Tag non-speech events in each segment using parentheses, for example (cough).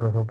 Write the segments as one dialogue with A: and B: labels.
A: Oh,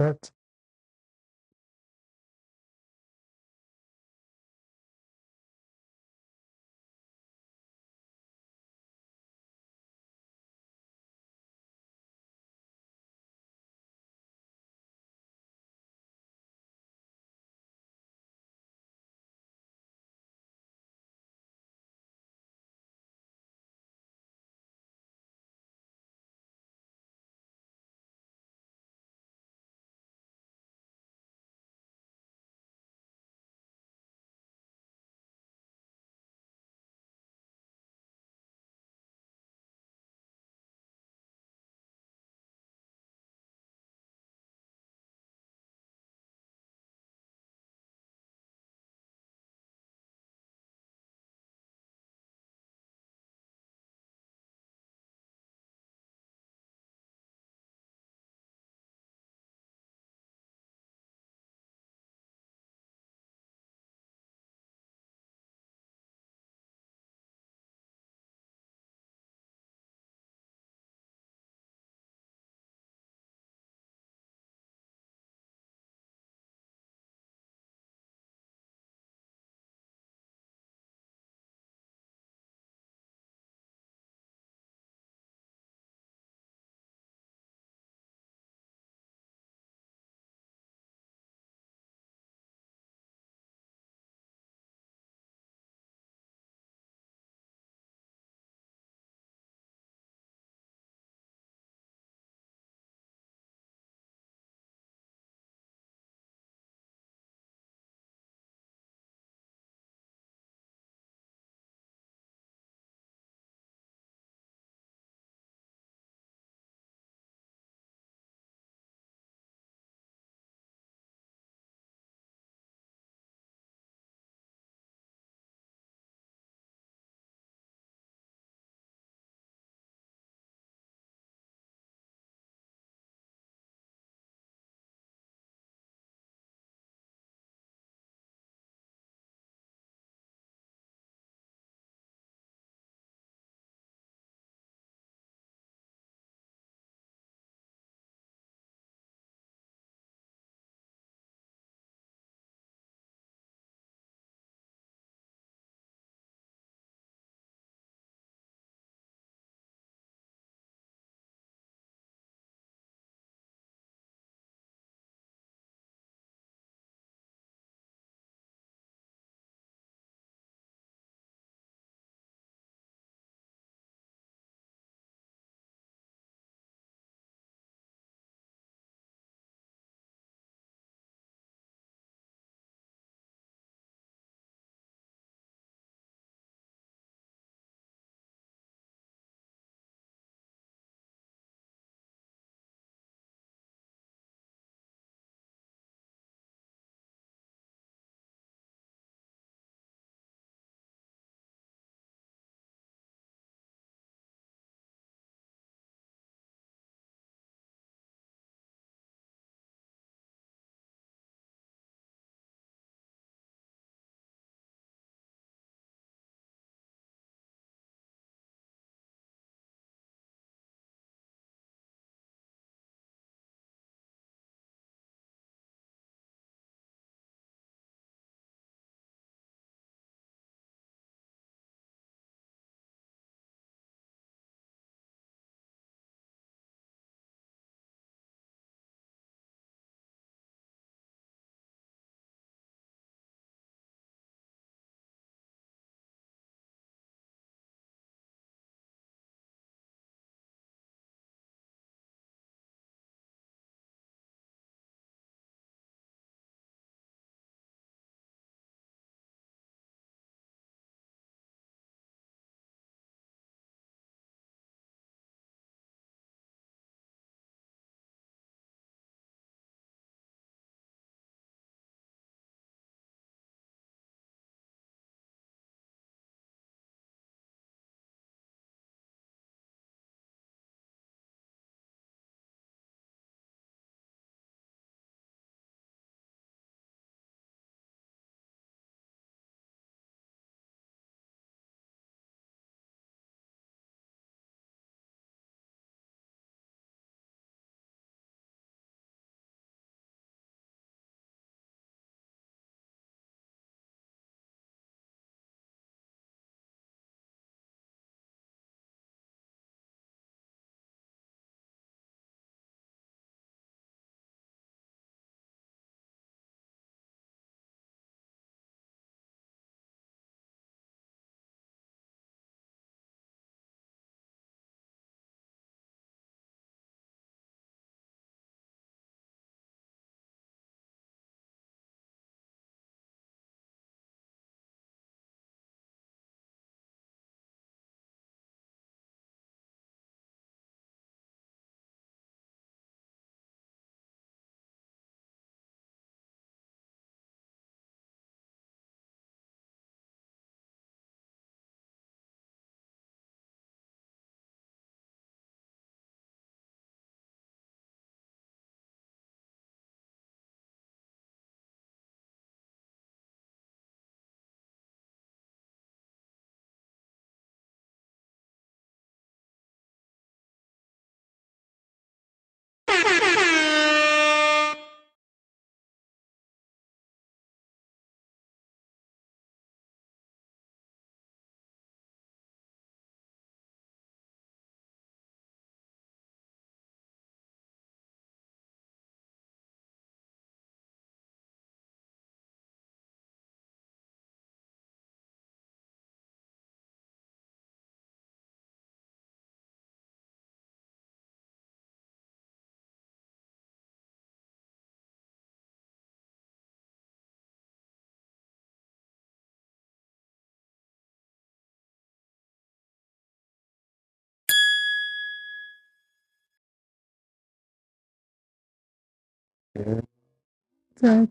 A: Okay.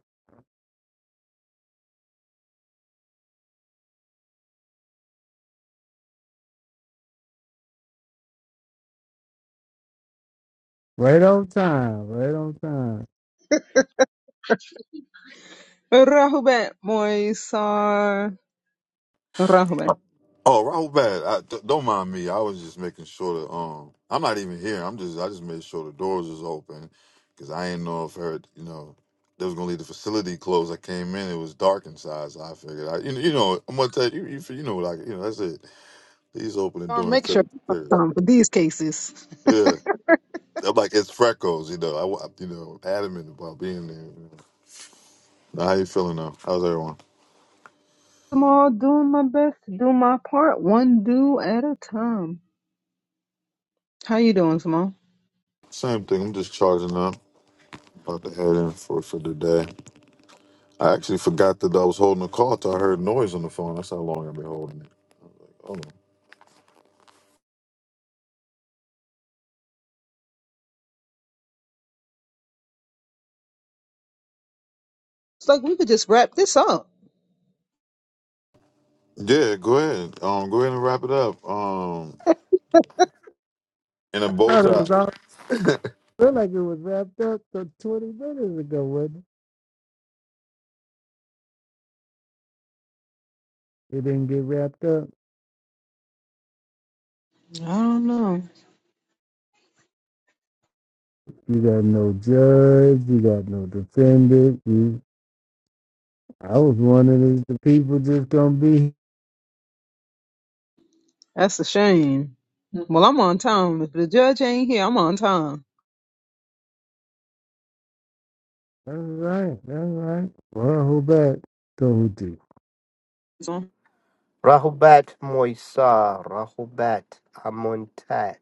A: right on time, right on time.
B: Rahubat Moisar. Rahubat.
C: Oh, Rahul Bad, I, d- don't mind me. I was just making sure that um, I'm not even here. I'm just I just made sure the doors was open because I didn't know if her, you know, they was gonna leave the facility closed. I came in, it was dark inside, so I figured I, you, you know, I'm gonna tell you, you, you know, like you know, that's it. Please open the
B: Or
C: door
B: make
C: instead
B: sure
C: of the stairs.
B: um, for these cases.
C: Yeah, I'm like it's freckles, you know. I, wa- you know, adamant about being there. you know. How you feeling now? How's everyone?
B: Small, doing my best to do my part, one do at a time. How you doing, Small?
C: Same thing. I'm just charging up, about to head in for for the day. I actually forgot that I was holding the call till I heard noise on the phone. That's how long I've been holding it. Oh.
B: It's like we could just wrap this up.
C: Yeah, go ahead. Um, go ahead and wrap it up. Um, in a bow
A: Thought it
C: tie.
A: was all feel like it was wrapped up th- twenty minutes ago, wasn't it? It didn't get wrapped up.
B: I don't know.
A: You got no judge, you got no defendant. You, I was wondering if the people just gonna be
B: That's a shame. Well, I'm on time. If the judge ain't here, I'm on time.
A: that's right, that's right. Well, hold back. Told you.
B: So,
D: Rahubat Moisa, Rahubat Amontat.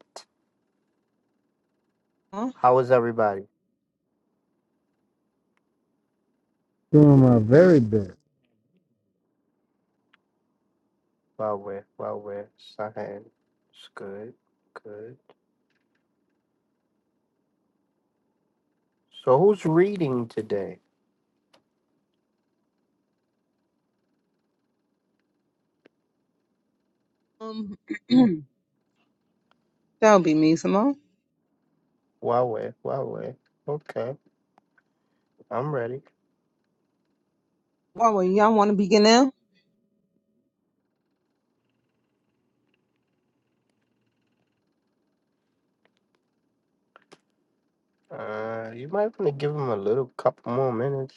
B: huh?
D: How is everybody?
A: Doing my very best.
D: Well, we're, well, we're, Sahin. It's good, good. So who's reading today?
B: Um, (clears throat) that'll be me, Simone.
D: Well, we're, well, we're. Okay, I'm ready.
B: Well, y'all want to begin now?
D: Uh, you might want to give him a little couple more minutes.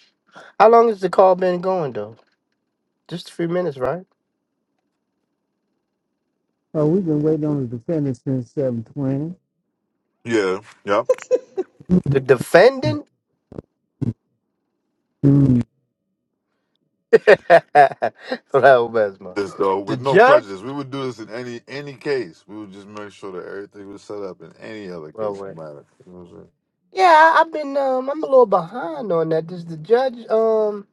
D: How long has the call been going, though? Just a few minutes, right?
A: Oh, we've been waiting on the defendant since seven twenty.
C: Yeah, yep.
D: The defendant?
A: (laughs)
D: (laughs) Rahubat Ismail.
C: This though
D: The
C: with no
D: judge?
C: prejudice, we would do this in any any case. We would just make sure that everything was set up in any other case no matter. You know what I'm saying?
D: Yeah, I- I've been um I'm a little behind on that. Does the judge um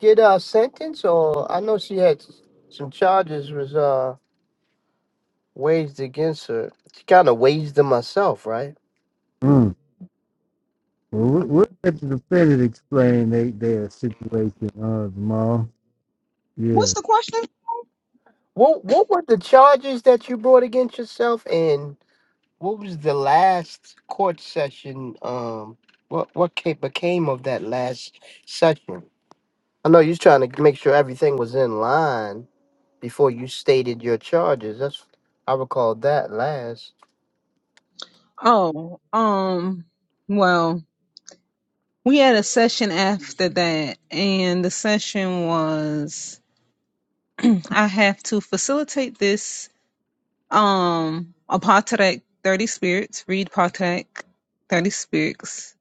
D: get a sentence or I know she had s- some charges was uh waged against her. She kind of waged them herself, right?
A: Mm-hmm. Well, we- we'll let the defendant explain they, their situation, uh, Jamal.
B: What's
A: Yeah.
B: the question?
D: What what were the charges that you brought against yourself and what was the last court session um what what came became of that last session? I know you're trying to make sure everything was in line before you stated your charges. That's I recall that last.
B: Oh, um, well, we had a session after that, and the session was I have to facilitate this um Apatrek 30 spirits, read Patrek 30 spirits,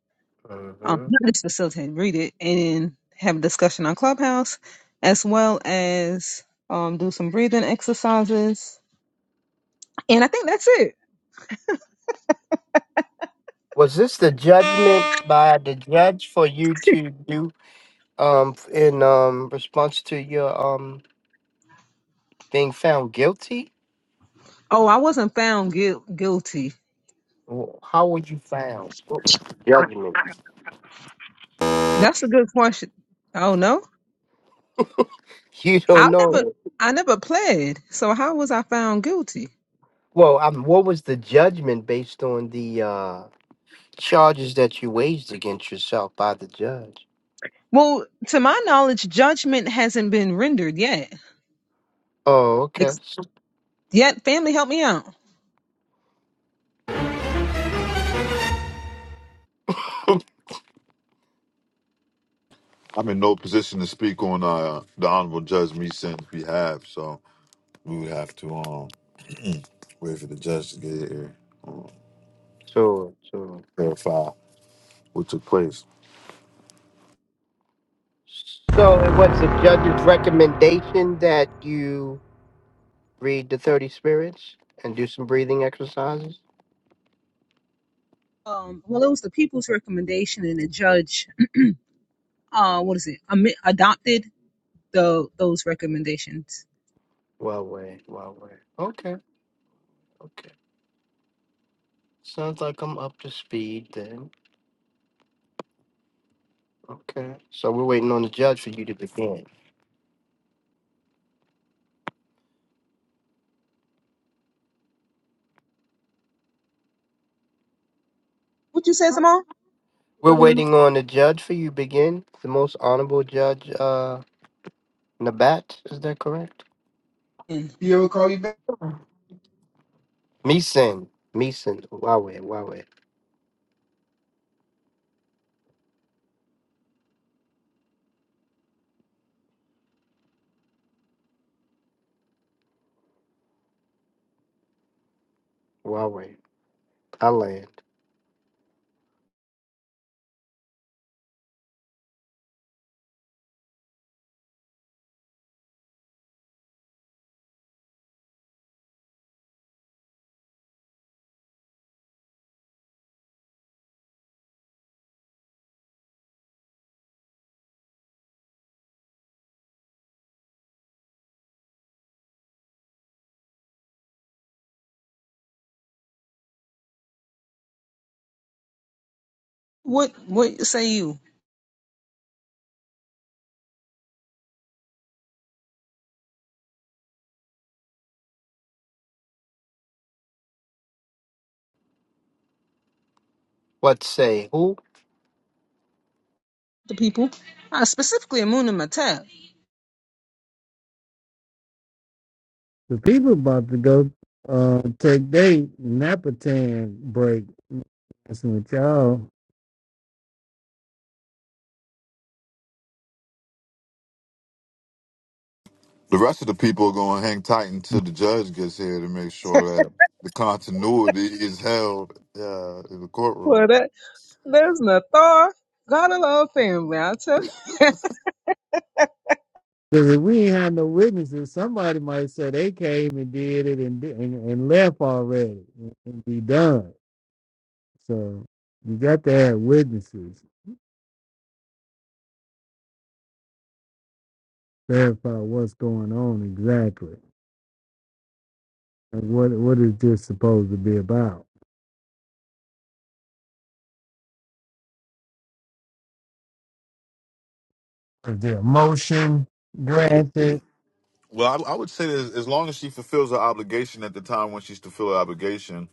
B: um,
D: hmm
B: not just facilitate, read it, and have a discussion on Clubhouse, as well as um do some breathing exercises. And I think that's it.
D: Was this the judgment by the judge for you to do um in um response to your um being found guilty?
B: Oh, I wasn't found guil- guilty.
D: Wh- How were you found? What was the judgment? (laughs)
B: That's a good question. Oh no?
D: You
B: I
D: don't
B: never
D: know.
B: I never pled, so how was I found guilty?
D: Well, um, what was the judgment based on the uh charges that you waged against yourself by the judge?
B: Well, to my knowledge, judgment hasn't been rendered yet.
D: Oh, okay.
B: Ex-
D: So,
B: yet, family, help me out.
C: I'm in no position to speak on uh, the honorable judge Meeson's behalf, so we would have to um wait for the judge to get here, um,
D: so,
C: verify what took place.
D: so it was the judge's recommendation that you read the 30 spirits and do some breathing exercises?
B: Um, well, it was the people's recommendation, and the judge, uh, what is it, am- adopted the those recommendations.
D: Well, wait, well, wait. Okay, okay. Sounds like I'm up to speed then. Okay. So we're waiting on the judge for you to begin.
B: What you say, Simone?
D: We're waiting on the judge for you to begin. The most honorable judge, uh, Nabat, is that correct?
B: You ever call you back?
D: Meeson, Meeson, Wawe, Wawe, Wawe, I land.
B: what what say you,
D: What say? Who?
B: the people? Uh, specifically, Moon and Matap.
A: The people about to go uh, take their Napatan break. That's what y'all.
C: The rest of the people are going to hang tight until the judge gets here to make sure that the continuity is held uh, in the
B: Well,
C: courtroom.
B: that that's Nathar. God love family. I tell you.
A: Because if we ain't had no witnesses, somebody might say they came and did it and di- and, and left already and, and be done. So you got to have witnesses verify what's going on exactly and what what is this supposed to be about. Is there a motion granted?
C: Well, I, I would say that as long as she fulfills her obligation at the time when she's to fulfill her obligation,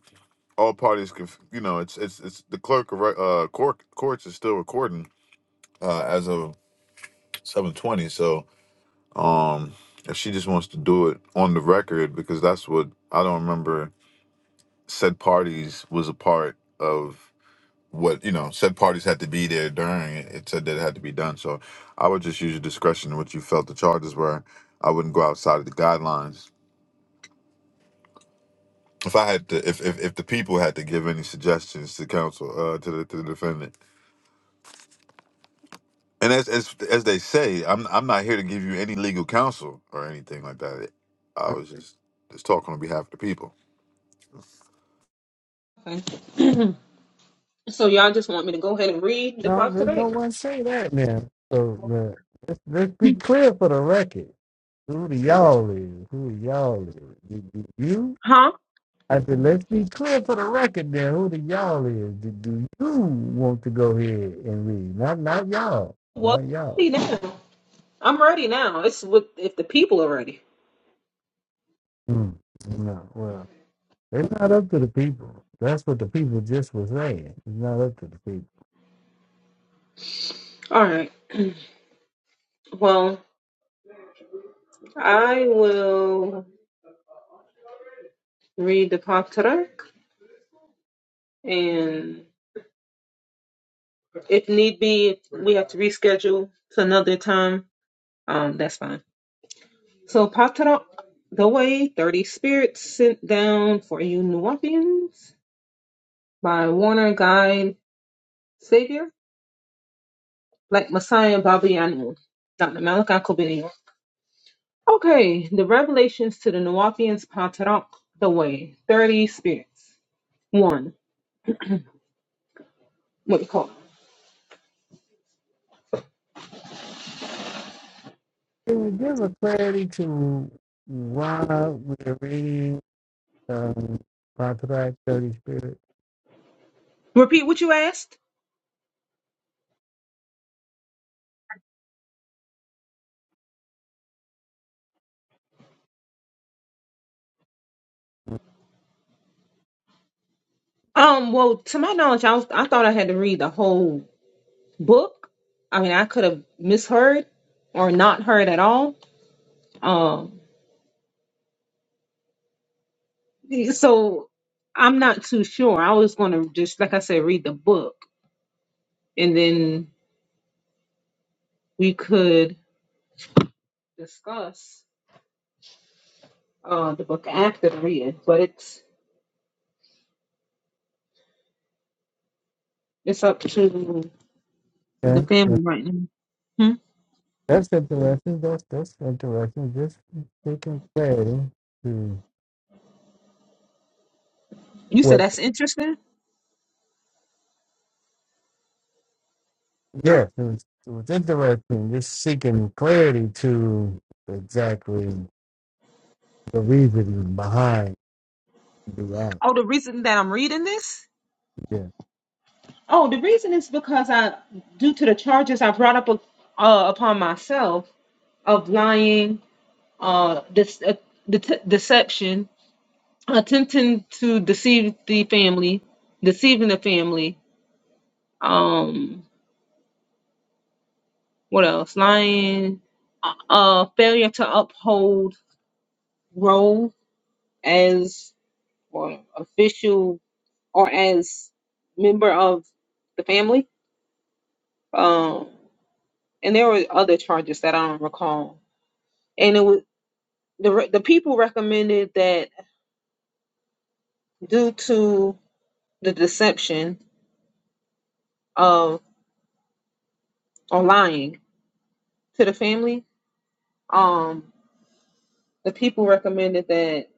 C: all parties can, you know, it's it's it's the clerk of re- uh, court courts is still recording uh, as of seven twenty. So, um, if she just wants to do it on the record, because that's what I don't remember said parties was a part of what you know said parties had to be there during it, it said that it had to be done so i would just use your discretion in what you felt the charges were i wouldn't go outside of the guidelines if i had to if if, if the people had to give any suggestions to counsel uh to the, to the defendant and as, as as they say i'm i'm not here to give you any legal counsel or anything like that i was just just talking on behalf of the people
B: Okay. So y'all just want me to go ahead and read
A: No,
B: off
A: there's
B: today?
A: no one say that now. So the, let's, let's be clear for the record. Who the y'all is? Who the y'all is? Did, did you?
B: Huh?
A: I said, let's be clear for the record then. Who the y'all is? Do, do you want to go ahead and read? Not, not y'all.
B: Well,
A: Not y'all.
B: see now. I'm ready now. It's with if the people are ready.
A: Mm. No, well, it's not up to the people. That's what the people just was saying. It's not up to the people.
B: All right. Well, I will read the Pop-Tarek, and if need be, if we have to reschedule to another time. Um, that's fine. So Patarak Doe, 30 Spirits Sent Down for You Nuwapians by Warner Guide Savior, Black Messiah Babayanu, Dr. Malachi Kobinio. Okay, the revelations to the Nuwapians Patarak Doe, 30 Spirits. One, what do you call it?
A: Can we give a clarity to why we're reading um, Contract Dirty Spirit?
B: Repeat what you asked? Um, well, to my knowledge, I, was, I thought I had to read the whole book. I mean, I could have misheard or not heard at all. Um. So I'm not too sure. I was going to just, like I said, read the book and then we could discuss uh, the book after the read. But it's it's up to the
A: Okay.
B: family
A: that-
B: right now. Hmm?
A: That's interesting. That's that's interesting. Just seeking clarity to
B: You said
A: what
B: that's interesting.
A: yes, it was it was interesting. Just seeking clarity to exactly the reasoning behind the act.
B: Oh, the reason that I'm reading this?
A: Yeah.
B: Oh, the reason is because I, due to the charges I brought up uh, upon myself of lying, uh, this, uh, det- deception, attempting to deceive the family, deceiving the family. Um, what else? Lying, uh, failure to uphold role as or official or as member of the family. Um, and there were other charges that I don't recall. And it was the re- the people recommended that due to the deception of or lying to the family. Um, The people recommended that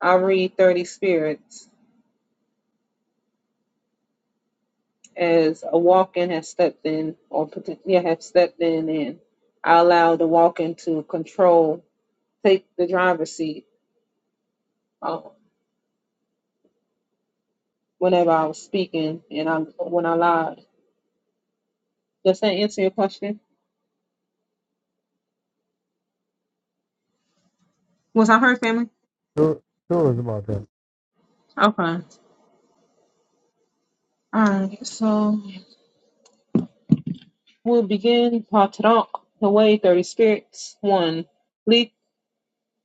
B: I read Thirty Spirits as a walk-in has stepped in, or yeah, have stepped in, and I allowed the walk-in to control, take the driver's seat uh, whenever I was speaking, and I when I lied. Does that answer your question? Was I heard, family?
A: So so it's about that.
B: Okay. All right. So we'll begin Patrak, the way Thirty Spirits one. Li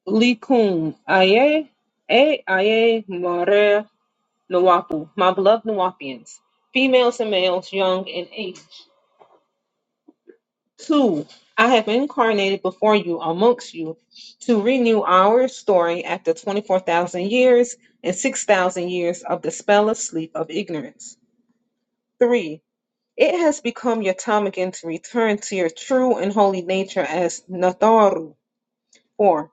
B: Likum aye, a aye more. Nawapu, my beloved Nawapians, females and males, young and aged. Two, I have incarnated before you amongst you to renew our story after 24,000 years and 6,000 years of the spell of sleep of ignorance. Three, it has become your time again to return to your true and holy nature as Natharu. Four,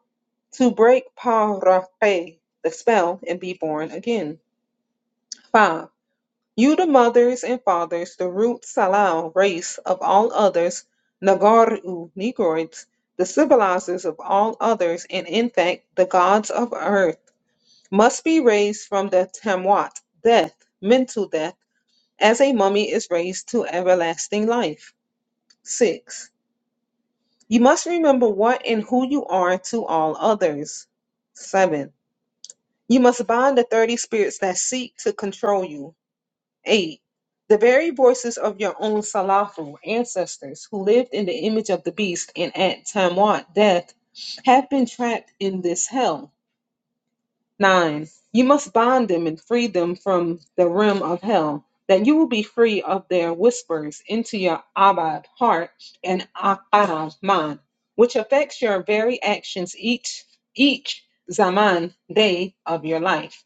B: to break Parape, the spell, and be born again. Five, You the mothers and fathers, the root Salal race of all others, Nagaru Negroids, the civilizers of all others, and in fact the gods of earth, must be raised from the Tamwat, death, mental death, as a mummy is raised to everlasting life. 6. You must remember what and who you are to all others. 7. You must bind the 30 spirits that seek to control you. 8. The very voices of your own Salafu ancestors who lived in the image of the beast and at Tamwat death have been trapped in this hell. 9. You must bind them and free them from the realm of hell, that you will be free of their whispers into your Abad heart and Aqara mind, which affects your very actions each, each Zaman day of your life.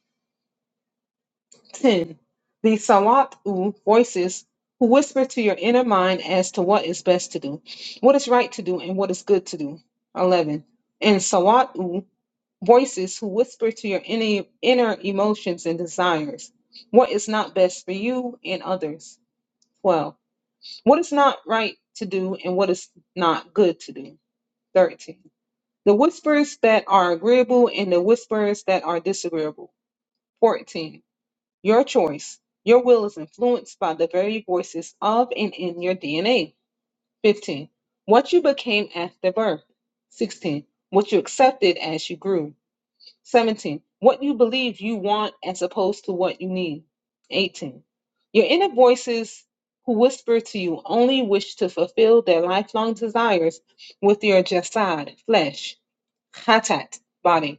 B: 10. The Sawat'u voices who whisper to your inner mind as to what is best to do, what is right to do, and what is good to do. 11. And Sawat'u voices who whisper to your inner, inner emotions and desires, what is not best for you and others. 12. What is not right to do and what is not good to do. 13. The whispers that are agreeable and the whispers that are disagreeable. 14 your choice. Your will is influenced by the very voices of and in your DNA. 15. What you became after birth. 16. What you accepted as you grew. 17. What you believe you want as opposed to what you need. 18. Your inner voices who whisper to you only wish to fulfill their lifelong desires with your jasad, flesh, hatat, body.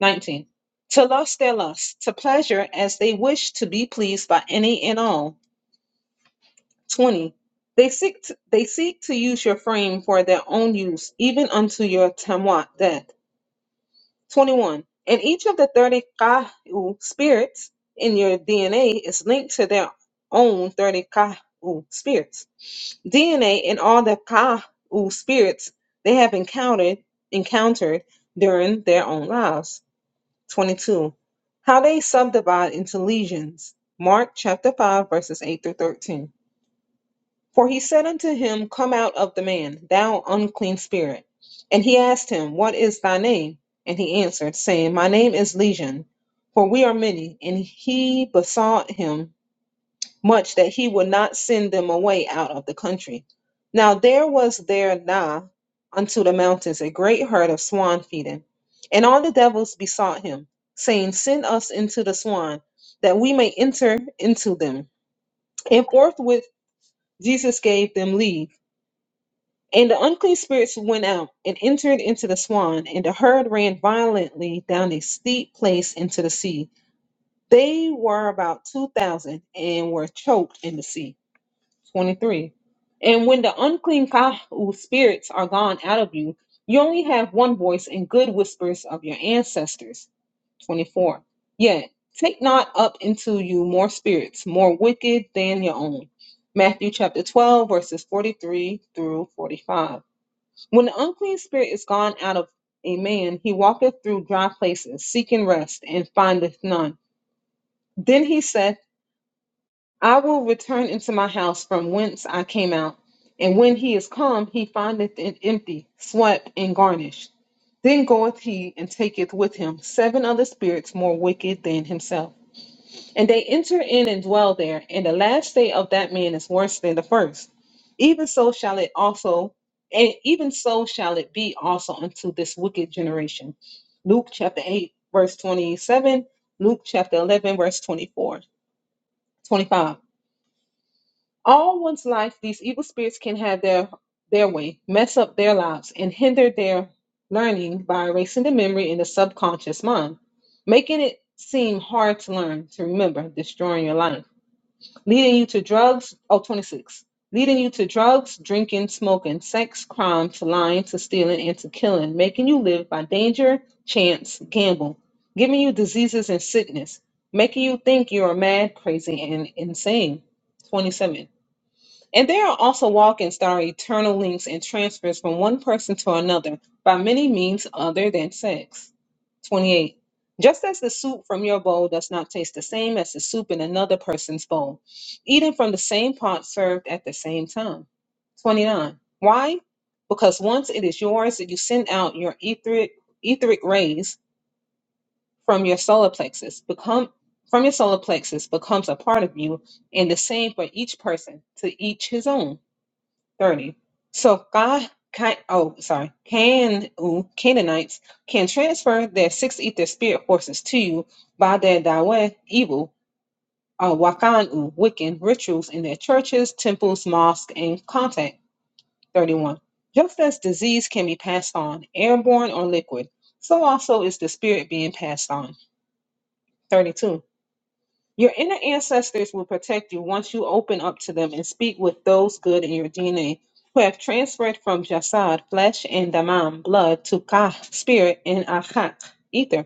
B: 19. To lust their lust, to pleasure as they wish to be pleased by any and all. 20. They seek to, they seek to use your frame for their own use, even unto your tamwat death. 21. And each of the 30 kahu spirits in your DNA is linked to their own 30 kahu spirits. DNA and all the kahu spirits they have encountered encountered during their own lives. 22. How they subdivide into legions. Mark chapter 5, verses 8 through 13. For he said unto him, Come out of the man, thou unclean spirit. And he asked him, What is thy name? And he answered, saying, My name is Legion, for we are many. And he besought him much that he would not send them away out of the country. Now there was there nigh unto the mountains a great herd of swan feeding, and all the devils besought him, saying, Send us into the swan, that we may enter into them. And forthwith Jesus gave them leave. And the unclean spirits went out and entered into the swan, and the herd ran violently down a steep place into the sea. They were about two thousand and were choked in the sea. 23. And when the unclean Kahu spirits are gone out of you, you only have one voice and good whispers of your ancestors. 24. Yet take not up into you more spirits, more wicked than your own. Matthew chapter 12, verses 43 through 45. When the unclean spirit is gone out of a man, he walketh through dry places, seeking rest, and findeth none. Then he saith I will return into my house from whence I came out. And when he is come, he findeth it empty, swept, and garnished. Then goeth he and taketh with him seven other spirits more wicked than himself. And they enter in and dwell there. And the last day of that man is worse than the first. Even so shall it also, and even so shall it be also unto this wicked generation. Luke chapter 8, verse 27, Luke chapter 11, verse 24, 25. All one's life, these evil spirits can have their their way, mess up their lives, and hinder their learning by erasing the memory in the subconscious mind, making it seem hard to learn, to remember, destroying your life, leading you to drugs. Oh, 26, Leading you to drugs, drinking, smoking, sex, crime, to lying, to stealing, and to killing, making you live by danger, chance, gamble, giving you diseases and sickness, making you think you are mad, crazy, and insane. 27 and there are also walk-ins that are eternal links and transfers from one person to another by many means other than sex. 28. Just as the soup from your bowl does not taste the same as the soup in another person's bowl, eaten from the same pot served at the same time. 29. Why? Because once it is yours, you send out your etheric, etheric rays from your solar plexus, become from your solar plexus becomes a part of you, and the same for each person, to each his own. 30. So Ka, Ka, oh, sorry, Can, ooh, Canaanites can transfer their six ether spirit forces to you by their Dawe evil, uh, Wakan, Wiccan rituals in their churches, temples, mosques, and contact. 31. Just as disease can be passed on, airborne or liquid, so also is the spirit being passed on. 32. Your inner ancestors will protect you once you open up to them and speak with those good in your DNA who have transferred from jasad, flesh, and damam, blood, to kah, spirit, and achak, ether.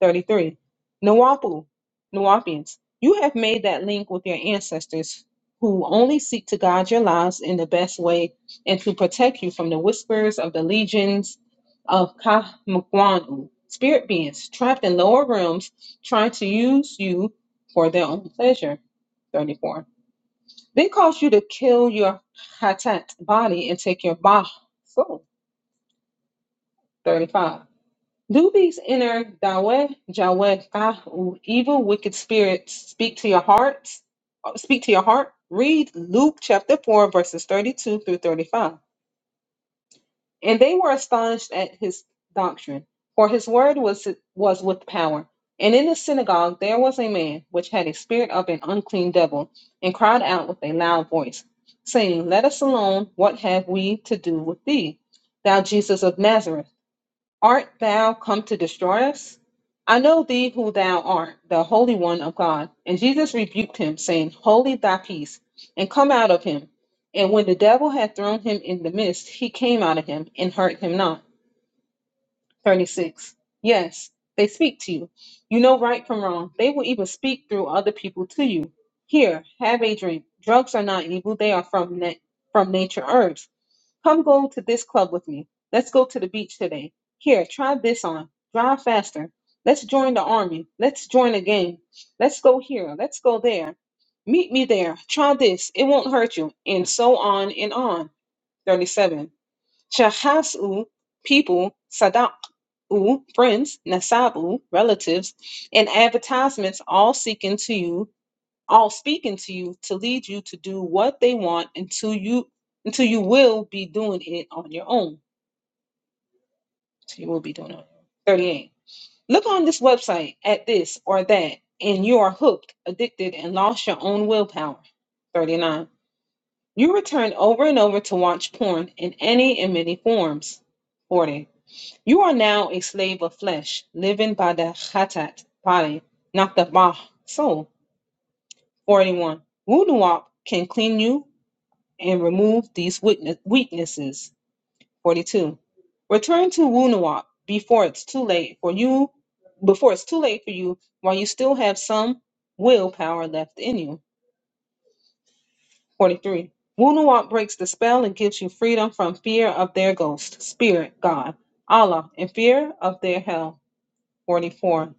B: 33. Nawapu, Nawapians, you have made that link with your ancestors who only seek to guide your lives in the best way and to protect you from the whispers of the legions of Kahmogwangu, spirit beings trapped in lower realms trying to use you for their own pleasure. 34. They cause you to kill your Hatat body and take your Bah soul. 35 do these inner Daweh, Jaweh, Fahu, evil, wicked spirits speak to your hearts? uh, Speak to your heart? Read Luke chapter 4, verses 32 through 35. And they were astonished at his doctrine, for his word was, was with power. And in the synagogue there was a man which had a spirit of an unclean devil, and cried out with a loud voice, saying, Let us alone, what have we to do with thee, thou Jesus of Nazareth? Art thou come to destroy us? I know thee who thou art, the Holy One of God. And Jesus rebuked him, saying, Holy thy peace, and come out of him. And when the devil had thrown him in the midst, he came out of him and hurt him not. 36. Yes, they speak to you. You know right from wrong. They will even speak through other people to you. Here, have a drink. Drugs are not evil, they are from, na- from nature herbs Come go to this club with me. Let's go to the beach today. Here, try this on. Drive faster. Let's join the army. Let's join a gang. Let's go here. Let's go there. Meet me there. Try this. It won't hurt you. And so on and on. 37. Shahasu, people, Sadaq, friends, Nasabu, relatives, and advertisements all seeking to you all speaking to you to lead you to do what they want until you until you will be doing it on your own. So you will be doing it. 38. Look on this website at this or that, and you are hooked, addicted, and lost your own willpower. 39. You return over and over to watch porn in any and many forms. 40. You are now a slave of flesh, living by the khatat, body, not the bah, soul. 41. Wuduwap can clean you and remove these witness- weaknesses. 42. Return to Wunawap before it's too late for you, before it's too late for you, while you still have some willpower left in you. 43. Wunawap breaks the spell and gives you freedom from fear of their ghost, spirit, God, Allah, and fear of their hell. 44.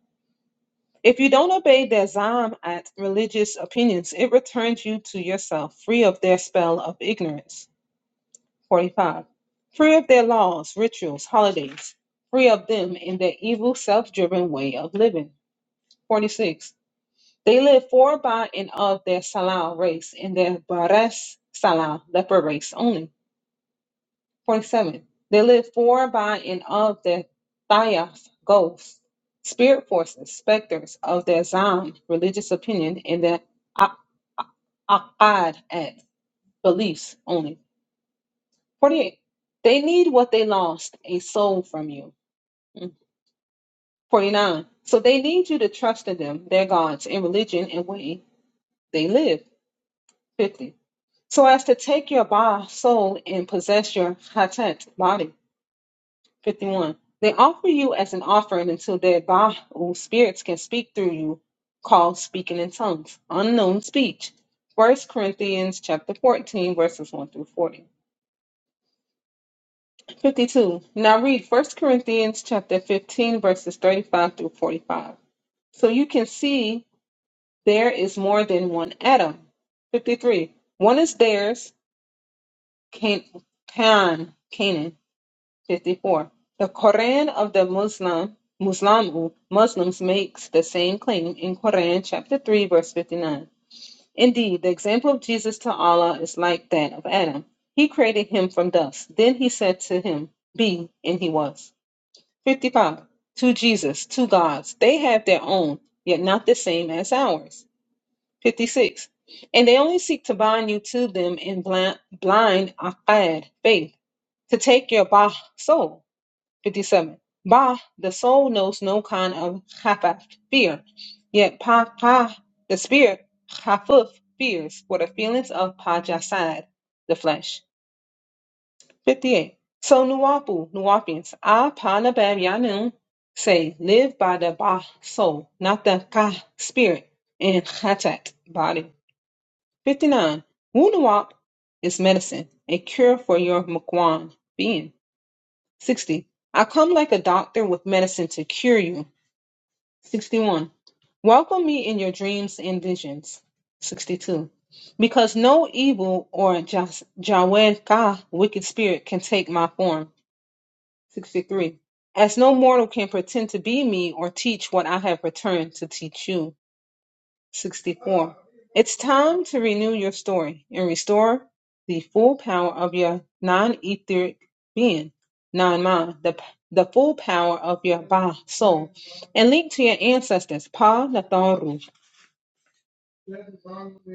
B: If you don't obey their Zam at religious opinions, it returns you to yourself, free of their spell of ignorance. 45. Free of their laws, rituals, holidays, free of them and their evil, self driven way of living. 46. They live for, by, and of their Salah race and their Bares Salah, leper race only. 47. They live for, by, and of their Thayas, ghosts, spirit forces, specters of their Zam, religious opinion, and their a- Aqad, act, beliefs only. 48. They need what they lost, a soul from you. 49. So they need you to trust in them, their gods, and religion and way they live. 50. So as to take your ba soul and possess your hatat body. 51. They offer you as an offering until their ba or spirits can speak through you, called speaking in tongues, unknown speech. First Corinthians chapter 14 verses 1 through 40. 52. Now read First Corinthians chapter 15 verses 35 through 45. So you can see There is more than one Adam. 53. One is theirs, Can, Can, Canaan. 54. The Quran of the Muslim, Muslimu, Muslims makes the same claim in Quran chapter 3 verse 59. Indeed, the example of Jesus to Allah is like that of Adam. He created him from dust. Then he said to him, be, and he was. 55. To Jesus, two gods. They have their own, yet not the same as ours. 56. And they only seek to bind you to them in blind, blind aqad, faith, to take your bah soul. 57. Bah, the soul knows no kind of khafaf, fear. Yet pa, pa the spirit, khafuf, fears, for the feelings of pajasad, the flesh. 58. So Nuwapu, Nuwapians, Ah Panabab Yanun, say, live by the ba soul, not the ka spirit, and khatat, body. 59. Wunuwap is medicine, a cure for your mukwan being. 60. I come like a doctor with medicine to cure you. 61. Welcome me in your dreams and visions. 62. Because no evil or Jawed Ka, wicked spirit, can take my form. 63. As no mortal can pretend to be me or teach what I have returned to teach you. 64. It's time to renew your story and restore the full power of your non etheric being, non mind, the, the full power of your Ba soul, and link to your ancestors, Pa Natharu.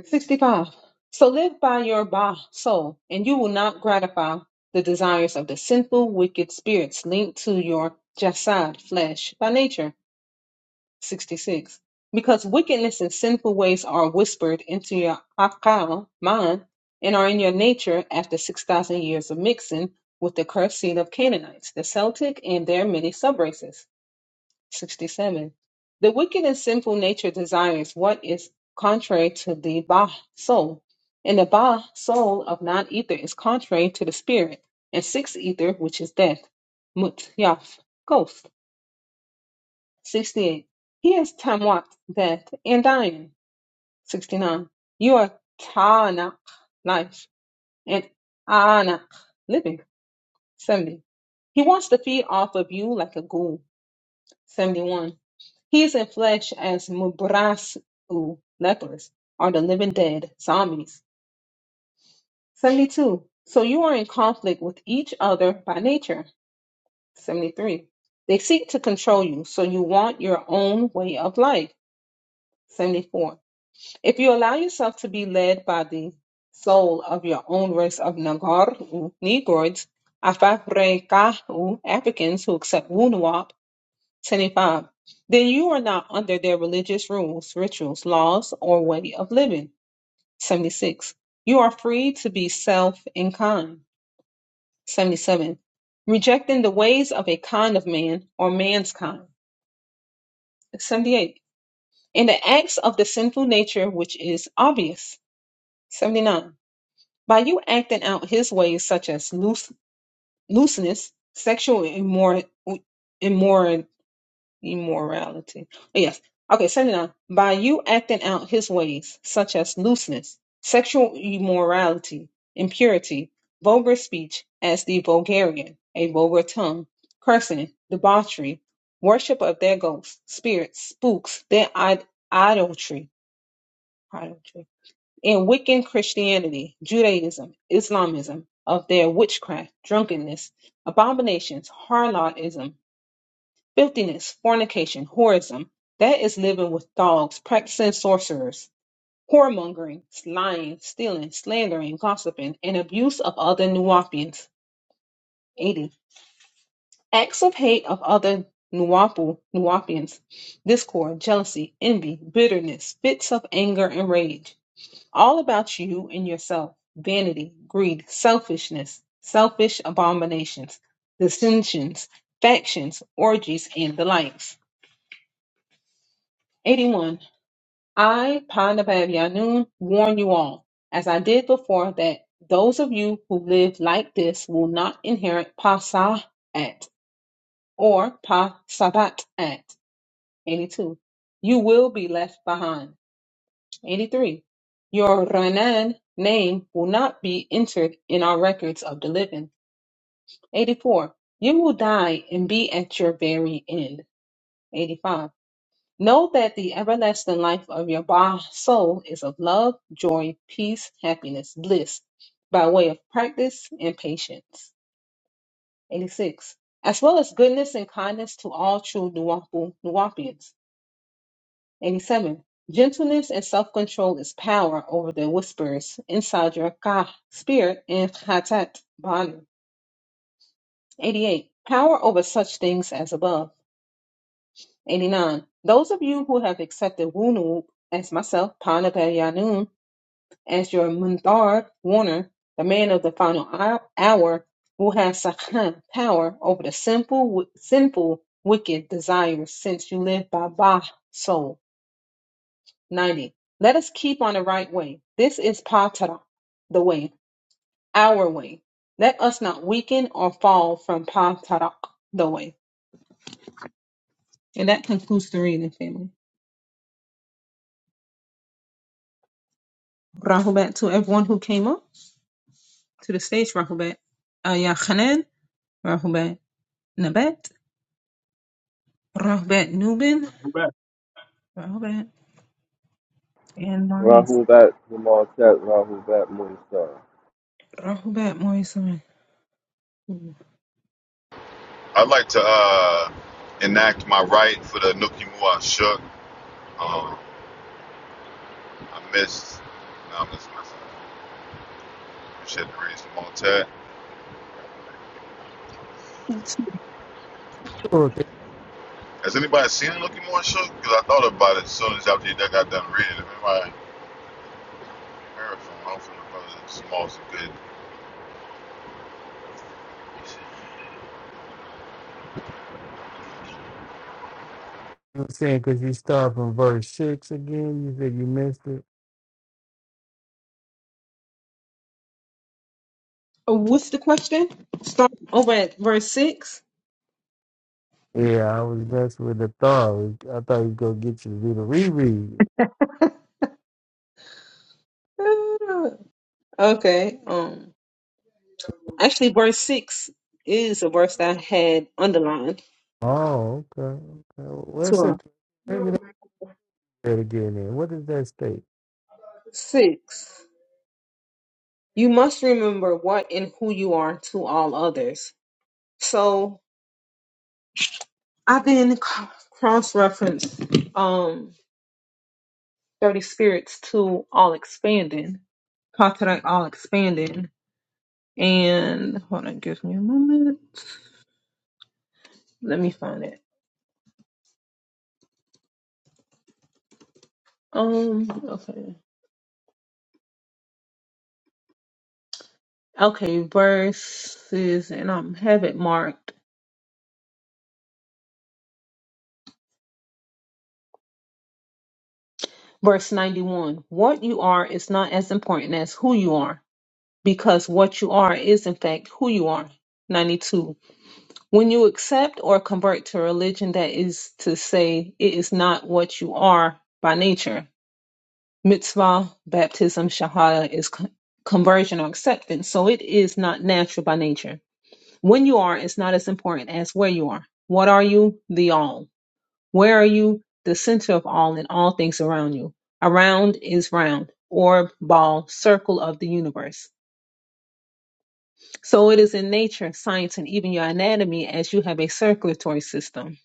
B: 65. So live by your Ba soul, and you will not gratify the desires of the sinful, wicked spirits linked to your Jasad flesh by nature. 66. Because wickedness and sinful ways are whispered into your akal, mind, and are in your nature after 6,000 years of mixing with the cursed seed of Canaanites, the Celtic, and their many subraces. 67. The wicked and sinful nature desires what is contrary to the Ba soul, and the Ba soul of non ether is contrary to the spirit, and six ether, which is death, Mutyaf, ghost. 68. He is Tamwat, death, and dying. 69. You are Tanakh, life, and Anak, living. 70. He wants to feed off of you like a ghoul. 71. He is in flesh as Mubrasu, lepers, or the living dead, zombies. 72. So you are in conflict with each other by nature. 73. They seek to control you, so you want your own way of life. 74. If you allow yourself to be led by the soul of your own race of Nagar, Negroids, Afafrekahu, Africans who accept Wunuwap, 75, then you are not under their religious rules, rituals, laws, or way of living, 76. You are free to be self and kind, 77. Rejecting the ways of a kind of man or man's kind, 78. In the acts of the sinful nature which is obvious, 79 By you acting out his ways, such as loose, looseness, sexual immor, immor, immorality. Yes. Okay, 79. By you acting out his ways, such as looseness, sexual immorality, impurity, vulgar speech, as the vulgarian, a vulgar tongue, cursing, debauchery, worship of their ghosts, spirits, spooks, their Id- idolatry, idolatry in Wiccan Christianity, Judaism, Islamism, of their witchcraft, drunkenness, abominations, harlotism, filthiness, fornication, whorism, that is living with dogs, practicing sorcerers, whoremongering, lying, stealing, slandering, gossiping, and abuse of other Nuwapians. 80. Acts of hate of other Nuwapu, Nuwapians, discord, jealousy, envy, bitterness, fits of anger and rage all about you and yourself vanity, greed, selfishness, selfish abominations, dissensions, factions, orgies, and the likes. 81. I, Pandavav Yanun, warn you all, as I did before, that those of you who live like this will not inherit Pasahat or Pasabat at. 82. You will be left behind. 83. Your Renan name will not be entered in our records of the living. 84. You will die and be at your very end. 85. Know that the everlasting life of your Ba soul is of love, joy, peace, happiness, bliss, by way of practice and patience. 86. As well as goodness and kindness to all true Nuwapu, Nuwapians. 87. Gentleness and self control is power over the whispers inside your ka, spirit, and chatat, body. 88. Power over such things as above. 89. Those of you who have accepted Wunub as myself, Panabayanun, as your Mundar warner, the man of the final hou- hour, who has Sakhan power over the simple, wi- sinful, wicked desires, since you live by Ba soul. 90. Let us keep on the right way. This is patara, the way, our way. Let us not weaken or fall from patara, the way. And that concludes the reading, family. Rahubat to everyone who came up to the stage. Rahubat Aya Khanan, Rahubat Nabat, Rahubat Nubin,
E: Go back
B: Rahubat and Maurice.
F: Rahu Bat, Jamal Chat, Rahul Bat, Moonstar.
B: Rahubat Maurice.
C: I'd like to uh, enact my right for the Nookie Moo I shook. Um, I missed. No, I'm just messing. You should raise the Maltese.
A: So thank
C: Has anybody seen Looking More Shook? Because I thought about it as soon as after that got done reading. If anybody heard from hopefully the brother Small's a good
A: you were saying because you start from verse six again, you said you missed it.
B: Oh, what's the question? Start over at verse 6.
A: Yeah, I was messing with the thought. I thought you go get you to do the reread.
B: (laughs) Ah, Okay. Um. Actually, verse 6 is a verse that I had underlined.
A: Oh, okay, okay. Well, that's
B: Sure.
A: it. it again in. What does that state?
B: 6. You must remember what and who you are to all others. So I've been cross referenced um 30 spirits to all expanding, Patriarch all expanding. And hold on, give me a moment. Let me find it. Um, okay. Okay, verses, and i have it marked Verse 91 What you are is not as important as who you are, because what you are is, in fact, who you are. 92 When you accept or convert to religion, that is to say, it is not what you are by nature. Mitzvah, baptism, shahada is con- conversion or acceptance, so it is not natural by nature. When you are is not as important as where you are. What are you? The all. Where are you? The center of all and all things around you. Around is round, orb, ball, circle of the universe. So it is in nature, science, and even your anatomy as you have a circulatory system.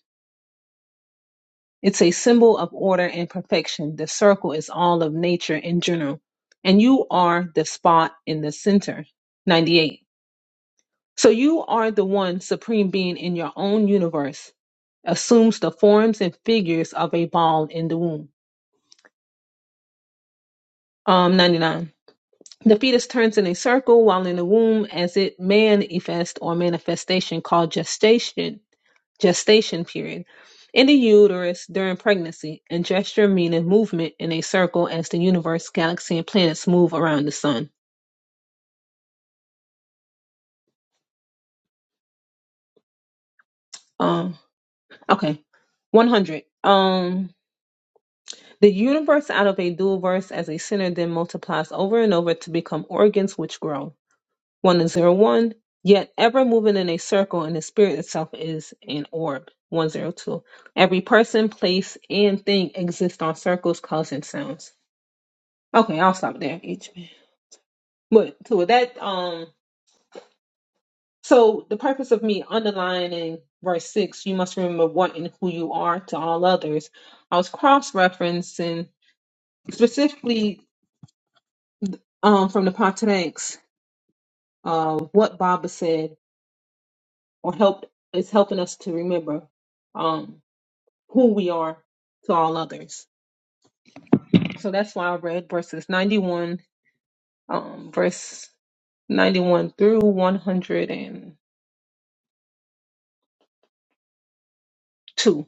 B: It's a symbol of order and perfection. The circle is all of nature in general. And you are the spot in the center. 98. So you are the one supreme being in your own universe, assumes the forms and figures of a ball in the womb. Um, 99. The fetus turns in a circle while in the womb as it manifest or manifestation called gestation, gestation period, in the uterus during pregnancy, and gesture meaning movement in a circle as the universe, galaxy, and planets move around the sun. Um, okay. 100. Um, the universe out of a dual verse as a center then multiplies over and over to become organs which grow. 101, yet ever moving in a circle, and the spirit itself is an orb. 102, every person, place, and thing exists on circles, causing sounds. Okay, I'll stop there, H man. But so with that, um, so the purpose of me underlining verse 6, you must remember what and who you are to all others. I was cross referencing specifically um, from the Pontanx, uh, what Baba said or helped is helping us to remember. um, who we are to all others. So that's why I read verses 91, um, verse 91 through 102. And two.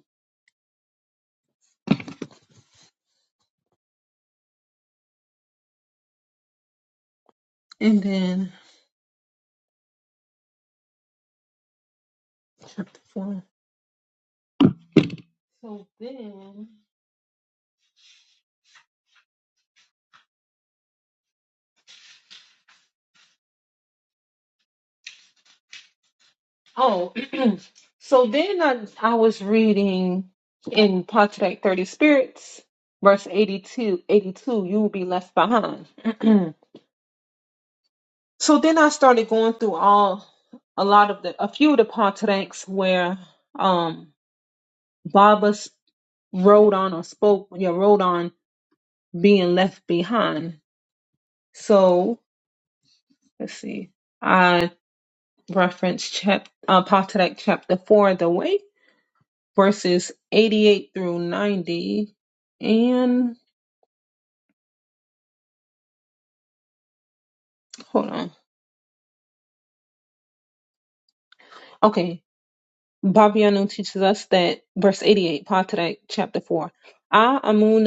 B: And then chapter 4. So then, oh, (clears throat) so then I, I was reading in Pontefract 30 Spirits, verse 82, 82. you will be left behind. (clears throat) so then I started going through all, a lot of the, a few of the Pontefracts where um, Baba rode on or spoke yeah rode on being left behind so let's see i reference chap uh, Poterak chapter 4 the way verses 88 through 90 and hold on okay Babiano teaches us that verse 88 Poterak chapter 4 I amun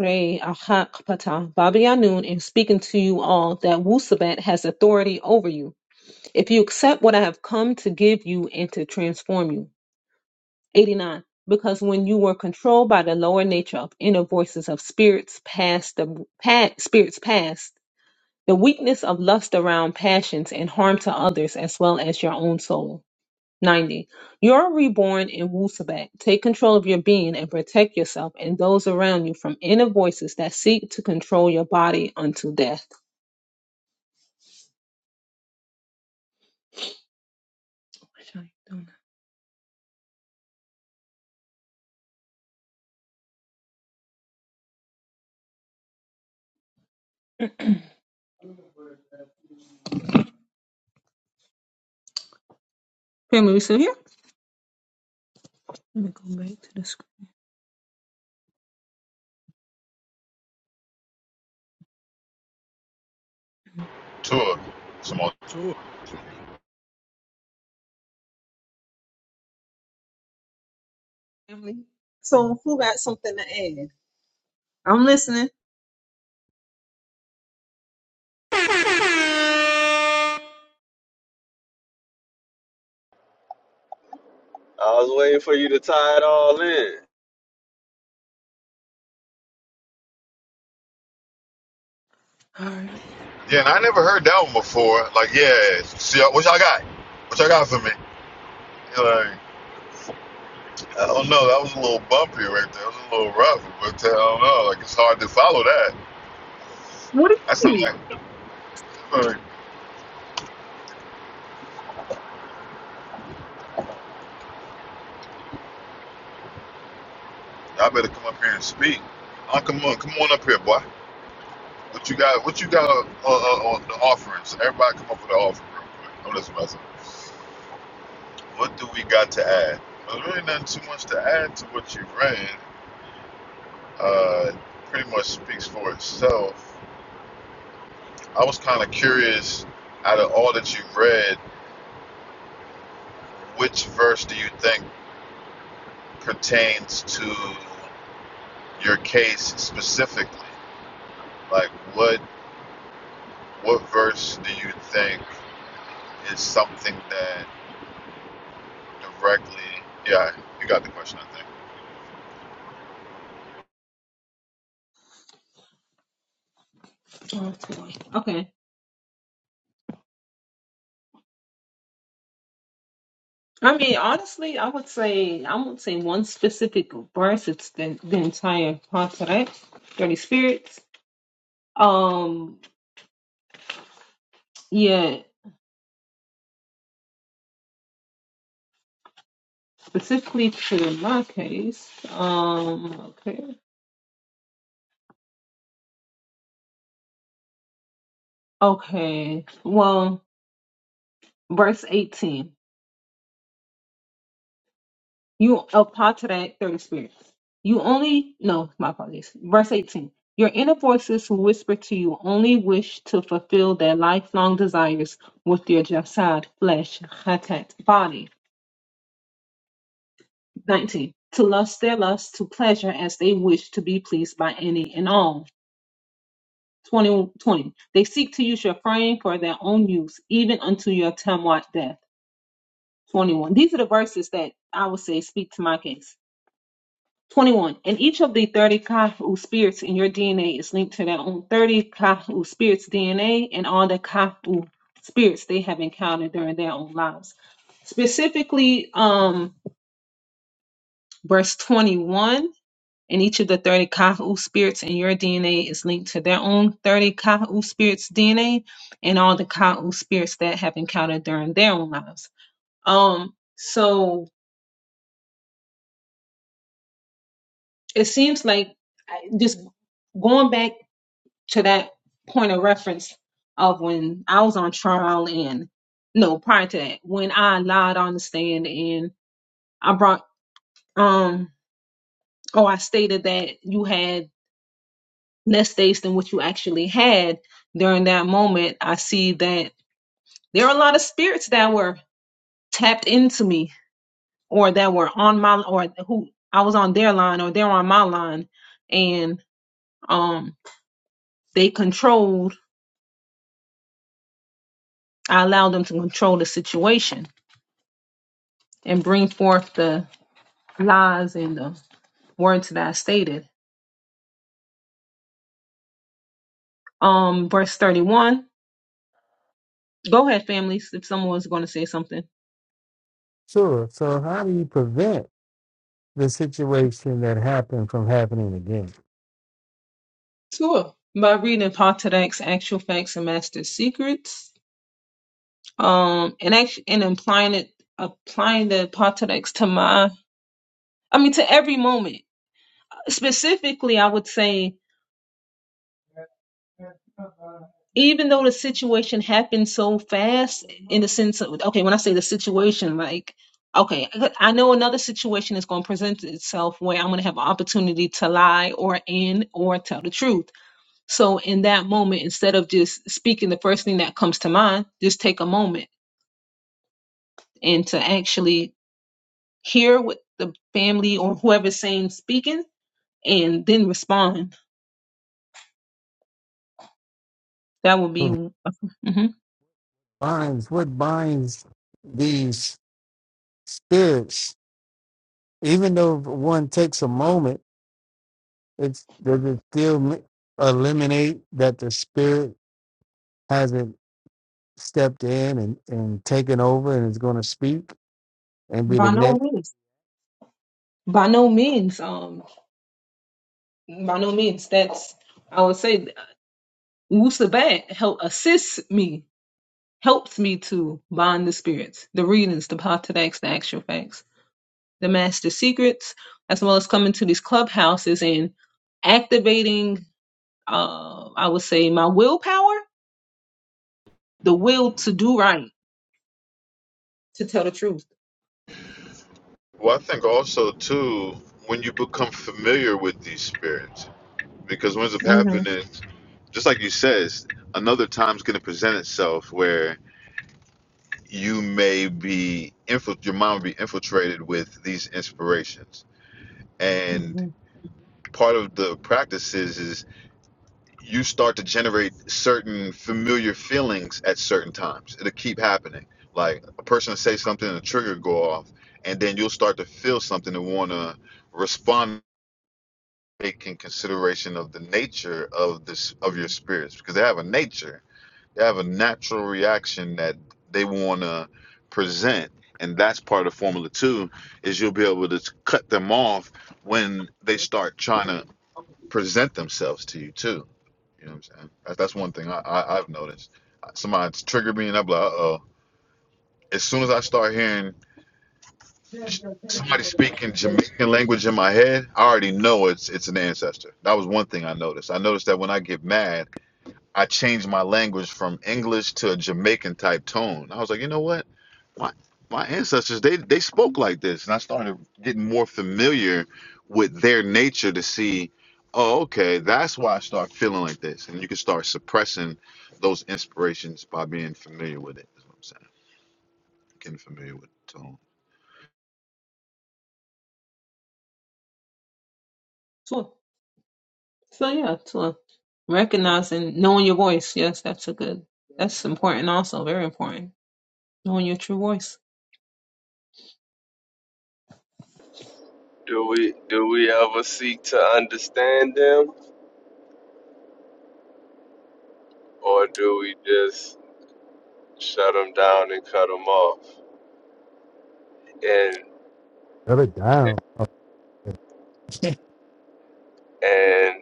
B: re ahak pata Babianun is speaking to you all that Wusabat has authority over you If you accept what I have come to give you and to transform you. 89. Because when you were controlled by the lower nature of inner voices of spirits past the past, spirits past, the weakness of lust around passions and harm to others as well as your own soul. 90. You're reborn in Wu Sabat. Take control of your being and protect yourself and those around you from inner voices that seek to control your body unto death. Family, we still here? Let me go back to the screen.
C: tour. Small.
E: to it.
B: family. So who got something to add? I'm listening.
F: Uh,
B: All right.
C: Yeah, and I never heard that one before. Like, yeah, see, what y'all got? What y'all got for me? Like, I don't know. That was a little bumpy right there. It was a little rough, but uh, I don't know. Like, it's hard to follow that.
B: What do
C: That's
B: you
C: not
B: mean?
C: like, I better come up here and speak. Oh, come on, come on up here, boy. What you got? What you got uh, uh, on the offerings? Everybody, come up with the offering real quick. I'm listening. what do we got to add? There's really nothing too much to add to what you read. Uh, pretty much speaks for itself. I was kind of out of it. Which verse do you think pertains to your case specifically? Like, what what verse do you think is something that directly? Yeah, you got the question. I think.
B: Okay. Okay. I mean, honestly, I would say I won't say one specific verse. It's the, the entire Pantaret, thirty spirits. Um, yeah, specifically to my case. Um, okay, okay. Well, verse eighteen. You apply to that third spirit. You only, no, my apologies. Verse 18. Your inner voices who whisper to you only wish to fulfill their lifelong desires with your jasad, flesh, hatat, body. 19. To lust their lust, to pleasure as they wish to be pleased by any and all. 20 20. They seek to use your frame for their own use, even unto your tamwat death. 21. These are the verses that I would say speak to my case 21. And each of the 30 Kahu spirits in your DNA is linked to their own 30 Kahu spirits' DNA and all the Kahu spirits they have encountered during their own lives. Specifically, um, verse 21. And each of the 30 Kahu spirits in your DNA is linked to their own 30 Kahu spirits' DNA and all the Kahu spirits that have encountered during their own lives. Um, so it seems like I- just going back to that point of reference of when I was on trial and no, prior to that, when I lied on the stand and I brought um or I stated that you had less days than what you actually had during that moment, I see that there are a lot of spirits that were tapped into me or that were on my or who I was on their line or they're on my line and um they controlled I allowed them to control the situation and bring forth the lies and the words that I stated. Um, verse 31. Go ahead, families, if someone was going to say something.
A: Sure. So how do you prevent the situation that happened from happening again?
B: Sure. By reading Pontiac's actual facts and master secrets, um, and actually, and applying it, applying the Pontiac's to my, I mean, to every moment. Specifically, I would say even though the situation happened so fast in the sense of okay when i say the situation like okay i know another situation is going to present itself where i'm going to have an opportunity to lie or in or tell the truth so in that moment instead of just speaking the first thing that comes to mind just take a moment and to actually hear what the family or whoever's saying speaking and then respond that would be
A: What
B: Mhm.
A: binds what binds these spirits? Even though one takes a moment, it's does it still mi- eliminate that the spirit hasn't stepped in and, and taken over and is going to speak and be the
B: by no
A: next
B: means by no means um By no means. That's I would say Wusabat help assists me, helps me to bind the spirits, the readings, the Patadaks, the actual facts, the master secrets, as well as coming to these clubhouses and activating uh I would say my willpower, the will to do right, to tell the truth.
C: Well, I think also too when you become familiar with these spirits. because what ends up
B: Mm-hmm.
C: happening, is, just like you says, another time's going to present itself where you may be infil- your mind will be infiltrated with these inspirations, and
B: hmm
C: part of the practice is is you start to generate certain familiar feelings at certain times. It'll keep happening. Like a person will say something, and a trigger go off, and then you'll start to feel something and want to respond. Taking consideration of the nature of this of your spirits because they have a nature They have a natural reaction that they want to present. And that's part of Formula Two is you'll be able to cut them off when they start trying to present themselves to you too. You know what I'm saying? That- That's one thing I, I, I've noticed. Somebody's triggered me, and I'm like, uh oh. As soon as I start hearing J- somebody speaking Jamaican language in my head, I already know it's it's an ancestor. That was one thing I noticed. I noticed that when I get mad, I changed my language from English to a Jamaican type tone. I was like, you know what? My my ancestors they they spoke like this, and I started getting more familiar with their nature to see, oh, okay, that's why I start feeling like this, and you can start suppressing those inspirations by being familiar with it. Is what I'm saying, getting familiar with the tone.
B: So, so yeah, so recognizing knowing your voice. Yes, that's a good that's important also, very important. Knowing your true voice.
F: do we do we ever seek to understand them, or do we just shut them down and cut them off? And
A: other down? Okay.
F: and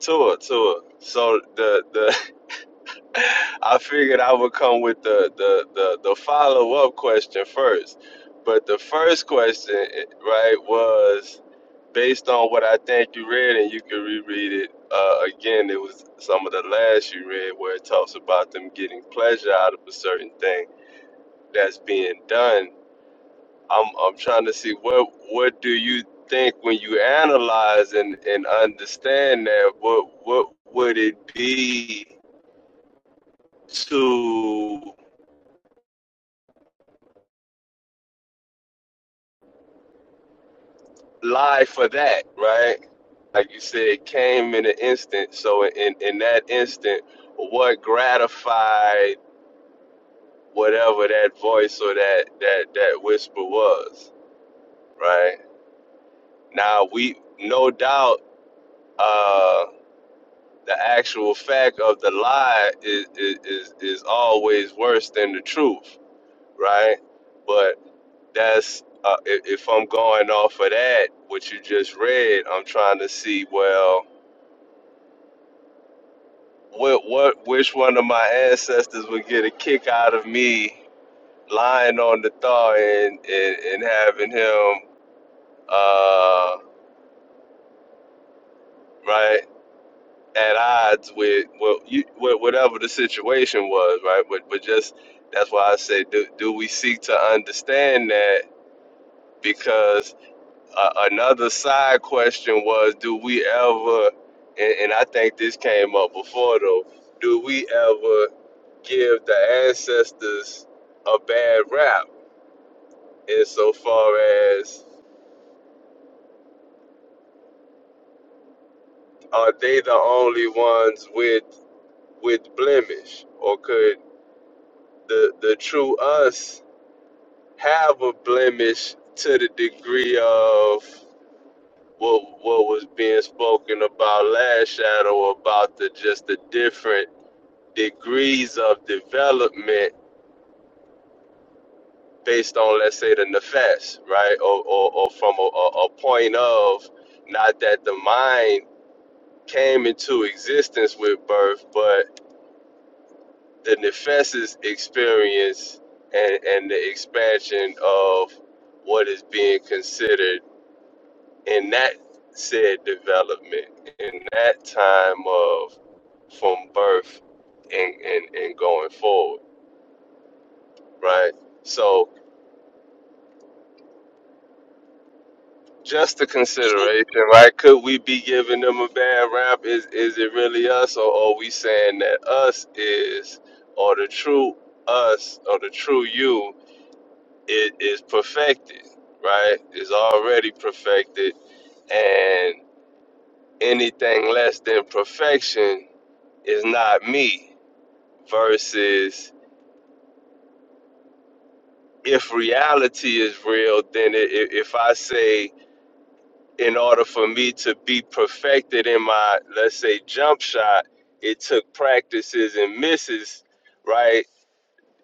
F: tour tour. So the the (laughs) I figured I would come with the the the, the follow up question first, but the first question, eh, right, was based on what I think you read, and you can reread it uh, again. It was some of the last you read where it talks about them getting pleasure out of a certain thing that's being done. I'm I'm trying to see what what do you think when you analyze and and understand that what what would it be to live for that, right? Like you said, it came in an instant. So in in that instant, what gratified whatever that voice or that that that whisper was, right? Now we no doubt uh the actual fact of the lie is is is, always worse than the truth, right? But that's uh, if, if I'm going off of that, what you just read, I'm trying to see well What what which one of my ancestors would get a kick out of me lying on the thaw and and, and having him uh right at odds with well you with whatever the situation was right but but just that's why I say do do we seek to understand that because uh, another side question was do we ever and, and I think this came up before though do we ever give the ancestors a bad rap insofar as are they the only ones with with blemish or could the the true us have a blemish to the degree of what what was being spoken about last shadow about the just the different degrees of development based on let's say the nefes, right? Or or, or from a, a, a point of not that the mind came into existence with birth, but the nefes's experience and, and the expansion of what is being considered in that said development, in that time of from birth and, and, and going forward, right? So Just a consideration, right? Could we be giving them a bad rap? Is is it really us, or are we saying that us is, or the true us, or the true you, it is perfected, right? Is already perfected, and anything less than perfection is not me. Versus, if reality is real, then i i- if I say in order for me to be perfected in my let's say jump shot it took practices and misses right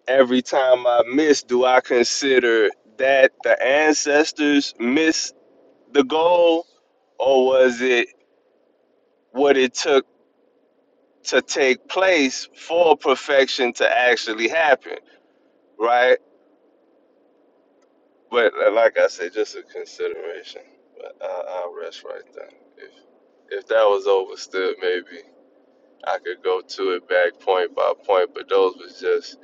F: every time i miss do i consider that the ancestors missed the goal or was it what it took to take place for perfection to actually happen right but uh, like i said just a consideration but I, i'll rest right there if if that was overstood maybe I could go to it back point by point, but those was just,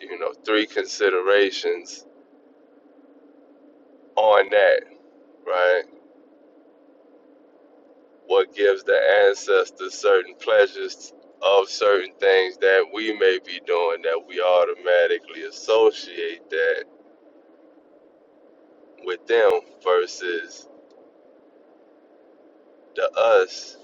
F: you know, three considerations on that, right? What gives the ancestors certain pleasures of certain things that we may be doing that we automatically associate that with them versus the us.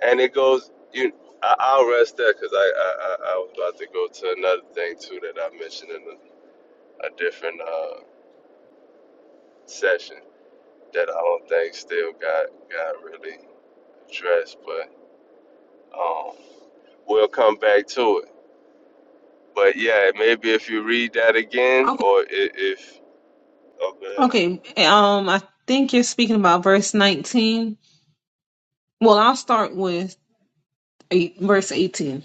F: And it goes, you, I, I'll rest there because I, I, I I was about to go to another thing too that I mentioned in a, a different uh, session. that I don't think still got got really addressed, but um, we'll come back to it. But yeah, maybe if you read that again,
B: Okay.
F: or if, if oh man, it,
B: Okay. Um, I think you're speaking about verse 19. Well, I'll start with eight, verse 18.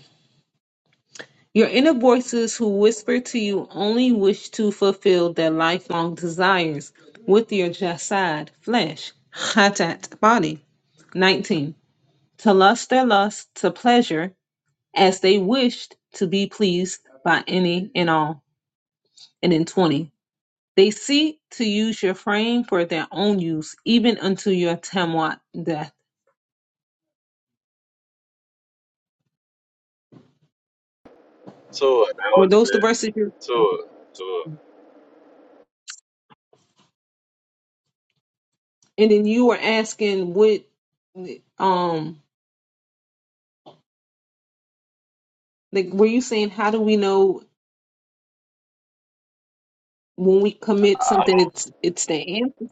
B: Your inner voices who whisper to you only wish to fulfill their lifelong desires with your jasad, flesh, hatat, body. 19. To lust their lust to pleasure as they wished to be pleased by any and all. And in 20. They seek to use your frame for their own use, even unto your Tamwat death.
F: that
B: Were
F: was
B: those the
F: it,
B: verses you
F: to
B: okay.
F: it. to it.
B: and then you were asking what um like were you saying how do we know when we commit something, it's it's the answer.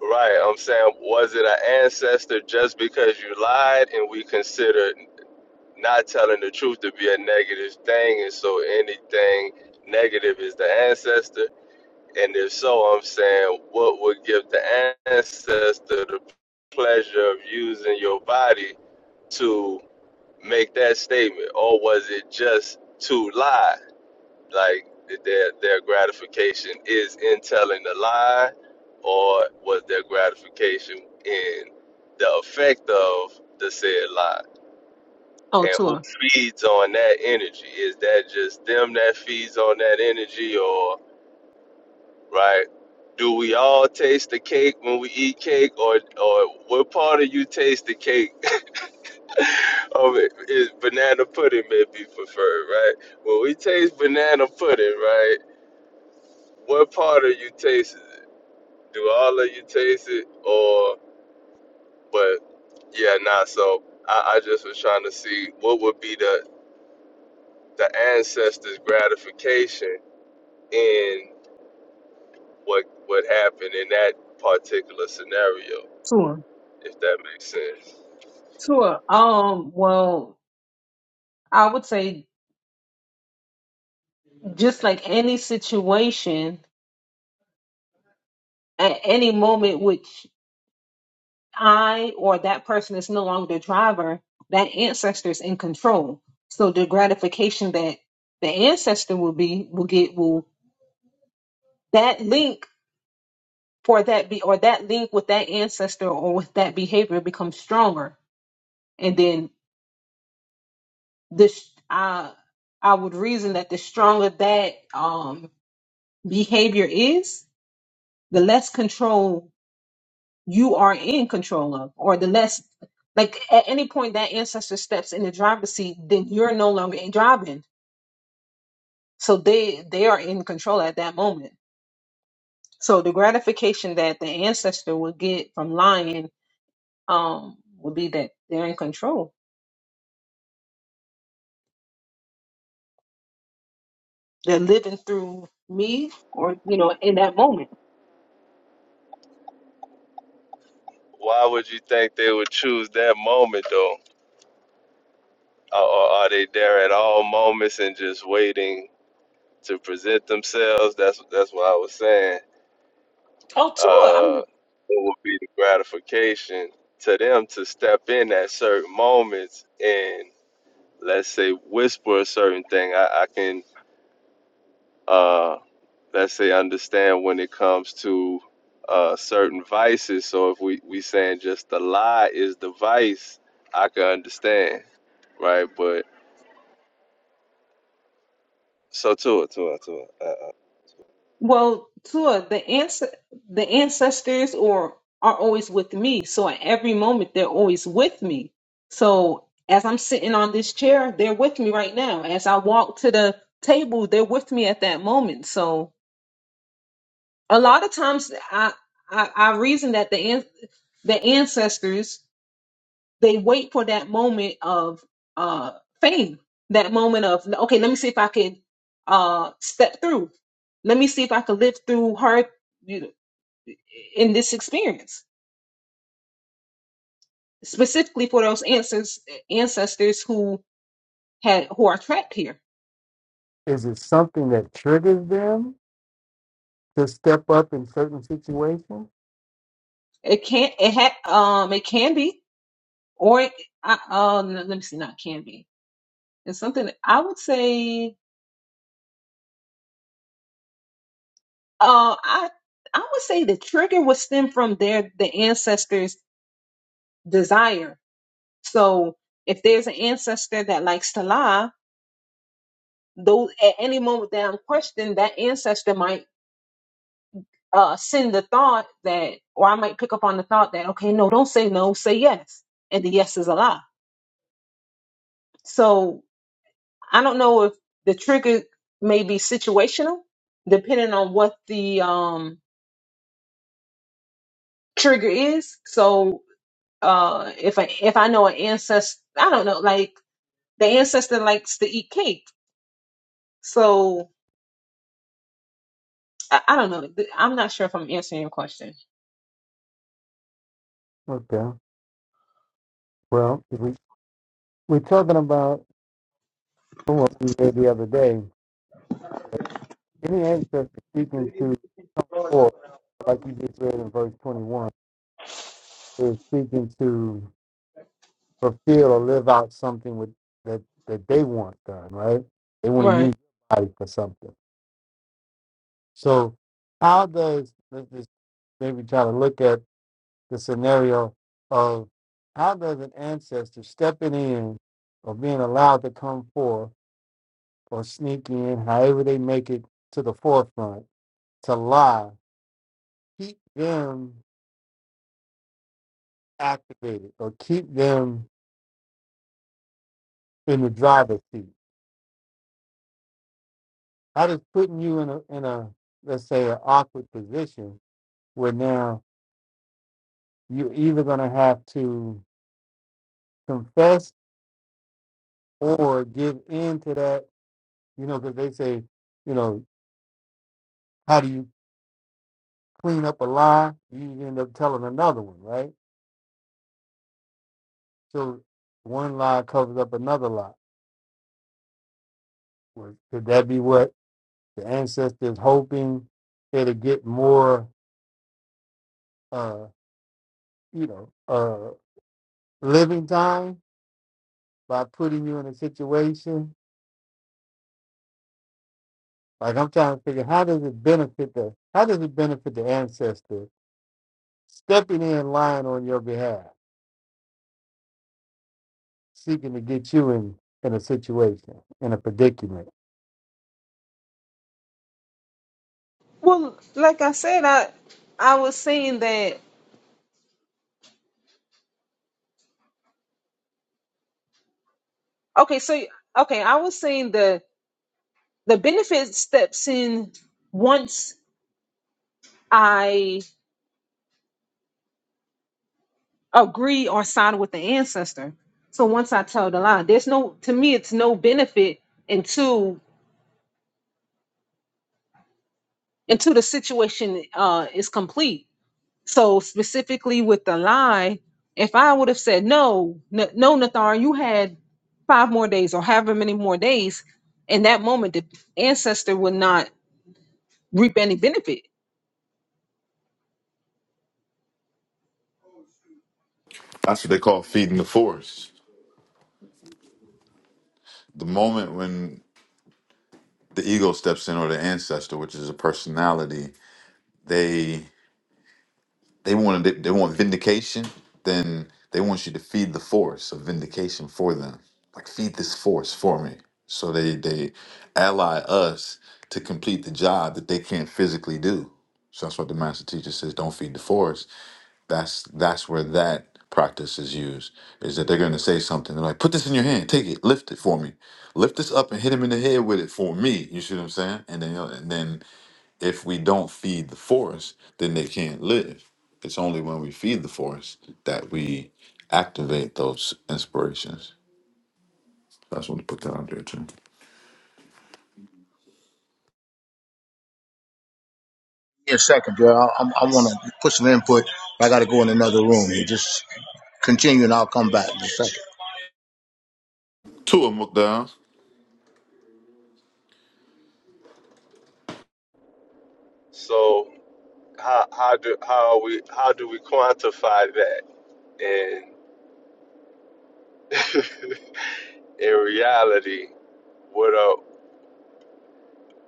F: Right, I'm saying, was it an ancestor just because you lied and we consider not telling the truth to be a negative thing, and so anything negative is the ancestor? And if so, I'm saying, what would give the ancestor the pleasure of using your body to make that statement? Or was it just to lie? Like their, their gratification is in telling the lie, or was their gratification in the effect of the said lie?
B: Oh,
F: And who
B: tour,
F: feeds on that energy? Is that just them that feeds on that energy, or right? Do we all taste the cake when we eat cake, or or what part of you taste the cake? (laughs) of it is banana pudding may be preferred, right? When we taste banana pudding, right? What part of you tastes it? Do all of you taste it, or but yeah, nah. So I, I just was trying to see what would be the the ancestors' gratification in what what happened in that particular scenario,
B: tour,
F: if that makes sense.
B: tour. Um, well, I would say just like any situation, at any moment, which I or that person is no longer the driver, that ancestor is in control. So the gratification that the ancestor will be will get will that link for that be or that link with that ancestor or with that behavior becomes stronger. And then this I I would reason that the stronger that um behavior is, the less control you are in control of, or the less like at any point that ancestor steps in the driver's seat, then you're no longer in driving. So they they are in control at that moment. So the gratification that the ancestor would get from lying um would be that they're in control. They're living through me or you know, in that moment.
F: Why would you think they would choose that moment though? Or or are they there at all moments and just waiting to present themselves? That's that's what I was saying.
B: Oh Tua, I'm.
F: Uh, it would be the gratification to them to step in at certain moments and let's say whisper a certain thing. I, I can uh, let's say understand when it comes to uh, certain vices. So if we we saying just the lie is the vice, I can understand right? But so to it, to it, to it. Uh, uh.
B: Well, Tua, the answer, the ancestors or are always with me. So at every moment, they're always with me. So as I'm sitting on this chair, they're with me right now. As I walk to the table, they're with me at that moment. So a lot of times, I I, I reason that the an- the ancestors they wait for that moment of uh fame, that moment of okay, let me see if I can uh step through. Let me see if I can live through her in this experience, specifically for those ancestors ancestors who had who are trapped here.
A: Is it something that triggers them to step up in certain situations?
B: It can't. It had. Um. It can be. Or it, I, um. Let me see. Not can be. It's something that I would say. Uh. I. I would say the trigger would stem from their the ancestors' desire. So if there's an ancestor that likes to lie, those at any moment down question that ancestor might uh, send the thought that, or I might pick up on the thought that, okay, no, don't say no, say yes. And the yes is a lie. So I don't know if the trigger may be situational, depending on what the um, trigger is. So uh, if I if I know an ancestor, I don't know, like the ancestor likes to eat cake. So I, I don't know. I'm not sure if I'm answering your question.
A: Okay. Well, if we, we're talking about what we read the other day. Any ancestor speaking to come forth, like you just read in verse 21, is speaking to fulfill or live out something with, that, that they want done, right? They want to
B: Right.
A: use your body for something. So, how does, let's just maybe try to look at the scenario of how does an ancestor stepping in or being allowed to come forth? or sneak in, however they make it to the forefront, to lie, keep them activated or keep them in the driver's seat. How does putting you in a in a let's say an awkward position where now you're either gonna have to confess or give in to that, you know, because they say, you know, how do you clean up a lie? You end up telling another one, right? So one lie covers up another lie. Was- Could that be what the ancestors hoping it'll get more, uh, you know, uh, living time by putting you in a situation. Like I'm trying to figure, how does it benefit the, how does it benefit the ancestor stepping in line on your behalf, seeking to get you in in a situation, in a predicament?
B: Well, like I said, I I was saying that Okay, so okay, I was saying the the benefit steps in once I agree or sign with the ancestor. So once I tell the lie, there's no to me it's no benefit until until the situation uh is complete. So specifically with the lie, if I would have said no, n- no, Nathar, you had five more days or however many more days, in that moment the ancestor would not reap any benefit
C: That's what they call feeding the forest. The moment when the ego steps in, or the ancestor, which is a personality, they They want they, want vindication. Then they want you to feed the force of vindication for them. Like feed this force for me. So they they ally us to complete the job that they can't physically do. So that's what the master teacher says. Don't feed the force. That's that's where that practice is used. Is that they're going to say something? They're like, put this in your hand, take it, lift it for me, lift this up and hit him in the head with it for me. You see what I'm saying? And then and then if we don't feed the forest, then they can't live. It's only when we feed the forest that we activate those inspirations. That's what we put down there too.
G: me a second, girl. I, I, I want to put some input, but I got to go in another room here. Just continue, and I'll come back in a second.
C: Two of them look down.
F: So how how do how we how do we quantify that? And (laughs) in reality, what are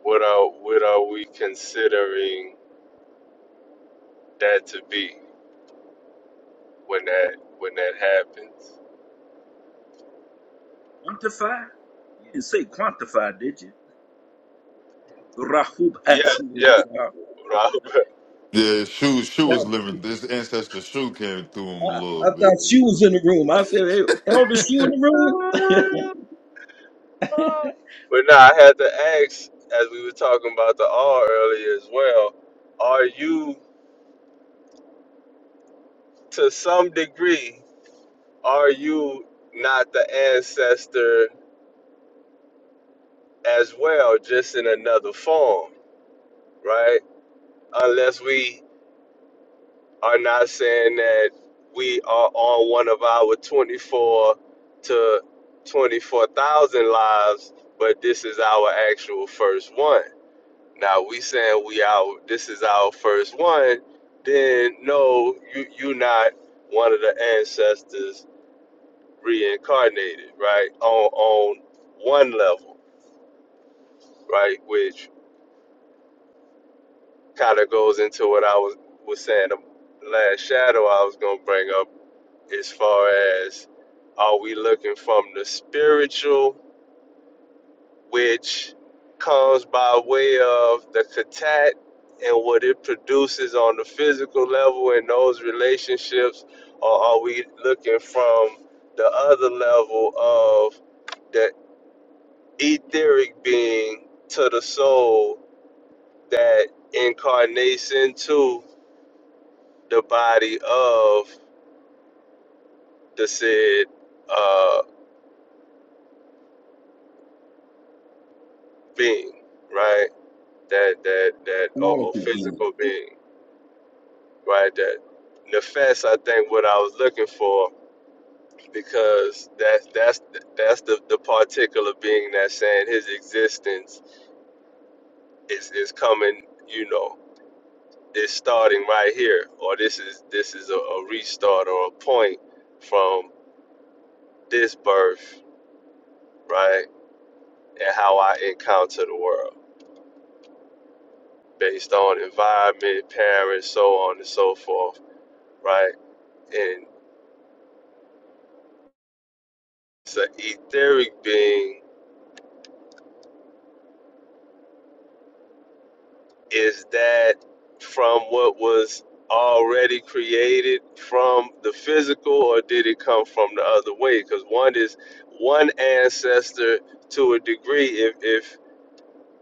F: what are what are we considering that to be when that when that happens? Yeah, yeah, Robert.
C: Yeah, Shu Shu was living. This ancestor Shu came through him a
H: I,
C: little
H: I thought
C: bit. You
H: she was
C: know.
H: in the room. I said, hey, Elder, she in the room?
F: But now I had to ask, as we were talking about the R earlier as well, are you to some degree Are you not the ancestor as well, just in another form, right? Unless we are not saying that we are on one of our 24 to 24,000 lives, but this is our actual first one. Now we saying we our this is our first one, then no, you you not one of the ancestors reincarnated, right? On on one level right? Which kind of goes into what I was was saying the last shadow I was gonna bring up as far as are we looking from the spiritual, which comes by way of the katat and what it produces on the physical level in those relationships, or are we looking from the other level of the etheric being to the soul that incarnates into? the body of the said uh, being, right? That that that or, or physical being, right? That nefes, I think, what I was looking for, because that's that's that's the the particular being that's saying his existence is is coming, you know, is starting right here, or this is this is a, a restart or a point from this birth, right? And how I encounter the world based on environment, parents, so on and so forth, right? And so etheric being is that from what was already created from the physical or did it come from the other way because one is one ancestor to a degree if if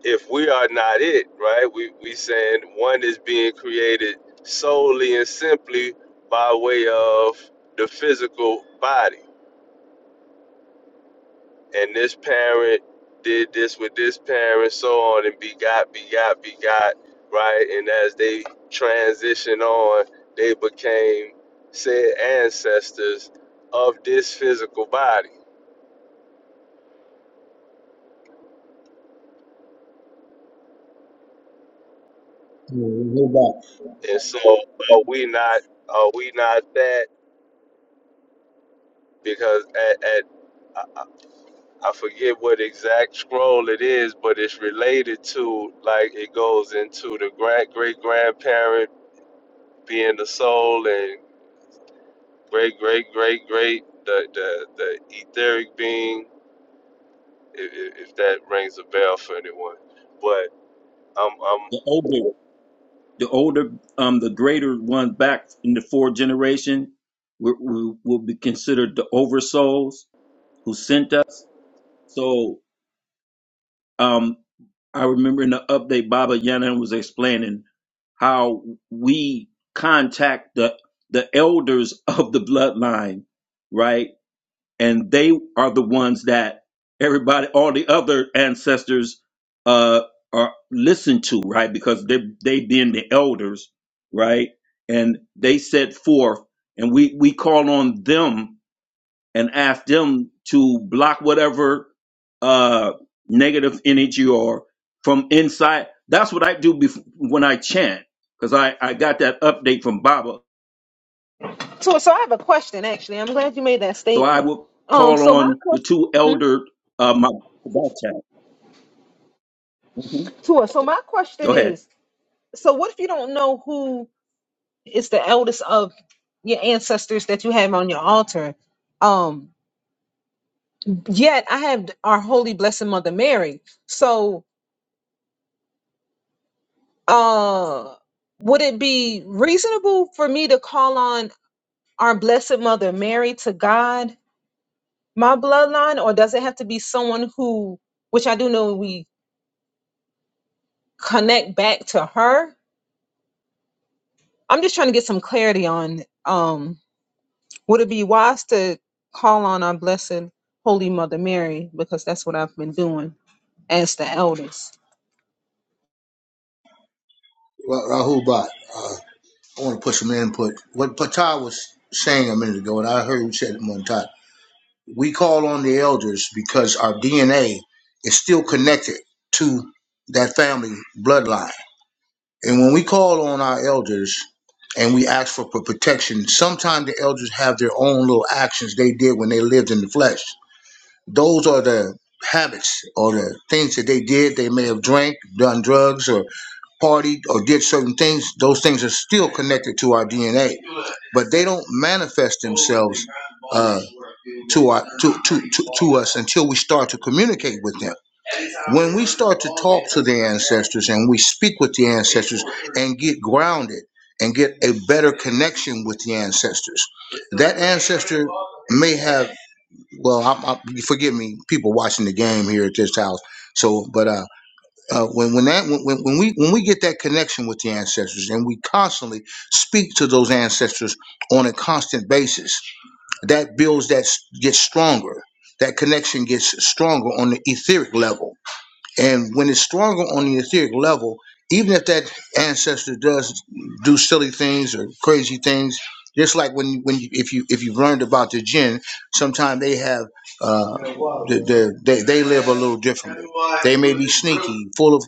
F: if we are not it right we we saying one is being created solely and simply by way of the physical body and this parent did this with this parent, so on, and begot, begot, begot, right? And as they transition on, they became said ancestors of this physical body.
G: Yeah, Rahul Bhatt.
F: And so, are we not? Are we not that? Because at, at I, I forget what exact scroll it is, but it's related to like it goes into the grand great grandparent being the soul and. Great, great, great, great. The the the etheric being, if, if that rings a bell for anyone. But um um
H: The older, the older, um, the greater one back in the fourth generation will, will, will be considered the oversouls who sent us. So um, I remember in the update, Baba Yana was explaining how we contact the the elders of the bloodline, right? and they are the ones that everybody all the other ancestors uh are listened to right because they they being the elders right and they set forth and we we call on them and ask them to block whatever uh negative energy or from inside that's what i do bef- when i chant because i i got that update from baba
B: So, so I have a question. Actually, I'm glad you made that
H: so i
B: statement.
H: will
B: Um,
H: call
B: so my
H: on the
B: question,
H: two
B: hmm?
H: elder uh my hmm
B: Tua, so my question
H: Go ahead.
B: is, so what if you don't know who is the eldest of your ancestors that you have on your altar? Um, yet I have our holy blessed Mother Mary. So, uh, would it be reasonable for me to call on our blessed Mother Mary to God my bloodline, or does it have to be someone who, which I do know we connect back to her? I'm just trying to get some clarity on um would it be wise to call on our blessed holy mother Mary because that's what I've been doing as the eldest.
G: Ra- Rahul Bhatt. Uh, I want to put some input. What Patai was saying a minute ago, and I heard you said it one time. We call on the elders because our DNA is still connected to that family bloodline. And when we call on our elders and we ask for p- protection, sometimes the elders have their own little actions they did when they lived in the flesh those are the habits or the things that they did. They may have drank, done drugs, or partied, or did certain things. Those things are still connected to our DNA, but they don't manifest themselves uh, to our to, to to to us until we start to communicate with them. When we start to talk to the ancestors and we speak with the ancestors and get grounded and get a better connection with the ancestors, that ancestor may have well, I, I, forgive me, people watching the game here at this house. So, but uh, uh, when when that when, when we when we get that connection with the ancestors, and we constantly speak to those ancestors on a constant basis, that builds that s- gets stronger. That connection gets stronger on the etheric level and when it's stronger on the etheric level, even if that ancestor does do silly things or crazy things, just like when when you, if you if you've learned about the jinn, sometimes they have uh, the, the, they they live a little differently. They may be sneaky, full of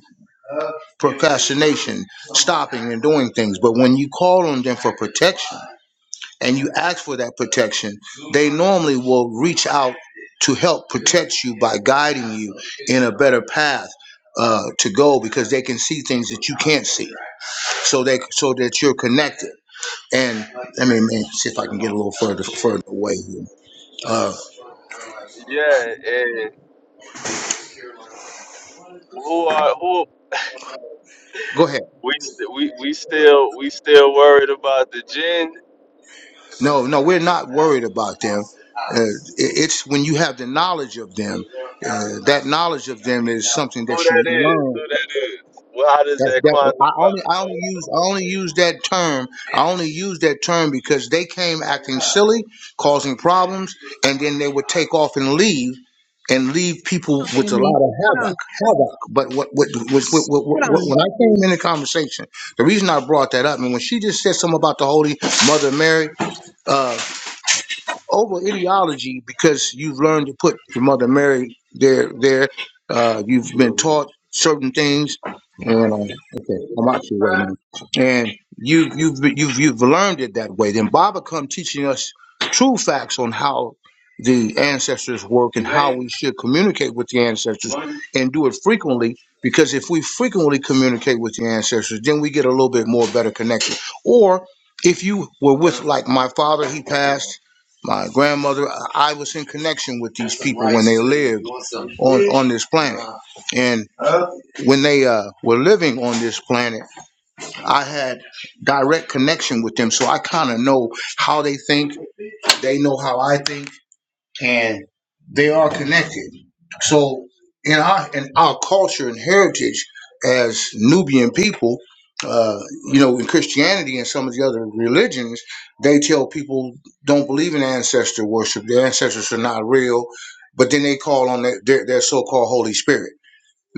G: procrastination, stopping and doing things. But when you call on them for protection, and you ask for that protection, they normally will reach out to help protect you by guiding you in a better path uh, to go because they can see things that you can't see. So they so that you're connected. And I mean, man, see if I can get a little further further away here. Uh,
F: yeah, and who are who
G: go ahead.
F: we st- we we still we still worried about the jinn?
G: No, no, we're not worried about them. Uh, it- it's when you have the knowledge of them. Uh, that knowledge of them is something
F: Who
G: that you
F: that is?
G: learn
F: Who that is? Well, how does
G: That's
F: that
G: that. I
F: quantify?
G: only I only use I only use that term. I only use that term because they came acting silly, causing problems, and then they would take off and leave, and leave people
B: Hold on,
G: with a
B: family.
G: lot of
B: Hold
G: havoc.
B: on.
G: Havoc. But what what was what, what,
B: Hold
G: what, what-
B: on.
G: when I came in the conversation, the reason I brought that up, and when she just said something about the Holy Mother Mary, uh, over ideology because you've learned to put your mother Mary there. There, uh, you've been taught certain things, and uh, okay, I'm out your way, man. And you, you've you've you've learned it that way. Then Baba come teaching us true facts on how the ancestors work and how we should communicate with the ancestors and do it frequently. Because if we frequently communicate with the ancestors, then we get a little bit more better connection. Or if you were with like my father, he passed my grandmother i was in connection with these people when they lived on, on this planet and when they uh, were living on this planet i had direct connection with them so i kind of know how they think they know how i think and they are connected. So in our in our culture and heritage as Nubian people, uh, you know, in Christianity and some of the other religions, they tell people don't believe in ancestor worship. Their ancestors are not real, but then they call on their their, their so-called Holy Spirit.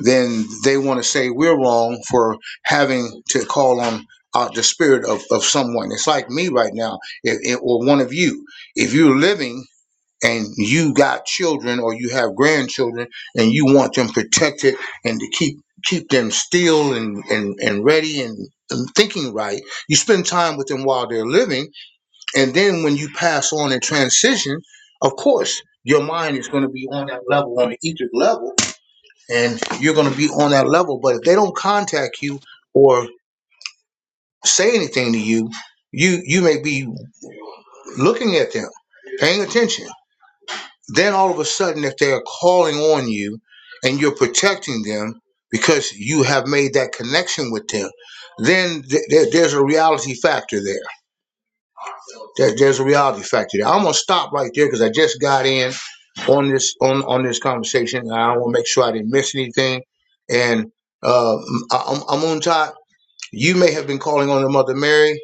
G: Then they want to say we're wrong for having to call on uh, the spirit of, of someone. It's like me right now, if, if- or one of you. If you're living and you got children or you have grandchildren and you want them protected and to keep keep them still and and, and ready and, and thinking right you spend time with them while they're living and then when you pass on and transition of course your mind is going to be on that level on the etheric level and you're going to be on that level but if they don't contact you or say anything to you you you may be looking at them paying attention then all of a sudden, if they're calling on you and you're protecting them because you have made that connection with them, then th- th- there's a reality factor there. There- There's a reality factor there. I'm gonna stop right there because I just got in on this on on this conversation, and I want to make sure I didn't miss anything. And uh, I- I'm, I'm on top. You may have been calling on the Mother Mary,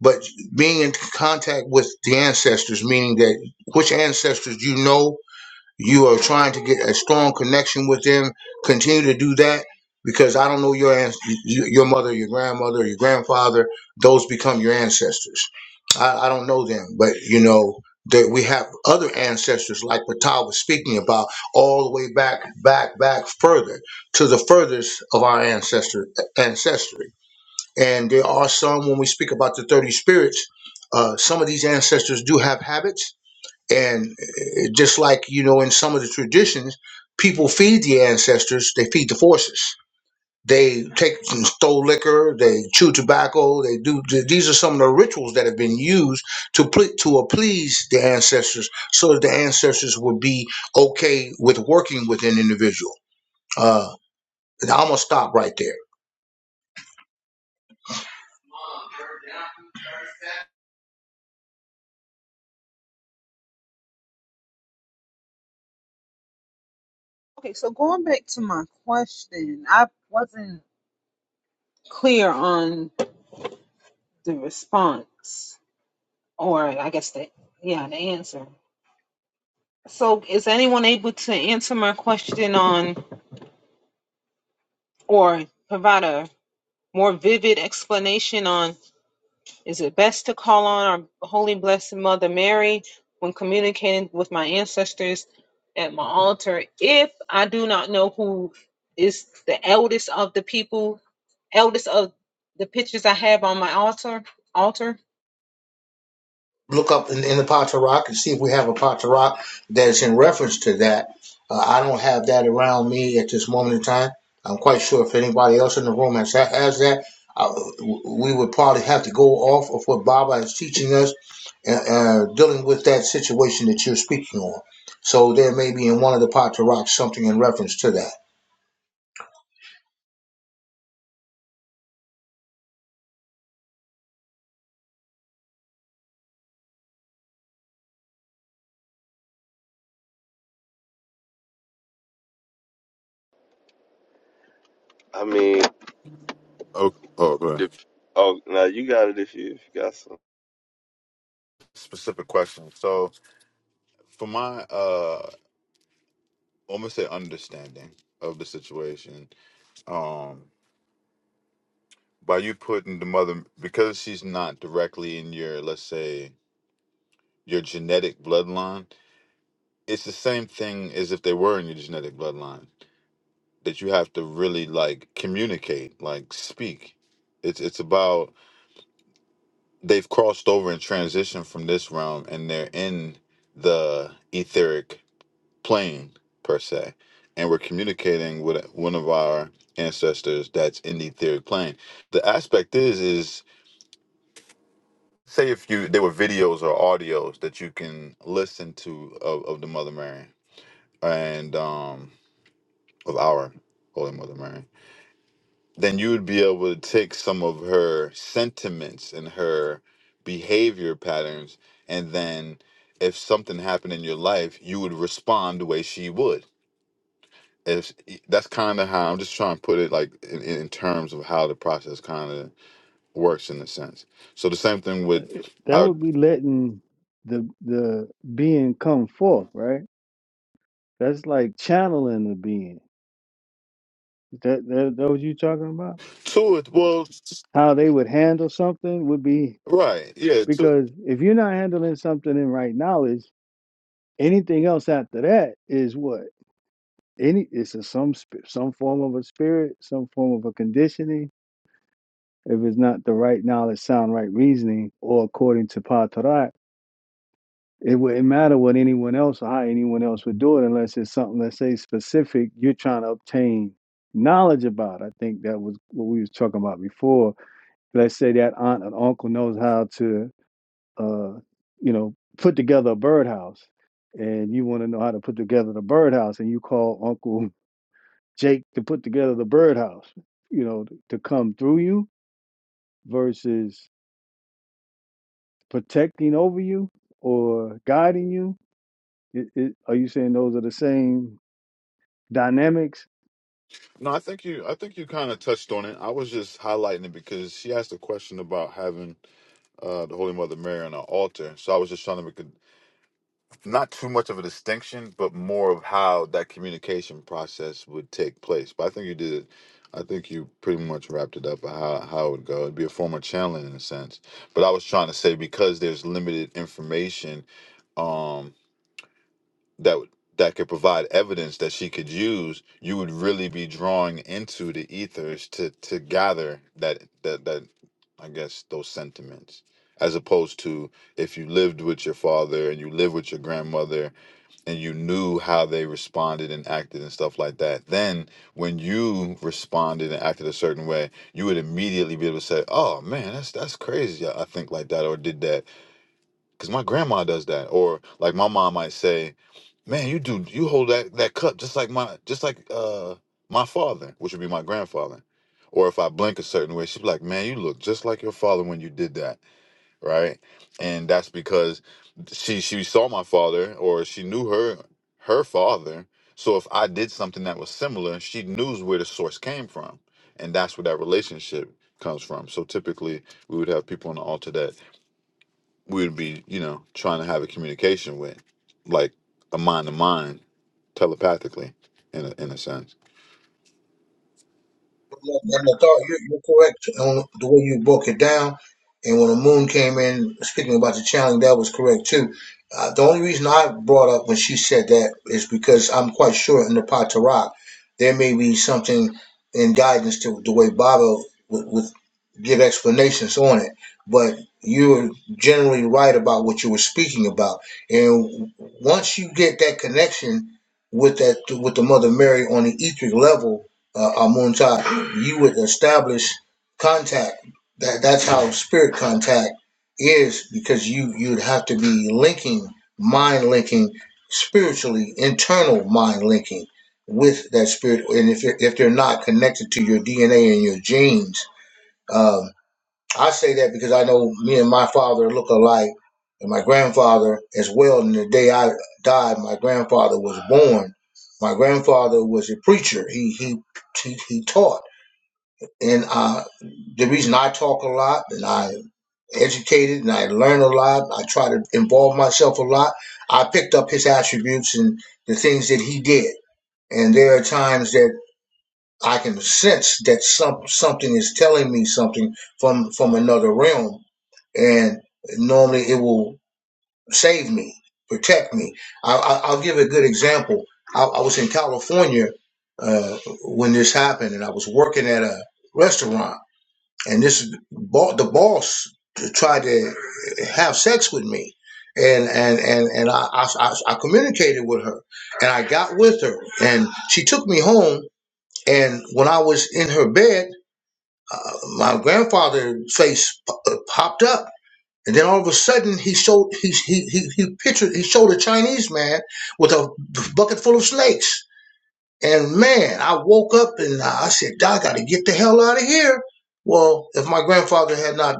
G: but being in contact with the ancestors, meaning that which ancestors you know you are trying to get a strong connection with them. Continue to do that because I don't know your ans- y- your mother, your grandmother, your grandfather. Those become your ancestors. I, I don't know them, but you know that we have other ancestors like Patal was speaking about, all the way back, back, back further to the furthest of our ancestor ancestry. And there are some when we speak about the thirty spirits. Uh, some of these ancestors do have habits and uh, just like, you know, in some of the traditions, people feed the ancestors, they feed the forces. They take and stole liquor, they chew tobacco, they do these are some of the rituals that have been used to ple- to appease the ancestors so that the ancestors would be okay with working with an individual. Uh I'm gonna stop right there.
B: Okay, so going back to my question, I wasn't clear on the response, or I guess the yeah, the answer. So, is anyone able to answer my question on, or provide a more vivid explanation on, is it best to call on our Holy Blessed Mother Mary when communicating with my ancestors at my altar if I do not know who is the eldest of the people, eldest of the pictures I have on my altar? Altar.
G: look up in, in the Potter Rock and see if we have a Potter Rock that is in reference to that. Uh, I don't have that around me at this moment in time. I'm quite sure if anybody else in the room has, has that, uh, we would probably have to go off of what Baba is teaching us and uh, dealing with that situation that you're speaking on. So there may be in one of the Potter Rocks something in reference to that.
F: I mean,
C: Okay. Oh, go ahead.
F: the, oh now you got it if you if you got some.
C: Specific question. So, for my uh, almost say understanding of the situation, by you putting the mother because she's not directly in your let's say your genetic bloodline, it's the same thing as if they were in your genetic bloodline that you have to really like communicate like speak it's it's about they've crossed over and transitioned from this realm and they're in the etheric plane per se and we're communicating with one of our ancestors that's in the etheric plane the aspect is is say if you there were videos or audios that you can listen to of, of the mother mary and um of our Holy Mother Mary, then you would be able to take some of her sentiments and her behavior patterns, and then if something happened in your life, you would respond the way she would. If that's kind of how I'm just trying to put it, like in, in terms of how the process kind of works in a sense. So the same thing with
A: That
C: I
A: would
C: would
A: be letting the the being come forth, right? That's like channeling the being. Is that that, that what you talking about?
C: to it. Well,
A: How they would handle something would be
C: right, yeah. To
A: Because if you're not handling something in right knowledge, anything else after that is what? Any it's a some sp- some form of a spirit, some form of a conditioning. If it's not the right knowledge, sound right reasoning, or according to Patarat, it wouldn't matter what anyone else or how anyone else would do it unless it's something let's say specific you're trying to obtain knowledge about. I think that was what we was talking about before. Let's say that aunt and uncle knows how to uh, you know, put together a birdhouse and you want to know how to put together the birdhouse and you call Uncle (laughs) Jake to put together the birdhouse, you know, to, to come through you versus protecting over you or guiding you. It, it, are you saying those are the same dynamics?
C: no, I think you. I think you kind of touched on it. I was just highlighting it because she asked a question about having uh, the Holy Mother Mary on an altar. So I was just trying to make a, not too much of a distinction, but more of how that communication process would take place. But I think you did it. I think you pretty much wrapped it up how how it would go. It'd be a form of channeling in a sense. But I was trying to say because there's limited information um, that would that could provide evidence that she could use, you would really be drawing into the ethers to to gather that that that I guess those sentiments. As opposed to if you lived with your father and you lived with your grandmother and you knew how they responded and acted and stuff like that, then when you responded and acted a certain way, you would immediately be able to say, "Oh man, that's that's crazy. I I think like that or did that because my grandma does that." Or like my mom might say, Man, you do you hold that that cup just like my just like uh my father, which would be my grandfather. Or if I blink a certain way, she'd be like, "Man, you look just like your father when you did that, right?" And that's because she she saw my father, or she knew her her father. So if I did something that was similar, she knew where the source came from, and that's where that relationship comes from. So typically, we would have people on the altar that we would be, you know, trying to have a communication with, like a mind to mind, telepathically, in a, in a sense.
G: And I thought, you're, you're correct on the way you broke it down. And when the moon came in, speaking about the challenge, that was correct too. Uh, the only reason I brought up when she said that is because I'm quite sure in the Patarak, there may be something in guidance to the way Baba would, would give explanations on it. But you were generally right about what you were speaking about. And once you get that connection with that with the Mother Mary on the etheric level, uh, Amuntat, you would establish contact. That that's how spirit contact is because you you'd have to be linking mind linking spiritually internal mind linking with that spirit and if you're, if they're not connected to your DNA and your genes um. I say that because I know me and my father look alike, and my grandfather as well. And the day I died, my grandfather was born. My grandfather was a preacher. He he he, he taught, and uh, the reason I talk a lot, and I educated, and I learn a lot. I try to involve myself a lot. I picked up his attributes and the things that he did. And there are times that I can sense that some something is telling me something from from another realm and normally it will save me, protect me. I, I, I'll give a good example. I, I was in California uh, when this happened, and I was working at a restaurant, and this bo- the boss tried to have sex with me. And and and and I, I I I communicated with her, and I got with her, and she took me home. And when I was in her bed, uh, my grandfather's face p- popped up, and then all of a sudden, he showed he he he, he pictured he showed a Chinese man with a bucket full of snakes. And man, I woke up and I said, "Doc, I got to get the hell out of here." Well, if my grandfather had not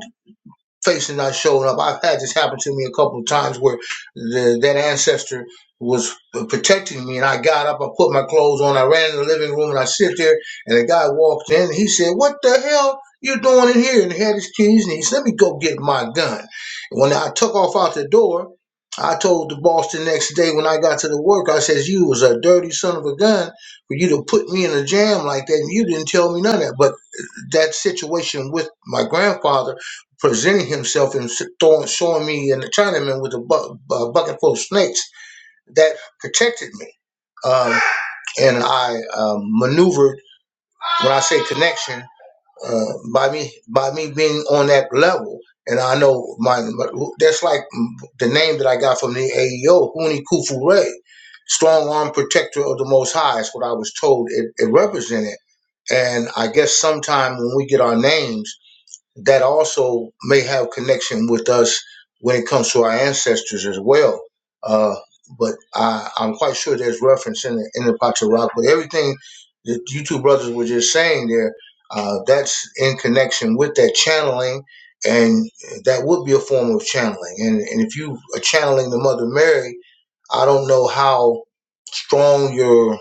G: facing not showing up. I've had this happen to me a couple of times where the, that ancestor was protecting me, and I got up, I put my clothes on, I ran in the living room, and I sit there, and the guy walked in, and he said, "What the hell?" You doing in here? And he had his keys, and he said, "Let me go get my gun." And when I took off out the door, I told the boss the next day when I got to the work, I says, "You was a dirty son of a gun for you to put me in a jam like that, and you didn't tell me none of that." But that situation with my grandfather presenting himself and throwing, showing me an Chinaman with a bu- bu- bucket full of snakes that protected me. Um, and I um, maneuvered when I say connection uh, by me by me being on that level. And I know my my- that's like the name that I got from the AEO, Huni Kufu Ray, strong arm protector of the Most High. Is what I was told it, it represented. And I guess sometime when we get our names that also may have connection with us when it comes to our ancestors as well. Uh, but I, I'm quite sure there's reference in the, in the Pacha Rock. But everything that you two brothers were just saying there, uh, that's in connection with that channeling, and that would be a form of channeling. And, and if you are channeling the Mother Mary, I don't know how strong your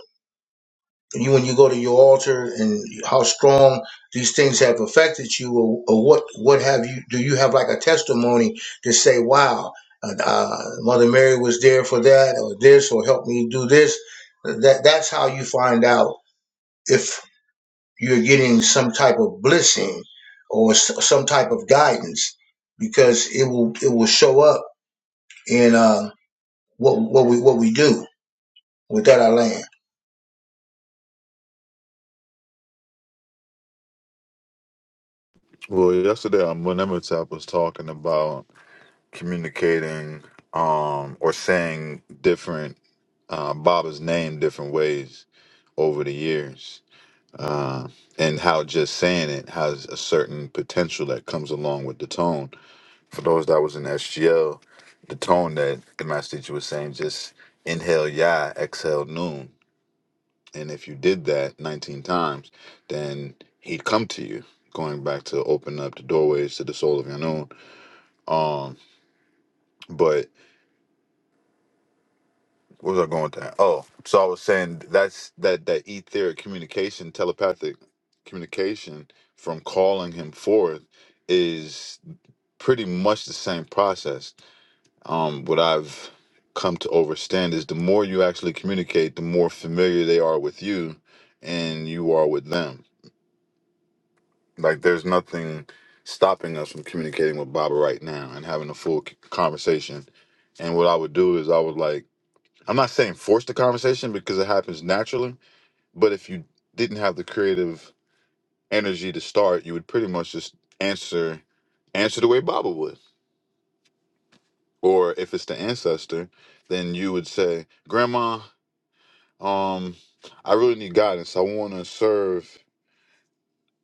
G: you when you go to your altar and how strong these things have affected you or, or what what have you do you have like a testimony to say wow uh, uh, mother mary was there for that or this or help me do this that that's how you find out if you're getting some type of blessing or s- some type of guidance because it will it will show up in uh, what what we what we do with that our land
C: Well, yesterday, um, when Emmertap was talking about communicating um, or saying different uh, Baba's name different ways over the years, uh, and how just saying it has a certain potential that comes along with the tone. For those that was in SGL, the tone that the master teacher was saying, just inhale, yeah, exhale, noon And if you did that 19 times, then he'd come to you, going back to open up the doorways to the soul of your known. Um, but where was I going with that? Oh, so I was saying that's that that etheric communication, telepathic communication from calling him forth is pretty much the same process. Um, what I've come to overstand is the more you actually communicate, the more familiar they are with you and you are with them Like there's nothing stopping us from communicating with Baba right now and having a full c- conversation. And what I would do is I would like I'm not saying force the conversation because it happens naturally, but if you didn't have the creative energy to start, you would pretty much just answer answer the way Baba would. Or if it's the ancestor, then you would say, "Grandma, um I really need guidance. I want to serve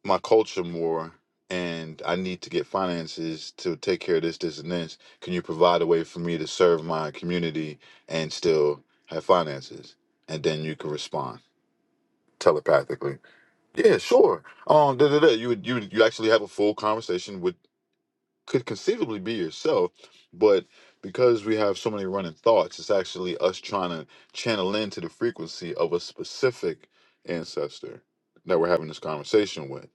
C: my culture more and I need to get finances to take care of this, this, and this. Can you provide a way for me to serve my community and still have finances? And then you can respond telepathically. Yeah, sure. Um, da, da, da. You would you would you actually have a full conversation with could conceivably be yourself, but because we have so many running thoughts, it's actually us trying to channel into the frequency of a specific ancestor that we're having this conversation with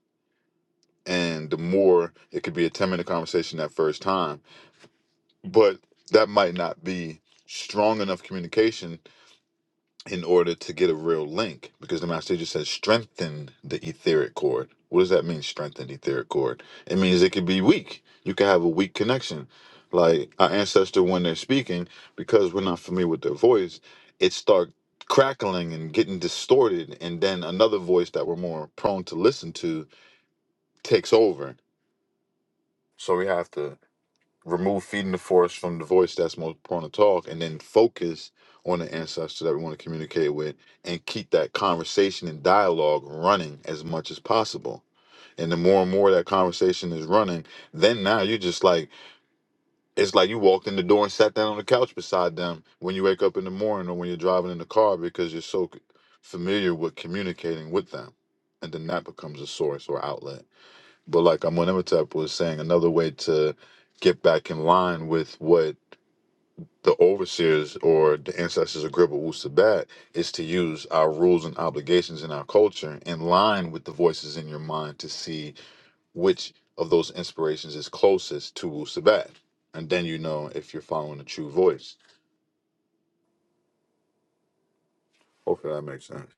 C: and the more it could be a 10 minute conversation that first time but that might not be strong enough communication in order to get a real link because the master teacher says strengthen the etheric cord what does that mean strengthen the etheric cord it means it could be weak you could have a weak connection like our ancestor when they're speaking because we're not familiar with their voice it starts crackling and getting distorted and then another voice that we're more prone to listen to takes over so we have to remove feeding the forest from the voice that's most prone to talk and then focus on the ancestor that we want to communicate with and keep that conversation and dialogue running as much as possible and the more and more that conversation is running then now you're just like it's like you walked in the door and sat down on the couch beside them when you wake up in the morning or when you're driving in the car because you're so c- familiar with communicating with them and then that becomes a source or outlet but like Amunematep was saying, another way to get back in line with what the overseers or the ancestors of Gribble Wusabat is to use our rules and obligations in our culture in line with the voices in your mind to see which of those inspirations is closest to Wusabat. And then you know if you're following a true voice. Hopefully that makes sense.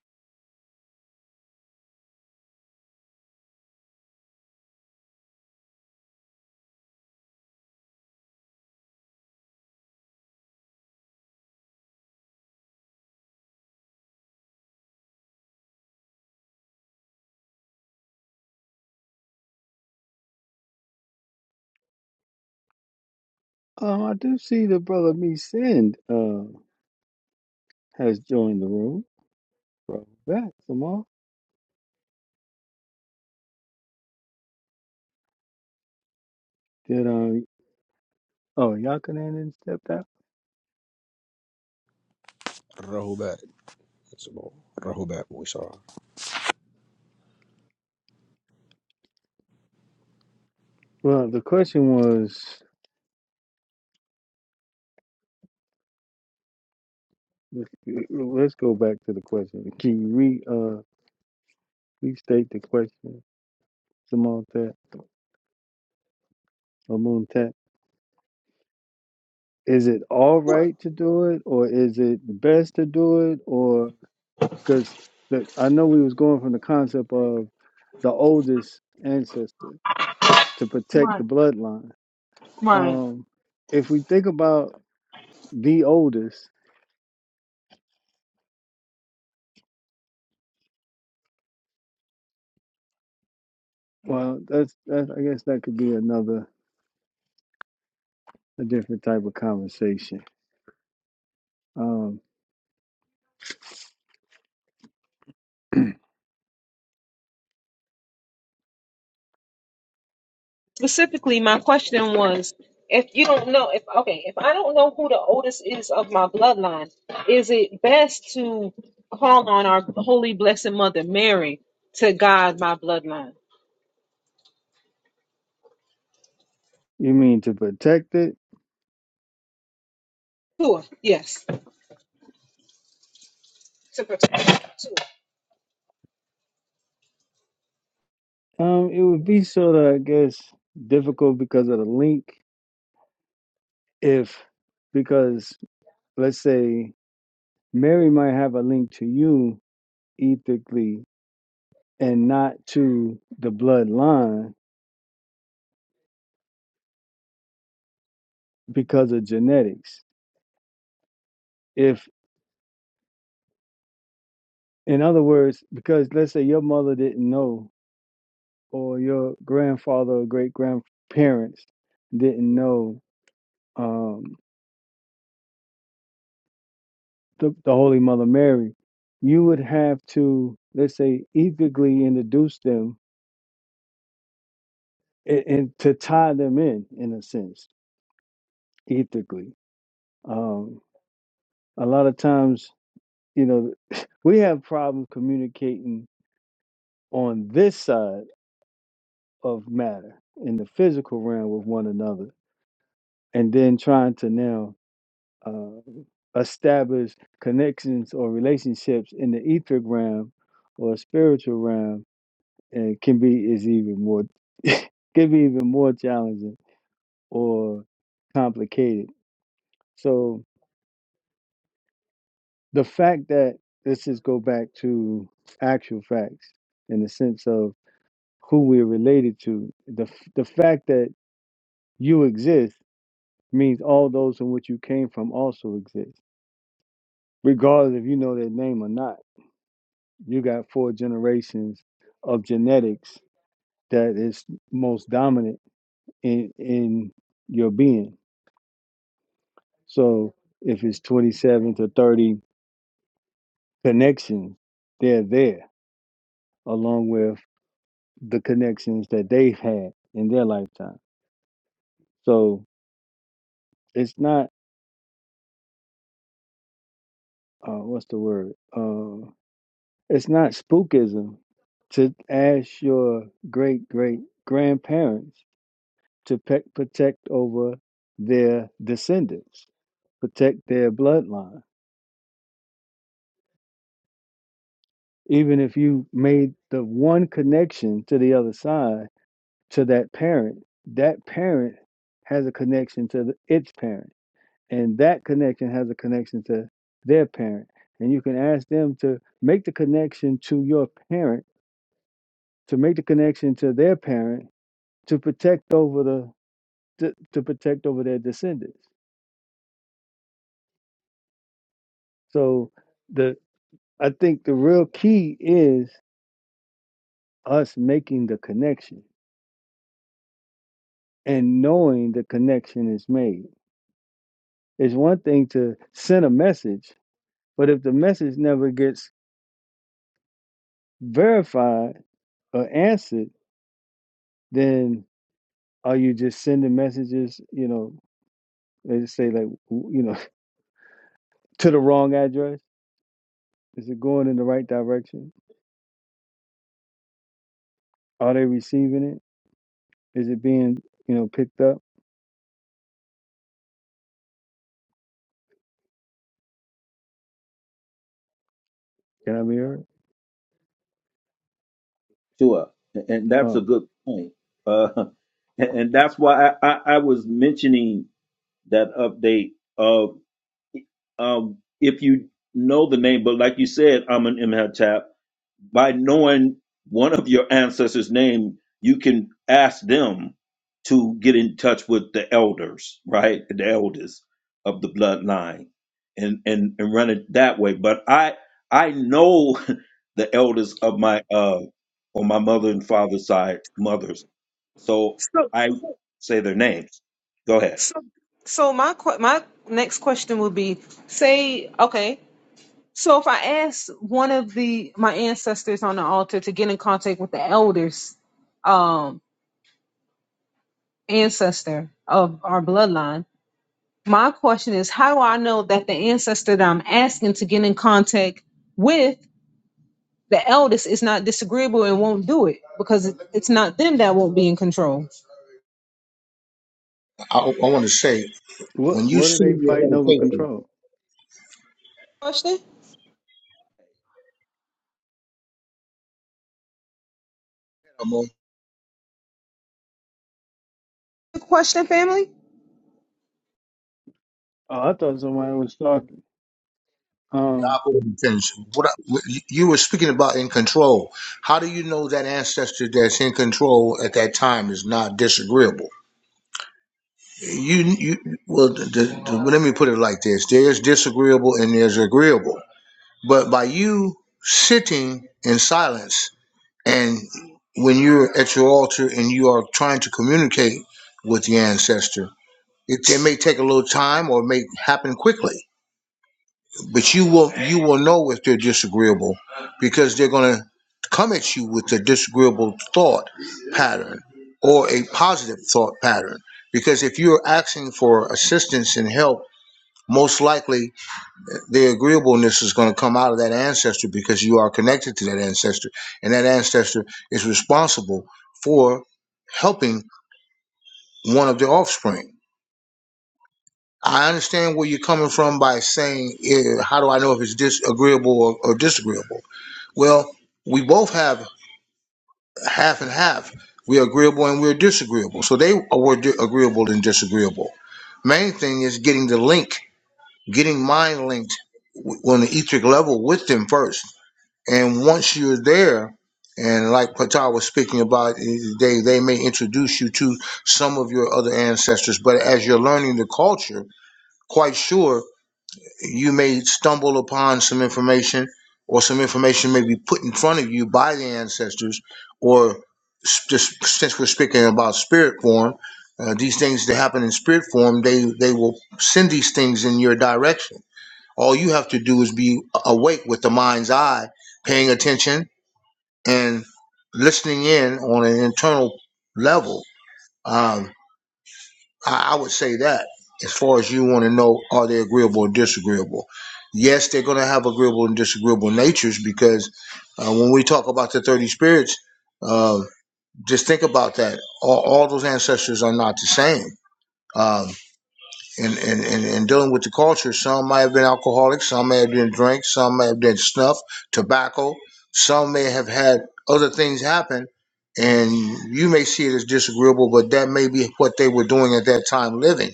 A: Um, I do see the brother me send uh, has joined the room. Bro, back, Samar. Did um, oh, Yakanan didn't step out?
I: Rahubat. That's the ball. We saw
A: Well, the question was Let's, let's go back to the question. Can you re uh restate the question, Samontet or Moontet? Is it all
B: Sure.
A: right to do it, or is it best to do it, or because I know we was going from the concept of the oldest ancestor to protect the
B: Right.
A: bloodline.
B: Right.
A: Um, if we think about the oldest, well, that's that. I guess that could be another a different type of conversation. Um,
B: specifically my question was if you don't know if okay if i don't know who the oldest is of my bloodline is it best to call on our holy blessed mother mary to guide my bloodline
A: you mean to protect it?
B: sure yes to protect sure.
A: Um, it would be sort of, I guess, difficult because of the link. If, because let's say Mary might have a link to you ethically and not to the bloodline because of genetics. If, in other words, because let's say your mother didn't know, or your grandfather or great grandparents didn't know um, the, the Holy Mother Mary, you would have to, let's say, ethically introduce them and, and to tie them in in a sense ethically um a lot of times you know (laughs) we have problems communicating on this side of matter in the physical realm with one another and then trying to now uh, establish connections or relationships in the etheric realm or spiritual realm and can be is even more can be even more challenging or complicated so the fact that let's just go back to actual facts in the sense of who we're related to the f- the fact that you exist means all those in which you came from also exist regardless if you know their name or not you got four generations of genetics that is most dominant in in your being so if it's 27 to 30 connections they're there along with the connections that they've had in their lifetime. So it's not uh, what's the word? Uh, it's not spookism to ask your great great grandparents to pe- protect over their descendants, protect their bloodline. Even if you made the one connection to the other side to that parent, that parent has a connection to the, its parent and that connection has a connection to their parent and you can ask them to make the connection to your parent to make the connection to their parent to protect over the to, to protect over their descendants so the i think the real key is us making the connection and knowing the connection is made it's one thing to send a message but if the message never gets verified or answered then Are you just sending messages, you know, they just say like, w- you know, (laughs) to the wrong address? Is it going in the right direction? Are they receiving it? Is it being, you know, picked up? Can I be heard?
H: Sure, and and that's a
A: Um,
H: good point. Uh, (laughs) and and that's why I, I, I was mentioning that update of um, if you know the name, but like you said, I'm an MHATAP. by knowing one of your ancestors' name, you can ask them to get in touch with the elders, right? The elders of the bloodline and and and run it that way. But I I know (laughs) the elders of my uh on my mother and father's side, mothers. So
B: so
H: I say their names. Go ahead.
B: so so my que- my next question would be say okay so if i ask one of the my ancestors on the altar to get in contact with the elders um ancestor of our bloodline My question is, how do I know that the ancestor that I'm asking to get in contact with the eldest is not disagreeable and won't do it? Because it- it's not them that won't be in control.
G: i, I want to say
A: What
G: when you
A: what are
G: see
A: they fighting
G: your
A: over
G: meditation
A: control?
B: Question? Good Question, family?
A: oh, I thought somebody was talking. Um,
G: I'll go finish. What I- you you were speaking about in control. How do you know that ancestor that's in control at that time is not disagreeable? You, you well, the, the, the- well, let me put it like this: there's disagreeable and there's agreeable. But by you sitting in silence, and when you're at your altar and you are trying to communicate with the ancestor, it, it may take a little time or it may happen quickly but you will you will know if they're disagreeable because they're going to come at you with a disagreeable thought pattern or a positive thought pattern because if you're asking for assistance and help most likely the agreeableness is going to come out of that ancestor because you are connected to that ancestor and that ancestor is responsible for helping one of their offspring i understand where you're coming from by saying eh, how do i know if it's disagreeable or, or disagreeable Well, we both have half and half. We're agreeable and we're disagreeable. So they were di- agreeable and disagreeable. Main thing is getting the link, getting mind linked w- on the etheric level with them first. And once you're there, and like Patar was speaking about, eh, they, they may introduce you to some of your other ancestors, but as you're learning the culture, quite sure you may stumble upon some information or some information may be put in front of you by the ancestors or s- just since we're speaking about spirit form uh, these things that happen in spirit form they they will send these things in your direction all you have to do is be awake with the mind's eye paying attention and listening in on an internal level Um, I, I would say that as far as you want to know, are they agreeable or disagreeable? Yes, they're going to have agreeable and disagreeable natures because uh, when we talk about the 30 spirits, uh, just think about that. All, all those ancestors are not the same. Uh, and, and, and, and dealing with the culture. Some may have been alcoholics, some may have been drink, some may have been snuff, tobacco, some may have had other things happen, and you may see it as disagreeable, but that may be what they were doing at that time living.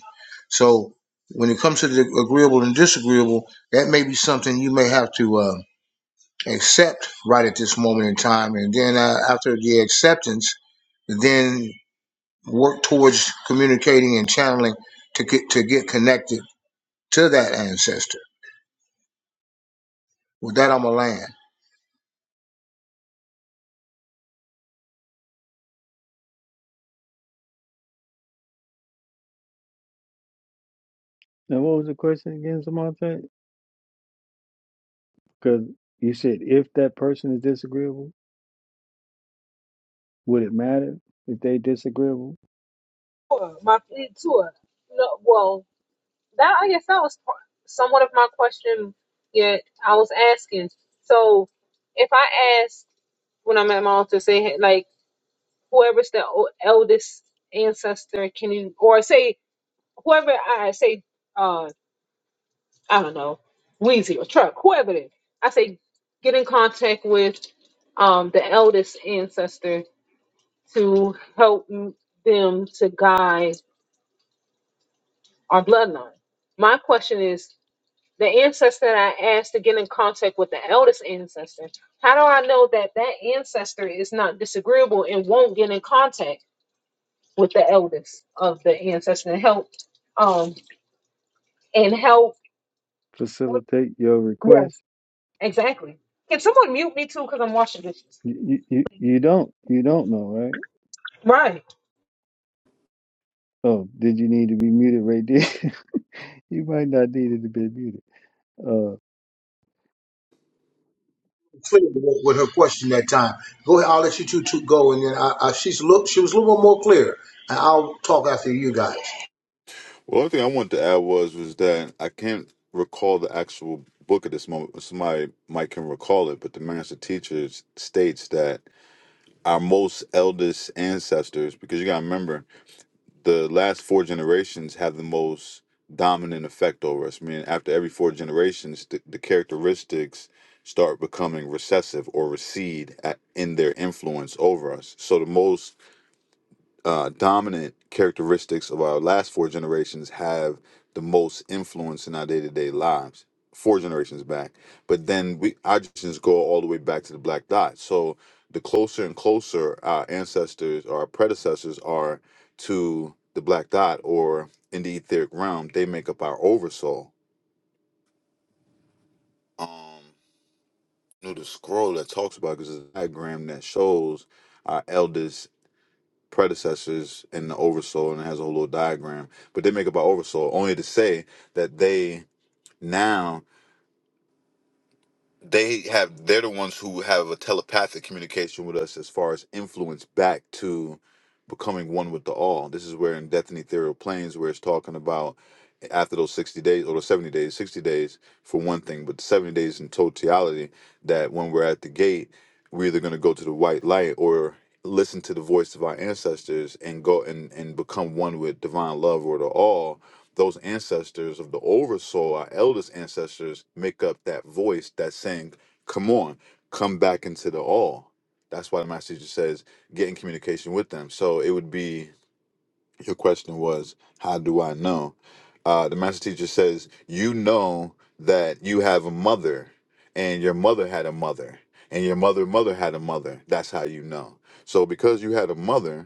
G: So when it comes to the agreeable and disagreeable, that may be something you may have to uh, accept right at this moment in time, and then uh, after the acceptance, then work towards communicating and channeling to get to get connected to that ancestor. With that, I'm going to land.
A: now what was the question again, Samantha? Because you said if that person is disagreeable, would it matter if they disagreeable?
B: Sure, My it- sure. No, well, that I guess that was part, somewhat of my question. Yet I was asking. So, if I ask when I'm at my altar, say hey, like whoever's the o- eldest ancestor, can you or say whoever I say? uh, I don't know, Weezy or Truck, whoever it is. I say get in contact with um, the eldest ancestor to help m- them to guide our bloodline. My question is the ancestor that I asked to get in contact with the eldest ancestor, how do I know that that ancestor is not disagreeable and won't get in contact with the eldest of the ancestor and help? Um, and help.
A: Facilitate your request.
B: Yes. Exactly. Can someone mute me too? Because I'm washing dishes.
A: You, you you you don't you don't know right?
B: Right.
A: Oh, did you need to be muted right there? (laughs) you might not need it to be muted. Uh,
G: clear with her question that time. Go ahead, I'll let you two, two go, and then I, I, she's look. She was a little more clear, and I'll talk after you guys.
C: Well, one thing I wanted to add was was that I can't recall the actual book at this moment. Somebody might can recall it, but the master teacher states that our most eldest ancestors because you got to remember the last four generations have the most dominant effect over us. I mean, after every four generations, the, the characteristics start becoming recessive or recede at, in their influence over us. So the most uh, dominant characteristics of our last four generations have the most influence in our day to day lives, four generations back. But then we, our generations go all the way back to the black dot. So the closer and closer our ancestors or our predecessors are to the black dot or in the etheric realm, they make up our oversoul. Um, you know, the scroll that talks about because it's a diagram that shows our elders predecessors in the oversoul and it has a whole little diagram but they make about oversoul only to say that they now they have they're the ones who have a telepathic communication with us as far as influence back to becoming one with the all. This is where in Death and Ethereal Planes where it's talking about after those 60 days or those 70 days, 60 days for one thing, but 70 days in totality that when we're at the gate, we're either going to go to the white light or listen to the voice of our ancestors and go and, and become one with divine love or the all those ancestors of the oversoul, our eldest ancestors, make up that voice that's saying, Come on, come back into the all. That's why the master teacher says, get in communication with them. So it would be your question was, How do I know? Uh, the master teacher says, You know that you have a mother, and your mother had a mother, and your mother mother had a mother. That's how you know. So because you had a mother,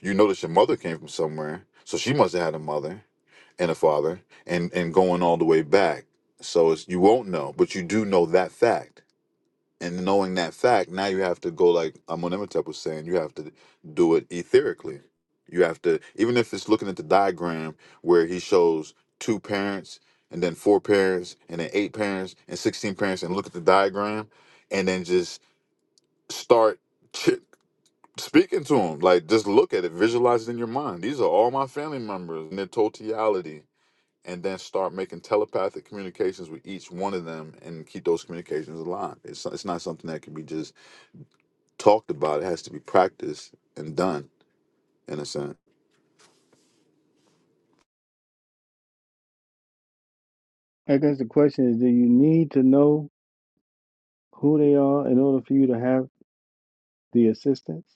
C: you notice your mother came from somewhere, so she must have had a mother and a father, and and going all the way back. So it's you won't know, but you do know that fact. And knowing that fact, now you have to go like Amunimetep was saying. You have to do it etherically. You have to, even if it's looking at the diagram where he shows two parents and then four parents and then eight parents and sixteen parents, and look at the diagram, and then just start. (laughs) speaking to them like just look at it visualize it in your mind these are all my family members in their totality and then start making telepathic communications with each one of them and keep those communications alive it's, it's not something that can be just talked about it has to be practiced and done in a sense
A: I guess the question is, do you need to know who they are in order for you to have the assistance?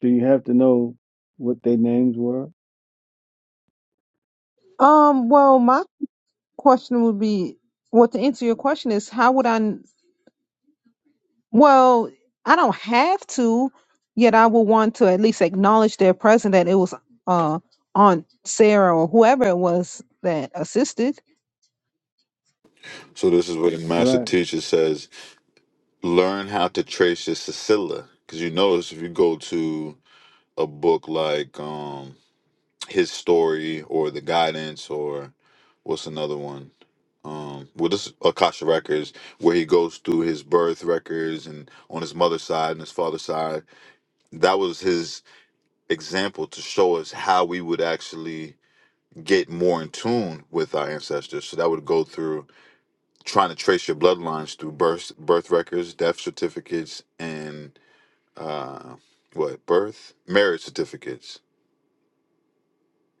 A: Do you have to know what their names were?
B: Um, well, my question would be, well, to answer your question is, how would I? kn- Well, I don't have to, yet I would want to at least acknowledge their presence that it was uh Aunt Sarah or whoever it was that assisted.
C: so this is where the master
A: Right.
C: teacher says learn how to trace your sicilla because you notice if you go to a book like um his story or the guidance or what's another one um well this is akasha records where he goes through his birth records and on his mother's side and his father's side that was his example to show us how we would actually get more in tune with our ancestors so that would go through trying to trace your bloodlines through birth birth records death certificates and uh what birth marriage certificates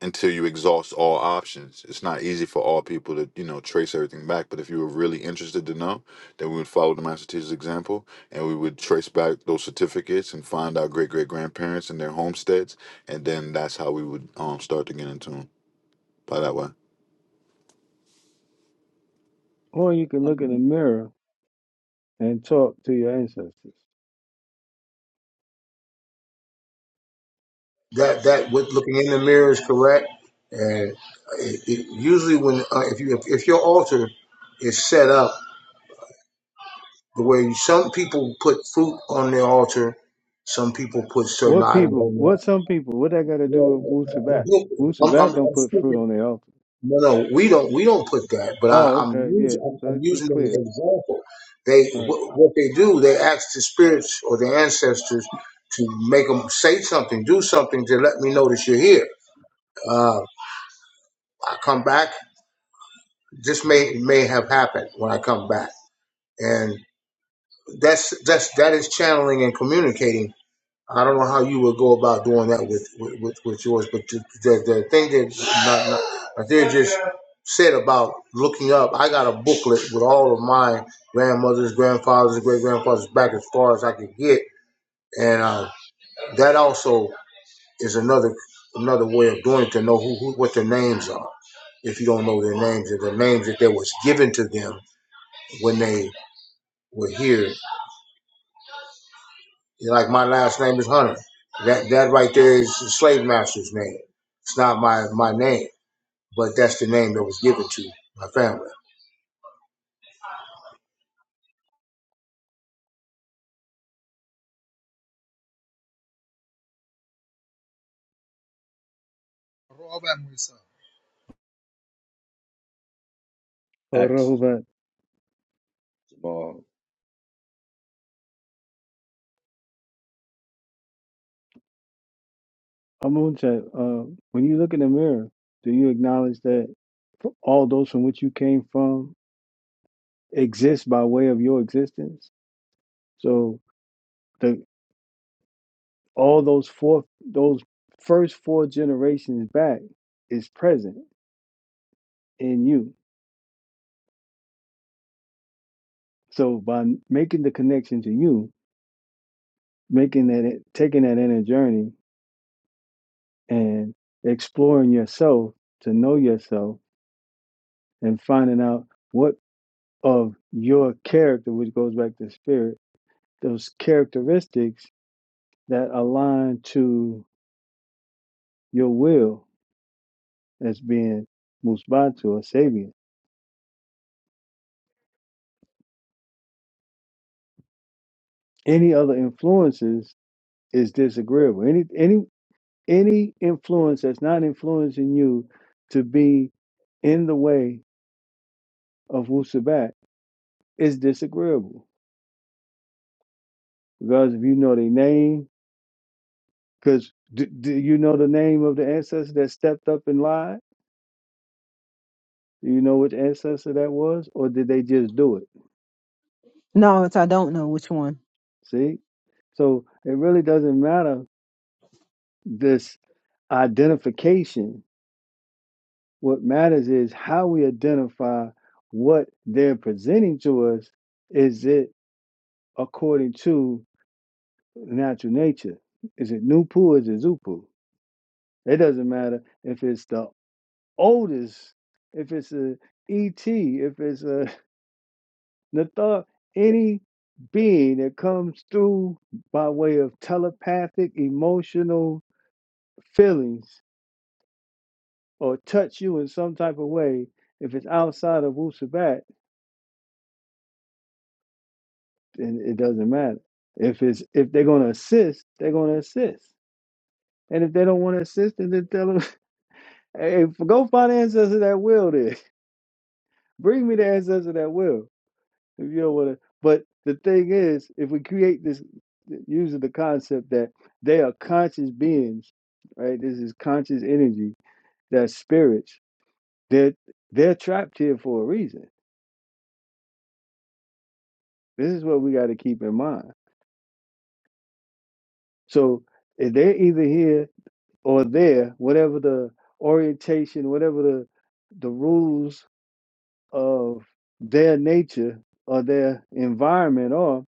C: until you exhaust all options. It's not easy for all people to, you know, trace everything back. But if you were really interested to know, then we would follow the master teacher's example and we would trace back those certificates and find our great great grandparents and their homesteads. And then that's how we would um start to get into them by that way.
A: Or you can look in the mirror and talk to your ancestors.
G: That that with looking in the mirror is correct, and it, it, usually when uh, if you if, if your altar is set up The way some people put fruit on their altar, some people put certain
A: What
G: items
A: people,
G: on there.
A: what some people, what that got to do with Wu Sabat?
G: Well,
A: Wu
G: I'm, I'm,
A: Sabat don't
G: I'm
A: put fruit
G: speaking.
A: on their altar.
G: No, no, we don't. We don't put that. But I,
A: Oh,
G: I'm
A: okay. Yeah.
G: using. I'm,
A: Let's
G: I'm
A: be
G: using an
A: clear.
G: example. They
A: All
G: what, what they do. They ask the spirits or the ancestors to make them say something, do something to let me know that you're here. Uh, I come back. This may may have happened when I come back, and that's that's that is channeling and communicating I don't know how you would go about doing that with with, with, with yours, but the, the, the thing that not, not, that they just said about looking up, I got a booklet with all of my grandmothers, grandfathers, great grandfathers back as far as I could get, and uh, that also is another another way of doing it to know who, who what their names are. If you don't know their names, and the names that they was given to them when they were here You're like my last name is Hunter. That that right there is the slave master's name. It's not my my name, but that's the name that was given to my family.
J: All by myself.
H: At
A: right.
H: Jamal.
A: I'm on chat. Uh, when you look in the mirror, do you acknowledge that f- all those from which you came from exist by way of your existence? So the all those four, those first four generations back is present in you. So by n- making the connection to you, making that, it- taking that inner journey and exploring yourself to know yourself and finding out what of your character, which goes back to spirit those characteristics that align to your will as being musbatu or sabian. Any other influences is disagreeable. Any any any influence that's not influencing you to be in the way of Wusabat is disagreeable. Because if you know their name, because do, do you know the name of the ancestor that stepped up and lied? Do you know which ancestor that was? Or did they just do it?
B: No, it's I don't know which one.
A: See? So it really doesn't matter this identification. What matters is how we identify what they're presenting to us. Is it according to natural nature? Is it Nupu or is it Zupu? It doesn't matter if it's the oldest, if it's a ET, if it's a (laughs) Nathar, any being that comes through by way of telepathic, emotional feelings or touch you in some type of way, if it's outside of Wu Sabat, then it doesn't matter. If it's if they're gonna assist, they're gonna assist. And if they don't want to assist, then they tell them, (laughs) "Hey, f- go find the ancestor that will. Then (laughs) bring me the ancestor that will. If you don't want to." But the thing is, if we create this using the concept that they are conscious beings, right? This is conscious energy. That spirits. That they're, they're trapped here for a reason. This is what we got to keep in mind So if they're either here or there, whatever the orientation, whatever the the rules of their nature or their environment are,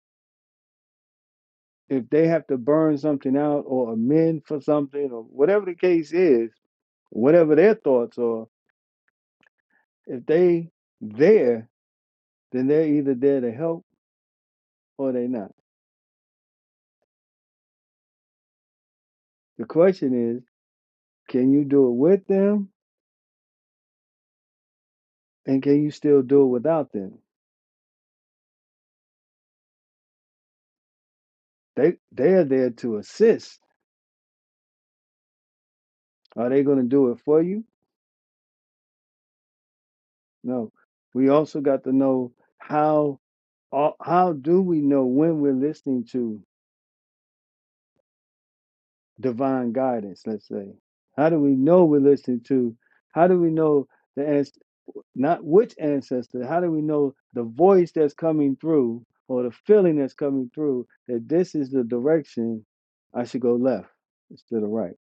A: if they have to burn something out or amend for something or whatever the case is, whatever their thoughts are, if they there, then they're either there to help or they're not. The question is, can you do it with them and can you still do it without them? They they are there to assist Are they going to do it for you? No. We also got to know how uh, how do we know when we're listening to divine guidance, let's say? How do we know we're listening to how do we know the ans- not which ancestor, how do we know the voice that's coming through or the feeling that's coming through that this is the direction I should go left instead of right?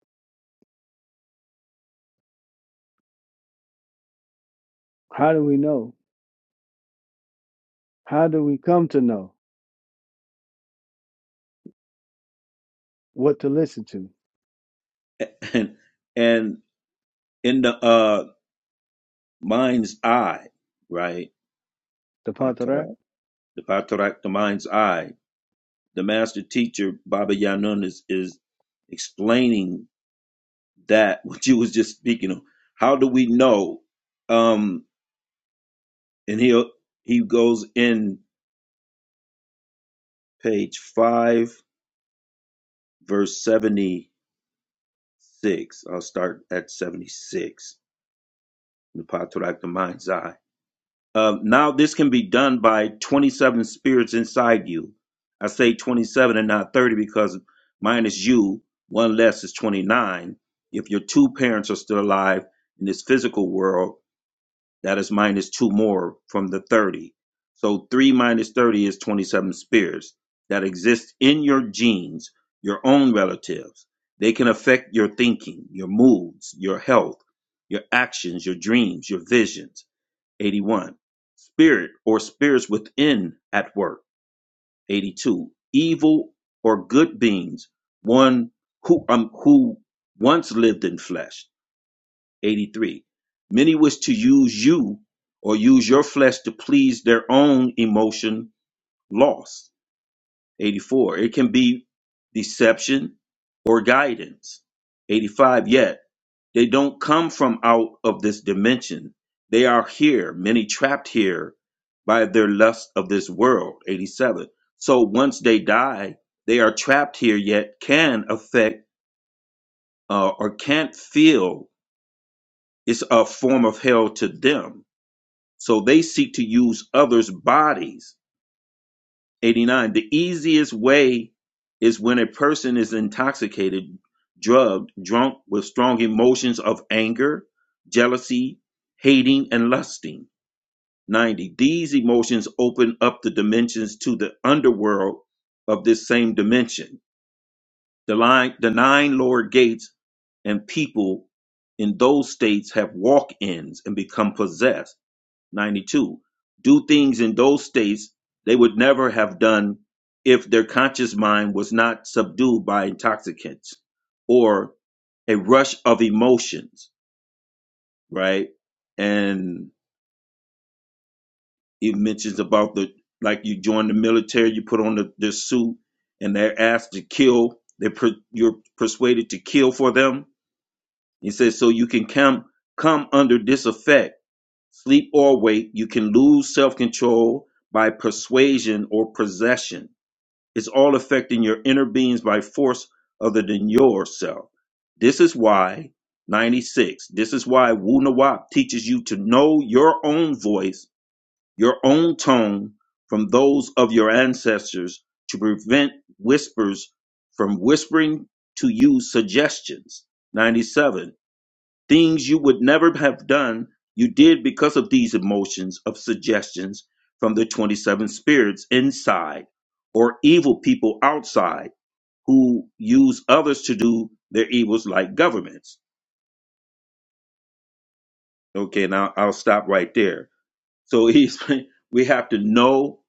A: How do we know? How do we come to know what to listen to?
H: And and in the uh mind's eye, right?
A: The Pantarak?
H: The Patarak, the mind's eye, the master teacher, Baba Yanun, is, is explaining that, (laughs) what you was just speaking of. How do we know? Um, and he he goes in page 5, verse 76. I'll start at 76. The Patarak, the mind's eye. Uh, now this can be done by 27 spirits inside you. I say 27 and not 30 because minus you, one less is 29. If your two parents are still alive in this physical world, that is minus two more from the 30. So 3 minus 30 is 27 spirits that exist in your genes, your own relatives. They can affect your thinking, your moods, your health, your actions, your dreams, your visions 81. Spirit or spirits within at work. 82. Evil or good beings, one who um, who once lived in flesh. 83. Many wish to use you or use your flesh to please their own emotion loss. 84. It can be deception or guidance. 85. Yet they don't come from out of this dimension. They are here, many trapped here by their lust of this world. 87. So once they die, they are trapped here, yet can affect uh, or can't feel it's a form of hell to them. So they seek to use others' bodies 89 the easiest way is when a person is intoxicated drugged drunk with strong emotions of anger jealousy hating and lusting 90 these emotions open up the dimensions to the underworld of this same dimension the line the nine lower gates and people in those states have walk-ins and become possessed 92 do things in those states they would never have done if their conscious mind was not subdued by intoxicants or a rush of emotions right and it mentions about the like you join the military you put on the, the suit and they're asked to kill they're per, you're persuaded to kill for them he says so you can come come under this effect Sleep or awake, you can lose self control by persuasion or possession. It's all affecting your inner beings by force other than yourself. This is why 96, this is why Wu Nawab teaches you to know your own voice, your own tone from those of your ancestors to prevent whispers from whispering to you suggestions. 97 Things you would never have done, you did because of these emotions of suggestions from the 27 spirits inside or evil people outside who use others to do their evils like governments. Okay, now I'll stop right there. So he's, (laughs) we have to know,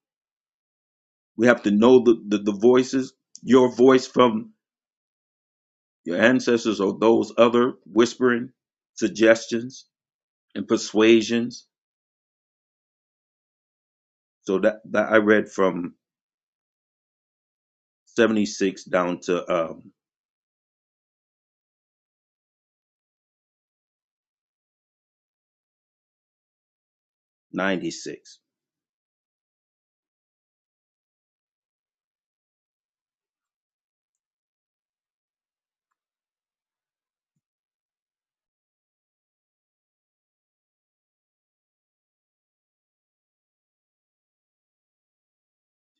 H: we have to know the, the, the voices, your voice from your ancestors or those other whispering suggestions and persuasions. So that, that I read from 76 down to um, 96.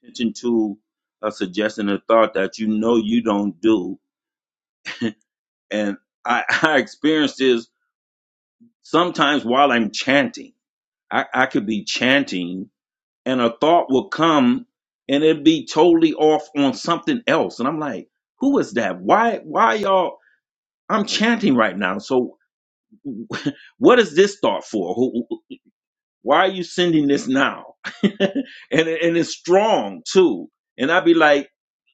H: Attention to a suggestion or thought that you know you don't do. And I, (laughs) I experience this sometimes while I'm chanting. I, I could be chanting and a thought will come and it'd be totally off on something else. And I'm like, who is that? Why, why y'all? I'm chanting right now. So (laughs) what is this thought for? Who, Why are you sending this now? (laughs) and it- and it's strong too. And I'd be like,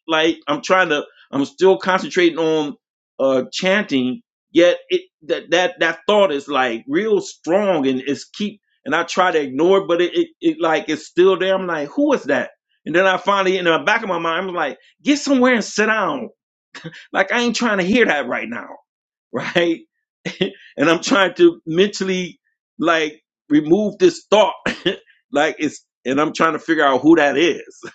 H: like I'm trying to, I'm still concentrating on uh chanting. Yet it that that that thought is like real strong and it's keep. And I try to ignore it, but it, it, it like it's still there. I'm like, who is that? And then I finally, in the back of my mind, I'm like, get somewhere and sit down. Like I ain't trying to hear that right now (laughs) right? And I'm trying to mentally like remove this thought like it's, and I'm trying to figure out who that is. (laughs)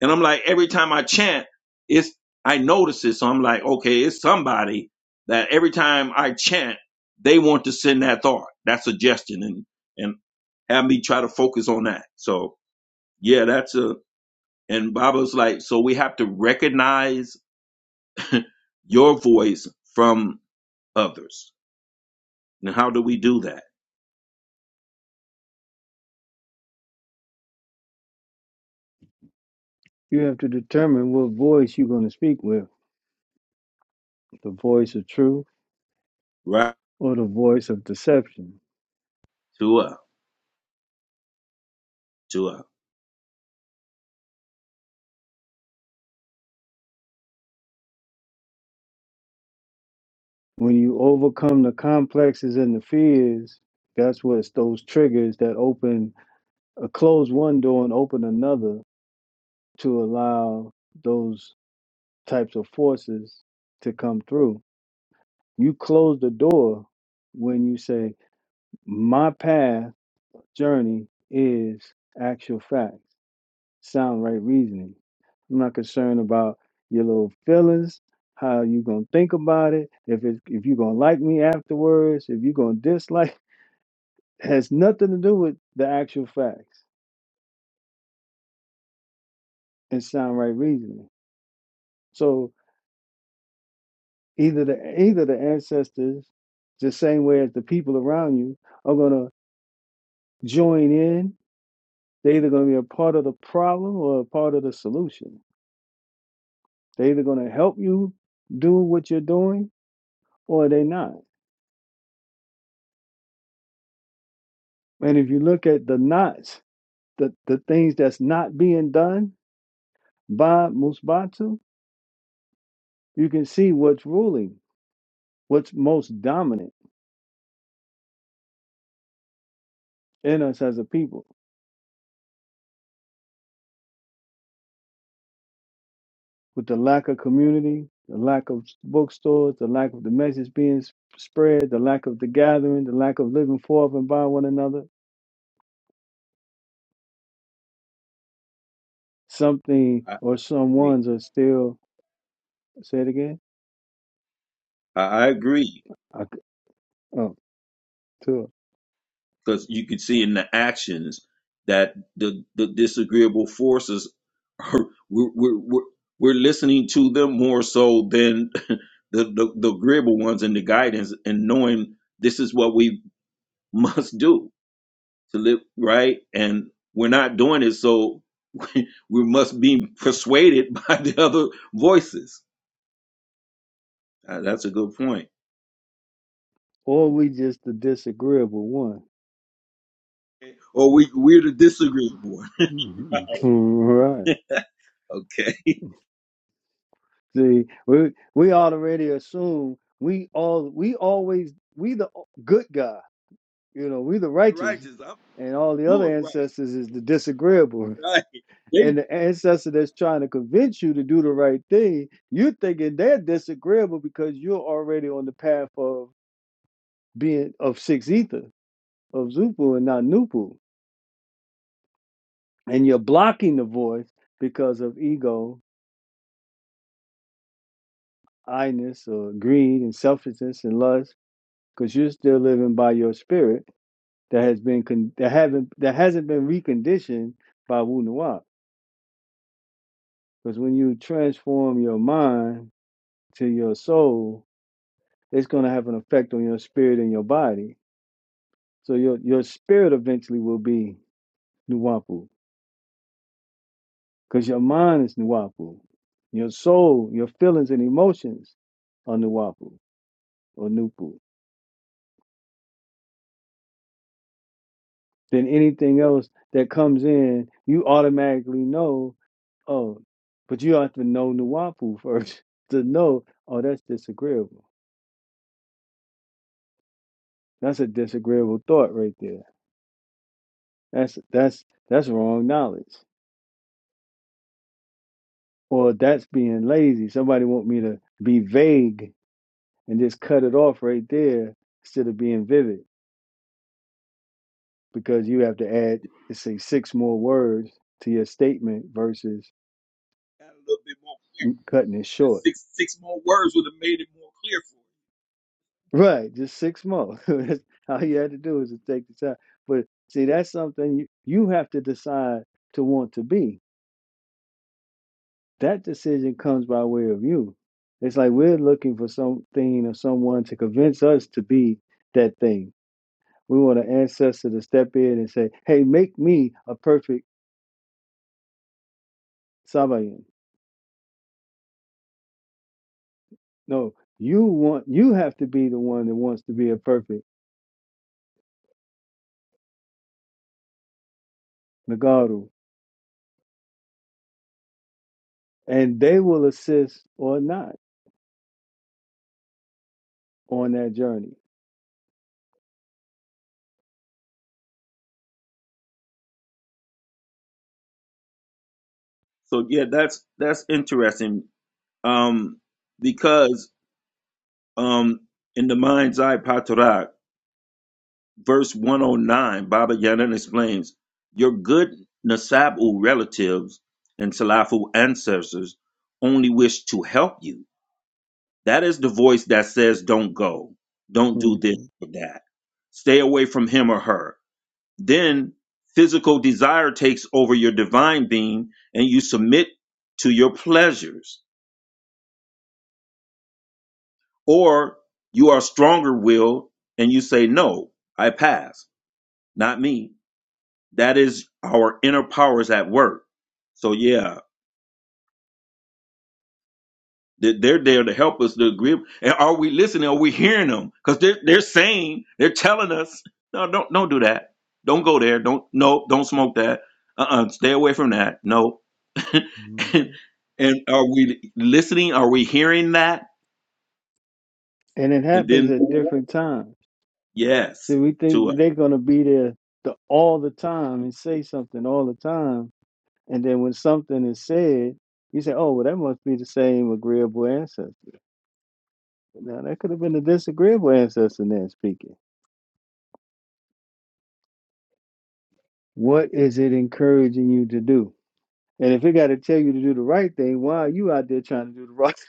H: And I'm like, every time I chant, it's, I notice it. So I'm like, okay, it's somebody that every time I chant, they want to send that thought, that suggestion and, and have me try to focus on that. So yeah, that's a, and Baba's like, so we have to recognize your voice from others. And how do we do that?
A: You have to determine what voice you're going to speak with the voice of truth
H: Right.
A: or the voice of deception.
H: Tua, Tua.
A: When you overcome the complexes and the fears, that's what's those triggers that open, uh, close one door and open another to allow those types of forces to come through. You close the door when you say, My path journey is actual facts. sound right reasoning. I'm not concerned about your little feelings, how you gonna think about it, if it if you're gonna like me afterwards, if you're gonna dislike. (laughs) has nothing to do with the actual facts and sound right reasoning. So either the either the ancestors, the same way as the people around you, are gonna join in. They're either gonna be a part of the problem or a part of the solution. They're either gonna help you do what you're doing or they're not And if you look at the knots, the, the things that's not being done by Musbatu, you can see what's ruling, what's most dominant in us as a people, with the lack of community, the lack of bookstores, the lack of the message being s- spread, the lack of the gathering, the lack of living for and by one another. Something
H: I
A: or
H: agree.
A: someone's are still, say it again,
H: I I agree.
A: I c oh, two.
H: because you could see in the actions that the the disagreeable forces are (laughs) we're we're, we're we're listening to them more so than (laughs) the, the the agreeable ones and the guidance and knowing this is what we (laughs) must do to live right and we're not doing it so (laughs) we, we must be persuaded (laughs) by the other voices Uh, that's a good point
A: Or we just the disagreeable one.
H: or we we're the disagreeable one
A: (laughs) Right.
H: (laughs) okay
A: See, we we already assume we all we always we the good guy, you know, we the
H: the
A: righteous,
H: righteous i'm
A: and all the other
H: doing right
A: ancestors is the disagreeable.
H: right they
A: And the ancestor that's trying to convince you to do the right thing, you're thinking they're disagreeable because you're already on the path of being of six ether, of Zupu and not Nupu. And you're blocking the voice because of ego, I ness, or greed and selfishness and lust, because you're still living by your spirit that has been con- that haven't that hasn't been reconditioned by Wu Nuwa. Because when you transform your mind to your soul, it's going to have an effect on your spirit and your body. So your your spirit eventually will be Nuwapu, because your mind is Nuwapu, your soul, your feelings and emotions are Nuwapu or Nupu. Then anything else that comes in, you automatically know Oh, but you have to know Nuwapu first (laughs) to know, oh, that's disagreeable. That's a disagreeable thought right there. That's that's that's wrong knowledge. Or that's being lazy. Somebody want me to be vague and just cut it off right there instead of being vivid because you have to add, let's say, six more words to your statement versus
H: got a little bit more
A: m- cutting it short.
H: Six six more words would have made it more clear
A: Right, just six months. (laughs) That's all you had to do is to take the time. But see, that's something you, you have to decide to want to be. That decision comes by way of you. It's like we're looking for something or someone to convince us to be that thing. We want an ancestor to step in and say, "Hey, make me a perfect Sabayan." No, you want you have to be the one that wants to be a perfect Nagaru, and they will assist or not on that journey.
H: for you. So yeah, that's that's interesting. Um, because um, in the mind's eye patarak, verse one hundred nine, Baba Yaga explains your good nasabu relatives and salafu ancestors only wish to help you. That is the voice that says, "Don't go, don't do this
A: Mhm.
H: or that, stay away from him or her." Then physical desire takes over your divine being and you submit to your pleasures. Or you are stronger willed and you say, No, I pass, not me. That is our inner powers at work. So, yeah, they- they're there to help us to agree. And are we listening? Are we hearing them? Because they're, they're saying, they're telling us, No, don't, don't do that. Don't go there. Don't, no, don't smoke that. Uh uh stay away from that. No, (laughs)
A: Mhm.
H: and, and are we listening? Are we hearing that?
A: and it
H: And
A: happens
H: then
A: at different times.
H: yes,
A: So we
H: to us.
A: think they're going to be there the, all the time and say something all the time, and then when something is said, you say, "Oh, well, that must be the same agreeable ancestor." Now that could have been a disagreeable ancestor there speaking. What is it encouraging you to do? And if it got to tell you to do the right thing, why are you out there trying to do the wrong? (laughs)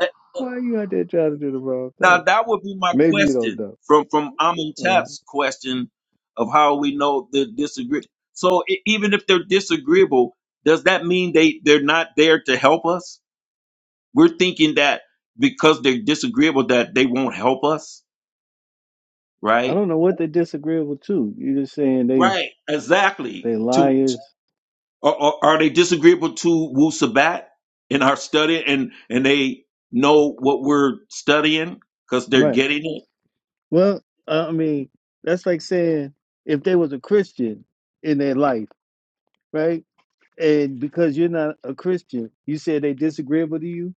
H: Eh,
A: Why are you out there trying to do the wrong
H: Now
A: thing?
H: that would be my
A: Maybe you don't
H: question
A: know.
H: from from Amun
A: Uh,
H: Tap's question of how we know the disagree. So e- even if they're disagreeable, does that mean they they're not there to help us? We're thinking that because they're disagreeable that they won't help us,
A: I
H: right?
A: don't know what they're disagreeable to. You're just saying they
H: Right, exactly.
A: they liars.
H: Are, are, are they disagreeable to Wu Sabat in our study and, and they know what we're studying because they're
A: right?
H: getting it?
A: Well, uh, I mean, that's like saying if they was a Christian in their life, right? And because you're not a Christian, you said they disagreeable to you.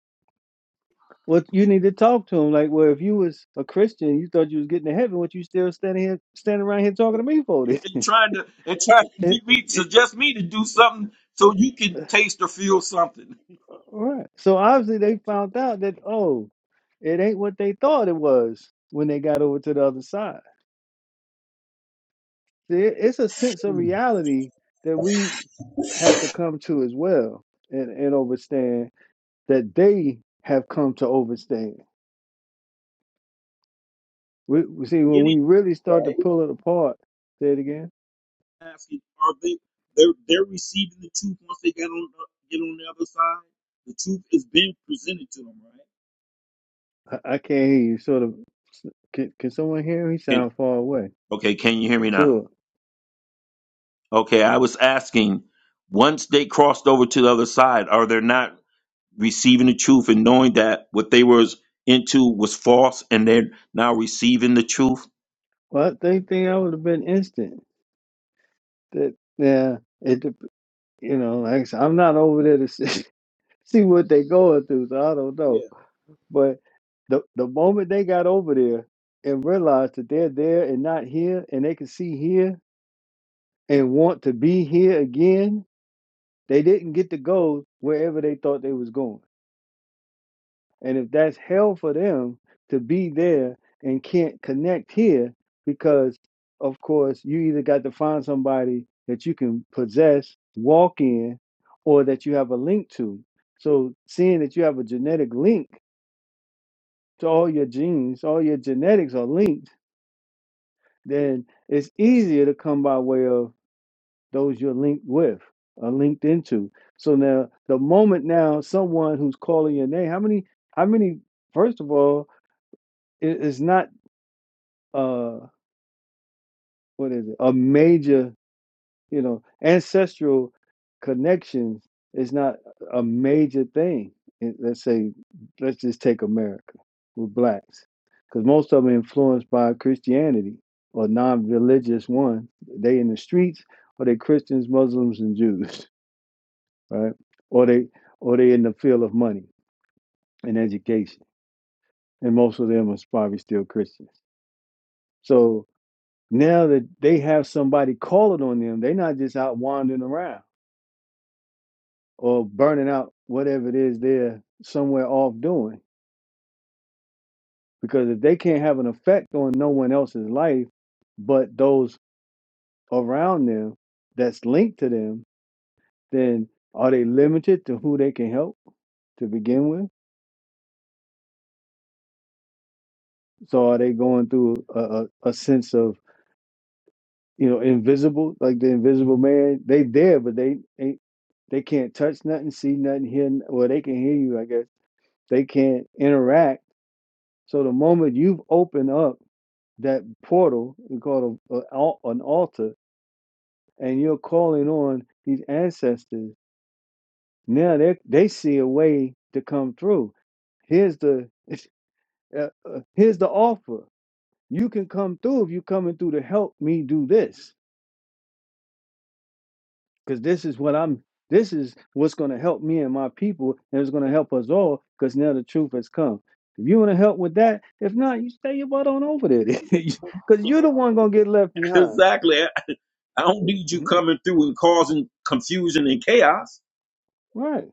A: Well, you need to talk to them. Like, well, if you was a Christian, you thought you was getting to heaven. What you still standing here, standing around here talking to me for
H: And,
A: this? (laughs)
H: and trying to and trying to
A: It-
H: get me
A: it-
H: suggest me to do something so you can
A: it-
H: taste or feel something.
A: right. So obviously they found out that oh, it ain't what they thought it was when they got over to the other side. there, it's a sense of reality that we have to come to as well and, and overstand that they have come to overstand. We, we see when we really start to pull it apart. Say it again. I, I can't hear you. Sort of. Can, can someone hear me?
H: Okay,
A: Sound far away.
H: okay, can you hear me now?
A: Sure.
H: Okay, I was asking once they crossed over to the other side, are they not receiving the truth and knowing that what they was into was false and they're now receiving the truth?
A: Well, I think, think I would have been instant. That yeah. It you know like I said, I'm not over there to see, (laughs) see what they going through, so I don't know
H: Yeah,
A: But the the moment they got over there and realized that they're there and not here, and they can see here and want to be here again, they didn't get to go wherever they thought they was going. And if that's hell for them to be there and can't connect here, because of course you either got to find somebody that you can possess, walk in, or that you have a link to. So seeing that you have a genetic link to all your genes, all your genetics are linked then it's easier to come by way of those you're linked with or linked into. So now the moment now someone who's calling your name, how many, how many, first of all, it is not uh what is it, a major You know, ancestral connections is not a major thing. in- Let's say, let's just take America with blacks, because most of them are influenced by Christianity or non-religious one. They in the streets, or they Christians, Muslims, and Jews, (laughs) right? Or they, or they in the field of money and education, and most of them are probably still Christians. So now that they have somebody calling on them, they're not just out wandering around or burning out whatever it is they're somewhere off doing. Because if they can't have an effect on no one else's life but those around them that's linked to them, then are they limited to who they can help to begin with? So are they going through a, a, a sense of you know invisible, like the invisible man? They there, but they ain't. They can't touch nothing, see nothing, hear. Well, they can hear you, I guess. They can't interact So the moment you've opened up that portal, we call it a, a al- an altar, and you're calling on these ancestors, now they they see a way to come through. Here's the (laughs) uh, uh, here's the offer. You can come through if you're coming through to help me do this, because this is what I'm. This is what's going to help me and my people, and it's going to help us all. Because now the truth has come. If you want to help with that, if not, you stay your butt on over there, (laughs) because you're the one going to get left
H: (laughs)
A: behind
H: exactly. I don't need you
A: Mhm.
H: coming through and causing confusion and chaos,
A: Right.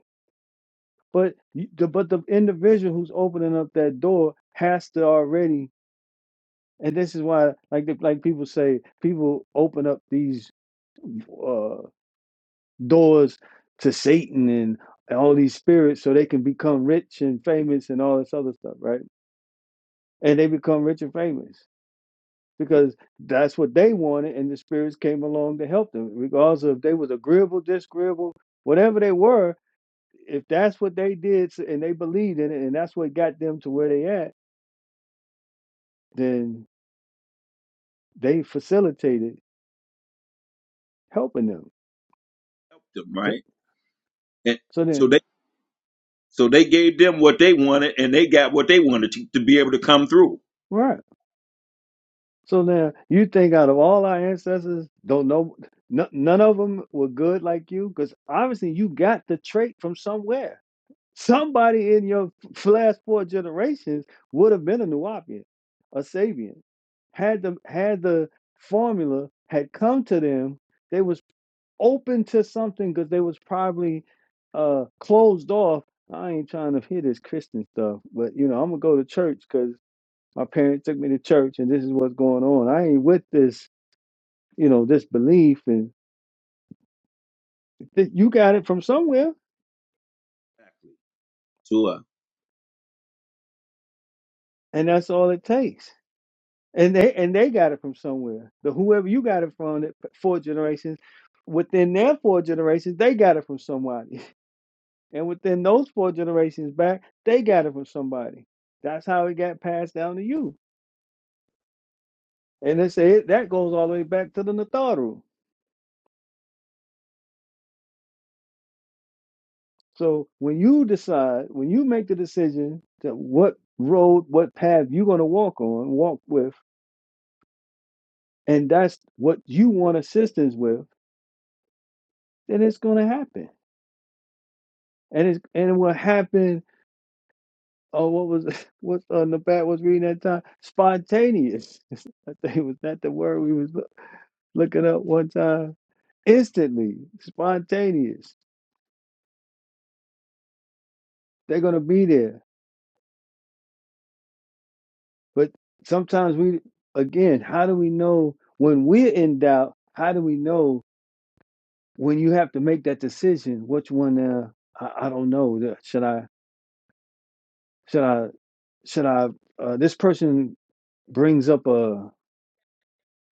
A: But y- the but the individual who's opening up that door has to already, and this is why, like the, like people say, people open up these uh, doors to Satan and, and all these spirits so they can become rich and famous and all this other stuff, right? And they become rich and famous because that's what they wanted, and the spirits came along to help them, regardless of if they was agreeable, disagreeable, whatever they were if that's what they did and they believed in it and that's what got them to where they at, then they facilitated helping them.
H: right? And
A: So
H: so
A: then,
H: they so they gave them what they wanted, and they got what they wanted to, to be able to come through
A: right. So now you think out of all our ancestors, don't know, n- none of them were good like you? Because obviously you got the trait from somewhere. Somebody in your f- last four generations would have been a Nuwapian, a Sabian. Had the, had the formula had come to them, they was. open to something because they was probably uh closed off. I ain't trying to hear this Christian stuff, but you know, I'm gonna go to church because my parents took me to church and this is what's going on. I ain't with this, you know, this belief and th- you got it from somewhere,
H: to us.
A: and that's all it takes. And they and they got it from somewhere. The whoever you got it from, that four generations, within their four generations, they got it from somebody, (laughs) and within those four generations back, they got it from somebody. That's how it got passed down to you And they say it, that goes all the way back to the Natharu. So when you decide, when you make the decision that what road, what path you're going to walk on, walk with, and that's what you want assistance with, then it's going to happen. And it's and it will happen. Oh, what was (laughs) what uh, Nabat was reading that time? Spontaneous. (laughs) I think was that the word we was looking up one time. Instantly, spontaneous. They're going to be there But sometimes we, again, how do we know when we're in doubt? How do we know when you have to make that decision? Which one? Uh, I, I don't know. Should I? Should I? Should I? Uh, this person brings up a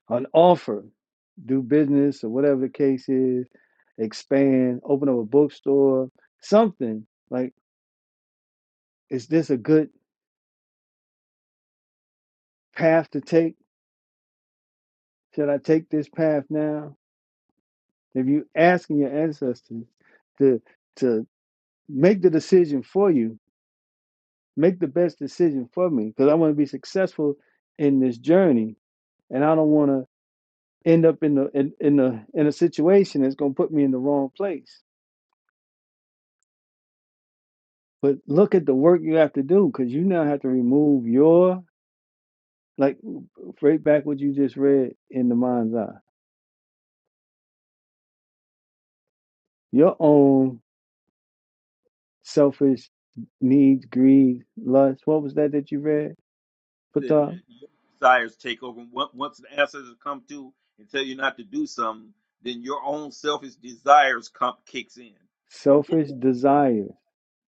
A: an offer, do business or whatever the case is, expand, open up a bookstore, something like. Is this a good path to take? Should I take this path now? If you asking your ancestors to to make the decision for you. Make the best decision for me because I want to be successful in this journey, and I don't want to end up in the in, in the in a situation that's going to put me in the wrong place. But look at the work you have to do because you now have to remove your like right back what you just read in the mind's eye, your own selfish needs, greed, lust. What was that that you read? Put
H: That, uh, Your desires take over. Once once the ancestors come through and tell you not to do something, then your own selfish desires come kicks in.
A: Selfish desire.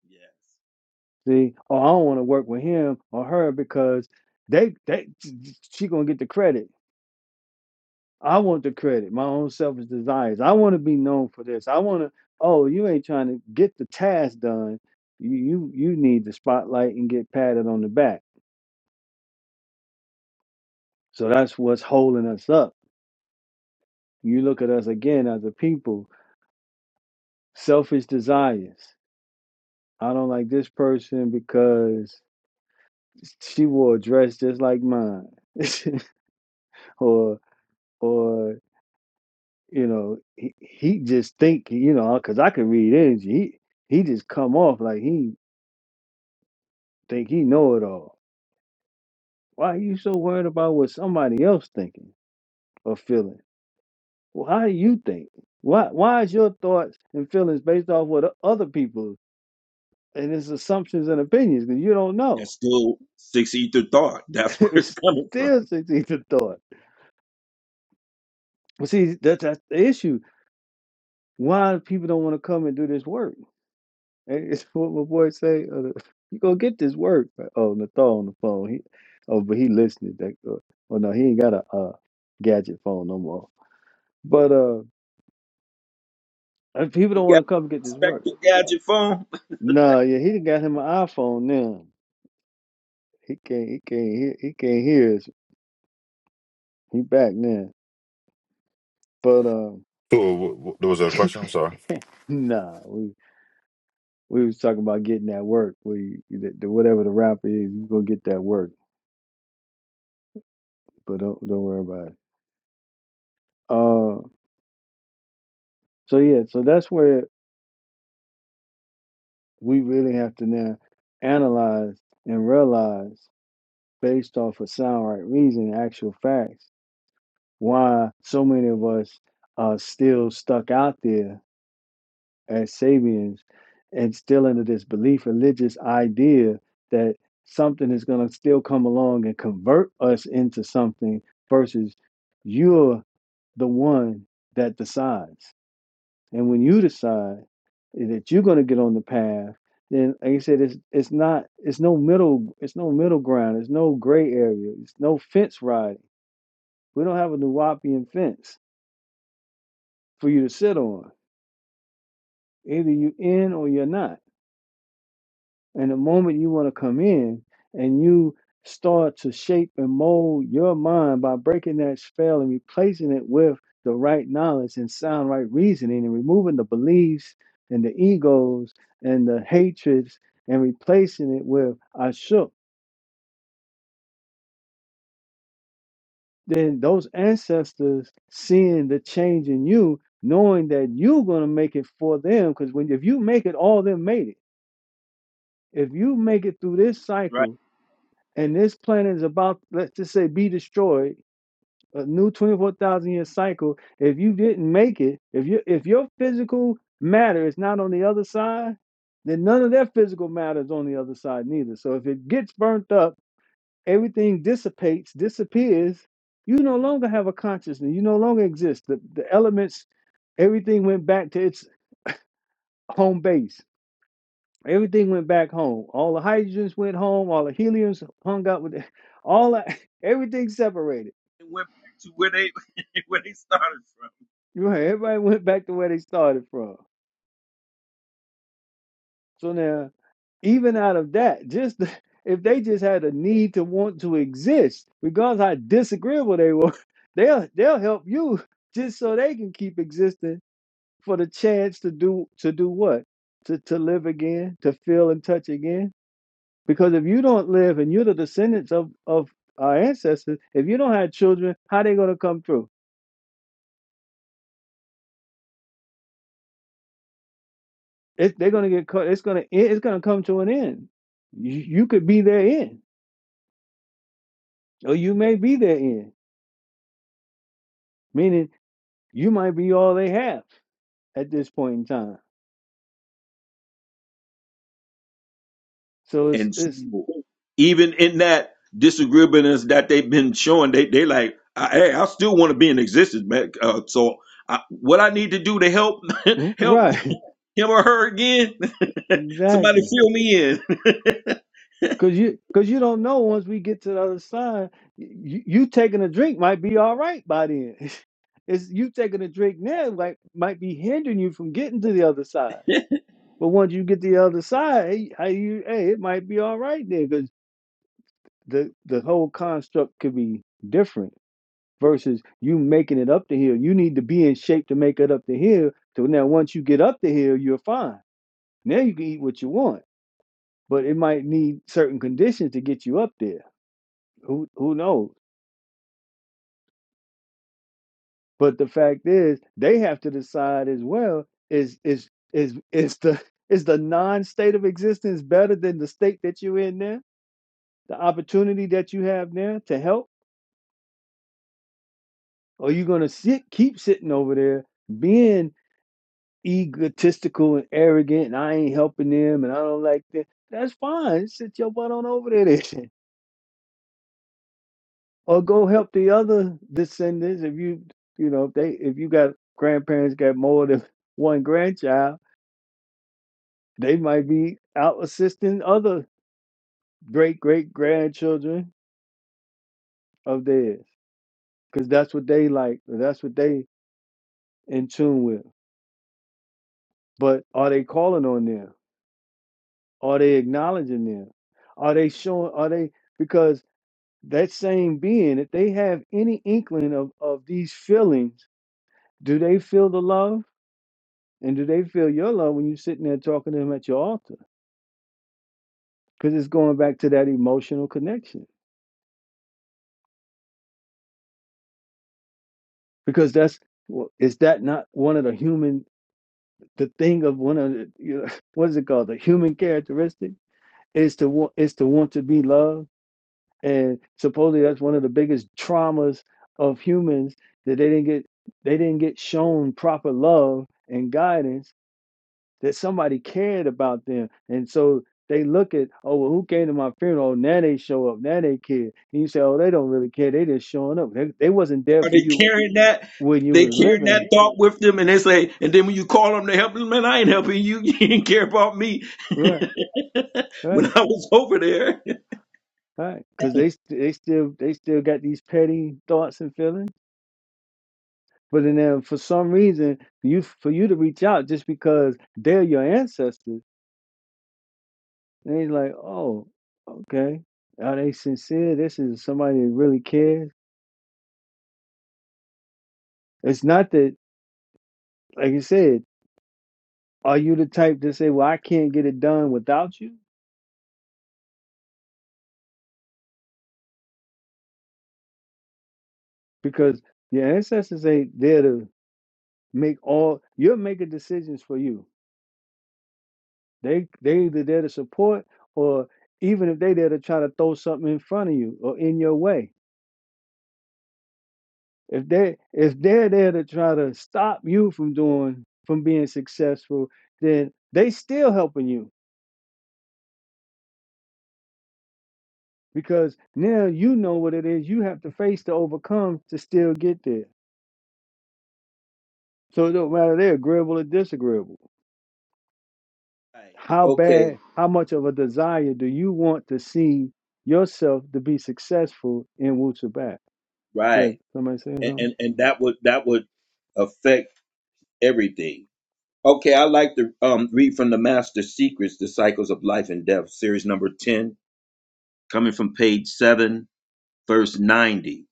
H: Yes,
A: See, oh, I don't want to work with him or her because they they she gonna get the credit. I want the credit, my own selfish desires. I want to be known for this. I want to. Oh, you ain't trying to get the task done. You you you need the spotlight and get patted on the back. So that's what's holding us up. You look at us again as a people, selfish desires. I don't like this person because she wore a dress just like mine, (laughs) or or You know, he he just think, you know, cause I could read energy. He he just come off like he think he know it all. Why are you so worried about what somebody else thinking or feeling? Well, how do you think? Why why is your thoughts and feelings based off what o- other people and his assumptions and opinions? Because you don't know.
H: that's still six ether thought. That's
A: (laughs)
H: (laughs) where it's
A: it's
H: coming from.
A: still succeeds a thought. But see, that's, that's the issue. Why people don't want to come and do this work? Hey, it's (laughs) what my boy say, uh, (laughs) "You gonna get this work." Like, oh, Nathal on the phone. He, oh, but he listening. That, uh, oh no, he ain't got a uh, gadget phone no more. But uh, if people
H: He
A: don't want
H: got
A: to
H: a
A: come get this work.
H: spectral gadget phone,
A: Nah, yeah, he done got him an iPhone now. He can't, he can't, hear, he can't hear us. He back now. But um,
C: So w- w- there was a question. I'm sorry.
A: (laughs) nah, we we was talking about getting that work. We the, the, whatever the rapper is, you gonna get that work. But don't don't worry about it. Uh, so yeah, so that's where we really have to now analyze and realize based off of sound right reason actual facts why so many of us are still stuck out there as sabians and still under this belief religious idea that something is going to still come along and convert us into something versus you're the one that decides and when you decide that you're going to get on the path then like you said it's it's not it's no middle it's no middle ground it's no gray area it's no fence riding we don't have a nuwapian fence for you to sit on either you in or you're not And the moment you want to come in and you start to shape and mold your mind by breaking that spell and replacing it with the right knowledge and sound right reasoning and removing the beliefs and the egos and the hatreds and replacing it with I shook, then those ancestors seeing the change in you, knowing that you're going to make it for them. Because when if you make it, all them made it. If you make it through this
H: right?
A: cycle, and this planet is about, let's just say, be destroyed, a new 24,000 year cycle. If you didn't make it, if you if your physical matter is not on the other side, then none of their physical matter is on the other side neither. So if it gets burnt up, everything dissipates, disappears. You no longer have a consciousness. You no longer exist. The, the elements, everything went back to its home base Everything went back home. All the hydrogens went home. All the heliums hung out with the, (laughs) all the, everything separated. Right, everybody went back to where they started from. So now, even out of that, just the, (laughs) if they just had a need to want to exist, regardless how disagreeable they were, (laughs) they'll they'll help you (laughs) just so they can keep existing for the chance to do to do what to to live again, to feel and touch again Because if you don't live and you're the descendants of, of our ancestors, if you don't have children, how are they going to come through? It, they're going to get caught. It's going to it's going to come to an end. You, you could be their end, or you may be their end, meaning you might be all they have at this point in time. So it's
H: And so
A: it's
H: even in that disagreeableness that they've been showing, they they like, I, hey, I still want to be in existence, man. Uh, so I, what I need to do to help (laughs) help
A: right,
H: him or her again?
A: (laughs)
H: (laughs) Somebody
A: exactly.
H: fill me in. (laughs)
A: Cause you, cause you don't know. Once we get to the other side, you, you taking a drink might be all right by then. (laughs) It's you taking a drink now, like might be hindering you from getting to the other side. But once you get to the other side, hey, how you, hey, it might be all right there, cause the the whole construct could be different versus you making it up the hill. You need to be in shape to make it up the hill. So now, once you get up the hill, you're fine. Now you can eat what you want, but it might need certain conditions to get you up there. Who who knows? But the fact is, they have to decide as well is is is (laughs) is the is the non-state of existence better than the state that you're in now, the opportunity that you have now to help, or are you gonna sit keep sitting over there being egotistical and arrogant, and I ain't helping them, and I don't like that. That's fine. Sit your butt on over there, then. (laughs) or go help the other descendants if you you know if they if you got grandparents got more than (laughs) one grandchild They might be out assisting other great great grandchildren of theirs because that's what they like. That's what they in tune with. But are they calling on them? Are they acknowledging them? Are they showing? Are they because that same being, if they have any inkling of of these feelings, do they feel the love and do they feel your love when you're sitting there talking to them at your altar? Because it's going back to that emotional connection. Because that's well, is that not one of the human the thing of one of the, you know, (laughs) what is it called the human characteristic is to want is to want to be loved and supposedly that's one of the biggest traumas of humans that they didn't get they didn't get shown proper love and guidance that somebody cared about them and so they look at oh well who came to my funeral Oh, now they show up now they care and you say oh they don't really care they just showing up they, they wasn't there
H: Are
A: for
H: they
A: you
H: carrying that?
A: when you
H: They
A: was
H: carrying that
A: living
H: thought with them, and they say, and then when you call them to help them, man, I ain't helping you. (laughs) You didn't care about me
A: (laughs)
H: (laughs)
A: right
H: when
A: right
H: I was over there.
A: Right, because they st- they still they still got these petty thoughts and feelings, but then there- for some reason you for you to reach out just because they're your ancestors, and he's like, oh, okay, are they sincere? This is somebody that really cares. It's not that, like you said, are you the type to say, well, I can't get it done without you, because your ancestors ain't there to make all. You'll make the decisions for you They they either there to support or even if they there to try to throw something in front of you or in your way. If they if they're there to try to stop you from doing from being successful, then they still helping you because now you know what it is you have to face to overcome to still get there. So it don't matter they're agreeable or disagreeable.
H: Right.
A: How
H: Okay.
A: bad, how much of a desire do you want to see yourself to be successful in Wu Sabat?
H: Right.
A: Good. Somebody saying
H: And,
A: something?
H: and and that would that would affect everything Okay, I like to um, read from the Master Secrets, The Cycles of Life and Death, series number 10, coming from page 7, verse 90.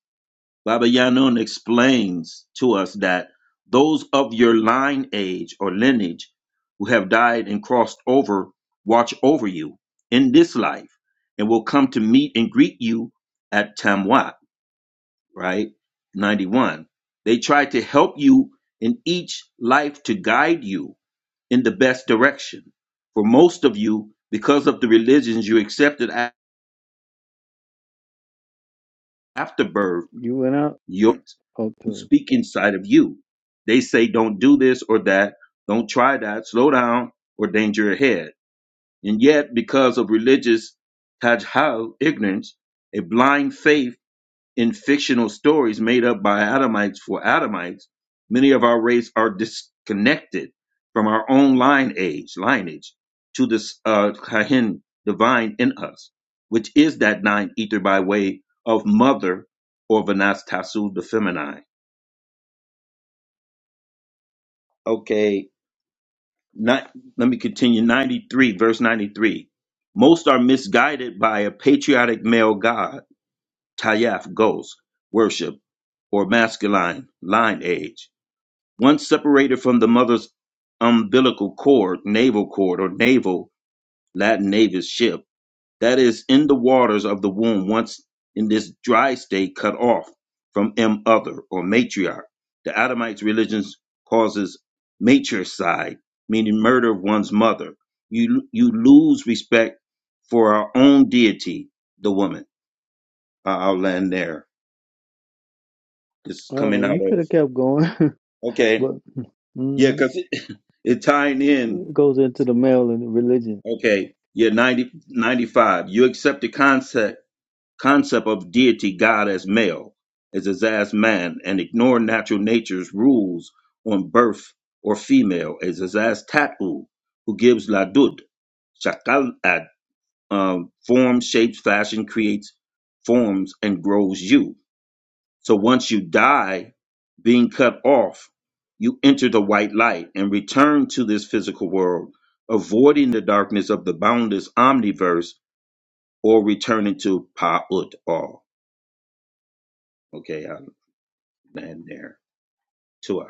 H: Baba Yanun explains to us that those of your line age or lineage who have died and crossed over watch over you in this life and will come to meet and greet you at Tamwat, right? 91. They try to help you in each life to guide you in the best direction. For most of you, because of the religions you accepted a- after birth,
A: You went out?
H: your
A: Hope
H: speak inside of you. They say, don't do this or that, don't try that, slow down, or danger ahead. And yet, because of religious tajhal, ignorance, a blind faith, in fictional stories made up by Adamites for Adamites, many of our race are disconnected from our own line age, lineage to this uh, Kahin divine in us, which is that nine ether by way of mother or Vanas Vanastasu the feminine. Okay, not, let me continue. 93, verse 93. Most are misguided by a patriotic male god, Tayaf, ghost, worship, or masculine line age Once separated from the mother's umbilical cord, navel cord, or navel, Latin navis ship, that is, in the waters of the womb, once in this dry state cut off from M other or matriarch, the Adamites' religion causes matricide, meaning murder of one's mother. You, you lose respect for our own deity, the woman. I- I'll land there. This is
A: Oh,
H: coming
A: well,
H: out
A: you could
H: of,
A: have kept going, (laughs)
H: okay.
A: but
H: Yeah,
A: hmm
H: because it, (laughs) it tying in
A: it goes into the male and the religion.
H: Okay, you're 90, ninety-five. You accept the concept concept of deity God as male, as his as man, and ignore natural nature's rules on birth or female, as his as Tatu, who gives Ladud, Shakal ad um, form, shapes, fashion, creates forms, and grows you. So once you die, being cut off, you enter the white light and return to this physical world, avoiding the darkness of the boundless omniverse or returning to Pa'ut all. Okay, I land there. Tua.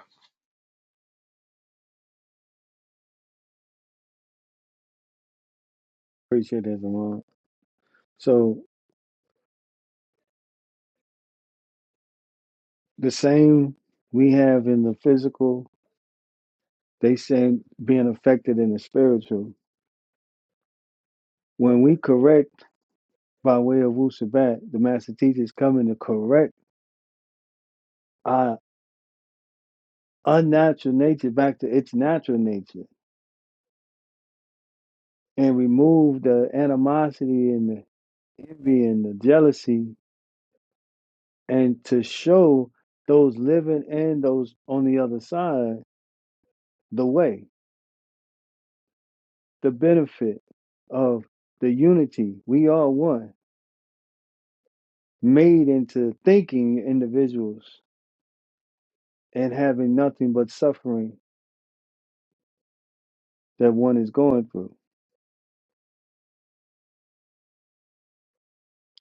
A: Appreciate that, Zamar. So the same we have in the physical, they say being affected in the spiritual. When we correct by way of Wu Sabat, the master teacher is coming to correct our unnatural nature back to its natural nature and remove the animosity and the envy and the jealousy and to show those living and those on the other side the way, the benefit of the unity. We are one, made into thinking individuals and having nothing but suffering that one is going through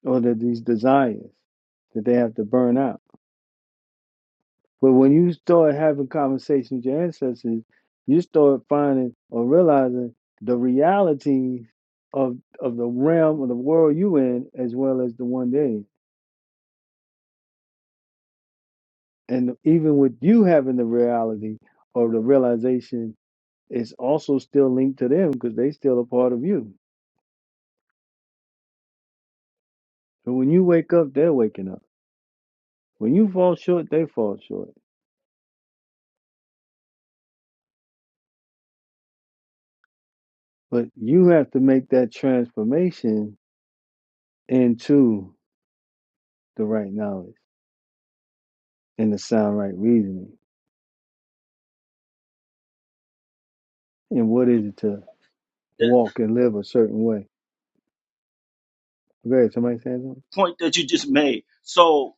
A: or that these desires that they have to burn out. But when you start having conversations with your ancestors, you start finding or realizing the realities of of the realm of the world you in as well as the one they in. And even with you having the reality or the realization, it's also still linked to them because they still a part of you. So when you wake up, they're waking up. When you fall short, they fall short. But you have to make that transformation into the right knowledge and the sound right reasoning and what
H: The
A: is it to
H: the
A: walk and live a certain way? Okay, somebody saying something?
H: point that you just made. So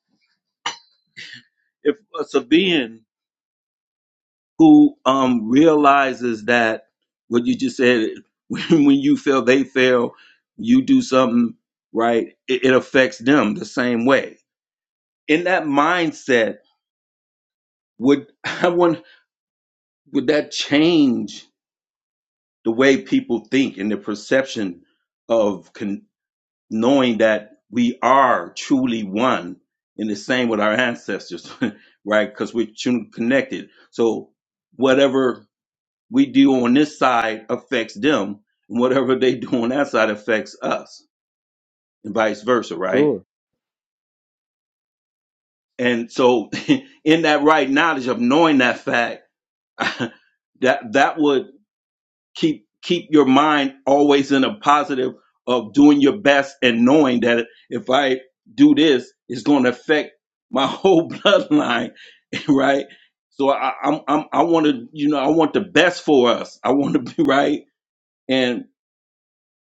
H: if a Sabian who um, realizes that what you just said, (laughs) when, when you fail, they fail, you do something right, it, it affects them the same way in that mindset would (laughs) i want would that change the way people think and the perception of con- knowing that we are truly one and the same with our ancestors (laughs) right because we're truly connected so whatever we do on this side affects them and whatever they do on that side affects us and vice versa right
A: Sure.
H: and so (laughs) in that right knowledge of knowing that fact (laughs) that that would keep keep your mind always in a positive of doing your best and knowing that if I do this, it's going to affect my whole (laughs) bloodline, right? So I, I'm, I'm I want to you know I want the best for us. I want to be (laughs) right, and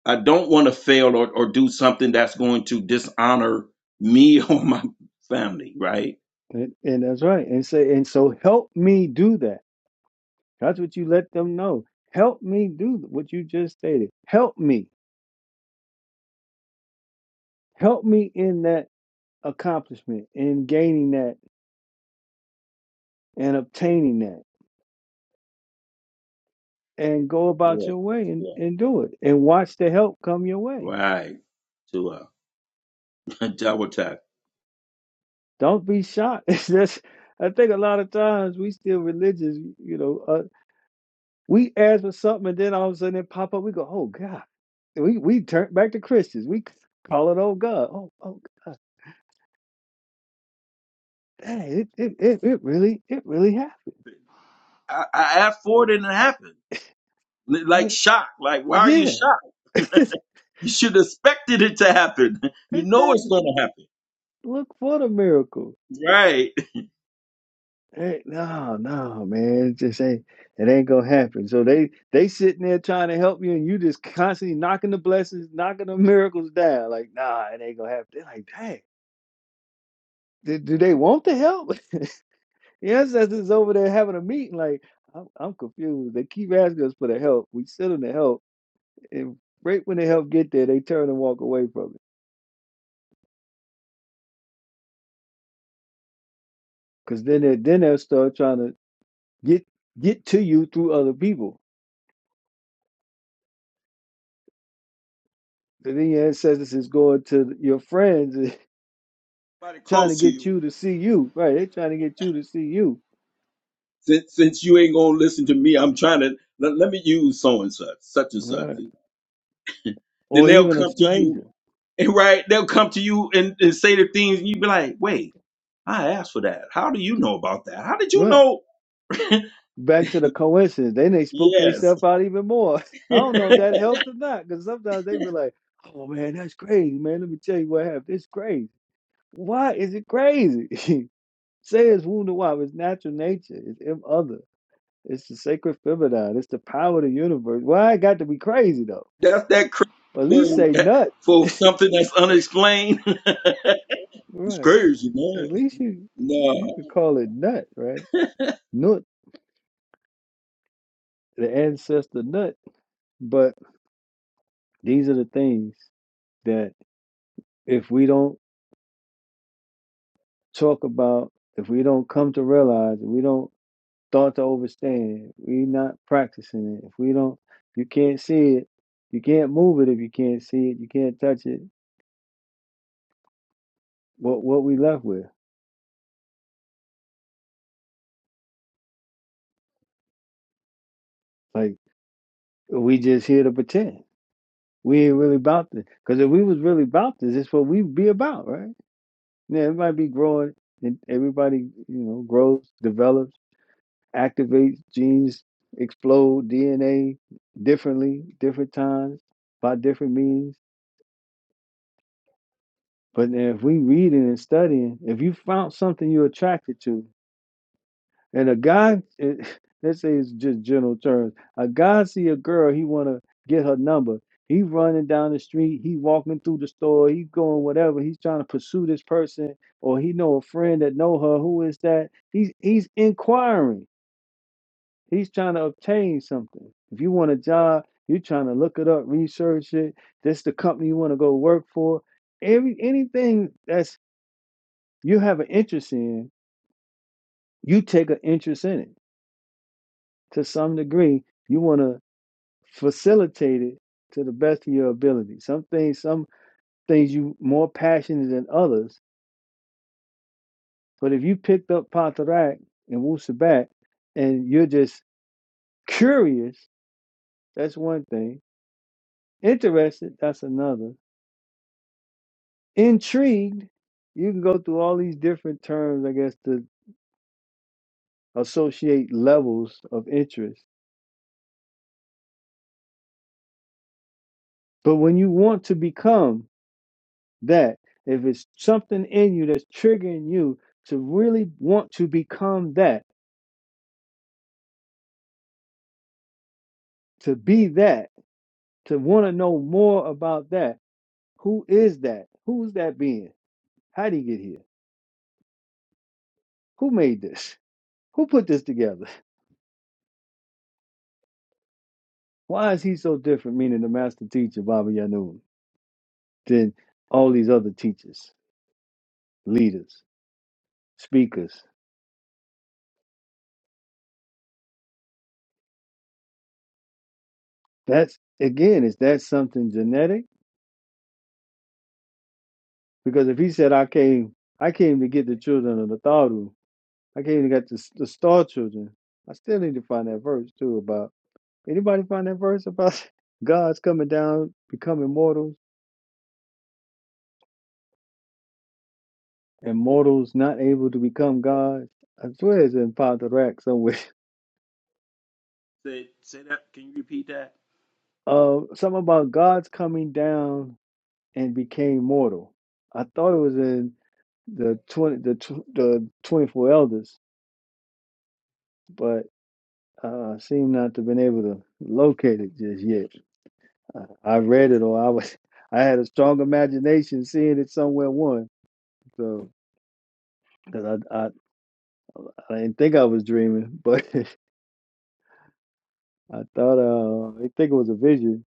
H: I don't want to fail or, or do something that's going to dishonor me (laughs) or my family, right?
A: And, and that's right. And say, and so help me do that. That's what you let them know. Help me do what you just stated. Help me. Help me in that accomplishment, in gaining that and obtaining that. And go about
H: Yeah,
A: your way and,
H: yeah,
A: and do it. And watch the help come your way.
H: right. To uh, (laughs) double tap.
A: Don't be shocked. (laughs) It's just I think a lot of times we still religious, you know, uh, We ask for something, and then all of a sudden it pop up. We go, "Oh God!" We we turn back to Christians. We call it, "Oh God!" Oh oh God! Dang, it it it, it really it really happened.
H: I, I asked for it and it happened. Like
A: Like
H: shocked. Like why are you
A: yeah,
H: shocked?
A: (laughs)
H: You should have expected it to happen. You know it's
A: exactly.
H: going to happen,
A: Look for the miracle.
H: right?
A: Hey, no, no, man, it just ain't it ain't gonna happen. So they they sitting there trying to help you, and you just constantly knocking the blessings, knocking the (laughs) miracles down. Like, nah, it ain't gonna happen. They're like, dang, do, do they want the help? (laughs) The ancestors over there having a meeting, like, I'm, I'm confused. They keep asking us for the help. We send them the help, and right when the help get there, they turn and walk away from it. Because then they then they'll start trying to get get to you through other people. And then your ancestors is going to your friends and
H: Somebody
A: (laughs) trying to
H: close to
A: get
H: you.
A: you to see you. Right? They're trying to get you to see you.
H: Since since you ain't going to listen to me, I'm trying to let, let me use so and such, such and such.
A: Right.
H: Then
A: Or
H: they'll
A: even a
H: come to you,
A: stranger.
H: and right, they'll come to you and, and say the things, and you be like, "Wait, I asked for that. How do you know about that? How did you
A: Right.
H: know?"
A: back to the coincidence. Then they spook
H: Yes,
A: themselves out even more. (laughs) I
H: (laughs)
A: don't know if that helped or not, because sometimes they be like, "Oh man, that's crazy, man. Let me tell you what happened. It's crazy. Why is it crazy? (laughs) Say it's wounded why it's natural nature. It's M other. It's the sacred feminine. It's the power of the universe. Why it got to be crazy though?
H: that's that crazy
A: Or at least
H: word
A: say nut,
H: for something that's unexplained. (laughs)
A: (laughs)
H: It's
A: right?
H: crazy,
A: At
H: man.
A: least you you
H: No.
A: could call it nut, right? Nut, the ancestor nut. But these are the things that if we don't talk about if we don't come to realize, if we don't start to overstand, we not practicing it, if we don't, if you can't see it, you can't move it if you can't see it, you can't touch it. What what we left with? Like we just here to pretend. We ain't really about this. Because if we was really about this, it's what we'd be about, right? Yeah, everybody be growing and everybody, you know, grows, develops, activates genes, explode DNA differently, different times, by different means But then if we reading and studying, if you found something you attracted to, and a guy, it, (laughs) let's say it's just general terms, a guy see a girl, he wanna get her number. He running down the street, he walking through the store, he going whatever. He's trying to pursue this person, or he know a friend that know her. Who is that? He's he's inquiring. He's trying to obtain something. If you want a job, you're trying to look it up, research it. This the company you want to go work for. Every anything that's you have an interest in, you take an interest in it to some degree. You want to facilitate it to the best of your ability. Some things, some things you more passionate than others. But if you picked up Patarak and Wusabat and you're just curious, that's one thing. Interested, that's another. Intrigued, you can go through all these different terms, I guess, to associate levels of interest. But when you want to become that if it's something in you that's triggering you to really want to become that, to be that, to want to know more about that, who is that? Who's that being? How did he get here? Who made this? Who put this together? (laughs) Why is he so different, meaning the master teacher, Baba Yanun, than all these other teachers, leaders, speakers? That's again, is that something genetic? Because if he said I came I came to get the children of the Tharu, I can't even get the the Star Children. I still need to find that verse too about anybody find that verse about (laughs) gods coming down, becoming mortals, and mortals not able to become gods. I swear it's in Father Rack somewhere. (laughs) Uh, something about gods coming down and became mortal. I thought it was in the twenty the tw- the twenty four elders, but uh, I seem not to have been able to locate it just yet. I read it, or I was (laughs) I had a strong imagination seeing it somewhere one. So because I, I I didn't think I was dreaming, but (laughs) I thought uh I think it was a vision.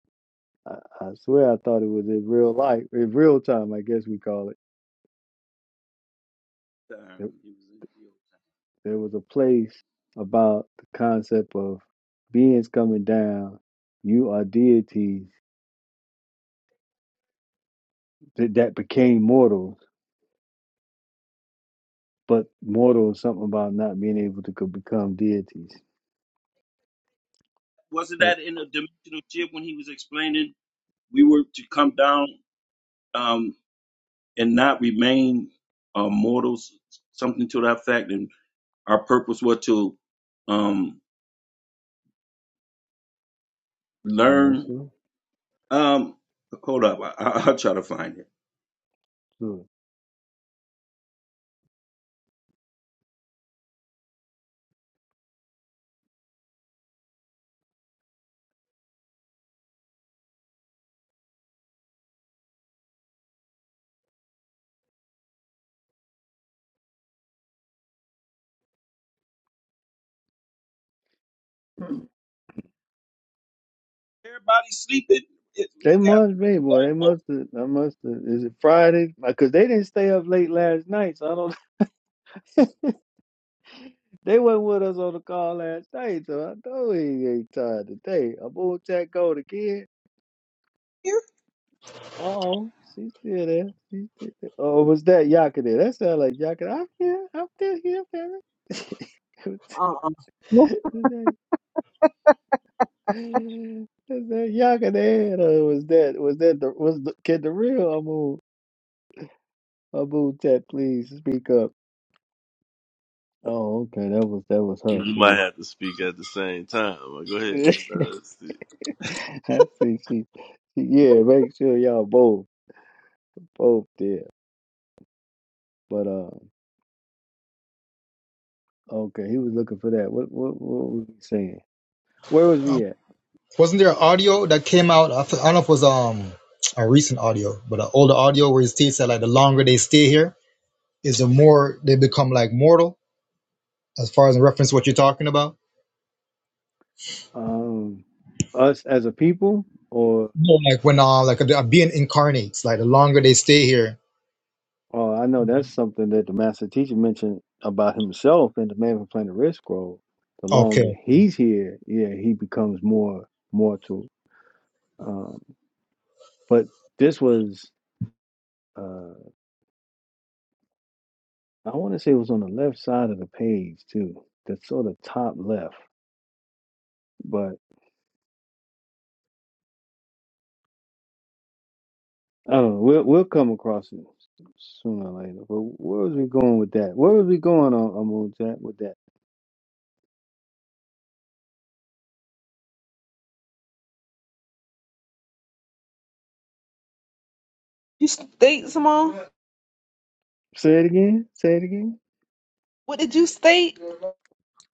A: I, I swear I thought it was in real life, in real time, I guess we call it. There, there was a place about the concept of beings coming down. You are deities that, that became mortals, but mortal is something about not being able to co- become deities.
H: wasn't
A: But
H: that in a dimensional ship when he was explaining we were to come down um, and not remain uh, mortals, something to that fact, and our purpose was to um,
A: I'm not
H: learn.
A: sure.
H: Um, hold up, I, I, (laughs) I'll try to find it.
A: Sure. They must be, boy. They must have. I must have. Is it Friday? Because they didn't stay up late last night, so I don't. (laughs) They wasn't with us on the call last night, so I know he ain't tired today. I boy Jack Gold again.
B: Here?
A: Uh oh, she's still there. She's still there. Oh, was that Yaka there? That sound like Yaka. I'm here. I'm still here, Perry. (laughs)
B: Uh-uh. What
A: was that? Was that Yaka there? Or was that? Was that the? Was the? Can the real Abu Abu Tat please speak up? Oh, okay. That was that was
F: You
A: her. She
F: might have to speak at the same time. Go ahead.
A: got.
F: Let's see.
A: (laughs) I see. She, she, yeah. Make sure y'all both both there. But uh, okay. He was looking for that. What what what was we saying? Where was
J: Um,
A: we at?
J: wasn't there an audio that came out? I, f- I don't know if it was um a recent audio, but an older audio where he states that like the longer they stay here is the more they become like mortal, as far as in reference to what you're talking about.
A: Um, us as a people, or
J: No, like when uh like a, a being incarnates, like the longer they stay here.
A: oh, I know that's something that the master teacher mentioned about himself in the Man from Planet Red Scroll. The longer
J: Okay,
A: he's here, yeah, he becomes more mortal. Um, but this was. uh, I want to say it was on the left side of the page too, the sort of top left. But I don't know. We'll we'll come across it sooner or later. But where was we going with that? Where was we going on on that with that?
B: you state, Simone?
A: Say it again. Say it again.
B: What did you state?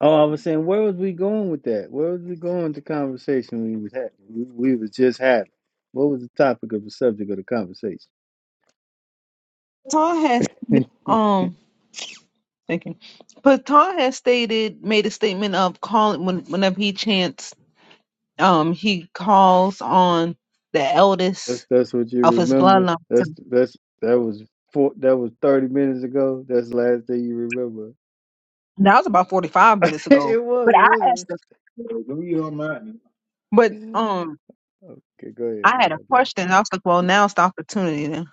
A: Oh, I was saying, where was we going with that? Where was we going with the conversation we was having. We, we was just having. What was the topic of the subject of the conversation?
B: Patan has
A: (laughs)
B: um thank you. But has stated made a statement of calling when whenever he chants, um he calls on the
A: that's
B: eldest
A: that's what you
B: of his
A: remember.
B: bloodline
A: That's that's that was four. That was thirty minutes ago. That's the last thing you remember.
B: That was about 45 minutes
A: (laughs)
B: ago.
A: it was,
B: But
A: it
B: I
A: was.
B: asked the Well, Don't you on mind? but
A: a-
B: um
A: Okay, go ahead
B: I had a
A: about that.
B: question. I was like, well, now's the opportunity to,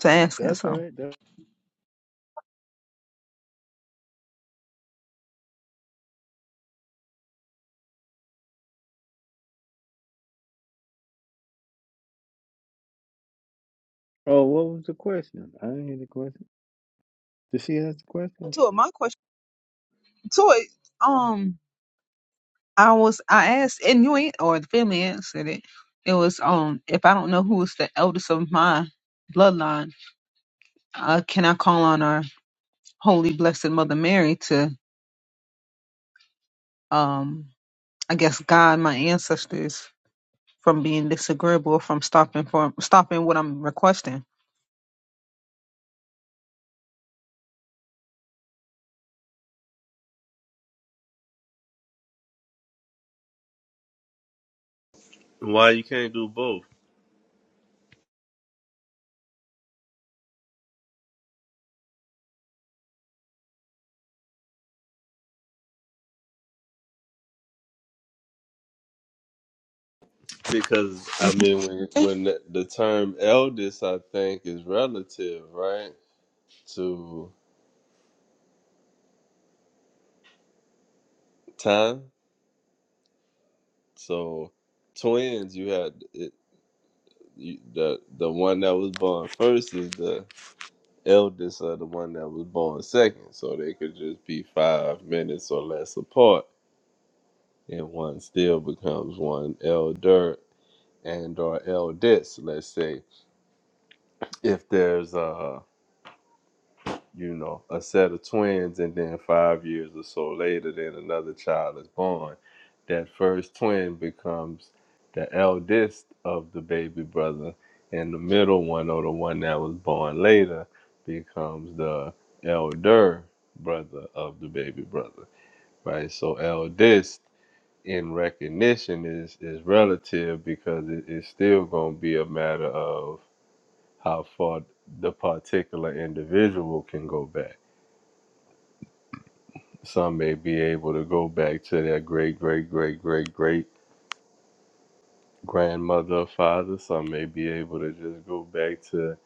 B: to ask it.
A: That's
B: So
A: right. That, oh, what was the question? I didn't hear the question. Did she ask the question
B: to it, my question to it, um I was I asked and you ain't or the family answered it. It was um if I don't know who is the eldest of my bloodline, uh can I call on our holy blessed mother Mary to um I guess guide my ancestors from being disagreeable from stopping from stopping what I'm requesting.
F: Why you can't do both? Because I mean, when, when the the term eldest, I think, is relative, right, to time. So twins, you had it, you, the the one that was born first is the eldest of the one that was born second. So they could just be five minutes or less apart, and one still becomes one elder and or eldest. Let's say if there's a you know, a set of twins, and then five years or so later, then another child is born. That first twin becomes the eldest of the baby brother, and the middle one, or the one that was born later, becomes the elder brother of the baby brother, right? So, eldest in recognition is, is relative because it, it's still going to be a matter of how far the particular individual can go back Some may be able to go back to their great, great, great, great, great grandmother or father. Some may be able to just go back to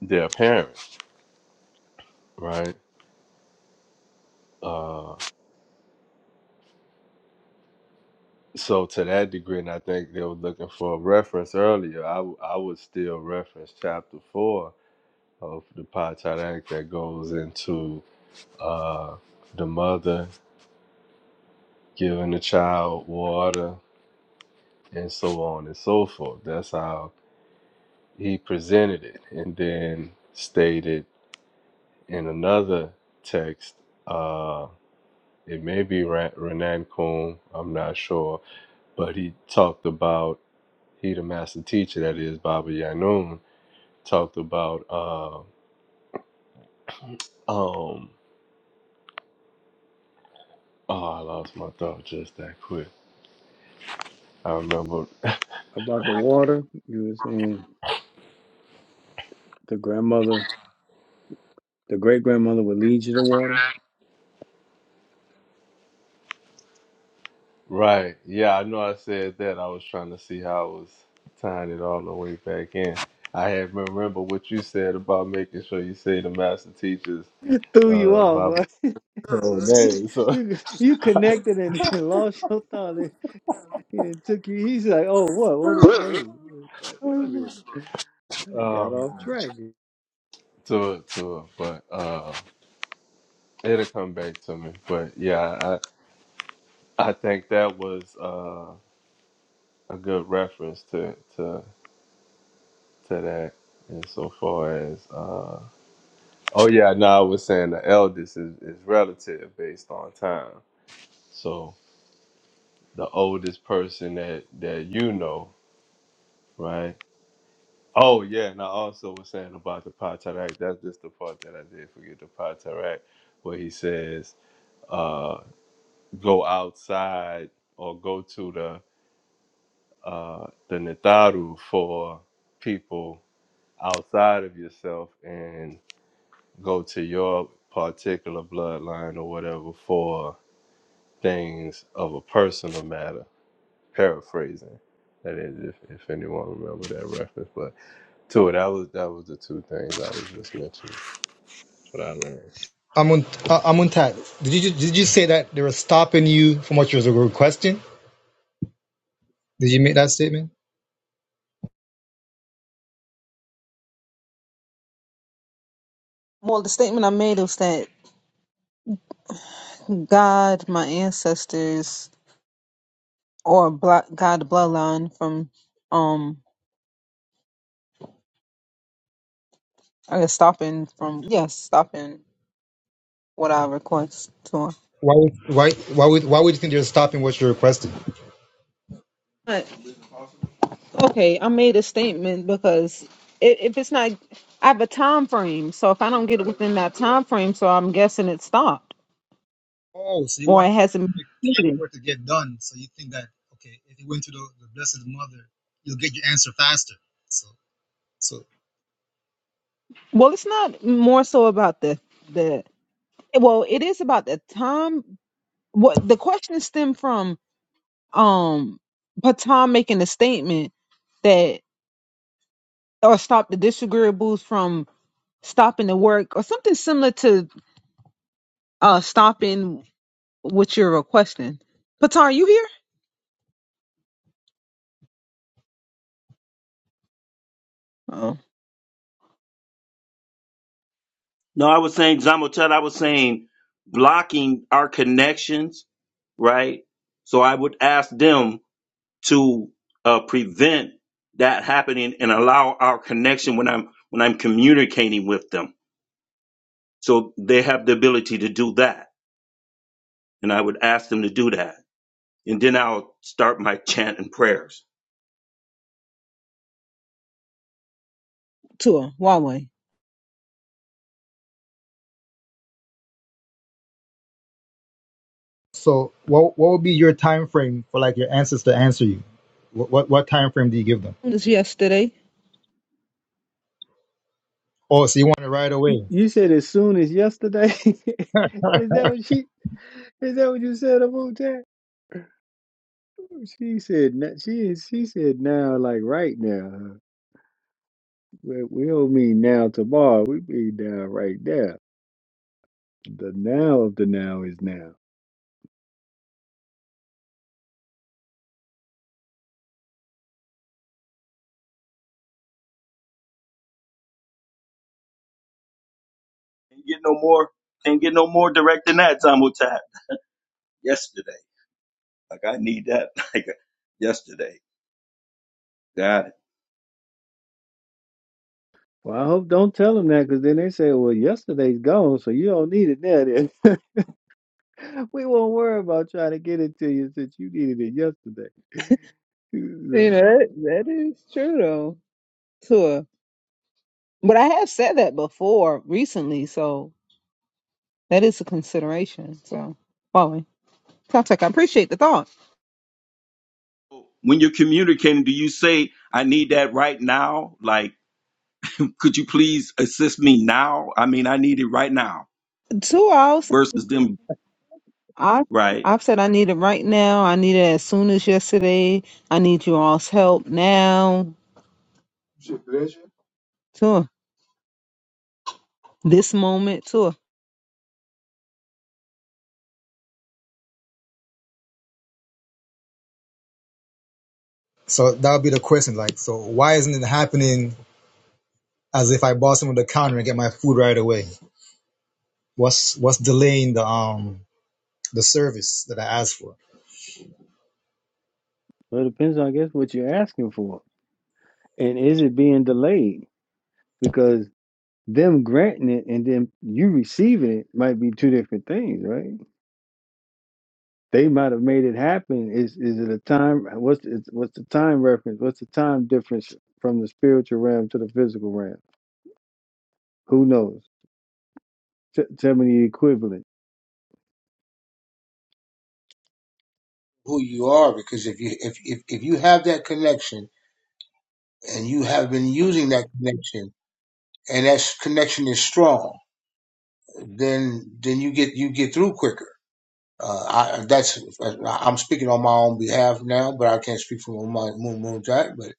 F: their parents, right? Uh, so to that degree, and I think they were looking for a reference earlier. I, w- I would still reference chapter four of the Potteract that goes into uh, the mother giving the child water and so on and so forth. That's how he presented it, and then stated in another text, uh, it may be Ra- Renan Kuhn, I'm not sure, but he talked about, he the master teacher, that is Baba Yanun, talked about, uh, um, oh, I lost my thought just that quick. I remember.
A: about the water? You were saying the grandmother, the great grandmother would lead you to water.
F: Right. Yeah, I know I said that. I was trying to see how I was tying it all the way back in. I had remember what you said about making sure you say the master teachers,
A: (laughs) Threw you
F: uh,
A: off. Huh? (laughs)
F: Oh,
A: (laughs)
F: man. So, (laughs)
A: you you connected and (laughs) lost your thought and, it took you he's like oh what what is what is it's like wait a minute i done got off
F: um,
A: track
F: to it, to it, but uh, it'll come back to me. But yeah, I I think that was uh, a good reference to to to that. And so far as uh, oh yeah, no, I was saying the eldest is, is relative based on time. So the oldest person that that you know, right? Oh yeah, and I also was saying about the Patarak. That's just the part that I did forget the Patarak, where he says, uh, "Go outside or go to the uh, the Netaru for people outside of yourself, and go to your particular bloodline or whatever for things of a personal matter." Paraphrasing. That is, if, if anyone remember that reference, but to it, that was that was the two things I was just mentioning. What I learned.
J: Amunt uh, Amuntat, did you ju- did you say that they were stopping you from what you were requesting? Did you make that statement?
B: Well, the statement I made was that God, my ancestors, or blo- God the bloodline from um I guess stopping from yes, stopping what I request to
J: Why would why why would why would you think they're stopping what you're requesting?
B: him. Okay, I made a statement because i- if it's not, I have a time frame. So if I don't get it within that time frame, so I'm guessing it stopped
J: Oh, so you
B: or
J: want
B: it
J: to
B: hasn't been
J: make time
B: completed.
J: for it to get done. So you think that okay, if you went to the, the Blessed Mother, you'll get your answer faster. So so
B: Well, it's not more so about the the. Well, it is about the time. What the question stemmed from? Um, Patan making a statement that or stop the disagreeables from stopping the work or something similar to uh stopping what you're requesting. Patan, are you here?
H: No, I was saying Zamotel. I was saying blocking our connections, right? So I would ask them to uh, prevent that happening and allow our connection when I'm when I'm communicating with them So they have the ability to do that. And I would ask them to do that. And then I'll start my chant and prayers.
B: Tua, Huawei.
J: so what what would be your time frame for like your answers to answer you? What what, what time frame do you give them?
B: This yesterday.
J: Oh, so you want it right
A: you,
J: away.
A: you said as soon as yesterday (laughs)
J: (laughs)
A: is that what she is that what you said about that she said na- she she said now like right now we, we don't mean now tomorrow we mean now right now the now of the now is now
H: Can't get no more, can't get no more direct than that, Zamutat. Yesterday. Like I need that (laughs) like yesterday. Got it.
A: well, I hope don't tell them that because then they say, well, yesterday's gone, so you don't need it now. then. (laughs) (laughs) We won't worry about trying to get it to you since you needed it yesterday. (laughs) So,
B: You know, that, that is true though. Tua. But I have said that before recently, so that is a consideration. So Huawei. Caltech, I appreciate the thought.
H: When you're communicating, do you say, I need that right now? Like, could you please assist me now? I mean, I need it right now
B: Tua, I was,
H: versus them,
B: I
H: right?
B: I've said I need it right now. I need it as soon as yesterday. I need you all's help now. Tua. This moment, Tua.
J: So that would be the question. Like, so why isn't it happening as if I bought some of the counter and get my food right away? What's what's delaying the um the service that I asked for?
A: well, it depends on, I guess, what you're asking for. And is it being delayed? Because them granting it and then you receiving it might be two different things, right? They might have made it happen. Is is it a time? What's is, what's the time reference? What's the time difference from the spiritual realm to the physical realm? Who knows? T- tell me the equivalent.
G: Who you are, because if you if if, if you have that connection and you have been using that connection, and that s- connection is strong, then then you get you get through quicker. Uh, I, that's I'm speaking on my own behalf now, but I can't speak for my Moon Moon Jack. But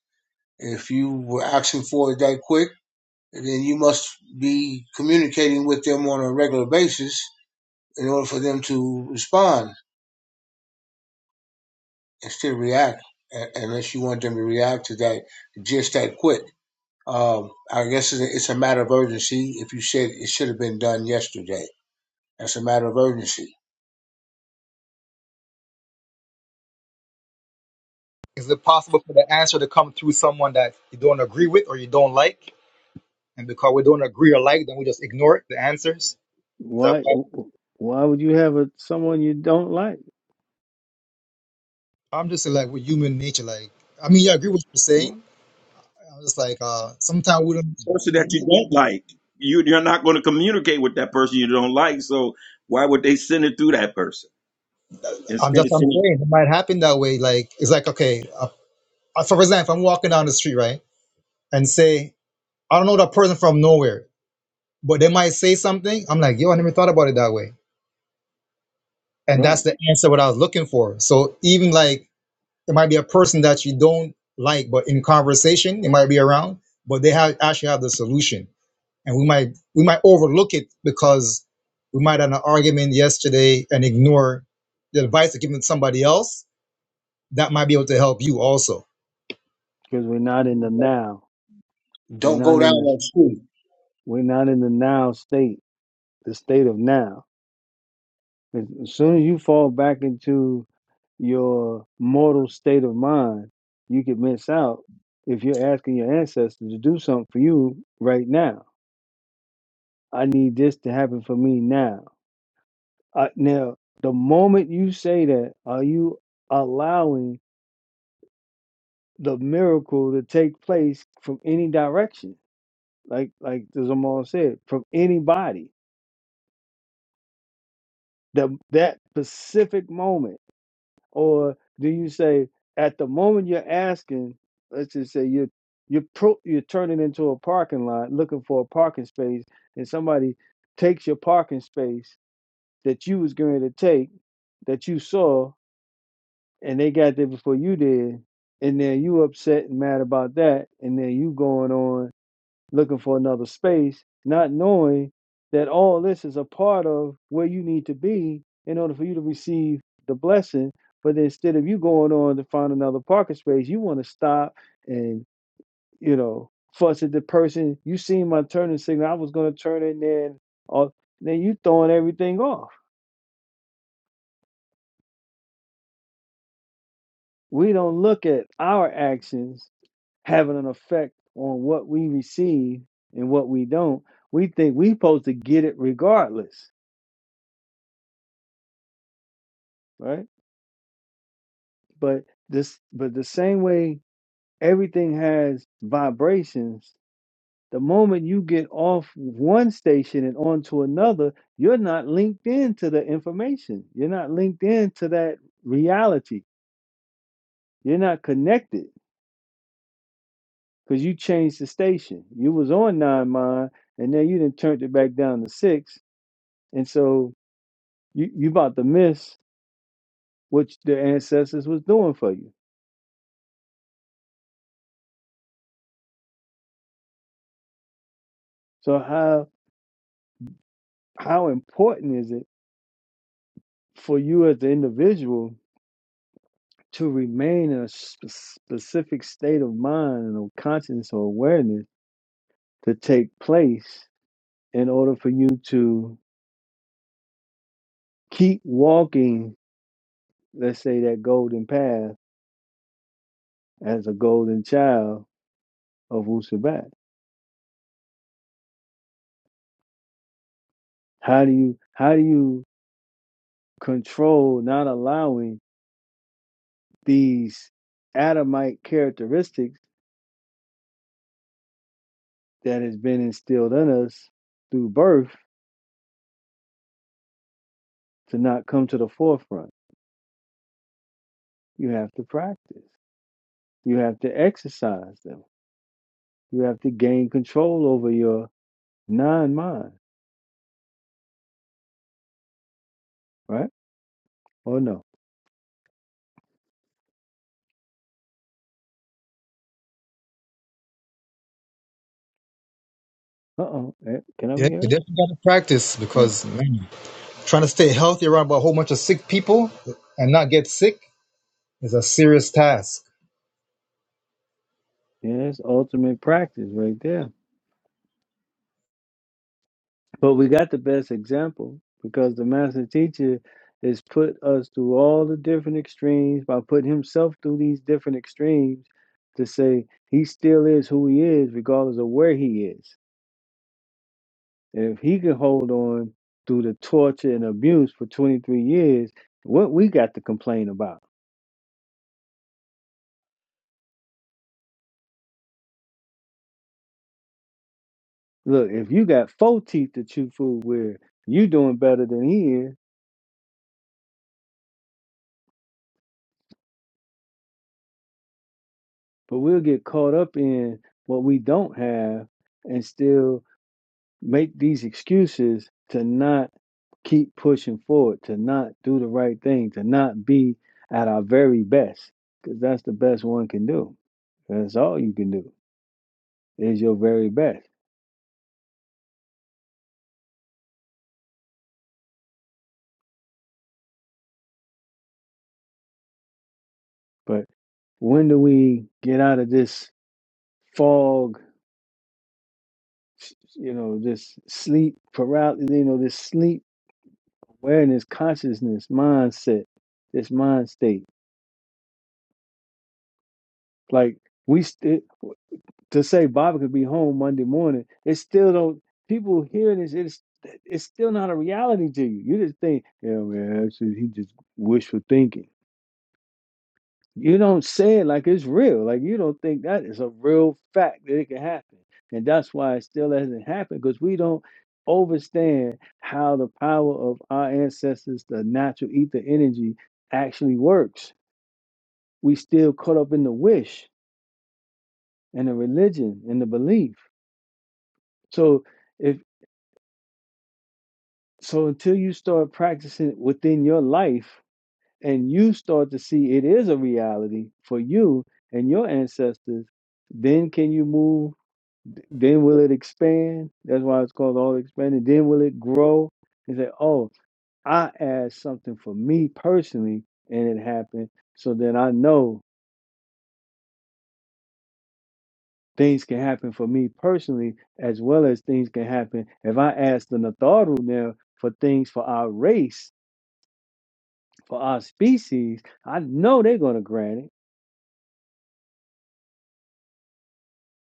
G: if you were asking for it that quick then you must be communicating with them on a regular basis in order for them to respond instead of react, unless you want them to react to that just that quick. Um, I guess it's a, matter of urgency. If you said it should have been done yesterday, that's a matter of urgency.
J: Is it possible for the answer to come through someone that you don't agree with or you don't like? and because we don't agree alike, then we just ignore the answers. Is that
A: Why
J: possible?
A: why would you have a someone you don't like,
J: I'm just like with human nature. Like, I mean, yeah, I agree with what you're saying. I'm just like, uh, sometimes we don't.
H: Person that you don't like. You, you're not going to communicate with that person you don't like. So why would they send it through that person?
J: I'm
H: instead
J: just,
H: of
J: I'm
H: sending
J: saying it might happen that way. Like, it's like, okay, uh, uh, for example, if I'm walking down the street, right, and say, I don't know that person from nowhere, but they might say something. I'm like, yo, I never thought about it that way, and
A: Right.
J: that's the answer what I was looking for. So even like, it might be a person that you don't like, but in conversation, it might be around, but they have actually have the solution and we might we might overlook it because we might have an argument yesterday and ignore the advice given to somebody else that might be able to help you also.
A: because we're not in the now. We're
G: Don't go
A: not
G: down
A: in this.
G: that street.
A: We're not in the now state. The state of now. As as soon as you fall back into your mortal state of mind, you could miss out if you're asking your ancestors to do something for you right now. I need this to happen for me now. I, now, the moment you say that, are you allowing the miracle to take place from any direction? Like, like the Zamal said, from anybody the that specific moment or do you say at the moment you're asking let's just say you're you're pro, you're turning into a parking lot looking for a parking space and somebody takes your parking space that you was going to take that you saw and they got there before you did and then you upset and mad about that and then you going on looking for another space, not knowing that all this is a part of where you need to be in order for you to receive the blessing. But instead of you going on to find another parking space, you want to stop and, you know, fuss at the person. You seen my turning signal. I was going to turn in there. And all, then you throwing everything off. We don't look at our actions having an effect on what we receive and what we don't. We think we supposed to get it regardless, right? But this, but the same way everything has vibrations, the moment you get off one station and onto another, you're not linked into the information. You're not linked into that reality. You're not connected because you changed the station. You was on nine mile, and then you didn't turn it back down to six, and so you you about to miss what the ancestors was doing for you. So how how important is it for you as the individual? to remain in a sp- specific state of mind or consciousness or awareness to take place in order for you to keep walking, let's say, that golden path as a golden child of Wusabat. How do you how do you control not allowing these Adamite characteristics that has been instilled in us through birth to not come to the forefront? You have to practice. You have to exercise them You have to gain control over your non-mind, right? Or no? Uh-oh. Eh, Can I
J: Yeah,
A: be
J: you
A: heard?
J: definitely got to practice
A: Oh,
J: because man, trying to stay healthy around a whole bunch of sick people and not get sick is a serious task.
A: yeah, ultimate practice right there. But we got the best example because the master teacher has put us through all the different extremes by putting himself through these different extremes to say he still is who he is, regardless of where he is. And if he can hold on through the torture and abuse for 23 years, what we got to complain about? Look, if you got four teeth to chew food with, you doing better than he is, but we'll get caught up in what we don't have and still make these excuses to not keep pushing forward, to not do the right thing, to not be at our very best, because that's the best one can do. That's all you can do is your very best. But when do we get out of this fog, you know, this sleep paralysis, you know, this sleep? awareness, consciousness, mindset, this mind state. Like we st- to say Bobby could be home Monday morning, it still don't. People hearing this, it's it's still not a reality to you. You just think, yeah, man, that's just, he just wishful thinking. You don't say it like it's real. Like you don't think that is a real fact that it can happen, and that's why it still hasn't happened because we don't overstand how the power of our ancestors, the natural ether energy, actually works we still caught up in the wish and the religion and the belief. So if so until you start practicing within your life and you start to see it is a reality for you and your ancestors, then can you move? Then will it expand? That's why it's called all expanded. Then will it grow? And say, oh, I asked something for me personally and it happened. So then I know things can happen for me personally as well as things can happen if I ask the Natharu now for things for our race, for our species, I know they're going to grant it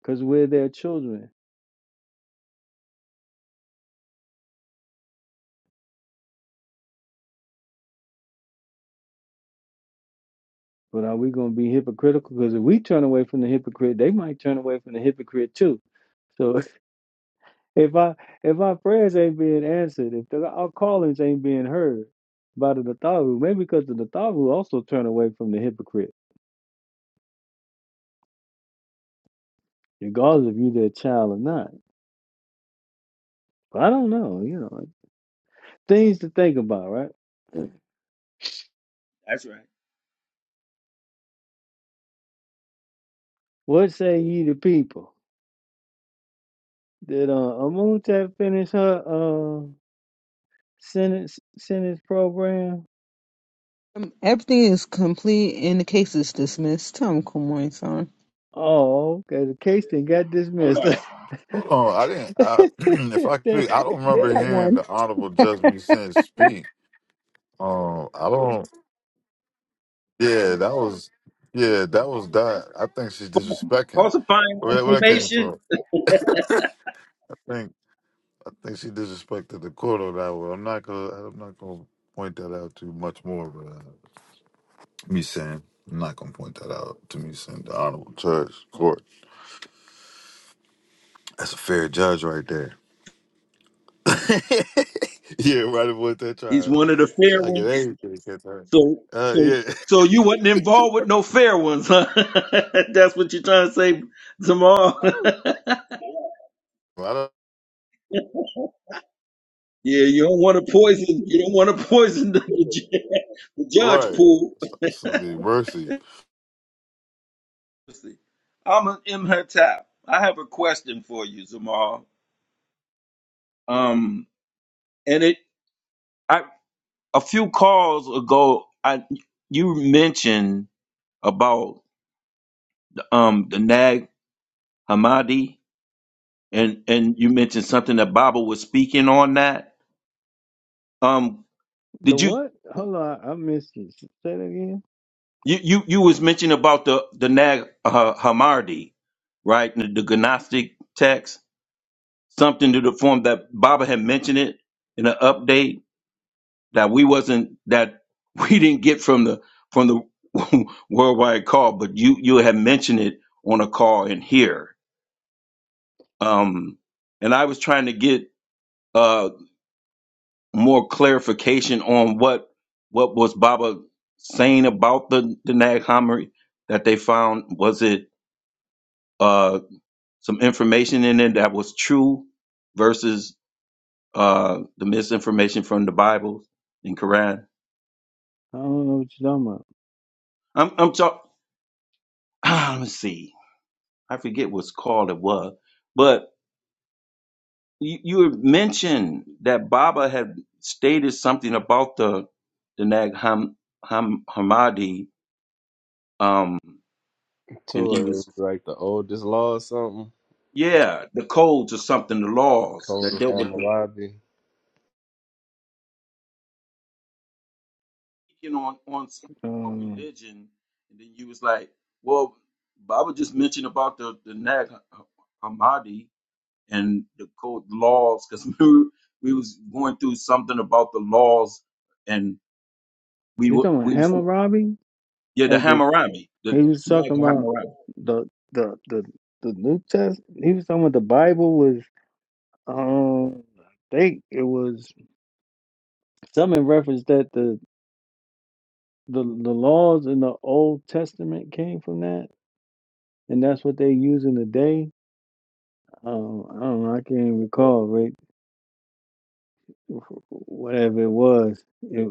A: because we're their children. But are we going to be hypocritical? Because if we turn away from the hypocrite, they might turn away from the hypocrite too. So (laughs) if I if my prayers ain't being answered, if the, our callings ain't being heard by the Natharu, maybe because the Natharu also turn away from the hypocrite, regardless if you their child or not. But I don't know, you know. things to think about, right? What say ye the people? Did uh, Amuntet finish her uh, sentence sentence program?
B: Um, Everything is complete and the case is dismissed. Tom Kumoy, sorry.
A: Oh, okay. The case then got dismissed. (laughs) the
C: Hold on, I didn't. I, (clears throat) if I speak, I
A: the
C: don't remember hearing the honorable Judge Me Sin speak. Um, I don't. Yeah, that was yeah, that was that. I think she disrespecting. Where where that came
H: information,
C: from? I think I think she disrespected the court on that one. I'm not gonna I'm not gonna point that out too much more. But uh, me saying I'm not gonna point that out to me saying the honorable judge court. That's a fair judge right there. (laughs) yeah, right about that
H: He's
C: try.
H: one of the
C: Try
H: fair
C: to get
H: ones.
C: everything. against her.
H: So,
C: Uh,
H: so,
C: yeah,
H: so you wasn't involved with no fair ones, huh? (laughs) That's what you're trying to say, Jamal. (laughs) yeah,
C: (laughs) I don't,
H: you don't want to poison. You don't want to poison the, the, ju- (laughs) the judge
C: right.
H: pool.
C: It's not something mercy.
H: I'm an Imhotep. I have a question for you, Jamal. Um, and it, I, a few calls ago, I, you mentioned about um the Nag Hammadi and and you mentioned something that Baba was speaking on that. Um, did you
A: what? Hold on, I missed it. Say that again.
H: you you, you was mentioning about the the Nag uh, Hammadi, right? The, the Gnostic text, something to the form that Baba had mentioned it in an update that we wasn't that (laughs) we didn't get from the from the (laughs) worldwide call, but you you had mentioned it on a call in here. Um, and I was trying to get uh, more clarification on what what was Baba saying about the, the Nag Hammadi that they found? Was it uh, some information in it that was true versus uh, the misinformation from the Bible and Quran?
A: I don't know what you're talking about.
H: I'm I'm talking. (sighs) let's see. I forget what's called it was, but you, you had mentioned that Baba had stated something about the the Nag Ham, Ham, Hammadi, um, and he
F: Tour
H: was
F: is like the oldest law or something.
H: Yeah, the codes or something, the laws that
F: Total
H: dealt
F: on
H: with
F: the
H: the
F: lobby.
H: you on, on some sort of
A: Um,
H: religion, and then you was like, well, Baba just mentioned about the the Nag Hammadi and the code laws because (laughs) we we was going through something about the laws, and we
A: you're
H: were
A: talking about
H: we was,
A: Hammer Robbie
H: yeah the
A: of the.
H: Hammurabi the
A: He was
H: Nag
A: talking about
H: Hammurabi.
A: the the the the New Test. He was talking about the Bible was. Um, I think it was. Some in reference that the the, the laws in the Old Testament came from that, and that's what they use in the day. Um, I don't know. I can't even recall. Right, whatever it was, it,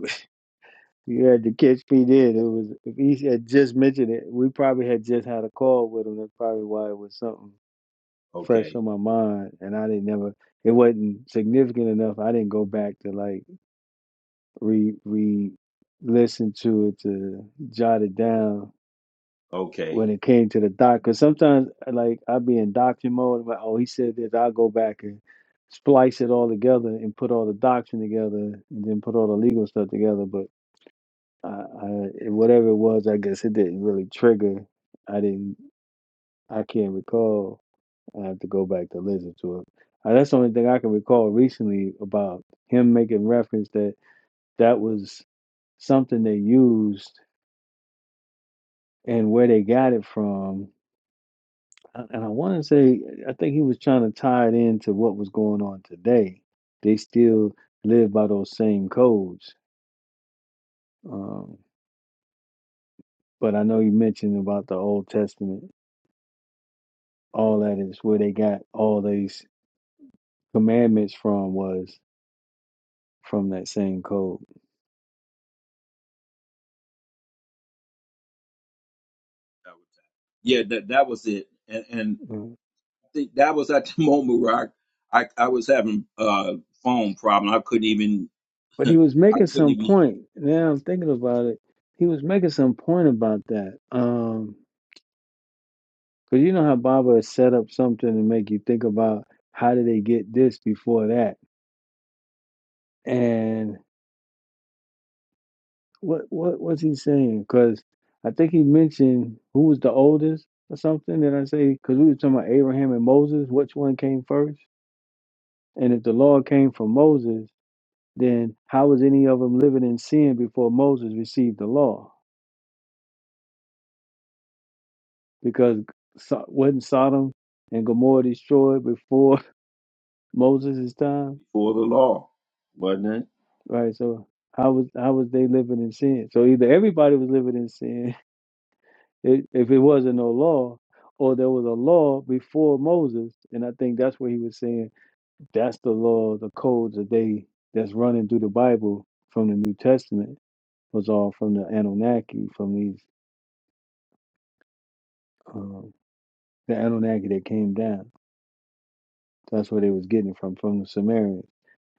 A: (laughs) you had to catch me there. It was if he had just mentioned it, we probably had just had a call with him. That's probably why it was something fresh
H: Okay,
A: on my mind, and I didn't never. It wasn't significant enough. I didn't go back to like re re listen to it to jot it down
H: okay,
A: when it came to the doc. Because sometimes, uh, like, I'd be in doctor mode. I'm like, oh, he said this. I'll go back and splice it all together and put all the doctrine together and then put all the legal stuff together. But I, I it- whatever it was, I guess it didn't really trigger. I didn't, I can't recall. I have to go back to listen to it. Uh, that's the only thing I can recall recently about him making reference that that was something they used and where they got it from And and I wanna say, I think he was trying to tie it into what was going on today. They still live by those same codes. Um, but I know you mentioned about the Old Testament, all that is where they got all these commandments from was from that same code.
H: yeah that that was it, and and
A: Mm.
H: I think that was at the (laughs) moment where I I, I was having uh phone problem. I couldn't even
A: But he was
H: I
A: making
H: couldn't
A: some
H: even eat
A: point. Now I'm thinking about it. He was making some point about that. Um, because you know how Baba has set up something to make you think about how did they get this before that? And What what was he saying? Because I think he mentioned who was the oldest or something. Did I say? Because we were talking about Abraham and Moses. Which one came first? And if the law came from Moses, then how was any of them living in sin before Moses received the law? Because so, wasn't Sodom and Gomorrah destroyed before (laughs) Moses' time?
H: before the law, wasn't it?
A: Right. So how was how was they living in sin? So either everybody was living in sin, If if it wasn't no law, or there was a law before Moses, and I think that's what he was saying. That's the law, the codes that they that's running through the Bible from the New Testament was all from the Anunnaki, from these um, the Anunnaki that came down. That's where they was getting it from, from the Sumerians,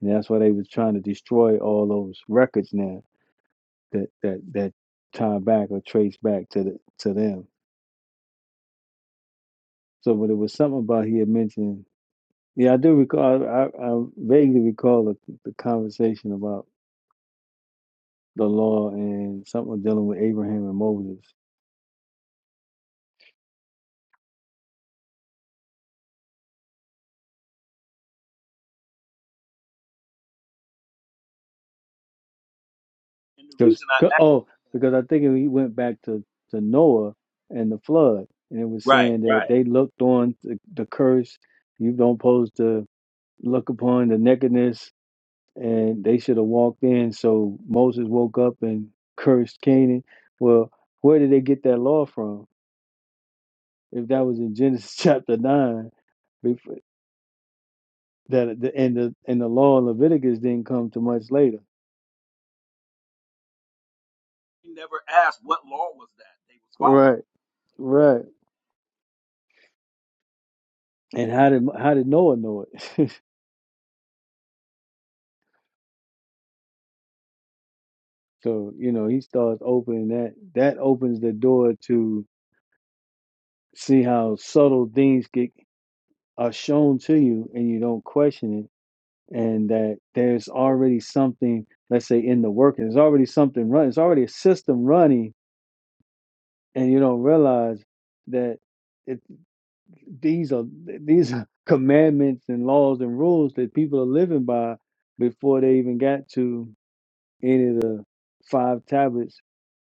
A: and that's why they was trying to destroy all those records now that that that tie back or trace back to the to them. So, but it was something about he had mentioned Yeah, I do recall. I, I vaguely recall the, the conversation about the law and something dealing with Abraham and Moses.
H: And the
A: Because
H: reason I
A: oh, because I think we went back to to Noah and the flood, and it was
H: right,
A: saying that they looked on the, the curse. You don't supposed to look upon the nakedness, and they should have walked in. So Moses woke up and cursed Canaan. Well, where did they get that law from? If that was in Genesis (laughs) chapter nine. that the and the and the law in Leviticus didn't come to much later.
H: he never asked what law was that they was following.
A: Right, right. And how did how did Noah know it? (laughs) so you know he starts opening that that opens the door to see how subtle things get are shown to you and you don't question it, and that there's already something let's say in the work. There's already something running. It's already a system running, and you don't realize that. it. these are these are commandments and laws and rules that people are living by before they even got to any of the five tablets.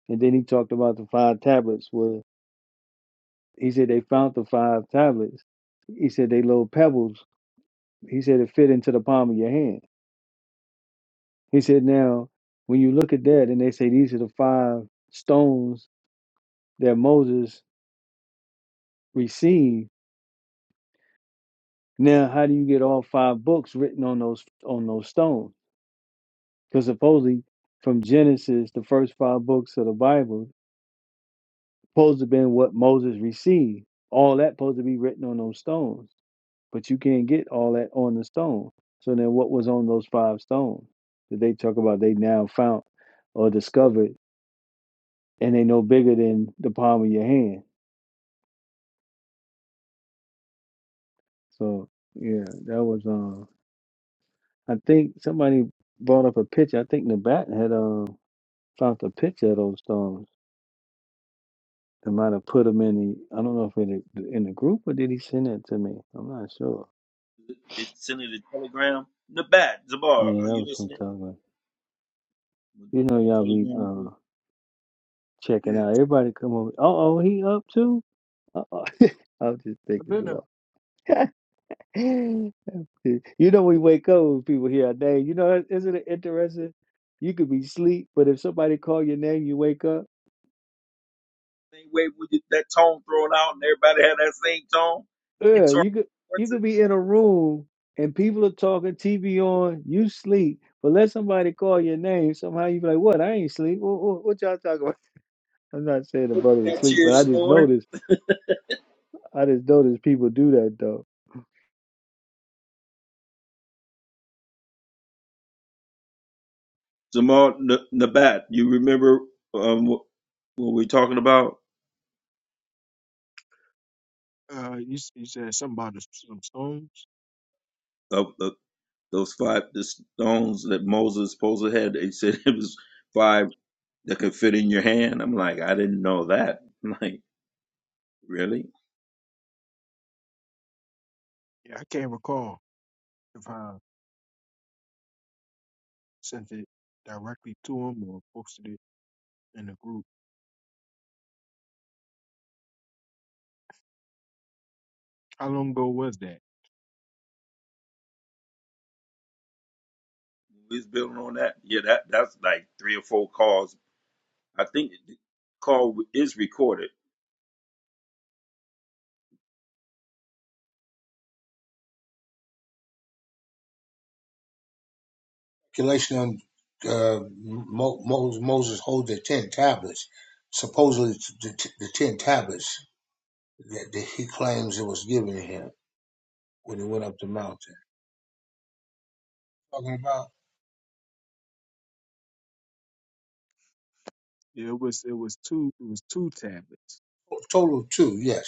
A: And then he talked about the five tablets where he said they found the five tablets. He said they little pebbles. He said it fit into the palm of your hand. He said now when you look at that and they say these are the five stones that Moses received. Now how do you get all five books written on those on those stones? Because supposedly, from Genesis, the first five books of the Bible, supposed to have been what Moses received. All that supposed to be written on those stones, but you can't get all that on the stone. So then, what was on those five stones that they talk about? They now found or discovered, and they no bigger than the palm of your hand. So yeah, that was. Um, I think somebody brought up a picture. I think Nabat had uh, found a picture of those stones I might have put put 'em in the I don't know if in the in the group or did he send that to me? I'm not sure.
H: They sent it a telegram. Nabat, Zamar,
A: Yeah,
H: are
A: that
H: you
A: was what I'm
H: listening?
A: talking about. You know y'all be uh checking out.
E: Yeah,
A: Everybody come over. Uh oh, he up too? Uh oh. (laughs) I was just
E: I've
A: thinking
E: been. A,
A: about (laughs) you know we wake up when people hear our name. You know isn't it interesting? You could be asleep, but if somebody call your name, you wake up.
H: On
A: Yeah, you could you could be in a room and people are talking, TV on, you sleep, but let somebody call your name. Somehow you be like, "What? I ain't sleep. What, what, what y'all talking about?" (laughs) I'm not saying the brother was
H: that's
A: asleep,
H: your
A: but I just
H: snore.
A: noticed. I just noticed people do that though.
H: Zamar N- Nabat, you remember um, what, what we're talking about?
E: uh, you s- you said something about the, some stones.
H: Of the those five the stones that Moses supposed to had. They (laughs) said it was five that could fit in your hand. I'm like, I didn't know that. (laughs) I'm like, really?
E: Yeah, I can't recall if I sent it directly to him or posted it in the group. How long ago was that?
H: We was building on that. Yeah, that that's like three or four calls I think the call is recorded.
G: Galatians, on uh, Mo, Mo, Moses hold the ten tablets, supposedly the, t- the ten tablets that, that he claims it was given to him when he went up the mountain. talking about?
E: Yeah, it was. It was two. It was two tablets,
G: Total of two, yes.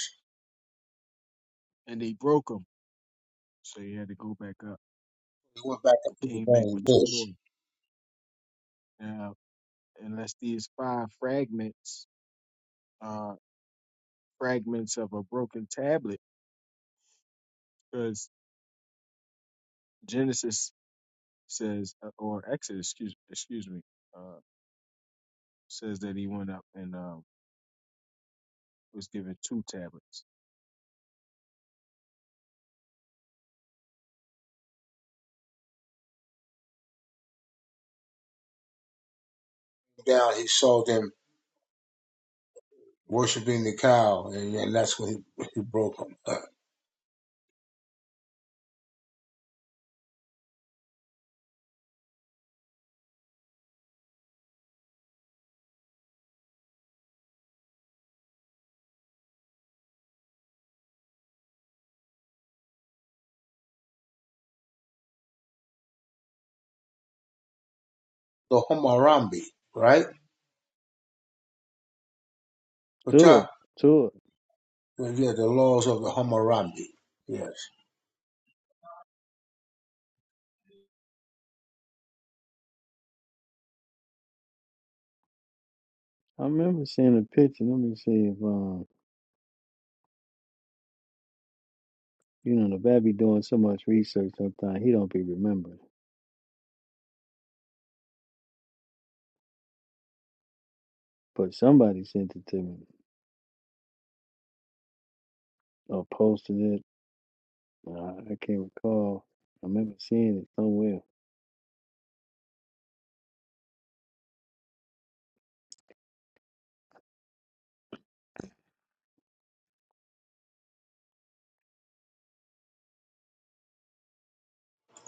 E: and they broke them, so you had to go back up.
G: He went back up
E: I
G: to the
E: came back
G: burning
E: with two more.
G: bush.
E: Now, unless these five fragments are fragments of a broken tablet, because Genesis says, uh, or Exodus, excuse, excuse me. uh, says that he went up and uh, was given two tablets.
G: Down, he saw them worshiping the cow, and, and that's when he, he broke them. Uh, the Hammurabi, right? But
A: Sure,
G: uh,
A: sure.
G: yeah, the laws of the Hammurabi. Yes.
A: I remember seeing a picture. Let me see if um, you know, the bat be doing so much research. Sometimes he don't be remembering. But somebody sent it to me or posted it. I, I can't recall. I remember seeing it somewhere.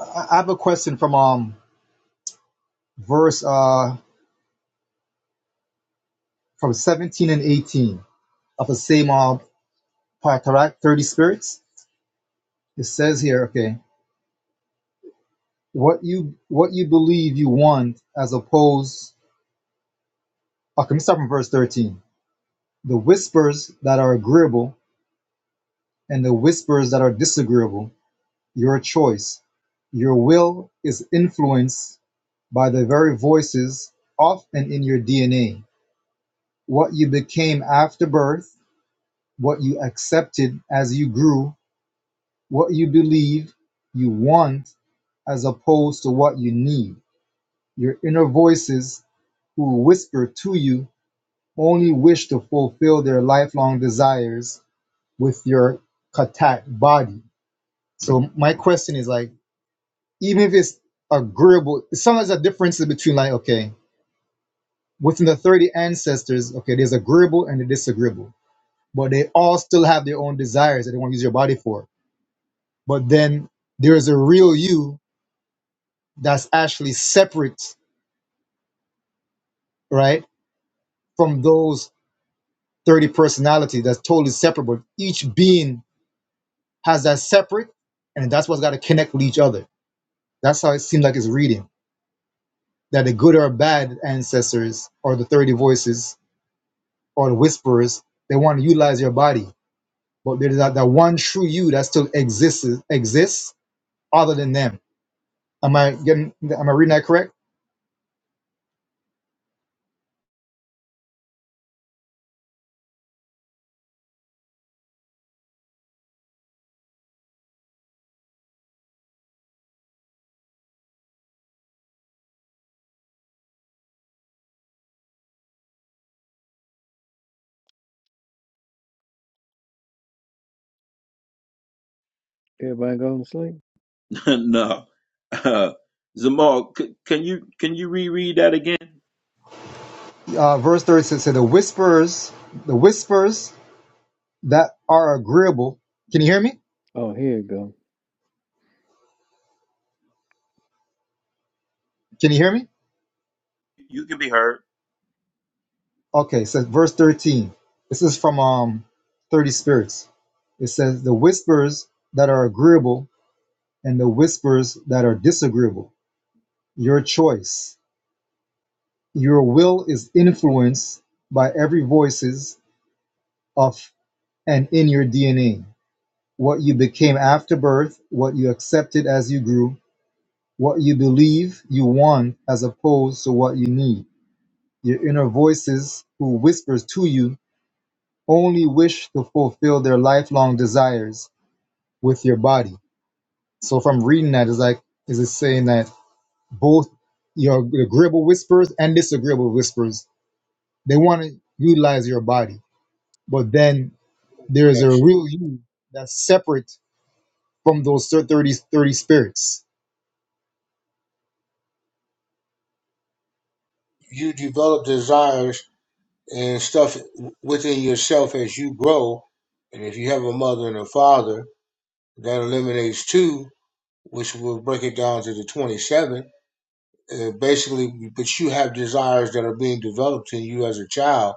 J: I I have a question from um verse. Uh, from 17 and 18 of the same old Patarak 30 spirits. It says here, okay, what you what you believe you want as opposed okay, let me start from verse 13. The whispers that are agreeable and the whispers that are disagreeable, your choice. Your will is influenced by the very voices of and in your DNA. What you became after birth, what you accepted as you grew, what you believe you want as opposed to what you need. Your inner voices who whisper to you only wish to fulfill their lifelong desires with your katat body. So my question is like, even if it's agreeable, sometimes a difference is between like, okay, within the 30 ancestors, okay, there's agreeable and the disagreeable, but they all still have their own desires that they want to use your body for. But then there is a real you that's actually separate, right, from those 30 personality that's totally separate, but each being has that separate, and that's what's got to connect with each other. That's how it seems like it's reading that the good or bad ancestors or the 30 voices or the whisperers, they want to utilize your body, but there's that, that one true you that still exists exists other than them. Am I getting? Am I reading that correct?
A: Everybody going to sleep.
H: (laughs) no, uh, Zamal, c- can you can you reread that again?
J: Uh, verse 30 says, "So "The whisperers, the whispers that are agreeable." Can you hear me?
A: Oh, here you go.
J: Can you hear me?
H: You can be heard,
J: Okay, so verse 13. This is from um 30 spirits. It says the whispers that are agreeable and the whispers that are disagreeable. Your choice. Your will is influenced by every voices of and in your DNA. What you became after birth, what you accepted as you grew, what you believe you want as opposed to what you need. Your inner voices who whispers to you only wish to fulfill their lifelong desires with your body. So from reading that is like is it saying that both your agreeable whispers and disagreeable whispers, they want to utilize your body. But then there is a
G: Next,
J: real you that's separate from those 30 30 spirits.
G: you develop desires and stuff within yourself as you grow, and if you have a mother and a father, that eliminates two, which will break it down to the twenty-seven uh, basically, but you have desires that are being developed in you as a child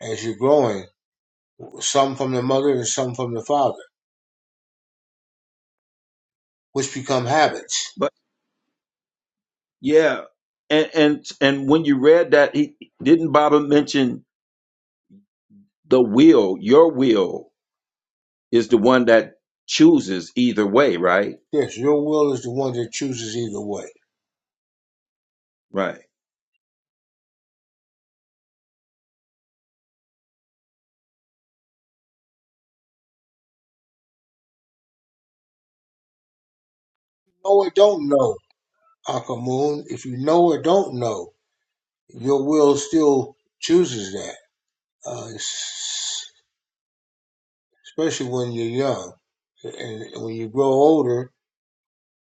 G: as you're growing, some from the mother and some from the father, which become habits.
H: but yeah, and and and when you read that, he didn't Baba mention the will. Your will is the one that chooses either way, right?
G: Yes, your will is the one that chooses either way.
H: Right.
G: Know or don't know, Uncle Moon. If you know or don't know, your will still chooses that, uh, especially when you're young. And when you grow older,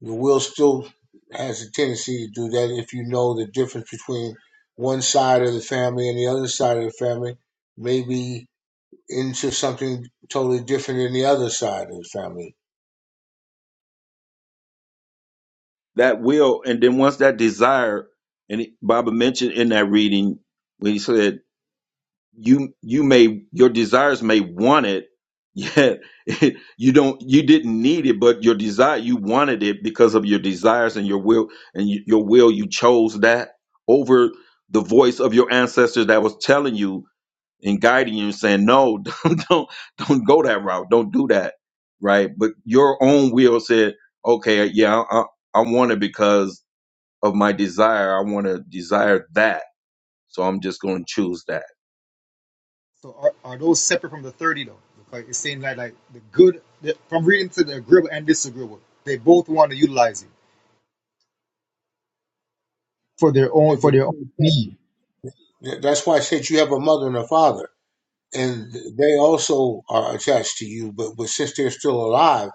G: The will still has a tendency to do that if you know the difference between one side of the family and the other side of the family may be into something totally different than the other side of the family.
H: That will, and then once that desire, and he- Baba mentioned in that reading when he said you you may your desires may want it yet (laughs) you don't you didn't need it but your desire you wanted it because of your desires and your will and y- your will you chose that over the voice of your ancestors that was telling you and guiding you and saying no (laughs) don't don't don't go that route don't do that right but your own will said okay yeah i, I want it because of my desire i want to desire that so i'm just going to choose that
J: So are, are those separate from the 30 though? Like it's saying that like the good the, from reading to the agreeable and disagreeable, they both want to utilize you for their own for their own need.
G: That's why I said you have a mother and a father, and they also are attached to you. But but since they're still alive,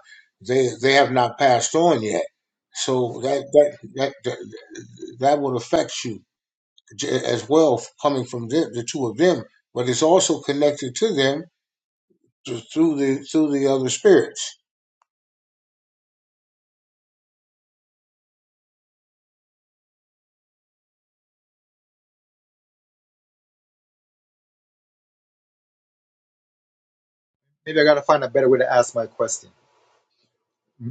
G: they they have not passed on yet. So that that that that, that would affect you as well coming from them, the two of them, but it's also connected to them through the through the other spirits.
J: Maybe I gotta find a better way to ask my question.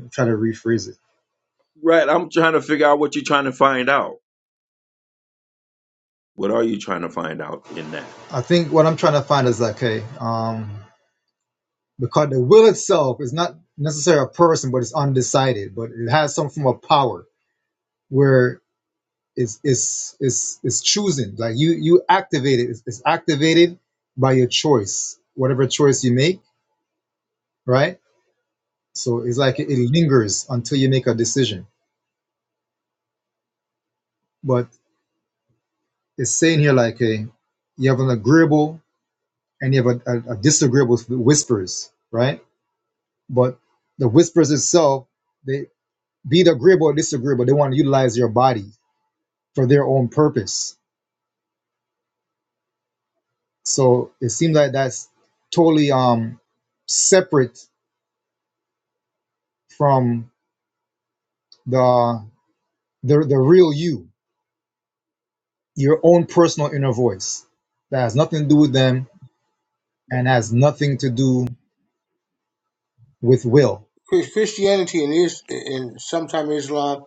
J: I'm trying to rephrase it.
H: Right. I'm trying to figure out what you're trying to find out. What are you trying to find out in that?
J: I think what I'm trying to find is like, okay, um, because the will itself is not necessarily a person, but it's undecided, but it has some form of power where it's it's it's it's choosing. Like you you activate it. It's, it's activated by your choice, whatever choice you make, right? So it's like it, it lingers until you make a decision. But it's saying here like a you have an agreeable and you have a, a, a disagreeable whispers, right? But the whispers itself, they be it agreeable or disagreeable, they want to utilize your body for their own purpose. So it seems like that's totally um separate from the the the real you, your own personal inner voice. That has nothing to do with them and has nothing to do with will.
G: Christianity and is and sometimes Islam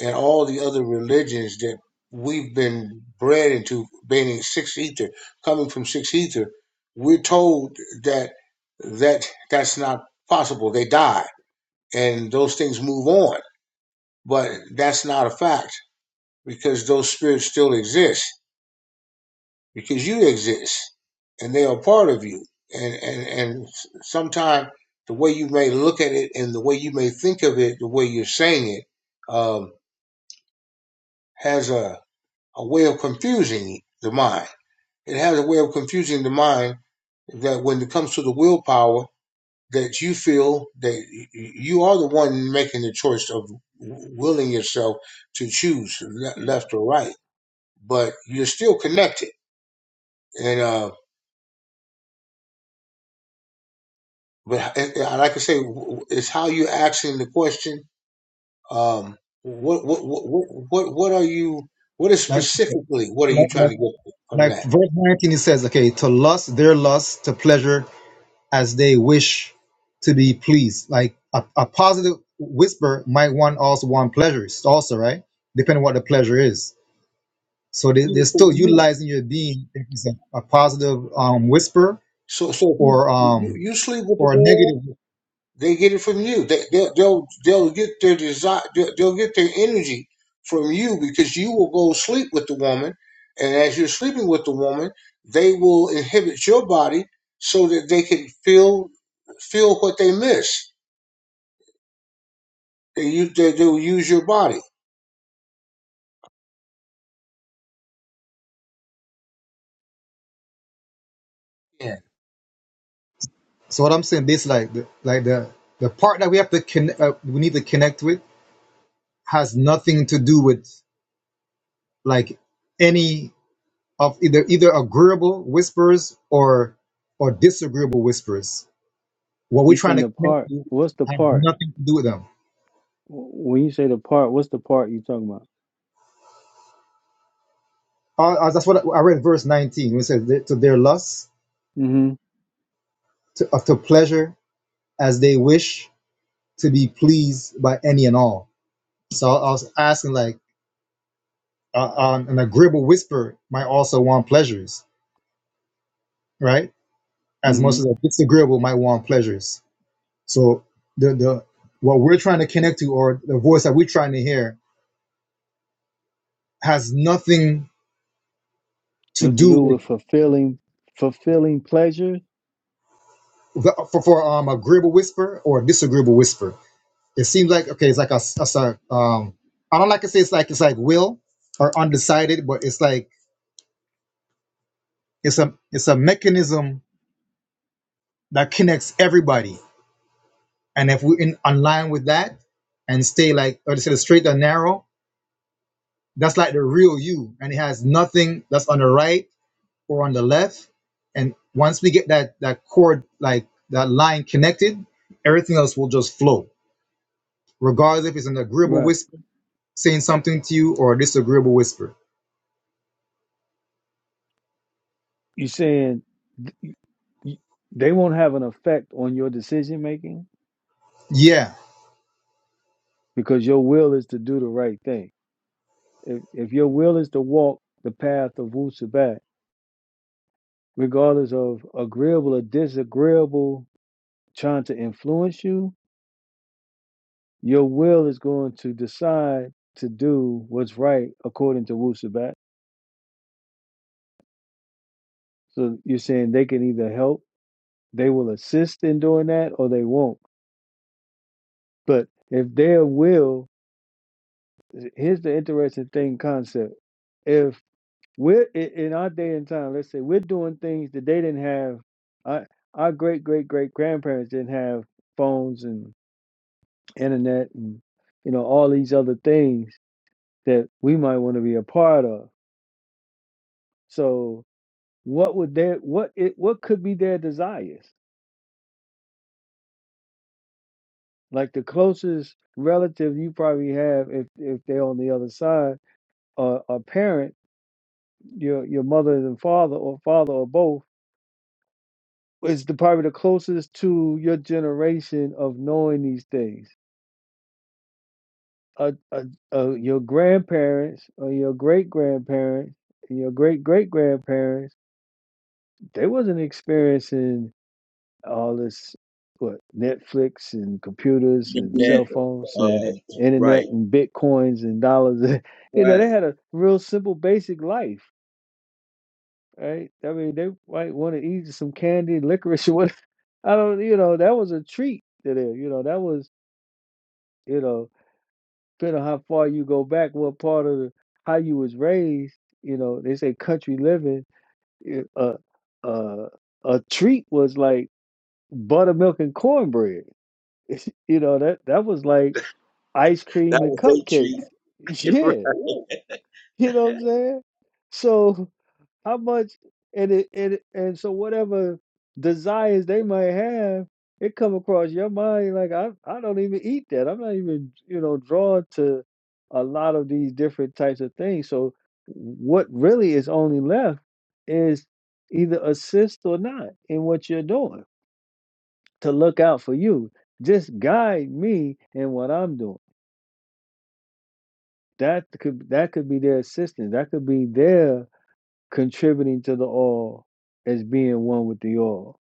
G: and all the other religions that we've been bred into being six ether, coming from six ether, we're told that that that's not possible. They die and those things move on, but that's not a fact because those spirits still exist because you exist and they are part of you. And and and sometimes the way you may look at it and the way you may think of it, the way you're saying it, um, has a a way of confusing the mind. It has a way of confusing the mind that when it comes to the willpower, that you feel that you are the one making the choice of willing yourself to choose left or right, but you're still connected. And uh, But it- it- like I say, it's how you're asking the question. Um, what, what, what, what, what what are you? What is
J: Like
G: specifically? What are you
J: like,
G: trying
J: like,
G: to get from
J: like
G: that?
J: verse 19 it says okay to lust their lust to pleasure as they wish to be pleased. Like a, a positive whisper might want also want pleasures, also, right? Depending on what the pleasure is. So they, they're
G: From
J: still
G: you.
J: utilizing your being if it's a, a positive um, whisper
G: So, so if you,
J: or
G: you,
J: um
G: you sleep with the
J: or a
G: girl,
J: negative.
G: they get it from you. They, they'll, they'll, they'll get their desire. They'll, they'll get their energy from you because you will go sleep with the woman, and as you're sleeping with the woman, they will inhibit your body so that they can feel feel what they miss They use they do use your body. Yeah.
J: So what I'm saying, basically, like the, like the the part that we have to connect, uh, we need to connect with, has nothing to do with like any of either either agreeable whispers or or disagreeable whispers What we're
A: You
J: trying
A: send
J: to
A: the
J: connect
A: part.
J: to
A: What's the
J: has
A: part?
J: nothing to do with them.
A: W- When you say the part, what's the part you talking about?
J: Uh, uh, that's what I read in verse 19, when it says, To their lusts,
A: Mm-hmm.
J: to, uh, to pleasure as they wish to be pleased by any and all. So I was asking, like, uh, um, an agreeable whisper might also want pleasures, right? As much
A: Mm-hmm.
J: as a disagreeable might want pleasures. So the, the what we're trying to connect to or the voice that we're trying to hear has nothing to
A: To to
J: do
A: do
J: with
A: with fulfilling, fulfilling pleasure.
J: the, for, for um agreeable whisper or disagreeable whisper It seems like okay, it's like a, s- it's a um, I don't like to say it's like it's like will or undecided, but it's like it's a it's a mechanism that connects everybody. And if we're in online with that and stay like or to say the straight and narrow, that's like the real you, and it has nothing that's on the right or on the left. And once we get that that cord like that line connected, everything else will just flow, regardless if it's an agreeable
A: Right.
J: whisper saying something to you or a disagreeable whisper.
A: You saying y- they won't have an effect on your decision making
J: Yeah
A: because your will is to do the right thing. If if your will is to walk the path of Wu Sabat, regardless of agreeable or disagreeable trying to influence you, Your will is going to decide to do what's right according to Wu Sabat. So you're saying they can either help, they will assist in doing that, or they won't. But if their will, here's the interesting thing concept. If we're i- in our day and time, let's say we're doing things that they didn't have, our, our great great great grandparents didn't have phones and internet and you know all these other things that we might want to be a part of. So what would their what it what could be their desires like the closest relative you probably have if if they're on the other side or a parent your your mother and father or father or both is the probably the closest to your generation of knowing these things uh, uh, uh, your grandparents or your great grandparents your great great grandparents they wasn't experiencing all this what Netflix and computers
H: In
A: and
H: that,
A: cell phones and
H: uh, right,
A: internet and bitcoins and dollars. (laughs) you know, they
H: right.
A: had a real simple, basic life, right? I mean, they might want to eat some candy, (laughs) licorice, or whatever. (laughs) I don't, you know, that was a treat to them. You know, that was, you know, depending on how far you go back, what part of the, how you was raised. You know, they say country living. it- Uh, uh, a treat was like buttermilk and cornbread. (laughs) You know, that that was like ice
H: That
A: cream and
H: was they
A: cupcakes. (laughs)
H: treat. (laughs)
A: Yeah,
H: right.
A: you know what I'm saying? So how much and it and it and so whatever desires they might have, it come across your mind like I I don't even eat that. I'm not even, you know, drawn to a lot of these different types of things. So what really is only left is either assist or not in what you're doing to look out for you. Just guide me in what I'm doing That could that could be their assistance. That could be their contributing to the all as being one with the all.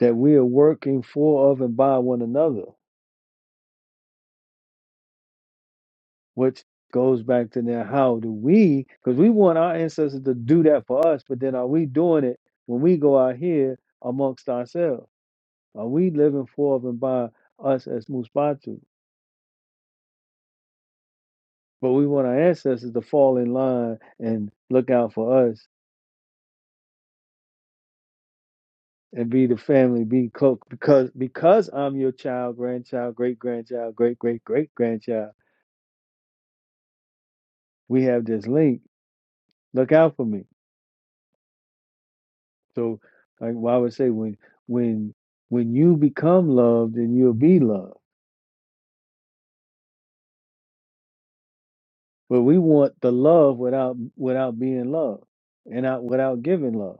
A: That we are working for of and by one another, which goes back to now how do we because we want our ancestors to do that for us, but then are we doing it when we go out here amongst ourselves? Are we living for of and by us as Muspatu? But we want our ancestors to fall in line and look out for us and be the family, be close because because I'm your child, grandchild, great grandchild, great great great grandchild. We have this link. Look out for me. So, like well, I would say, when when when you become loved, then you'll be loved. But we want the love without without being loved, and not without giving love.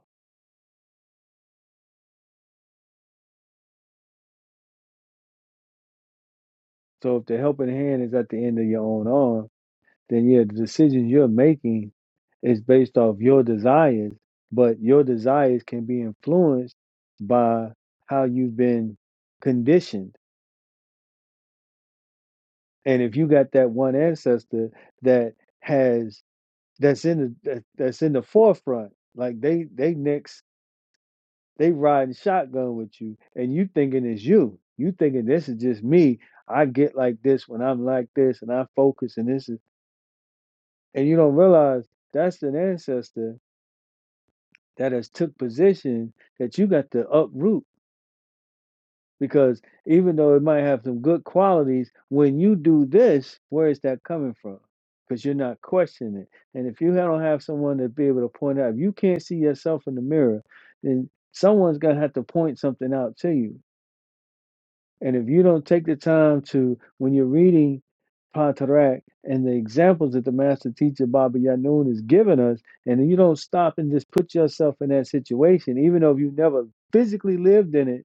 A: So, if the helping hand is at the end of your own arm, then yeah, the decisions you're making is based off your desires, but your desires can be influenced by how you've been conditioned. And if you got that one ancestor that has that's in the that, that's in the forefront, like they they next they riding shotgun with you, and you thinking it's you. You thinking this is just me. I get like this when I'm like this, and I focus, and this is, and you don't realize that's an ancestor that has took position that you got to uproot because even though it might have some good qualities, when you do this, where is that coming from? Because you're not questioning it. And if you don't have someone to be able to point out, if you can't see yourself in the mirror, then someone's gonna have to point something out to you and if you don't take the time to, when you're reading Pantarak and the examples that the master teacher Baba Yanun is giving us, and you don't stop and just put yourself in that situation, even though you never physically lived in it,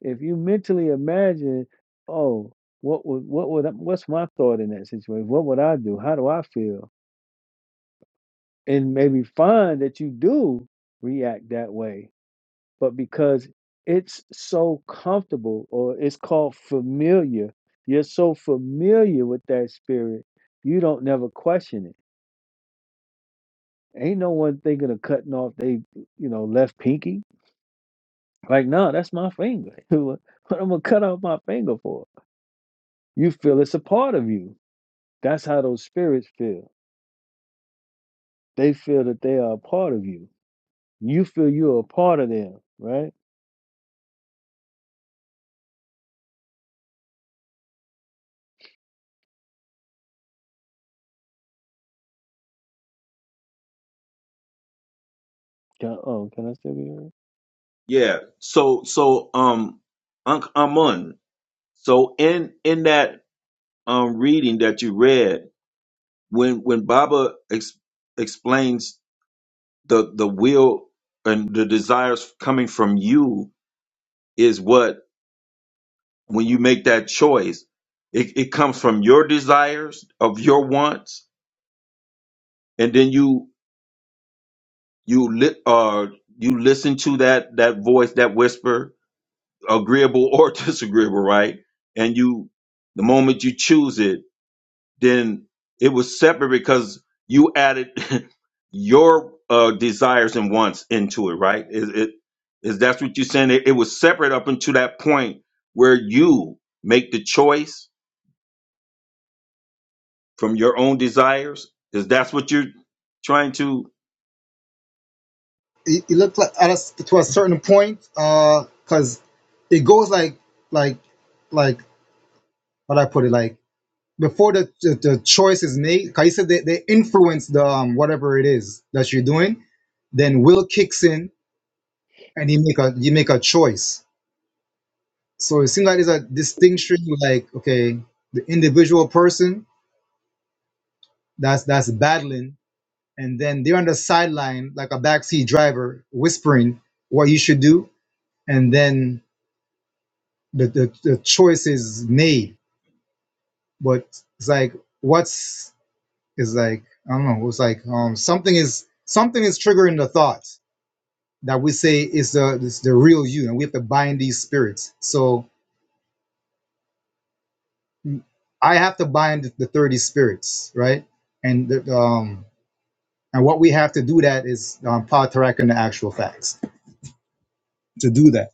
A: if you mentally imagine, oh, what would what would what's my thought in that situation? What would I do? How do I feel? And maybe find that you do react that way but because it's so comfortable or it's called familiar. You're so familiar with that spirit, you don't never question it. Ain't no one thinking of cutting off they, you know, left pinky. Like, no, that's my finger. (laughs) what I'm gonna cut off my finger for? You feel it's a part of you. That's how those spirits feel. They feel that they are a part of you. You feel you're a part of them, right? Can, oh, can I still be heard?
H: Yeah. So, so, um, Unc Amun. So in in that um reading that you read, when when Baba ex- explains the the will and the desires coming from you is what when you make that choice, it, it comes from your desires of your wants and then you you li- uh you listen to that that voice that whisper agreeable or (laughs) disagreeable right and you the moment you choose it then it was separate because you added (laughs) your uh desires and wants into it right is it is that's what you're saying it, it was separate up until that point where you make the choice from your own desires is that's what you're trying to
J: it, it looked like at a, to a certain point uh, because it goes like like like how do I put it like before the the, the choice is made. Cause you said they, they influence the um, whatever it is that you're doing. Then will kicks in and you make a you make a choice. So it seems like there's a distinction like okay the individual person that's that's battling and then they're on the sideline like a backseat driver whispering what you should do and then the, the, the choice is made, but it's like what's is like I don't know. It's like um, something is something is triggering the thought that we say is the is the real you, and we have to bind these spirits. So I have to bind the thirty spirits, right? And the, um, and what we have to do that is um, power track and the actual facts to do that.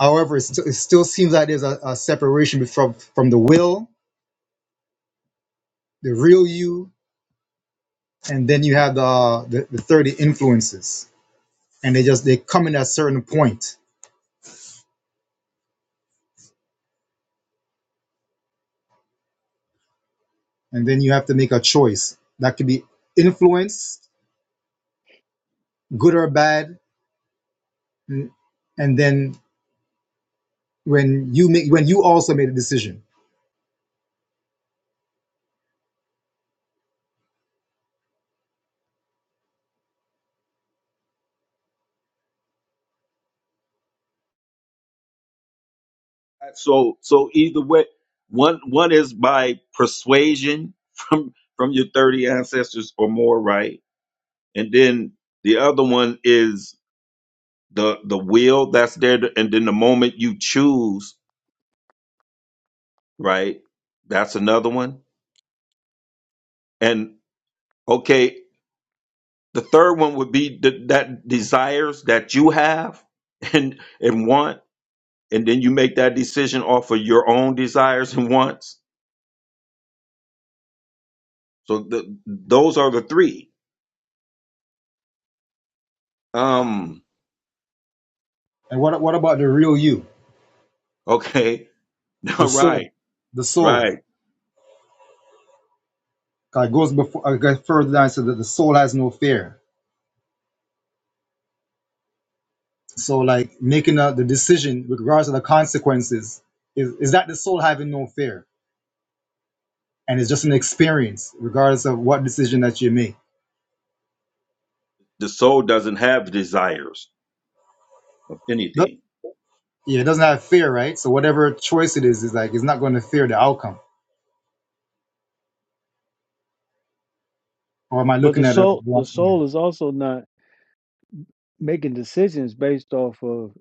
J: However, it, st- it still seems like there's a, a separation from from the will, the real you, and then you have the the, the thirty influences and they just they come in at a certain point and then you have to make a choice that could be influenced good or bad and and then when you make when you also made a decision
H: So so either way, one one is by persuasion (laughs) from from your thirty ancestors or more, right? And then the other one is the the will that's there, to- and then the moment you choose, right? That's another one. And okay, the third one would be the, that desires that you have (laughs) and and want, and then you make that decision off of your own desires and wants. So the, those are the three. Um,
J: and what what about the real you
H: Okay. (laughs) Now,
J: the soul
H: right,
J: the soul?
H: right.
J: it goes before I goes further down so that the soul has no fear so like making a, the decision with regards to the consequences is, is that the soul having no fear and it's just an experience regardless of what decision that you make
H: The soul doesn't have desires of
J: Th-
H: anything.
J: yeah, it doesn't have fear, right? So whatever choice it is, is like it's not going to fear the outcome. Or am I
A: But
J: looking
A: the
J: at a?
A: soul, the
J: wrong?
A: soul
J: here?
A: is also not making decisions based off of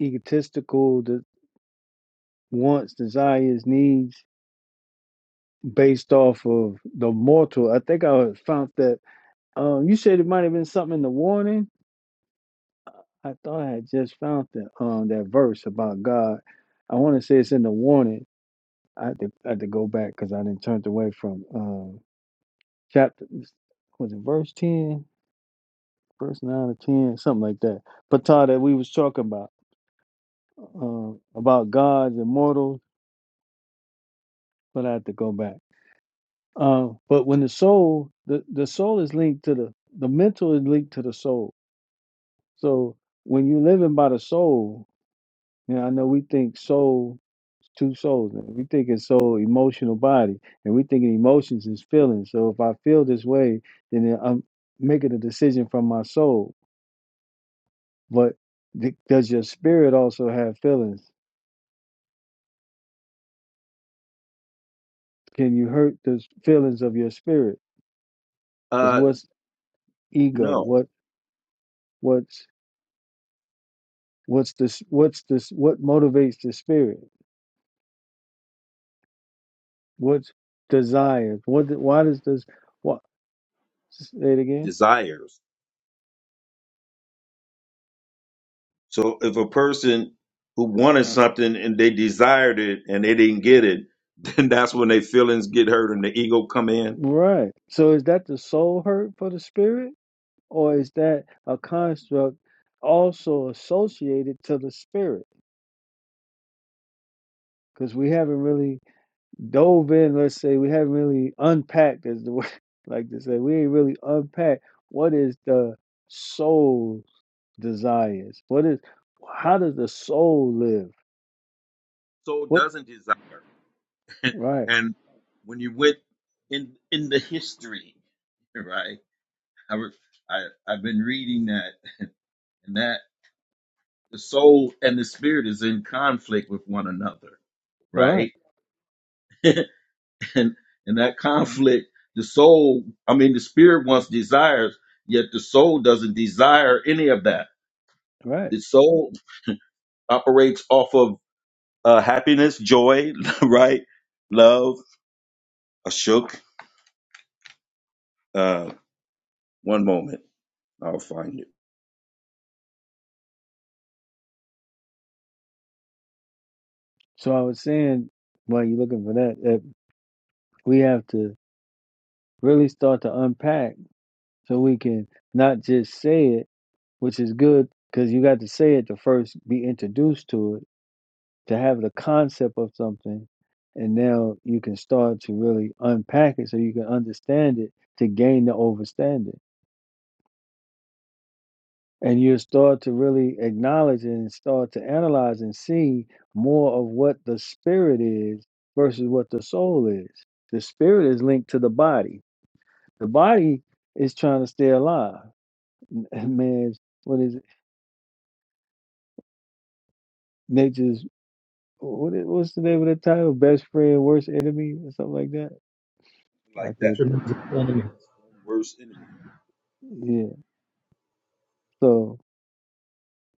A: egotistical de- wants, desires, needs, based off of the mortal. I think I found that. Um, you said it might have been something in the warning. I thought I had just found that um that verse about God. I want to say it's in the warning. I had to, I had to go back because I didn't turn away from um chapter was it verse ten, verse nine or ten, something like that. But Todd, that we was talking about um about God's immortal. But I had to go back. Uh, but when the soul, the, the soul is linked to the, the mental is linked to the soul. So when you're living by the soul, you know, I know we think soul, two souls. man. We think it's soul, emotional body, and we think emotions is feelings. So if I feel this way, then I'm making a decision from my soul. But th- does your spirit also have feelings? Can you hurt the s- feelings of your spirit? Because
H: Uh,
A: what's ego?
H: no,
A: What what's what's this? What's this? What motivates the spirit? What's desires? What? Why does this? What? Say it again.
H: desires. So if a person who wanted something and they desired it and they didn't get it, (laughs) then that's when their feelings get hurt and the ego come in.
A: Right. So is that the soul hurt for the spirit, or is that a construct also associated to the spirit? Because we haven't really dove in. Let's say we haven't really unpacked, as the word (laughs) like to say, we ain't really unpacked. What is the soul's desires? What is? How does the soul live?
H: Soul
A: What?
H: doesn't desire.
A: Right.
H: And when you went in in the history, (laughs) right? I, re- I I've been reading that (laughs) and that the soul and the spirit is in conflict with one another,
A: Right.
H: right? (laughs) and and that conflict the soul i mean the spirit wants desires yet the soul doesn't desire any of that
A: Right.
H: the soul operates off of uh, happiness joy (laughs) right love a shook uh, one moment i'll find it
A: So I was saying, while you're looking for that, that we have to really start to unpack so we can not just say it, which is good because you got to say it to first be introduced to it, to have the concept of something. And now you can start to really unpack it so you can understand it to gain the overstanding. and you start to really acknowledge and start to analyze and see more of what the spirit is versus what the soul is. The spirit is linked to the body. The body is trying to stay alive. (laughs) And man's what is it? nature's what is, what's the name of the title? Best friend, worst enemy, or something like that.
H: like
A: I
J: It's
A: can't
H: that
A: think.
H: that's the worst enemy
A: Yeah. So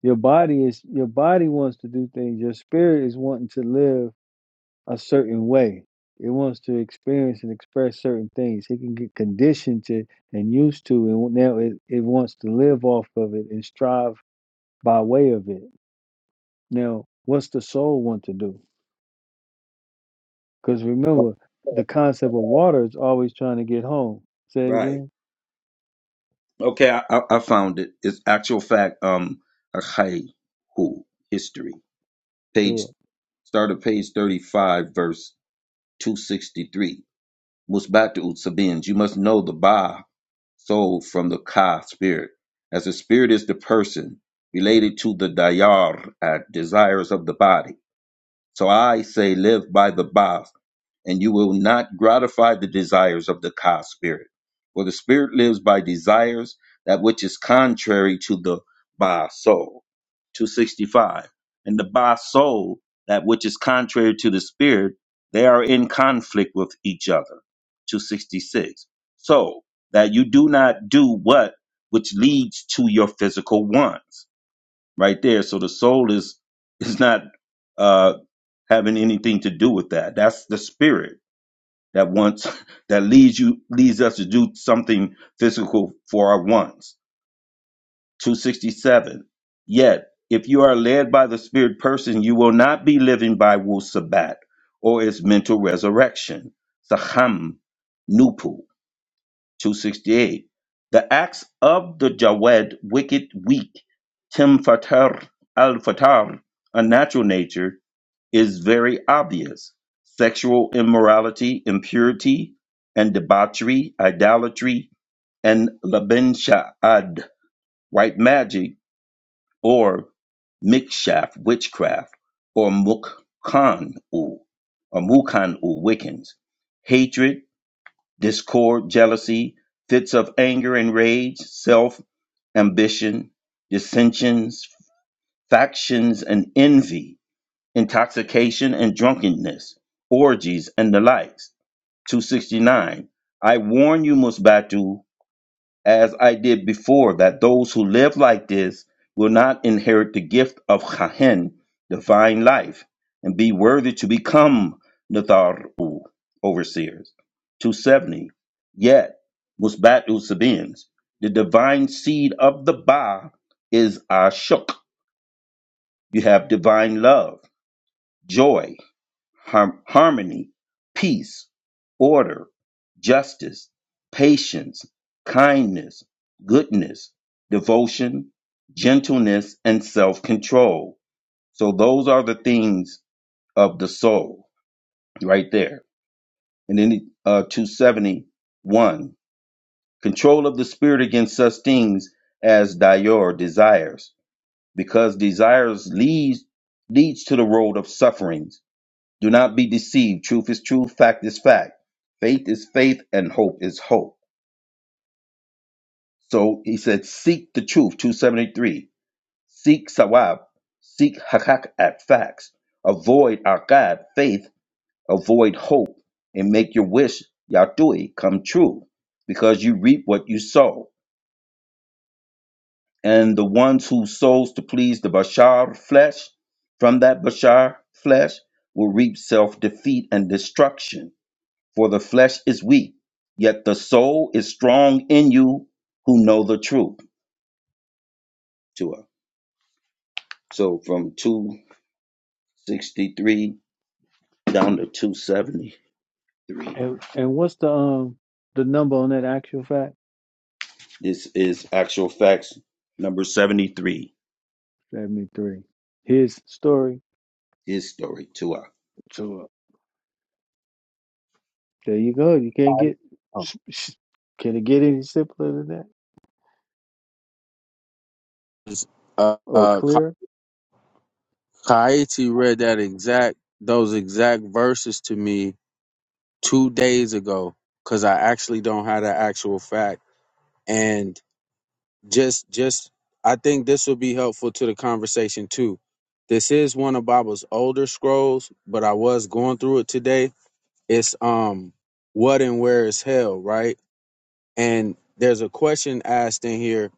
A: your body is your body wants to do things. Your spirit is wanting to live a certain way. It wants to experience and express certain things. It can get conditioned to and used to, and now it, it wants to live off of it and strive by way of it. Now, what's the soul want to do? Because remember,
H: (laughs)
A: the concept of water is always trying to get home. Say it
H: right
A: again.
H: okay i, I, I found it it's actual fact um Achaihu, history page
A: To
H: start at page 35 verse 263 Musbatu Sabins. You must know the Ba soul from the Ka spirit, as the spirit is the person related to the Dayar at desires of the body. So I say, live by the Ba and you will not gratify the desires of the Ka spirit. For the spirit lives by desires, that which is contrary to the Ba soul. 265. And the Ba soul, that which is contrary to the spirit, they are in conflict with each other. 266. So that you do not do what which leads to your physical wants. Right there. So the soul is is not uh having anything to do with that. That's the spirit that wants (laughs) that leads you leads us to do something physical for our wants. 267. Yet, if you are led by the spirit person, you will not be living by Wu Sabat or its mental resurrection. Saham Nupu 268. The acts of the Jawed wicked weak, Tim Fatar al Fatar, a natural nature, is very obvious. Sexual immorality, impurity, and debauchery, idolatry, and labenshad, white magic, or mikshaf, witchcraft, or mukkan u, or mukan u, Wiccans, hatred, discord, jealousy, fits of anger and rage, self ambition, dissensions, factions, and envy intoxication and drunkenness, orgies and the likes. 269. I warn you, Musbatu, as I did before, that those who live like this will not inherit the gift of Chahen, divine life, and be worthy to become Natharu, overseers. 270. Yet, Musbatu Sabins, the divine seed of the Ba is Ashuk. You have divine love, joy, har- harmony, peace, order, justice, patience, kindness, goodness, devotion, gentleness, and self control. So those are the things of the soul right there. And then uh, 271 control of the spirit against such things as dior desires, because desires leads, leads to the road of sufferings Do not be deceived. Truth is truth, fact is fact. Faith is faith, and hope is hope. So he said, Seek the truth, 273. Seek sawab, seek hakak at facts. Avoid akad, faith, avoid hope, and make your wish, yatui, come true, because you reap what you sow. And the ones who sows to please the bashar flesh, from that bashar flesh, will reap self defeat and destruction For the flesh is weak, yet the soul is strong in you who know the truth to her. So from 263 down to 273.
A: and and what's the um the number on that actual fact?
H: This is actual facts number 73.
A: Seventy three. His story.
H: His story to her.
A: To There you go. You
K: I-
A: can't get.
K: oh.
A: Can it get any simpler than that
K: Uh,
A: or
K: uh, Ka-
A: clearer?
K: Kaiti read that exact those exact verses to me two days ago because I actually don't have the actual fact, and just just I think this will be helpful to the conversation too. This is one of Bible's older scrolls, but I was going through it today. It's um, what and where is hell, right? And there's a question asked in here,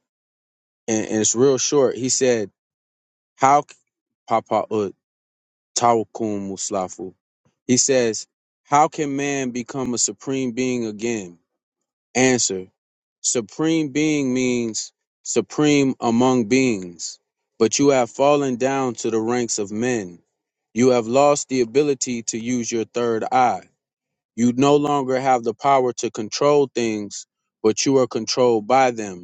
K: and, and it's real short. He said, "How, Papa?" uh, Tawakum Muslafu. He says, How can man become a supreme being again? Answer Supreme being means supreme among beings, but you have fallen down to the ranks of men. You have lost the ability to use your third eye. You no longer have the power to control things, but you are controlled by them.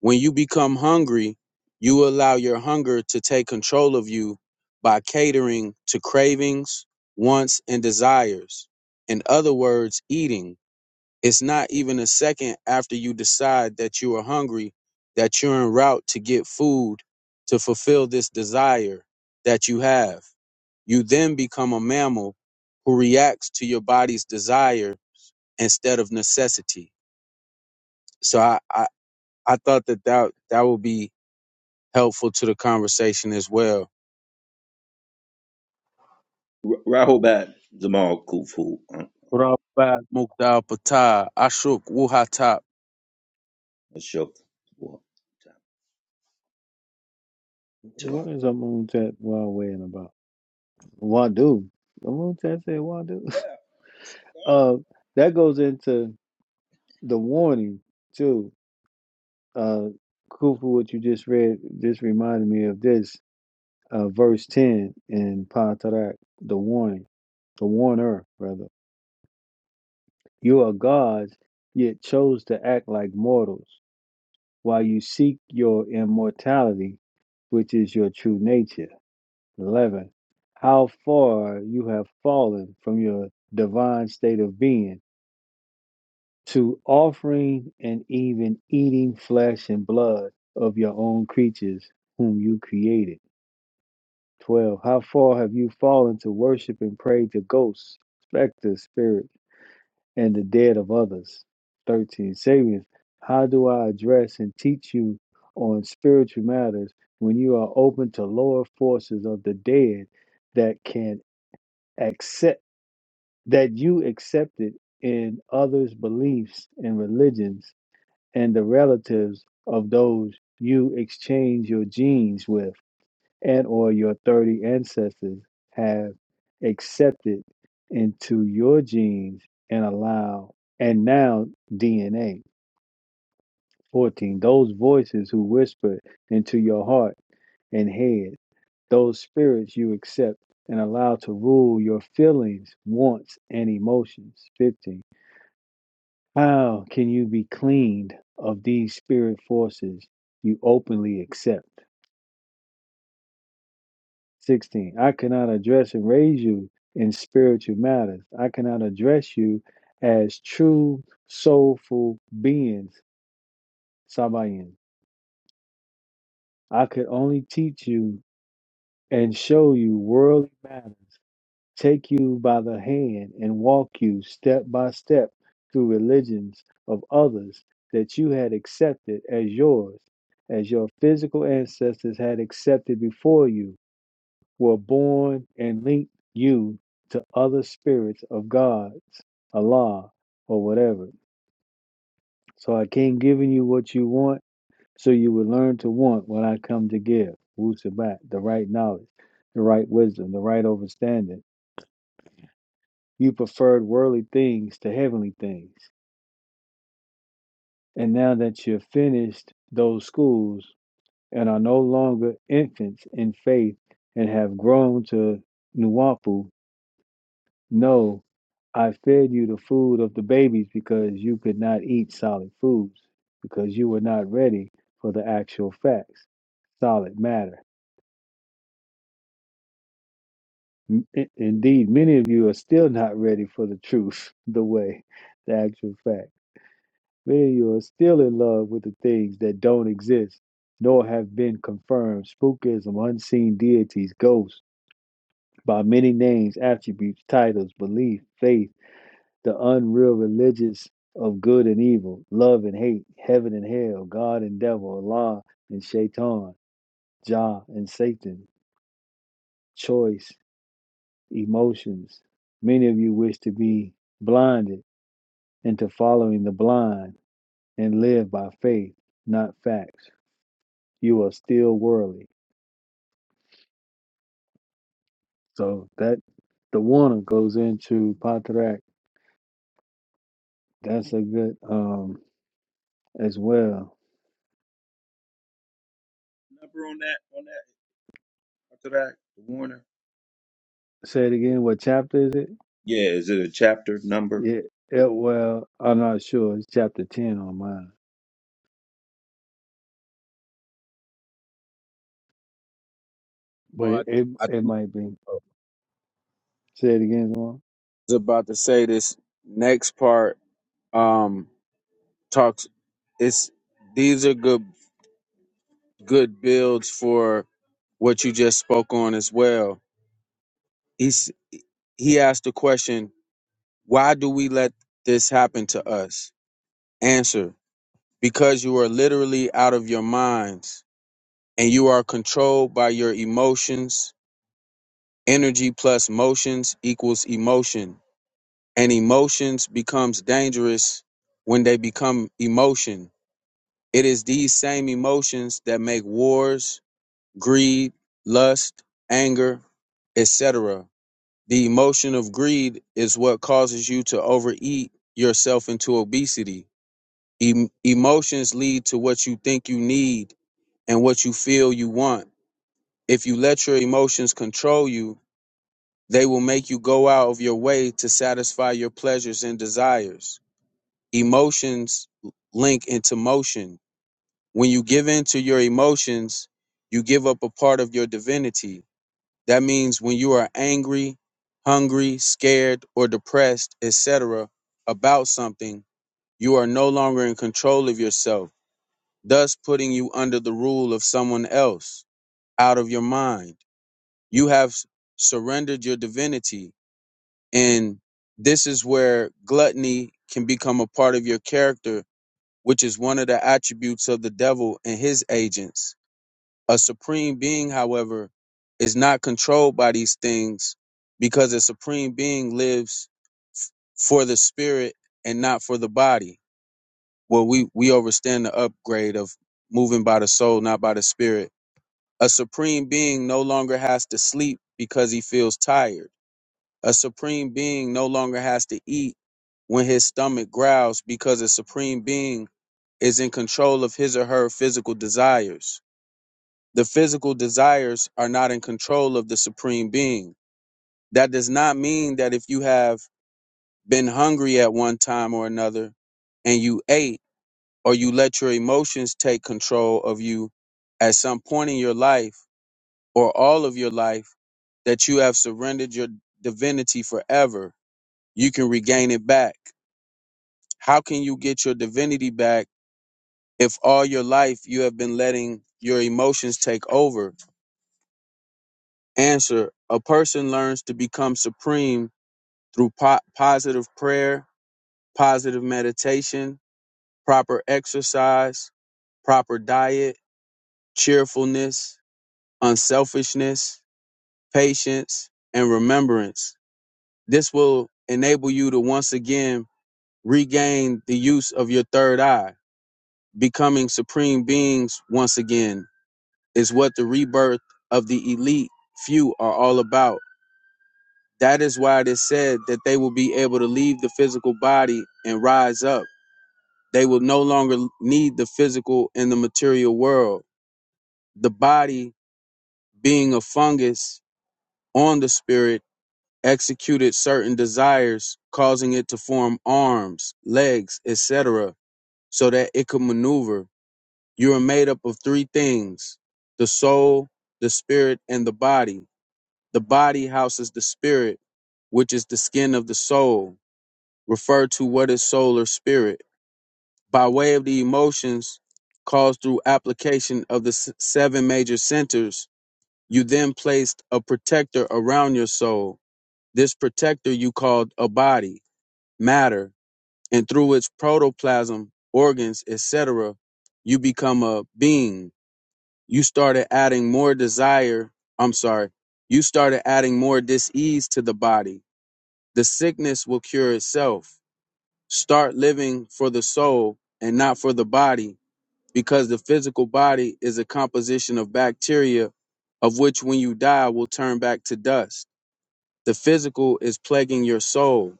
K: When you become hungry, you allow your hunger to take control of you by catering to cravings, wants, and desires. In other words, eating. It's not even a second after you decide that you are hungry that you're en route to get food to fulfill this desire that you have. You then become a mammal who reacts to your body's desire instead of necessity. So I, I, I thought that, that that would be helpful to the conversation as well.
H: R- Rahobat Zamal Kufu uh,
K: Rabat Mukdal Patah, Ashok Wuhatap.
H: Ashok War, time to her.
A: What is a moontet while weighing about? Wadu. The moontet said Wadu. (laughs)
H: Oh,
A: Uh, that goes into the warning too. Uh, Kufu, what you just read just reminded me of this. Uh, verse ten in Patarak, the warning, the warner brother. You are gods, yet chose to act like mortals, while you seek your immortality, which is your true nature. 11. How far you have fallen from your divine state of being to offering and even eating flesh and blood of your own creatures whom you created. 12. How far have you fallen to worship and pray to ghosts, specters, spirit, and the dead of others? 13. Saviors, how do I address and teach you on spiritual matters when you are open to lower forces of the dead that can accept? that you accepted in others' beliefs and religions and the relatives of those you exchange your genes with and or your 30 ancestors have accepted into your genes and allow and now DNA 14 those voices who whisper into your heart and head those spirits you accept and allow to rule your feelings wants and emotions 15 How can you be cleaned of these spirit forces you openly accept? 16. I cannot address and raise you in spiritual matters. I cannot address you as true soulful beings, Sabayin. I could only teach you and show you worldly matters take you by the hand and walk you step by step through religions of others that you had accepted as yours, as your physical ancestors had accepted before you, were born and linked you to other spirits of gods, Allah, or whatever. So I came giving you what you want, so you would learn to want what I come to give. Wu Sabat, the right knowledge, the right wisdom, the right understanding you preferred worldly things to heavenly things. And now that you've finished those schools and are no longer infants in faith and have grown to nuwampu, know I fed you the food of the babies because you could not eat solid foods, because you were not ready for the actual facts, solid matter. Indeed, many of you are still not ready for the truth, (laughs) the way, the actual fact. Many of you are still in love with the things that don't exist, nor have been confirmed spookism, unseen deities, ghosts, by many names, attributes, titles, belief, faith, the unreal religious of good and evil, love and hate, heaven and hell, God and devil, Allah and Shaitan, Jah and Satan, choice, emotions. Many of you wish to be blinded into following the blind and live by faith, not facts. you are still worldly. So that the Warner goes into Patrak. That's a good um as well.
H: number on that, on that, after that, the Warner.
A: Say it again. What chapter is it?
H: Yeah, is it a chapter number?
A: Yeah. It, well, I'm not sure. It's chapter ten on mine,
K: Oh,
A: but
K: I,
A: it, it
K: I
A: it
K: think
A: might be.
K: I
A: Say it again,
K: was about to say this next part um, talks. It's these are good good builds for what you just spoke on as well. He's he asked the question, why do we let this happen to us? Answer, because you are literally out of your minds and you are controlled by your emotions Energy plus motions equals emotion, and emotions becomes dangerous when they become emotion. It is these same emotions that make wars, greed, lust, anger, etc. The emotion of greed is what causes you to overeat yourself into obesity. Em- emotions lead to what you think you need and what you feel you want. If you let your emotions control you, They will make you go out of your way to satisfy your pleasures and desires. Emotions link into motion. When you give in to your emotions, you give up a part of your divinity. That means when you are angry, hungry, scared, or depressed, etc., about something, you are no longer in control of yourself, thus putting you under the rule of someone else, out of your mind. You have surrendered your divinity And this is where gluttony can become a part of your character, which is one of the attributes of the devil and his agents. A supreme being, however, is not controlled by these things because a supreme being lives f- for the spirit and not for the body. Well, we, we overstand the upgrade of moving by the soul, not by the spirit. A supreme being no longer has to sleep because he feels tired a supreme being no longer has to eat when his stomach growls because a supreme being is in control of his or her physical desires. The physical desires are not in control of the supreme being. That does not mean that if you have been hungry at one time or another and you ate or you let your emotions take control of you at some point in your life or all of your life that you have surrendered your divinity forever. You can regain it back. How can you get your divinity back if all your life you have been letting your emotions take over? Answer A person learns to become supreme through po- positive prayer, positive meditation, proper exercise, proper diet, cheerfulness, unselfishness, patience, and remembrance. This will enable you to once again regain the use of your third eye, becoming supreme beings once again is what the rebirth of the elite few are all about. That is why it is said that they will be able to leave the physical body and rise up. They will no longer need the physical and the material world. The body, being a fungus on the spirit, executed certain desires, causing it to form arms, legs, etc., so that it could maneuver. You are made up of three things the soul, the spirit, and the body The body houses the spirit, which is the skin of the soul. Refer to what is soul or spirit. By way of the emotions caused through application of the s- seven major centers, you then placed a protector around your soul. This protector you called a body, matter, and through its protoplasm, organs, etc., you become a being. You started adding more desire, I'm sorry, you started adding more dis ease to the body The sickness will cure itself. Start living for the soul and not for the body, because the physical body is a composition of bacteria, of which when you die will turn back to dust. The physical is plaguing your soul.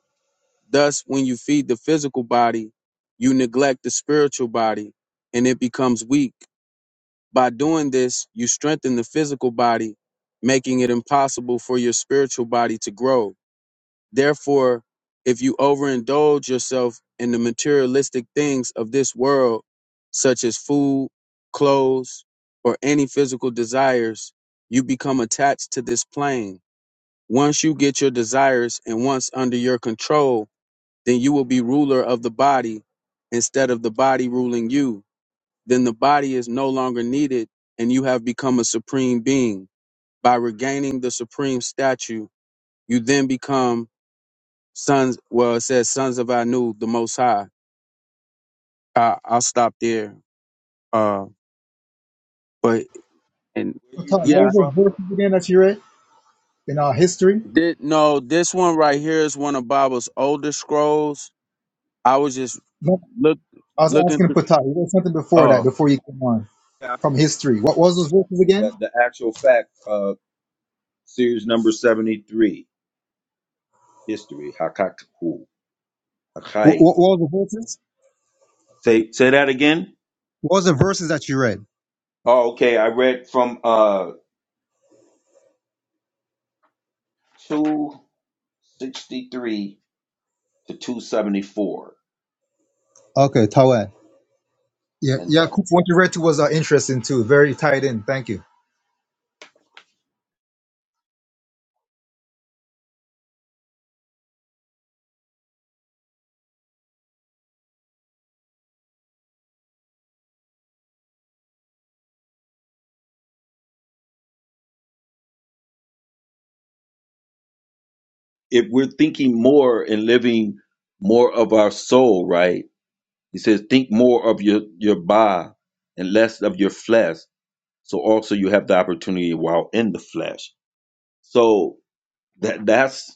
K: Thus, when you feed the physical body, you neglect the spiritual body and it becomes weak. By doing this, you strengthen the physical body, making it impossible for your spiritual body to grow. Therefore, if you overindulge yourself in the materialistic things of this world, such as food, clothes, or any physical desires, you become attached to this plane. Once you get your desires and once under your control, then you will be ruler of the body instead of the body ruling you. Then the body is no longer needed and you have become a supreme being. By regaining the supreme statue, you then become sons well it says sons of anu the most high I, i'll stop there uh but and yeah
J: what was those verses again that you read in our history?
K: did no this one right here is one of bible's older scrolls i was just
J: No,
K: look
J: I was
K: looking
J: asking
K: through
J: Patel. You read something before that,
K: oh
J: before you came on
H: Yeah.
J: from history. What was those verses again?
H: The, the actual fact, uh, series number 73. history. Hakakhu,
J: What,
H: Hakai.
J: what, what were the verses?
H: Say say that again.
J: What was the verses that you read?
H: Oh, okay. I read from uh two sixty three to two seventy four
J: Okay, Tawad. Yeah,
H: in
J: yeah.
H: chapter.
J: Kufa, what you read to was uh, interesting too. Very tied in. Thank you.
H: If we're thinking more and living more of our soul, right? He says, think more of your your ba and less of your flesh. So also you have the opportunity while in the flesh. So that that's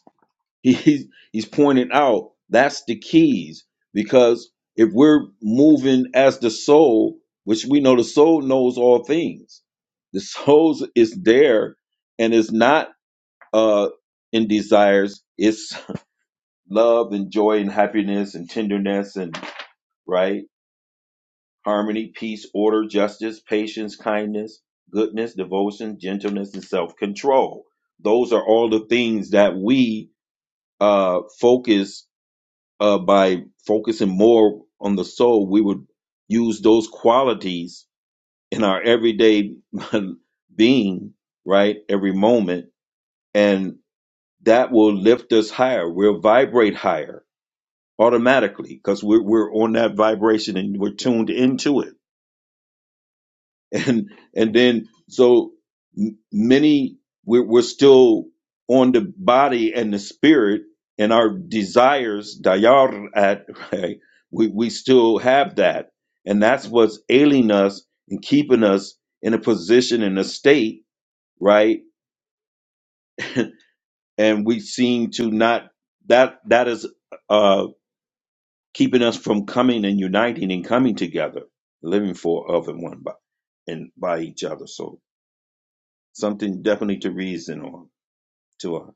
H: he's he's pointed out that's the keys because if we're moving as the soul which we know the soul knows all things the soul is there and is not uh in desires it's (laughs) love and joy and happiness and tenderness and right harmony peace order justice patience kindness goodness devotion gentleness and self-control those are all the things that we uh focus uh, by focusing more on the soul, we would use those qualities in our everyday (laughs) being, right? Every moment. And that will lift us higher. We'll vibrate higher automatically because we're, we're on that vibration and we're tuned into it and and then so m- many we're, we're still on the body and the spirit and our desires dayar at right we, we still have that and that's what's ailing us and keeping us in a position in a state right and we seem to not that that is uh keeping us from coming and uniting and coming together living for of and one by and by each other so something definitely to reason on to us.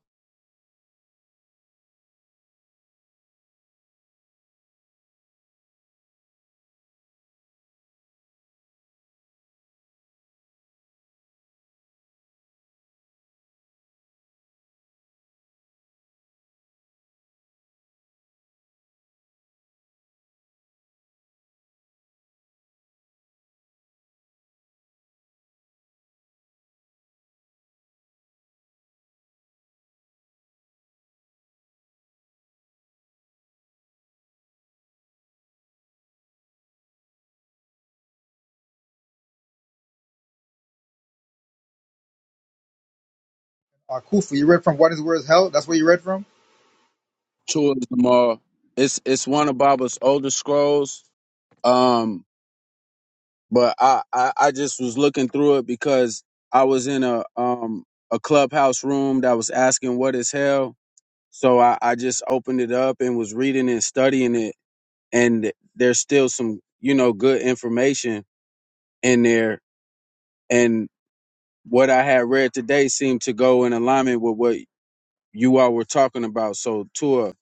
J: Uh, Kufa, you read from what is where is hell? That's where you read from.
K: towards them all it's it's one of bible's older scrolls um but I, I i just was looking through it because i was in a um a clubhouse room that was asking what is hell so I, I just opened it up and was reading and studying it and there's still some you know good information in there and what i had read today seemed to go in alignment with what you all were talking about so Tua,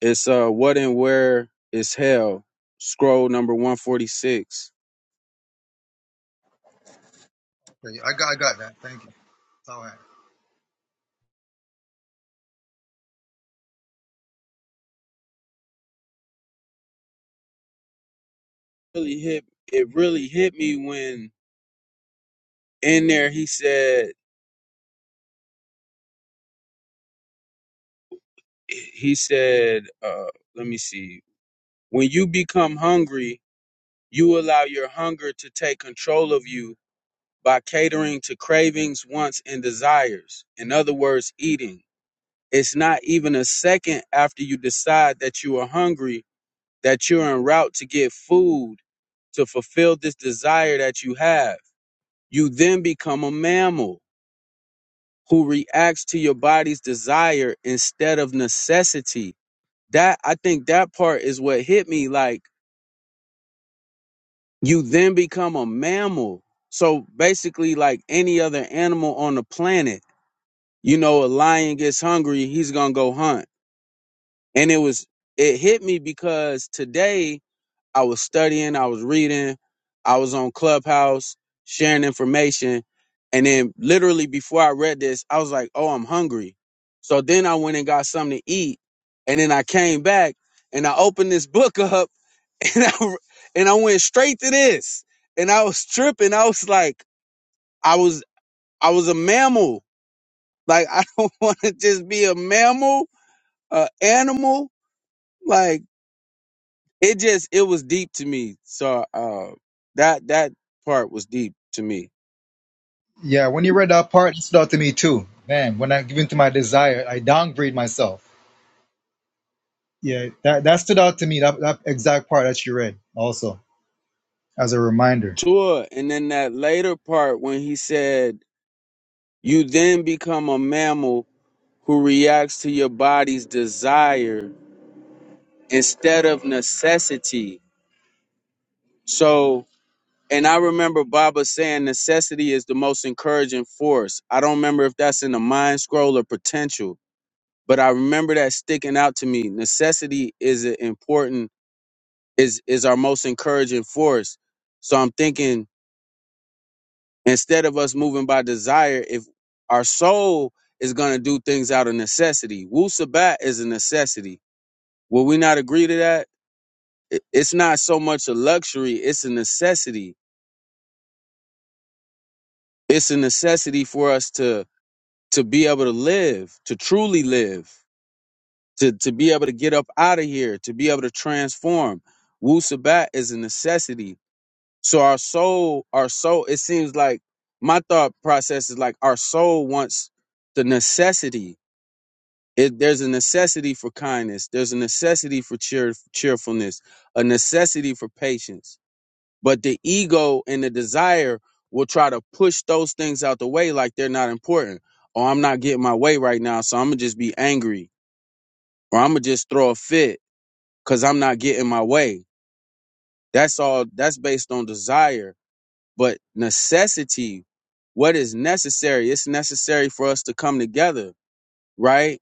K: it's uh what and where is hell scroll number 146
J: Okay, I got, I got that. Thank you. Tawad.
K: really hit it really hit me when in there he said he said uh let me see when you become hungry you allow your hunger to take control of you by catering to cravings, wants, and desires. In other words, eating. It's not even a second after you decide that you are hungry that you're en route to get food to fulfill this desire that you have. You then become a mammal who reacts to your body's desire instead of necessity. That I think that part is what hit me like you then become a mammal. So basically like any other animal on the planet You know, a lion gets hungry, he's gonna go hunt. And it was it hit me because today I was studying, I was reading, I was on Clubhouse sharing information, and then literally before I read this, I was like, "Oh, I'm hungry." So then I went and got something to eat, and then I came back and I opened this book up, (laughs) and I and I went straight to this, and I was tripping. I was like, I was I was a mammal. Like I don't (laughs) want to just be a mammal uh animal like it just it was deep to me so uh that that part was deep to me
J: Yeah, when you read that part, it stood out to me too. Man, when I give in to my desire, I downgrade myself. Yeah, that, that stood out to me, that, that exact part that you read also, as a reminder.
K: tour and then that later part when he said you then become a mammal who reacts to your body's desire instead of necessity so and i remember baba saying necessity is the most encouraging force i don't remember if that's in the mind scroll or potential but i remember that sticking out to me necessity is an important is is our most encouraging force. So I'm thinking instead of us moving by desire, if our soul is gonna do things out of necessity, Wu Sabat is a necessity. Will we not agree to that? I- It's not so much a luxury; it's a necessity. It's a necessity for us to to be able to live, to truly live, to to be able to get up out of here, to be able to transform. Wu Sabat is a necessity So our soul, our soul, it seems like my thought process is like our soul wants the necessity. It, there's a necessity for kindness. There's a necessity for cheer, cheerfulness, a necessity for patience. But the ego and the desire will try to push those things out the way like they're not important. Oh, I'm not getting my way right now, so I'm gonna just be angry, or I'm gonna just throw a fit because I'm not getting my way. That's all. That's based on desire But necessity, what is necessary? It's necessary for us to come together, right?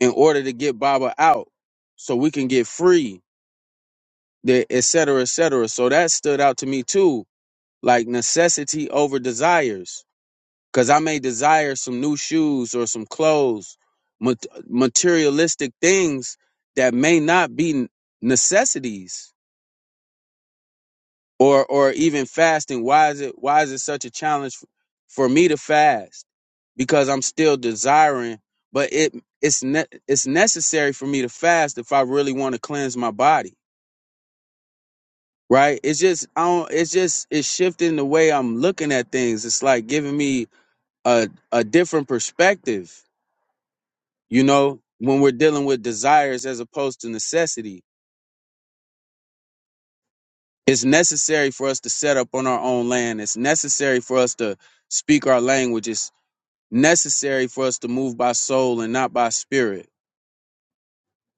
K: In order to get Baba out so we can get free, the- et cetera, et cetera. So that stood out to me too, like necessity over desires. Cause I may desire some new shoes or some clothes, mat- materialistic things that may not be necessities or or even fasting why is it why is it such a challenge f- for me to fast because i'm still desiring but it it's ne- it's necessary for me to fast if i really want to cleanse my body right it's just i don't it's just it's shifting the way i'm looking at things it's like giving me a a different perspective you know when we're dealing with desires as opposed to necessity it's necessary for us to set up on our own land it's necessary for us to speak our languages necessary for us to move by soul and not by spirit.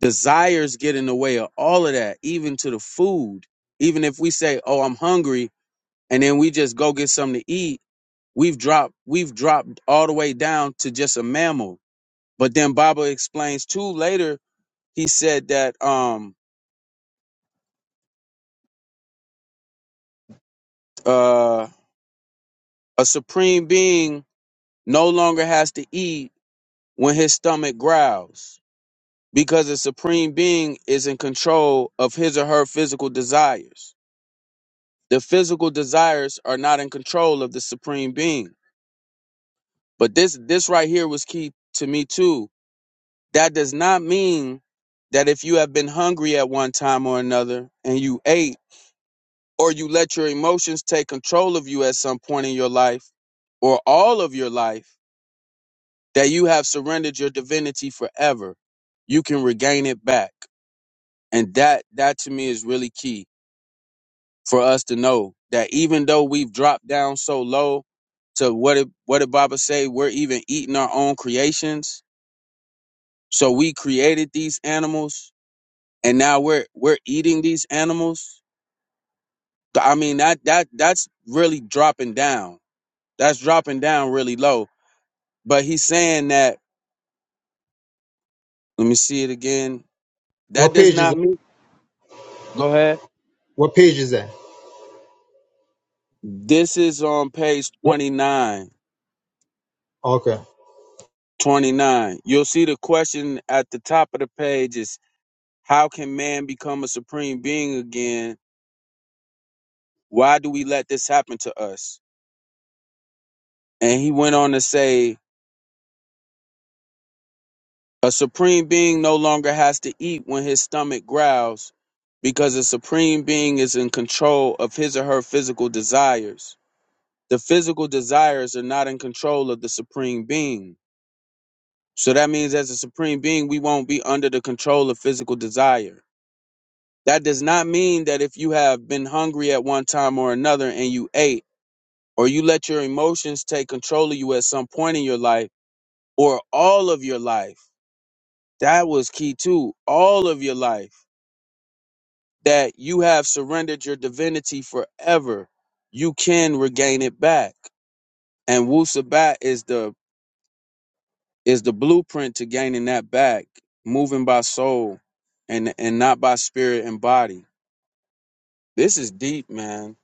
K: Desires get in the way of all of that, even to the food. Even if we say, "Oh, I'm hungry," and then we just go get something to eat, we've dropped we've dropped all the way down to just a mammal. But then Baba explains too later. He said that um uh a supreme being no longer has to eat when his stomach growls because a supreme being is in control of his or her physical desires The physical desires are not in control of the supreme being. But this this right here was key to me too. That does not mean that if you have been hungry at one time or another and you ate or you let your emotions take control of you at some point in your life or all of your life that you have surrendered your divinity forever. You can regain it back. And that that to me is really key for us to know that even though we've dropped down so low to what did, what did Baba say? We're even eating our own creations. So we created these animals and now we're we're eating these animals. I mean that that that's really dropping down. That's dropping down really low. But he's saying that let me see it again. That
J: What
K: does
J: page is
K: not
J: that?
K: mean go ahead.
J: What page is that?
K: This is on page
J: Yep.
K: 29.
J: Okay.
K: 29. You'll see the question at the top of the page is. How can man become a supreme being again? Why do we let this happen to us? And he went on to say, A supreme being no longer has to eat when his stomach growls because a supreme being is in control of his or her physical desires. The physical desires are not in control of the supreme being. So that means, as a supreme being, we won't be under the control of physical desire. That does not mean that if you have been hungry at one time or another and you ate, or you let your emotions take control of you at some point in your life or all of your life. That was key too. All of your life that you have surrendered your divinity forever. You can regain it back. And Wu Sabat is the is the blueprint to gaining that back, moving by soul and and not by spirit and body. This is deep, man.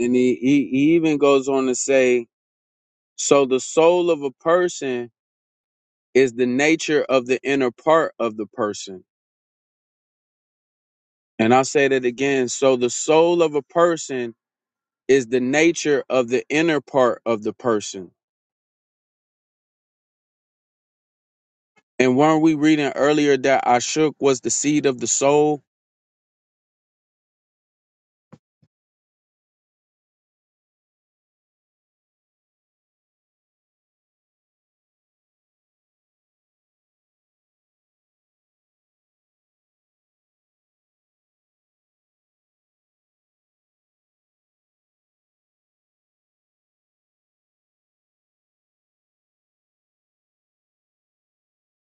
K: And he, he, he even goes on to say, so the soul of a person is the nature of the inner part of the person. And I'll say that again. So the soul of a person is the nature of the inner part of the person. And weren't we reading earlier that Ashuk was the seed of the soul?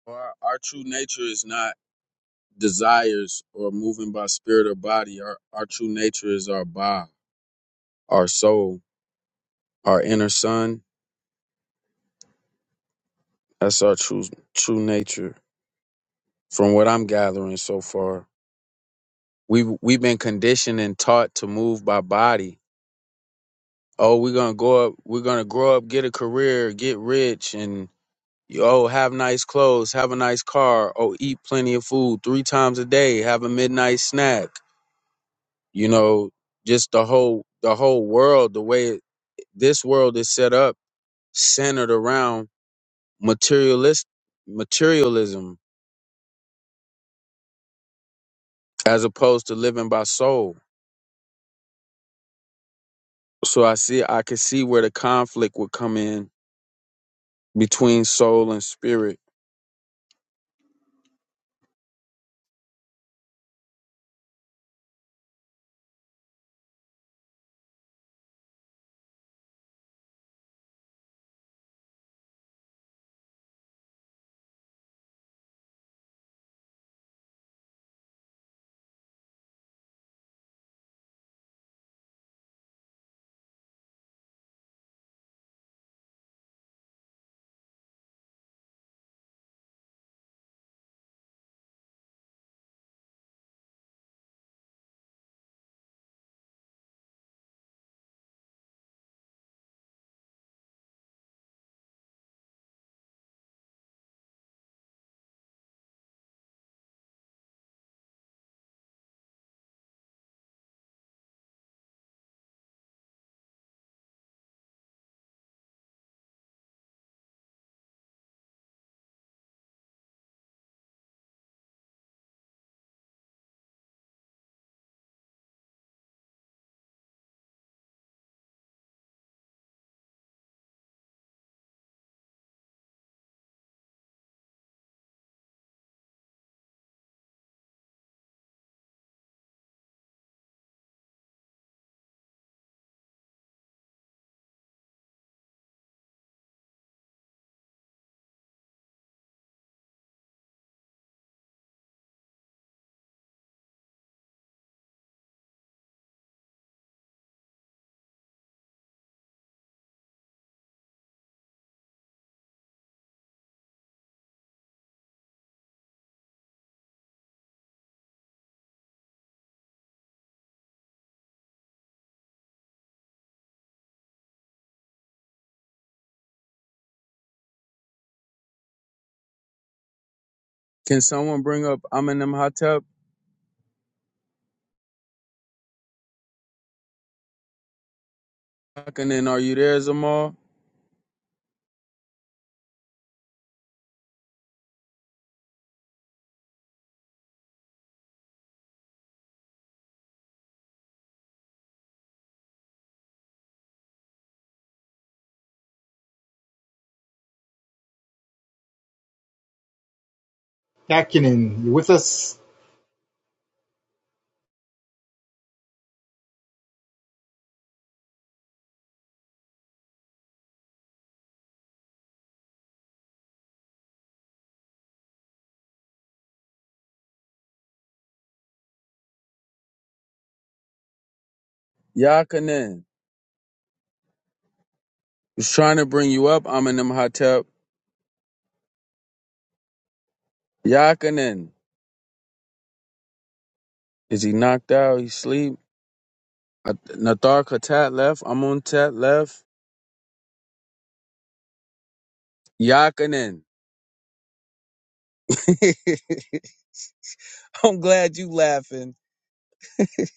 K: Our, our true nature is not desires or moving by spirit or body. Our, our true nature is our ba, our soul, our inner son. That's our true true nature, from what I'm gathering so far. We've we've been conditioned and taught to move by body oh, we're gonna go up, we're gonna grow up, get a career, get rich, and oh, have nice clothes, have a nice car, oh, eat plenty of food three times a day, have a midnight snack. You know, just the whole the whole world, the way it- this world is set up, centered around materialist materialism as opposed to living by soul. So I see I could see where the conflict would come in between soul and spirit. Can someone bring up Amin Imhotep? Yakanin, are you there, Zamal?
J: Kakinen, you with us?
K: Yakanin. Was trying to bring you up, I'm in them hot tub. Yakanin. Is he knocked out? He sleep? Uh, Nathar Katat left. I'm on Tat left. Yakanin. (laughs) I'm glad you laughing. (laughs)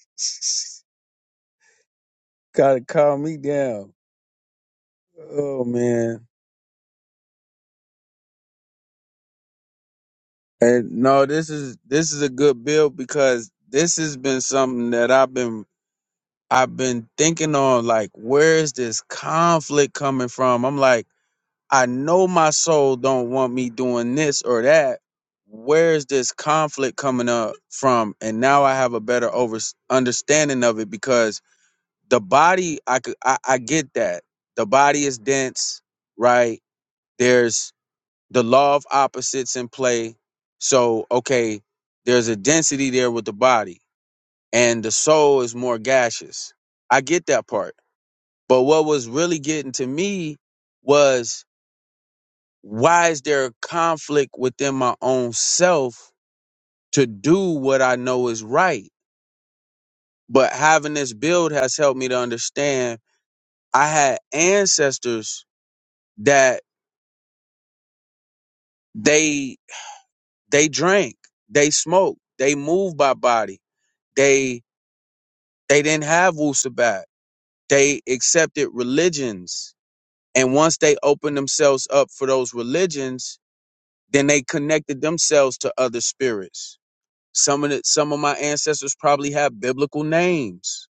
K: Gotta calm me down. Oh man. And no, this is this is a good build because this has been something that I've been I've been thinking on like where is this conflict coming from? I'm like I know my soul don't want me doing this or that. Where's this conflict coming up from? And now I have a better over understanding of it because the body, I could, I, I get that the body is dense, right? There's the law of opposites in play. So okay, there's a density there with the body, and the soul is more gaseous. I get that part, but what was really getting to me was why is there a conflict within my own self to do what I know is right? But having this build has helped me to understand I had ancestors that they they drank, they smoked, they moved by body, they they didn't have wusabat. They accepted religions. And once they opened themselves up for those religions, then they connected themselves to other spirits Some of the, some of my ancestors probably have biblical names,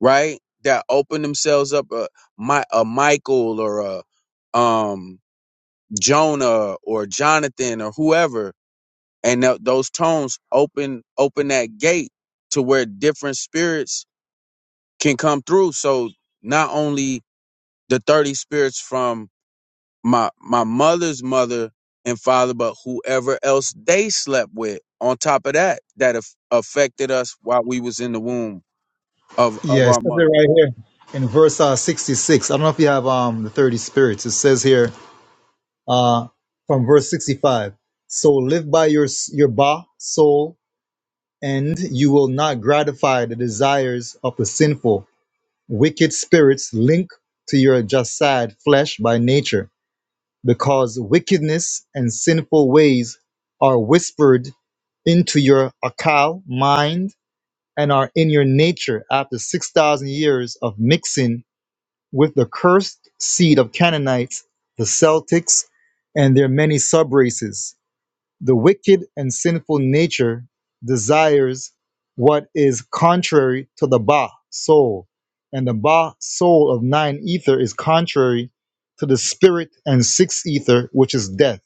K: right? That open themselves up a, Mi- a Michael or a um, Jonah or Jonathan or whoever, and tho- those tones open open that gate to where different spirits can come through. So not only the thirty spirits from my my mother's mother and father, but whoever else they slept with. On top of that, that af- affected us while we was in the womb of of
J: Yeah, it
K: our
J: says it
K: mother.
J: right here in verse uh, 66. I don't know if you have um the 30 spirits. It says here uh, from verse 65 So live by your, s- your ba, soul, and you will not gratify the desires of the sinful. wicked spirits link to your just side flesh by nature, because wickedness and sinful ways are whispered into your akal mind and are in your nature after 6,000 years of mixing with the cursed seed of Canaanites, the Celtics, and their many subraces. The wicked and sinful nature desires what is contrary to the Ba soul, and the Ba soul of nine ether is contrary to the spirit and six ether, which is death.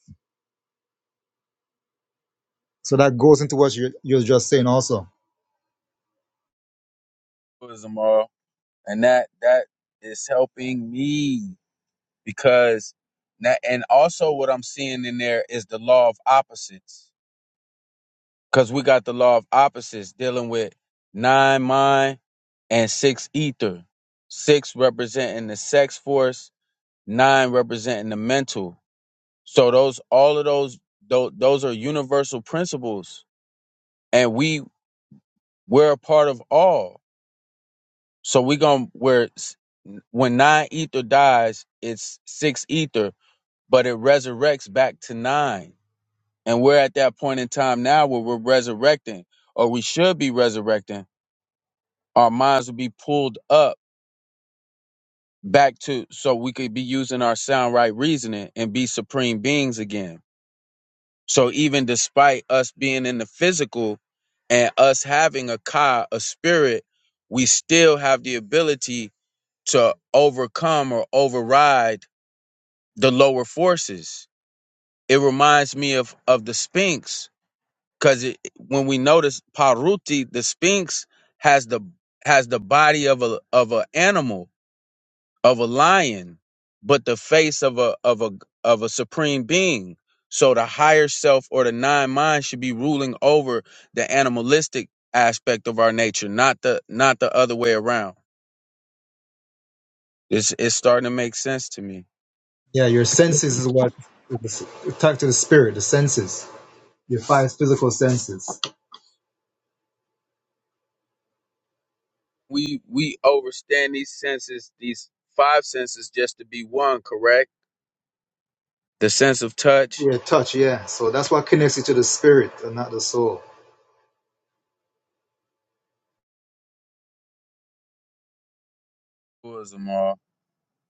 J: So that goes into what you're, you're just saying, also.
K: Was Amara. And that that is helping me because that and also what I'm seeing in there is the law of opposites because we got the law of opposites dealing with nine mind and six ether, six representing the sex force, nine representing the mental. So those all of those those, those are universal principles, and we we're a part of all. So we gonna where s- when nine ether dies, it's six ether, but it resurrects back to nine, and we're at that point in time now where we're resurrecting, or we should be resurrecting. Our minds will be pulled up back to so we could be using our sound right reasoning and be supreme beings again So even despite us being in the physical and us having a ka, a spirit, we still have the ability to overcome or override the lower forces. It reminds me of of the Sphinx because when we notice Paruti, the Sphinx has the has the body of a of an animal, of a lion, but the face of a of a of a supreme being. So the higher self or the nine mind should be ruling over the animalistic aspect of our nature, not the not the other way around. It's it's starting to make sense to me.
J: Yeah, your senses is what attack to the spirit, the senses, your five physical senses.
K: We we overstand these senses, these five senses, just to be one. Correct. The sense of touch.
J: Yeah, touch. Yeah, so that's what connects you to the spirit and not the soul.
K: Tours them all.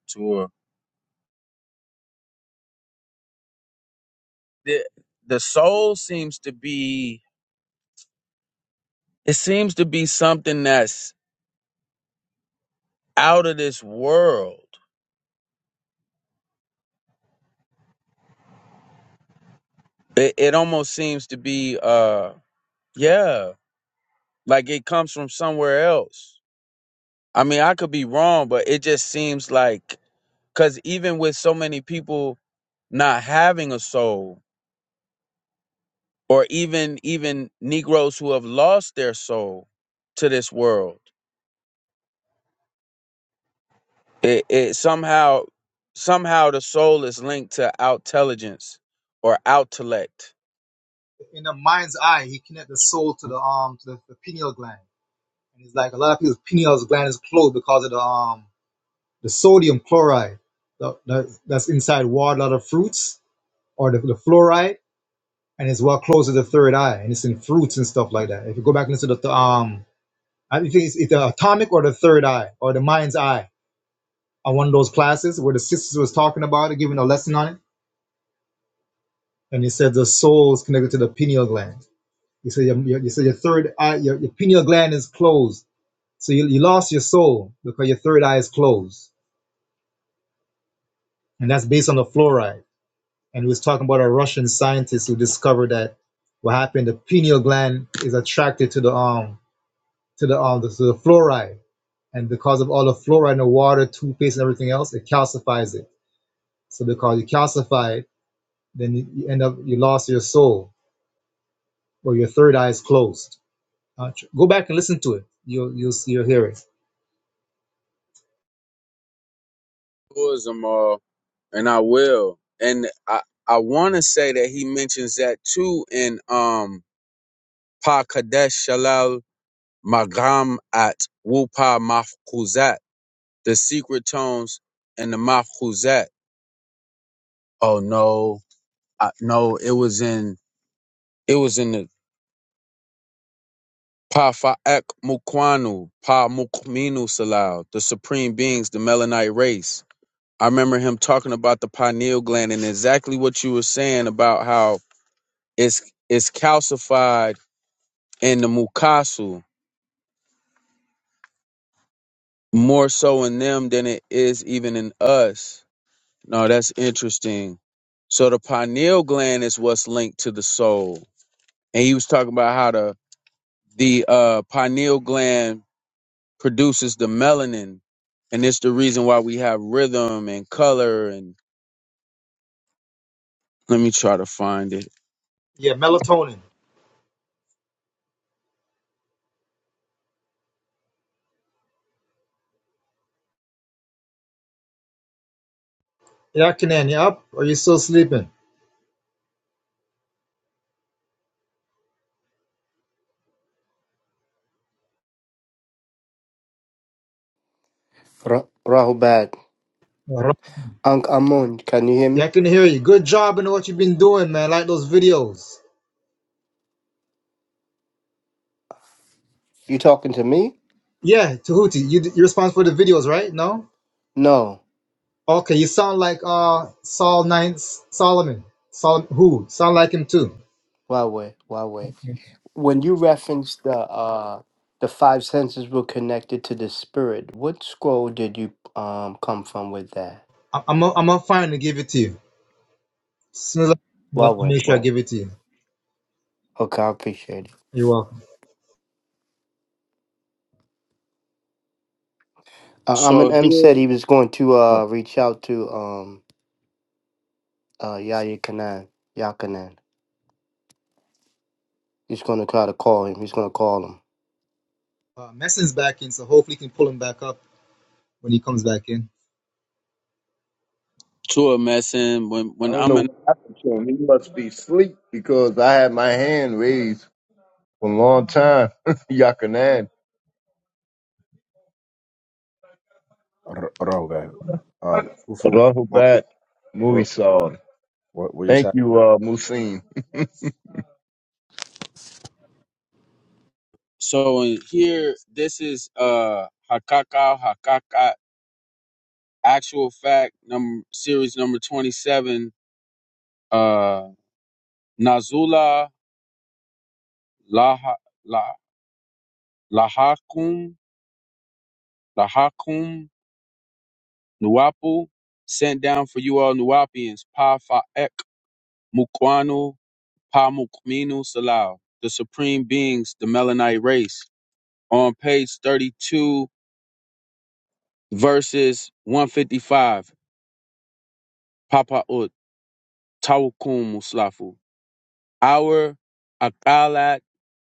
K: Tour. The the soul seems to be. It seems to be something that's out of this world. It, it almost seems to be, uh, yeah, like it comes from somewhere else. I mean, I could be wrong, but it just seems like, because even with so many people not having a soul, or even even Negroes who have lost their soul to this world, it, it somehow somehow the soul is linked to outintelligence or outellect.
J: In the mind's eye, he connect the soul to the arm, to the, the pineal gland. And it's like a lot of people's pineal gland is closed because of the um the sodium chloride the, the, that's inside water, a lot of fruits or the, the fluoride, and it's what closes the third eye, and it's in fruits and stuff like that. If you go back and listen to the um, I think it's either atomic or the third eye or the mind's eye on one of those classes where the sisters was talking about it, giving a lesson on it, and he said the soul is connected to the pineal gland. You said your, your, you said your third eye, your, your pineal gland is closed, so you, you lost your soul because your third eye is closed and that's based on the fluoride. And he was talking about a Russian scientist who discovered that what happened, the pineal gland is attracted to the um to the um to the fluoride, and because of all the fluoride in the water, toothpaste, and everything else, it calcifies it. So because you calcify it, then you, end up you lost your soul or your third eye is closed. Uh, go back and listen to it. You'll you'll you'll hear it.
K: Tourism, uh, and I will. And I I want to say that he mentions that too in um Pa Kadesh Shalal Magam at Wupa Mafkuzat, the secret tones and the Mafkuzat. Oh no, I, no, it was in it was in the Pa Fa'ek Mukwanu Pa Mukminu Salal, the supreme beings, the Melanite race. I remember him talking about the pineal gland and exactly what you were saying about how it's it's calcified And the Mukasu more so in them than it is even in us. No, that's interesting. So the pineal gland is what's linked to the soul. And he was talking about how the the uh, pineal gland produces the melanin, and it's the reason why we have rhythm and color. And let me try to find it.
J: Yeah, melatonin. Yakinan, you up? Or you still sleeping?
D: Ra- Rahubat, Ankh Amun, can you hear
J: Yeah, I
D: me?
J: can hear you. Good job in what you've been doing, man. I like those videos.
D: You talking to me?
J: Yeah, Tahuti, you you're responsible for the videos, right? No?
D: No,
J: Okay, you sound like uh Saul Nine Solomon. Solomon who? Sound like him too.
D: Wawe, Wawe. when you reference the uh the five senses were connected to the spirit, what scroll did you um come from with that?
J: I- I'm i I'm gonna find and give it to you. As soon as I I
D: Well
J: make
D: with
J: sure I
D: well.
J: give it to you.
D: Okay, I appreciate it.
J: You're welcome.
D: Uh, um,
K: So
D: and M said
K: here,
D: he was going to
K: oh.
D: uh reach out to um uh Yahya Kanan, Yakanan. He's going to try to call him. He's going to call him.
J: Uh, Messon's back in, so hopefully you can pull him back up when he comes back in.
K: to a messin when when
L: I don't
K: I'm
L: know
K: in.
L: what happened to him. He must be asleep because I had my hand raised for a long time. (laughs) Yakanan.
I: R- Rahubat. Um, Kufu, what,
L: Rahubat
I: what,
L: Muisal.
I: what, what just
L: Thank
I: happened?
L: you, uh, Musin.
K: So in here, this is uh hakaka hakaka. Actual fact number series number twenty seven. Uh, Nazula Laha La Lahakum Lahakum Nuapu sent down for you all Nuapians. Pa Faek Mukwanu Pa Mukminu Salau. The supreme beings, the Melanite race. On page thirty two, verses one fifty five. Papa Ut Tawkum Muslafu. Our Akalat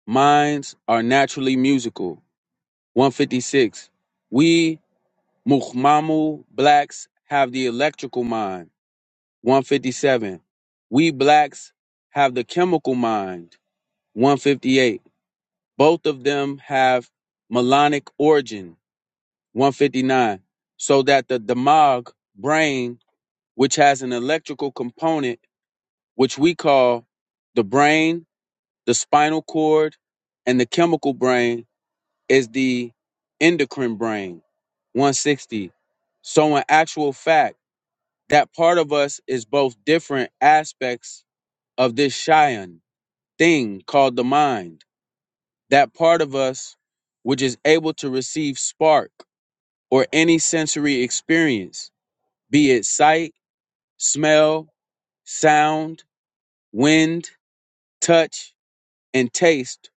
K: Minds are naturally musical. 156. We Muhmamu blacks have the electrical mind. 157. We blacks have the chemical mind. 158. Both of them have melanic origin. 159. So that the damag brain, which has an electrical component, which we call the brain, the spinal cord, and the chemical brain is the endocrine brain 160 so in actual fact that part of us is both different aspects of this cheyenne thing called the mind that part of us which is able to receive spark or any sensory experience be it sight smell sound wind touch and taste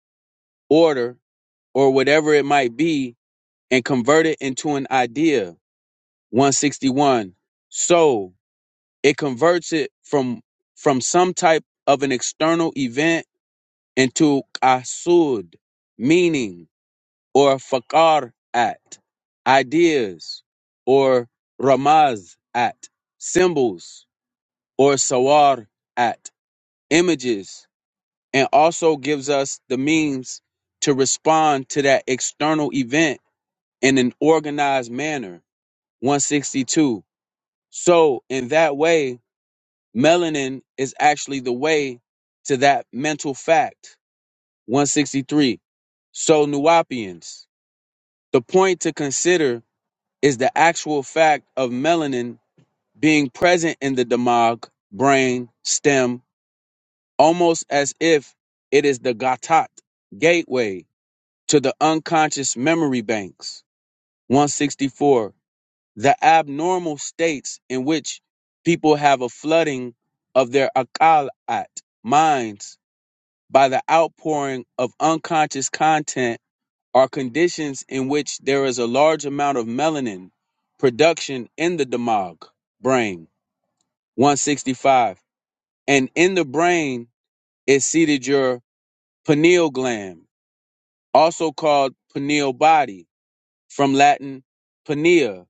K: order or whatever it might be and convert it into an idea 161 so it converts it from from some type of an external event into qasud meaning or fakar at ideas or ramaz at symbols or sawar at images and also gives us the means to respond to that external event in an organized manner 162 so in that way Melanin is actually the way to that mental fact. 163. So, Nuapians, the point to consider is the actual fact of melanin being present in the damag, brain, stem, almost as if it is the gatat, gateway to the unconscious memory banks. 164. The abnormal states in which people have a flooding of their akalat, minds by the outpouring of unconscious content are conditions in which there is a large amount of melanin production in the damag brain 165 and in the brain is seated your pineal gland also called pineal body from latin pinea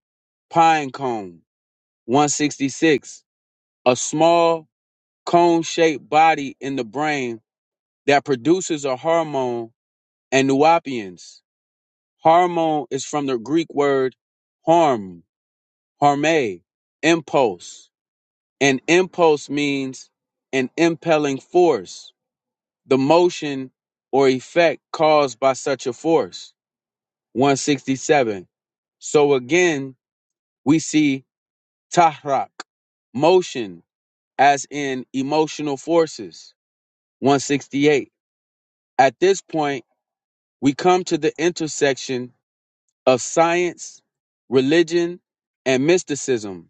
K: pine cone 166 a small cone-shaped body in the brain that produces a hormone and nuopians Hormone is from the Greek word harm, harme, impulse. And impulse means an impelling force, the motion or effect caused by such a force. 167. So again, we see tahrak, motion, as in emotional forces. 168. At this point, we come to the intersection of science, religion, and mysticism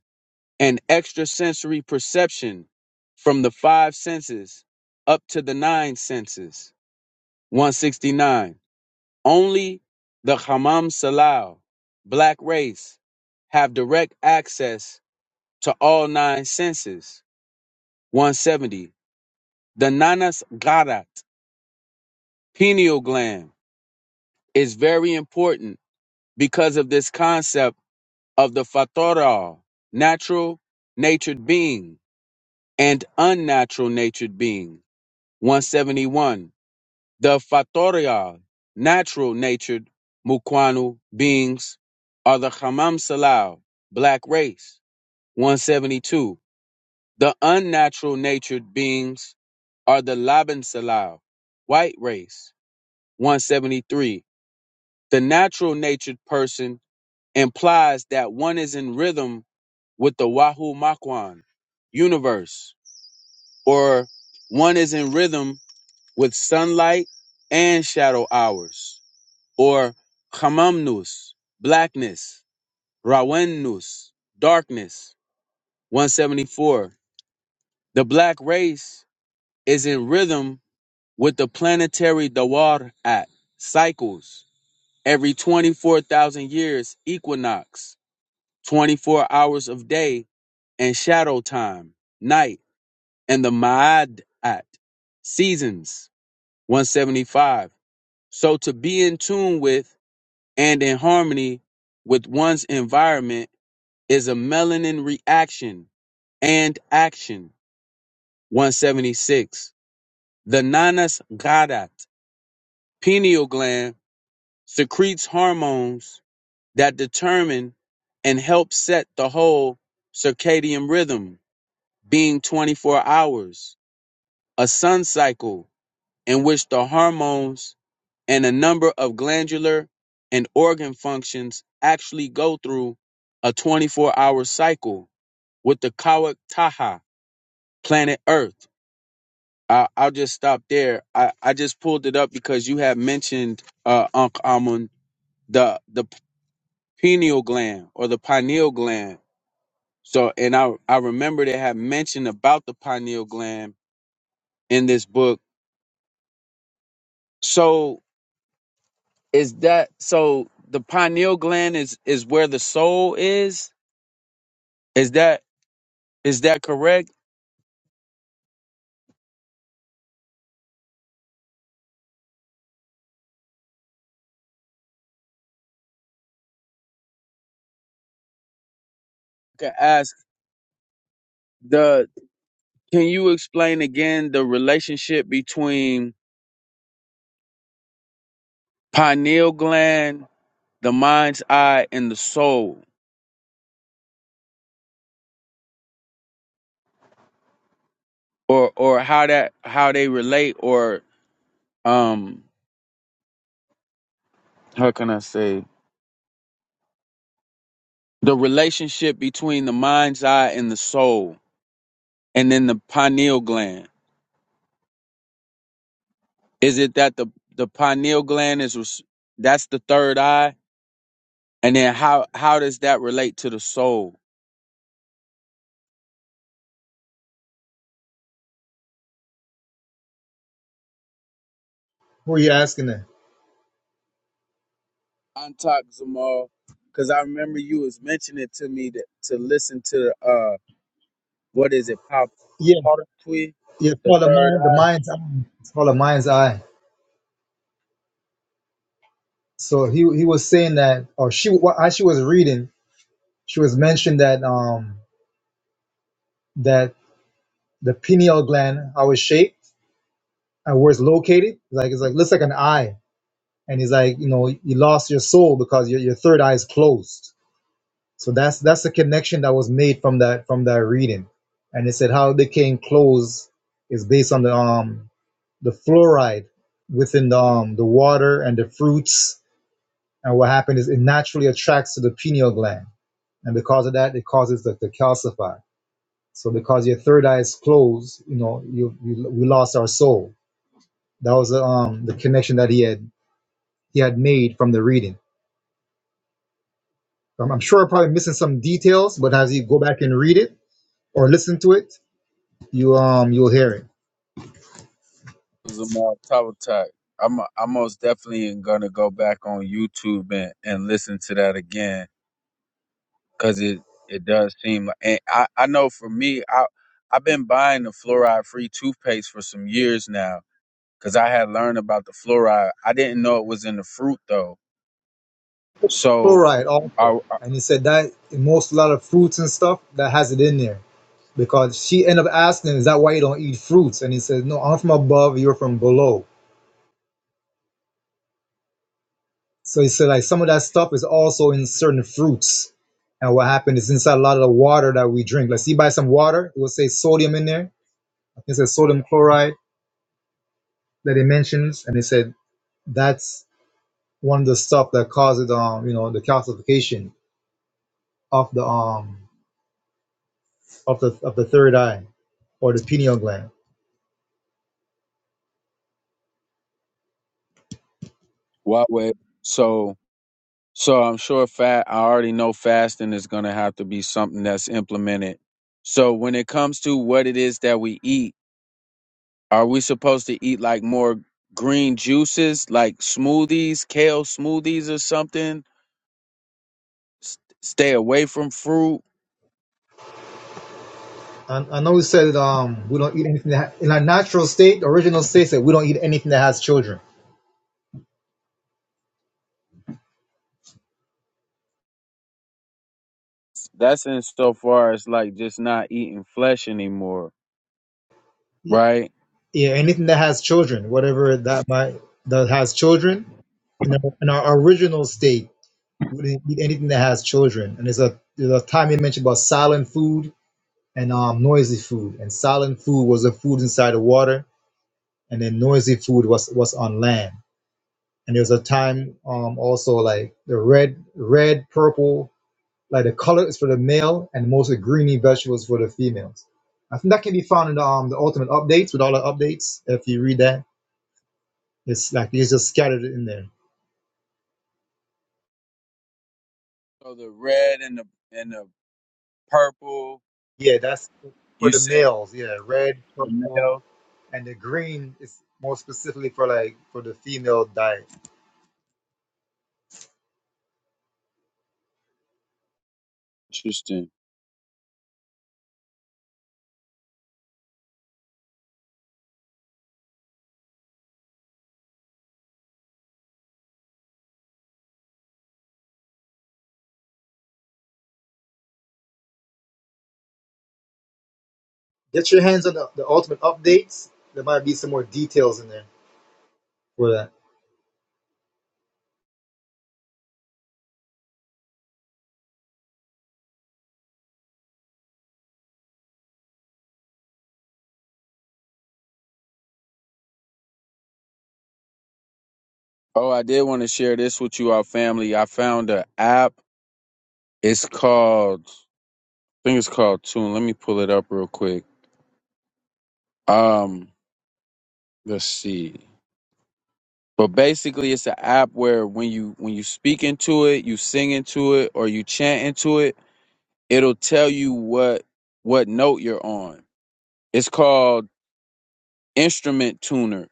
K: and extrasensory perception from the five senses up to the nine senses. 169. Only the Hammam Salal, black race, have direct access to all nine senses. 170. The Nanas Garat, pineal gland, is very important because of this concept of the Fatora, natural natured being and unnatural natured being. 171. The Fatoria, natural natured Mukwanu beings, are the Hamam Salal, black race. 172. The unnatural natured beings are the Laban Salal, white race. 173. The natural natured person implies that one is in rhythm with the Wahu Makwan universe, or one is in rhythm with sunlight and shadow hours, or chamamnus, blackness, rawennus, darkness. 174. The black race is in rhythm with the planetary Dawar at cycles, every 24,000 years, equinox, 24 hours of day, and shadow time, night, and the Ma'ad at seasons, 175. So to be in tune with and in harmony with one's environment is a melanin reaction and action. 176. The nanas gadat pineal gland secretes hormones that determine and help set the whole circadian rhythm, being 24 hours, a sun cycle in which the hormones and a number of glandular and organ functions actually go through a 24 hour cycle with the Kawak Taha, planet Earth. I, I'll just stop there. I, I just pulled it up because you had mentioned, uh, Unc Amun, the, the pineal gland or the pineal gland. So, and I, I remember they had mentioned about the pineal gland in this book. So is that, so the pineal gland is, is where the soul is? Is that Is that correct? I can ask the can you explain again the relationship between pineal gland, the mind's eye, and the soul? Or or how that how they relate or um how can I say the relationship between the mind's eye and the soul? and then the pineal gland. Is it that the the pineal gland is res- that's the third eye, and then how how does that relate to the soul?
J: Who are you asking there?
K: Antak am Zamal because I remember you was mentioning it to me that, to listen to uh what is it pop
J: Yeah,
K: Partui,
J: yeah. It's
K: the
J: called the
K: third
J: mind, the
K: eye.
J: mind's eye. It's called the mind's eye. So he he was saying that, or she, wh- as she was reading, she was mentioned that um that the pineal gland how it's shaped. uh, where it's located. Like it's like looks like an eye, and it's like you know you lost your soul because your, your third eye is closed. So that's that's the connection that was made from that from that reading, and it said how they came close is based on the um the fluoride within the um, the water and the fruits, and what happened is it naturally attracts to the pineal gland, and because of that it causes the, the calcify. So because your third eye is closed, you know you, you we lost our soul. That was um the connection that he had he had made from the reading. I'm, I'm sure I'm probably missing some details, but as you go back and read it or listen to it, you um you'll hear it.
K: Zamal Tabatak. I'm I'm most definitely gonna go back on YouTube and, and listen to that again because it it does seem like and I, I know for me I I've been buying the fluoride free toothpaste for some years now because I had learned about the fluoride. I didn't know it was in the fruit though. So
J: Fluoride also,
K: I, I
J: and he said that in most a lot of fruits and stuff that has it in there because she ended up asking, him, "Is that why you don't eat fruits?" And he said, "No, I'm from above, you're from below." So he said like some of that stuff is also in certain fruits. And what happened is inside a lot of the water that we drink. Like, see, buy some water, it will say sodium in there. It says sodium chloride that it mentions, and it said that's one of the stuff that causes um you know the calcification of the um of the of the third eye or the pineal gland.
K: what way so so I'm sure fat I already know fasting is gonna have to be something that's implemented. So when it comes to what it is that we eat, are we supposed to eat like more green juices like smoothies, kale smoothies or something? s- stay away from fruit.
J: And I know we said um we don't eat anything that in our natural state, original state that we don't eat anything that has children.
K: That's insofar as like just not eating flesh anymore,
J: Yeah,
K: right?
J: yeah anything that has children, whatever that might that has children. In our, in our original state, we didn't eat anything that has children. And there's a there's a time you mentioned about silent food and um noisy food. And silent food was the food inside the water and then noisy food was was on land. And there was a time um, also like the red, red, purple, like the color is for the male, and mostly greeny vegetables for the females. I think that can be found in the, um, the ultimate updates with all the updates. If you read that, it's like it's just scattered in there.
K: So the red and the and the purple
J: Yeah, that's for
K: you
J: the
K: said
J: males. Yeah, red,
K: for the
J: purple,
K: male.
J: and the green is more specifically for like for the female diet.
K: Interesting.
J: Get your hands on the, the ultimate updates. There might be some more details in there for that.
K: Oh, I did want to share this with you, our family. I found an app. It's called I think it's called Tune. Let me pull it up real quick. Um, let's see. But basically, it's an app where when you when you speak into it, you sing into it, or you chant into it it'll tell you what what note you're on. It's called Instrument Tuner.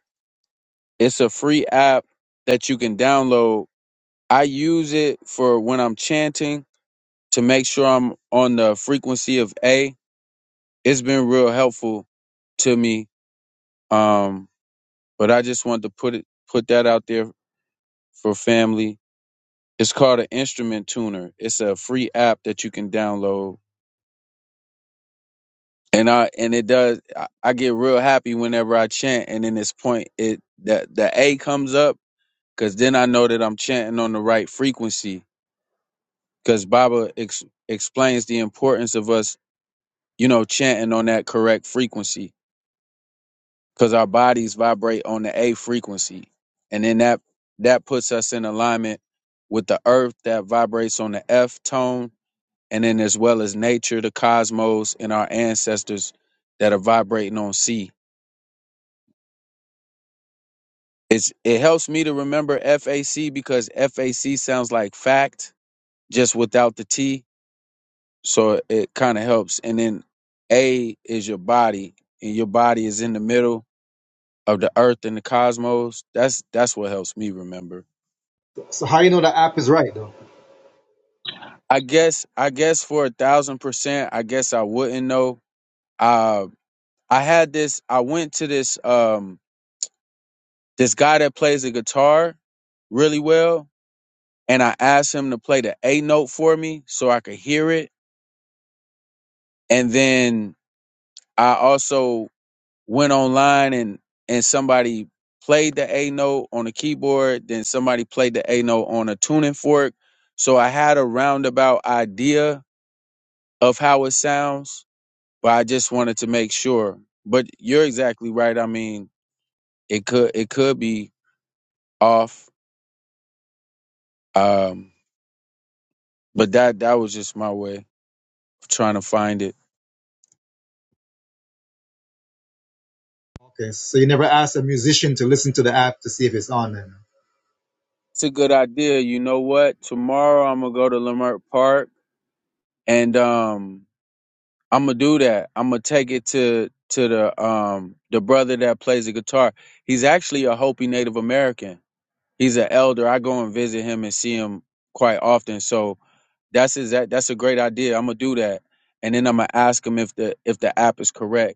K: It's a free app that you can download. I use it for when I'm chanting to make sure I'm on the frequency of A. It's been real helpful to me. Um, but I just wanted to put it put that out there for family. It's called an instrument tuner. It's a free app that you can download and I and it does. I, I get real happy whenever I chant, and in this point, it that the A comes up because then I know that I'm chanting on the right frequency. Because Baba ex, explains the importance of us, you know, chanting on that correct frequency because our bodies vibrate on the A frequency, and then that that puts us in alignment with the earth that vibrates on the F tone, and then as well as nature, the cosmos, and our ancestors that are vibrating on C It's it helps me to remember FAC because FAC sounds like fact just without the T, so it kind of helps. And then A is your body, and your body is in the middle of the earth and the cosmos. That's that's what helps me remember.
J: So how you know the app is right though?
K: I guess I guess for a thousand percent, I guess I wouldn't know. Uh, I had this. I went to this um this guy that plays the guitar really well, and I asked him to play the A note for me so I could hear it and then I also went online and and somebody played the A note on a keyboard, then somebody played the A note on a tuning fork. So I had a roundabout idea of how it sounds, but I just wanted to make sure. But you're exactly right. I mean, it could it could be off. Um, but that that was just my way of trying to find it.
J: Okay, so you never ask a musician to listen to the app to see if it's on then.
K: It's a good idea. You know what? Tomorrow I'm gonna go to Lamert Park and um I'm gonna do that. I'm gonna take it to to the um the brother that plays the guitar. He's actually a Hopi Native American. He's an elder. I go and visit him and see him quite often. So that's his, that that's a great idea. I'm gonna do that, and then I'm gonna ask him if the if the app is correct.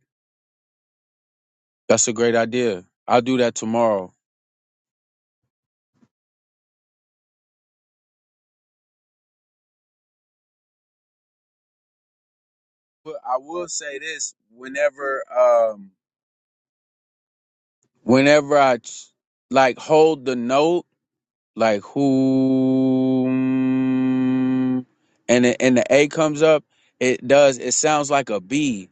K: That's a great idea. I'll do that tomorrow. But I will say this: whenever um whenever I like hold the note like who and the, and the a comes up it does it sounds like a b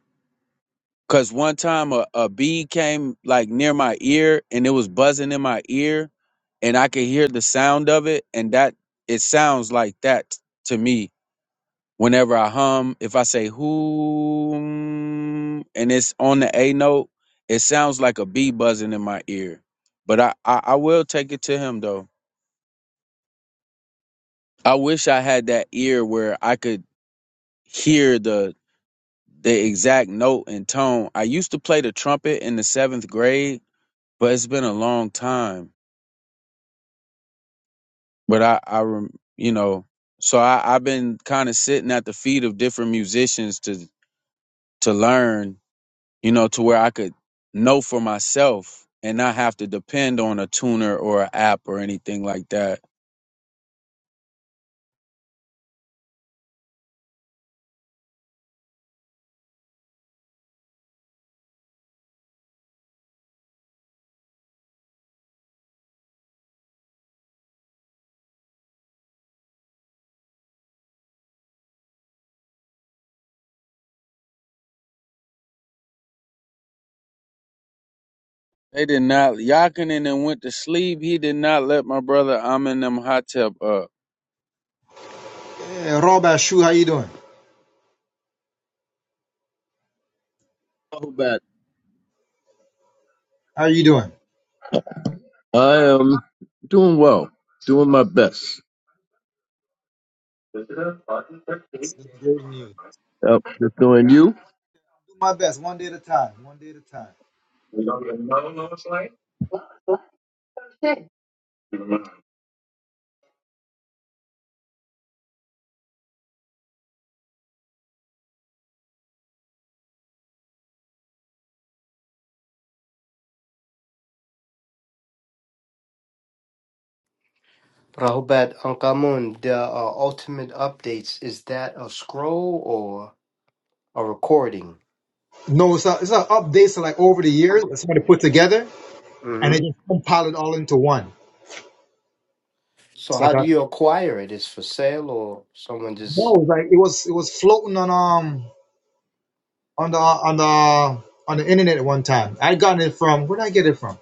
K: because one time a, a bee came like near my ear and it was buzzing in my ear and i could hear the sound of it and that it sounds like that to me whenever i hum if i say who and it's on the a note it sounds like a bee buzzing in my ear but i i, I will take it to him though I wish I had that ear where I could hear the the exact note and tone. I used to play the trumpet in the seventh grade, but it's been a long time. But I, I rem- you know, so I, I've been kind of sitting at the feet of different musicians to to learn, you know, to where I could know for myself and not have to depend on a tuner or an app or anything like that. They did not Yakinen and went to sleep. He did not let my brother Amin them hot tub up.
J: Hey, Rob Ashu, how you doing?
L: Rahubat.
J: How are you doing?
L: I am doing well, doing my best.
J: That's that's great news.
L: Yep, just doing you.
J: Do my best, one day at a time, one day at a time.
D: Rahubat Ankamun, the uh, ultimate updates is that a scroll or a recording?
J: No, it's a, it's a updates so like over the years that somebody put together and
D: hmm
J: they just compile it all into one.
D: So
J: It's
D: how
J: like a
D: do you acquire it? Is for sale or someone
J: No,
D: just?
J: it was like it was it was floating on um on the on the on the internet at one time. I got it from where did I get it from?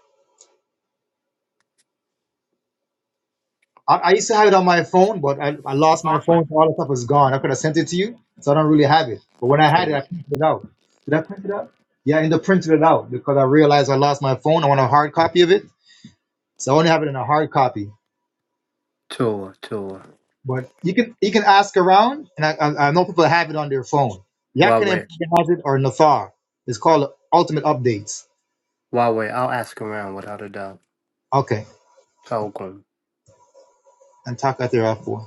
J: I, I used to have it on my phone, but I, I lost my phone, so all the stuff is gone. I could have sent it to you, so I don't really have it. But when I had it,
D: Okay.
J: I printed it out. Did I print it out? Yeah, I ended up printing it out because I realized I lost my phone. I want a hard copy of it, so I only have it in a hard copy.
D: Tour, tour.
J: But you can you can ask around, and I I, I know people have it on their phone. Yakinen
D: Huawei,
J: probably has it or Nathar. It's called Ultimate Updates.
D: Huawei. I'll ask around without a doubt.
J: Okay.
D: Talk
J: and Taka Terafua.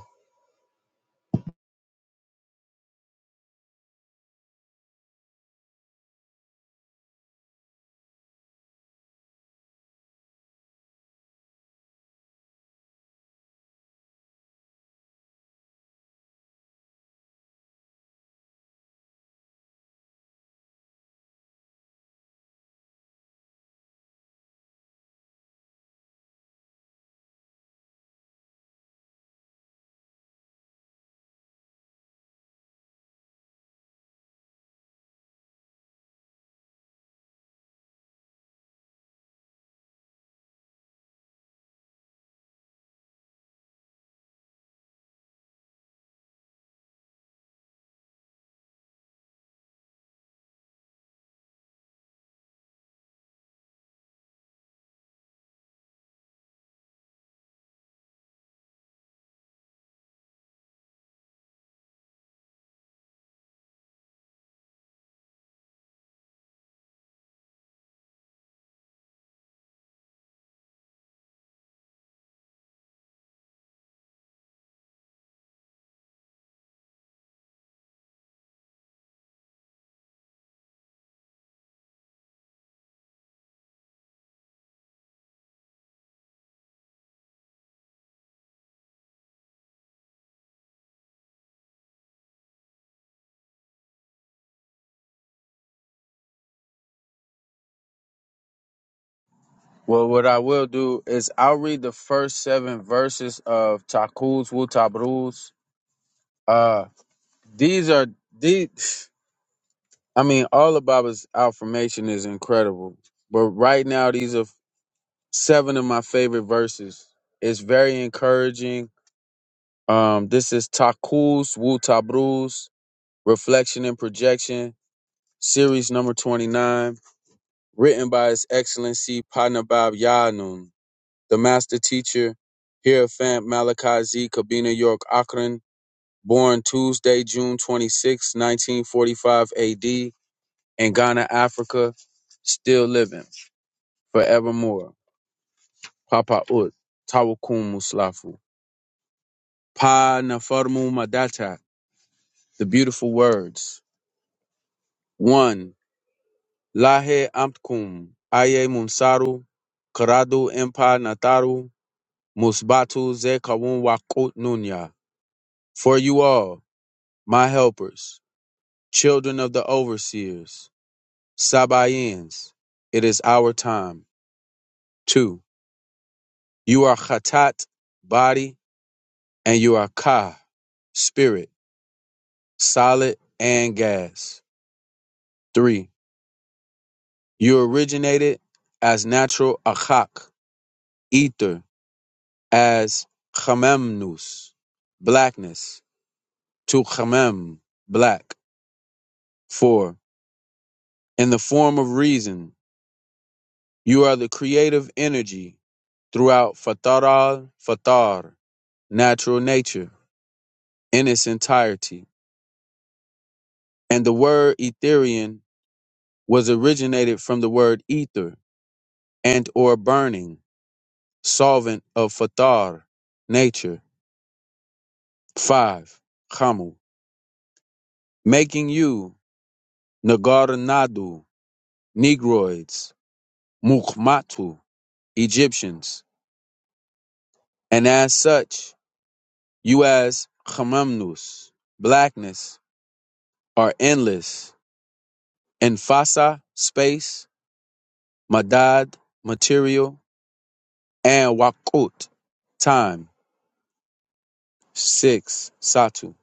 K: Well, what I will do is I'll read the first seven verses of Takuz Wutabruz. Uh, these are these. I mean, all of Baba's affirmation is incredible, but right now these are seven of my favorite verses. It's very encouraging. Um, this is Takuz Wutabruz, Reflection and Projection, series number twenty nine, written by His Excellency Panabab Yanun. the master teacher, Hierophant Malachi Z. Kabina York Akron, born Tuesday, June 26, 1945 AD, in Ghana, Africa, still living forevermore. Papa Ut, Tawakum Muslafu. Pa Nafarmu Madata, the beautiful words. One, Lahe Amtkum, Aye Mumsaru, Karadu Empa Nataru, Musbatu Ze Wakut Nunya. For you all, my helpers. children of the overseers, Sabaeans, it is our time. Two, you are Khatat, body, and you are Ka, spirit, solid and gas. Three, you originated as natural Achak, ether, as Chamemnus, blackness, to Chamem, black. Four, in the form of reason, you are the creative energy throughout Fataral Fatar, natural nature in its entirety. And the word Etherian was originated from the word ether and or burning, solvent of fatar, nature. 5. Khamu, making you Nagaranadu, Negroids, Mukhmatu, Egyptians, and as such, you as Khamamnus, blackness, are endless, and Fasa, space, Madad, material, and Waqut, time, six, Satu.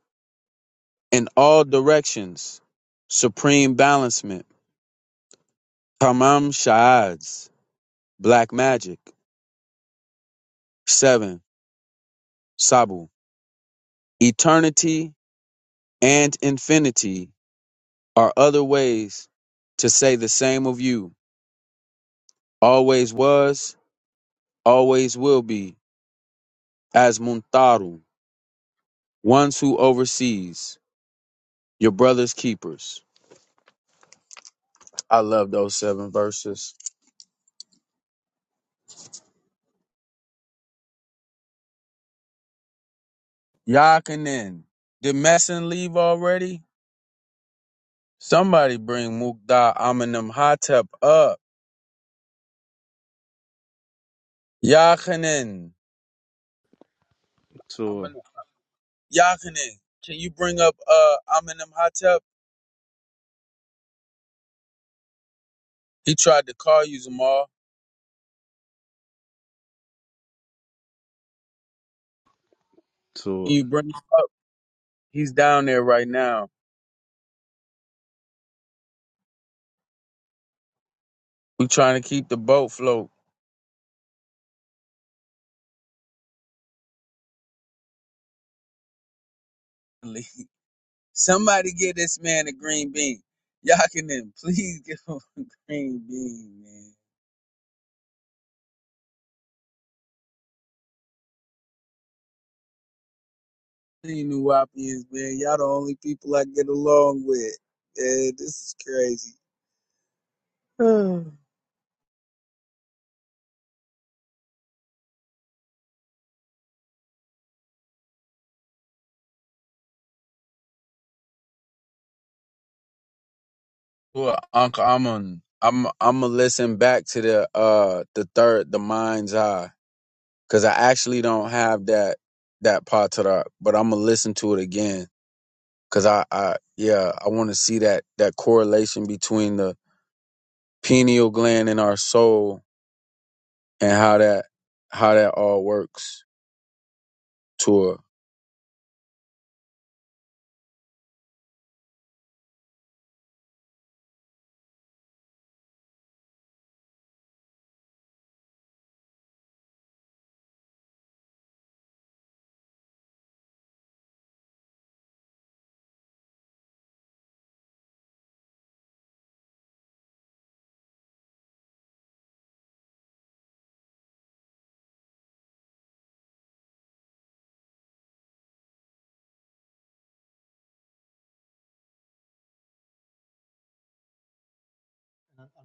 K: In all directions, supreme balancement, Tamam Shaads, black magic, seven, Sabu. Eternity and infinity are other ways to say the same of you. Always was, always will be, as Muntaru, ones who oversees, your brother's keepers. I love those seven verses. Yakinen. Did Messin leave already? Somebody bring Mukda Aminim Hotep up. Yakinen.
F: Tour,
K: Amin- Yakinen. Can you bring up uh Aminim Hotep? He tried to call you Zamal. Can
F: tour.
K: you bring him up? He's down there right now. We trying to keep the boat float. (laughs) Somebody get this man a green bean. Yakinen, please (laughs) give him a green bean, man. Hey, New Wapians, man. Y'all the only people I get along with. Yeah, this is crazy. (sighs) well, Uncle, I'm I'm I'm gonna listen back to the uh the third the mind's eye because I actually don't have that that part to that, but I'm gonna listen to it again because I I yeah I want to see that that correlation between the pineal gland and our soul and how that how that all works to a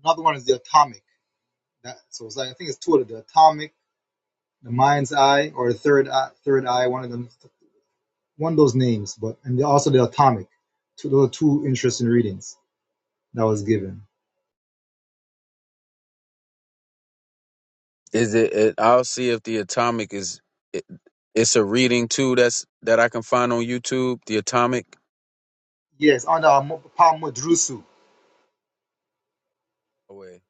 J: Another one is the Atomic. That, so it's like, I think it's two of the Atomic, the Mind's Eye, or the Third Eye, Third Eye, one of them, one of those names. But and also the Atomic. Two, those are two interesting readings that was given.
K: Is it, it? I'll see if the atomic is. It, it's a reading too. That's that I can find on YouTube. The atomic.
J: Yes, on the um, Pamudrusu.
K: Away.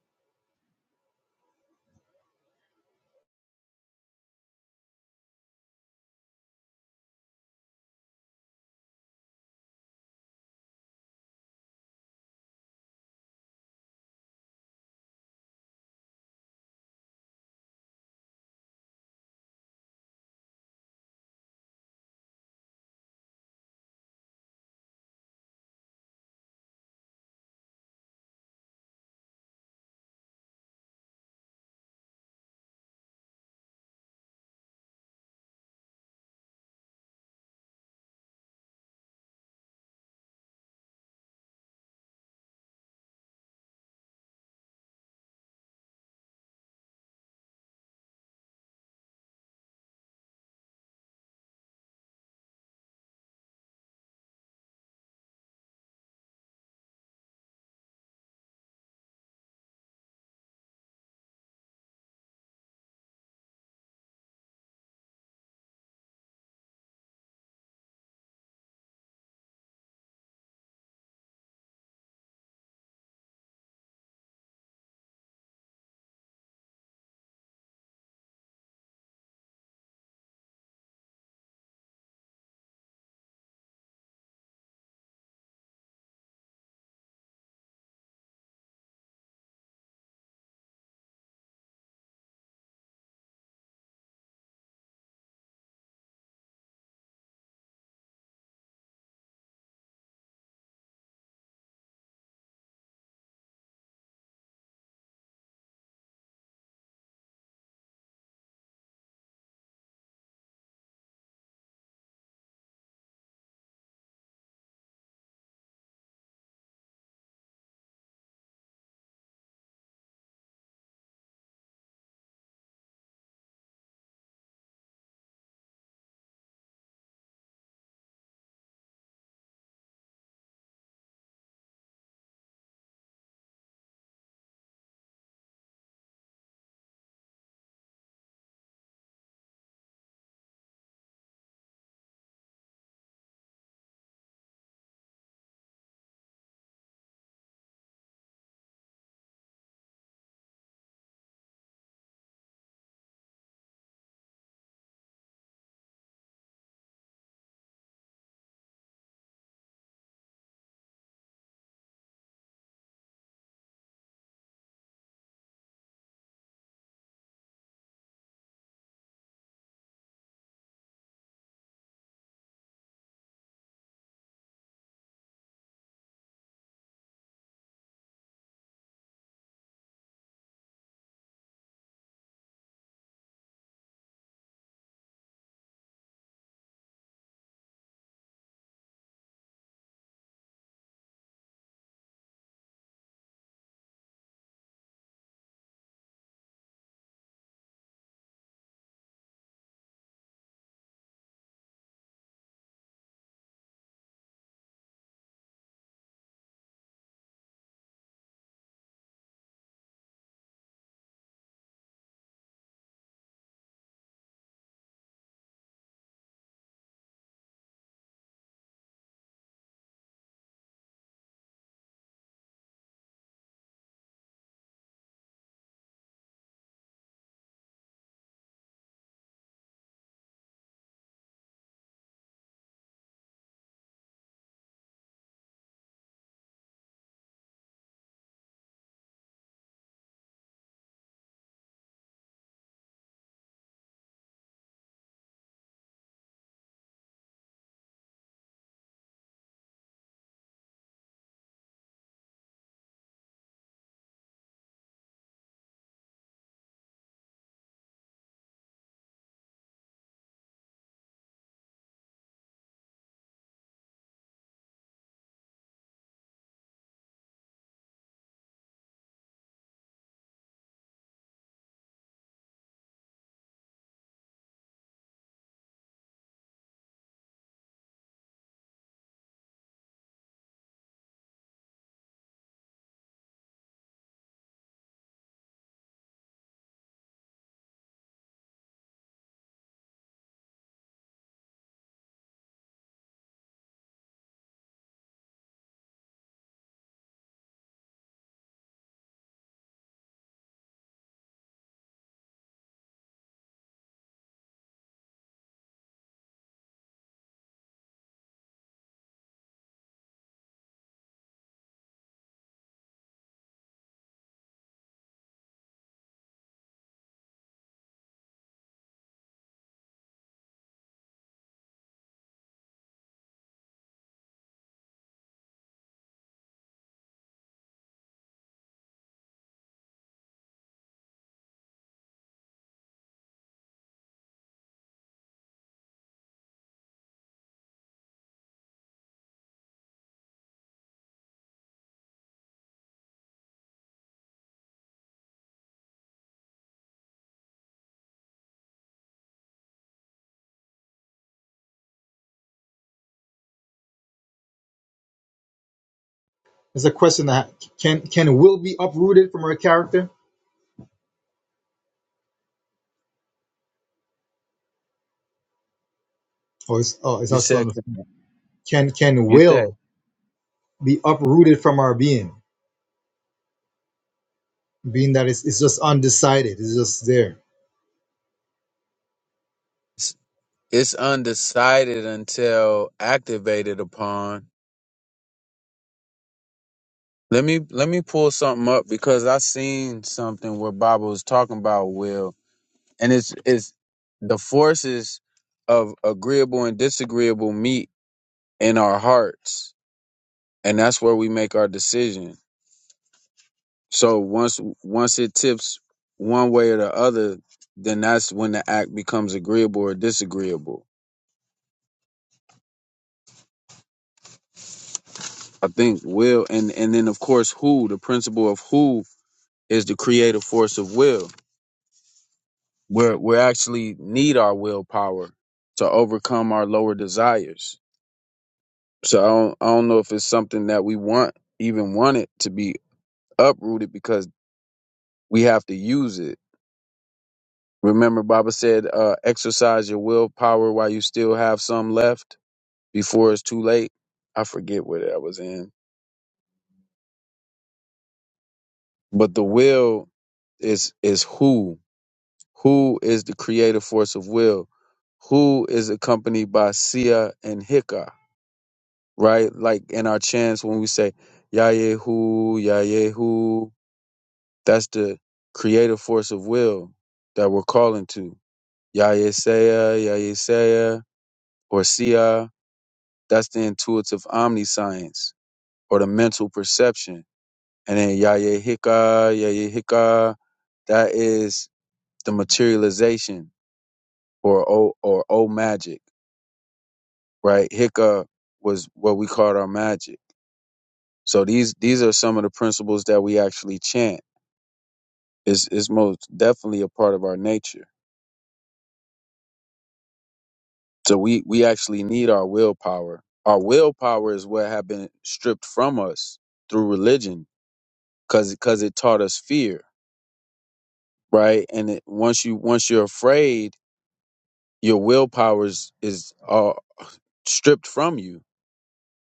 J: There's a question that can can will be uprooted from her character, or is oh, it's
K: You
J: also on
K: said.
J: the, can can
K: You said
J: will be uprooted from our being, being that it's, it's just undecided, it's just there.
K: it's, it's undecided until activated upon. Let me let me pull something up because I seen something where Baba was talking about will, and it's it's the forces of agreeable and disagreeable meet in our hearts, and that's where we make our decision. So once once it tips one way or the other, then that's when the act becomes agreeable or disagreeable. I think will and and then of course who the principle of who is the creative force of will. We're we actually need our willpower to overcome our lower desires. So I don't I don't know if it's something that we want even want it to be uprooted because we have to use it. Remember, Baba said, uh, "Exercise your willpower while you still have some left." before it's too late. I forget what I was in, but the will is is who who is the creative force of will, who is accompanied by Sia and Hika, right? Like in our chants when we say Yayehu Yayehu, that's the creative force of will that we're calling to Yayesaya Yayesaya or Sia. That's the intuitive omniscience or the mental perception And then Yayehika, Yayehika, that is the materialization or O or O magic, right? Hika was what we called our magic. So these these are some of the principles that we actually chant. It's it's most definitely a part of our nature. So we we actually need our willpower. Our willpower is what have been stripped from us through religion, cause because it taught us fear, right? And it, once you once you're afraid, your willpower is is all. stripped from you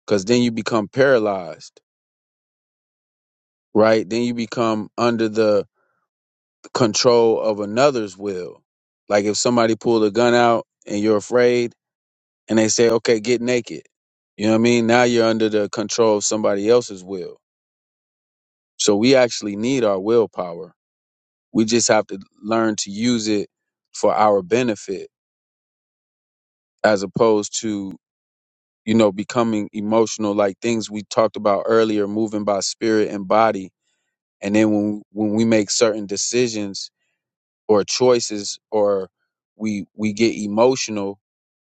K: because then you become paralyzed, right? Then you become under the control of another's will. Like if somebody pulled a gun out and you're afraid and they say, okay, get naked. You know what I mean? Now you're under the control of somebody else's will. So we actually need our willpower. We just have to learn to use it for our benefit as opposed to, you know, becoming emotional like things we talked about earlier, moving by spirit and body and then when when we make certain decisions or choices or we we get emotional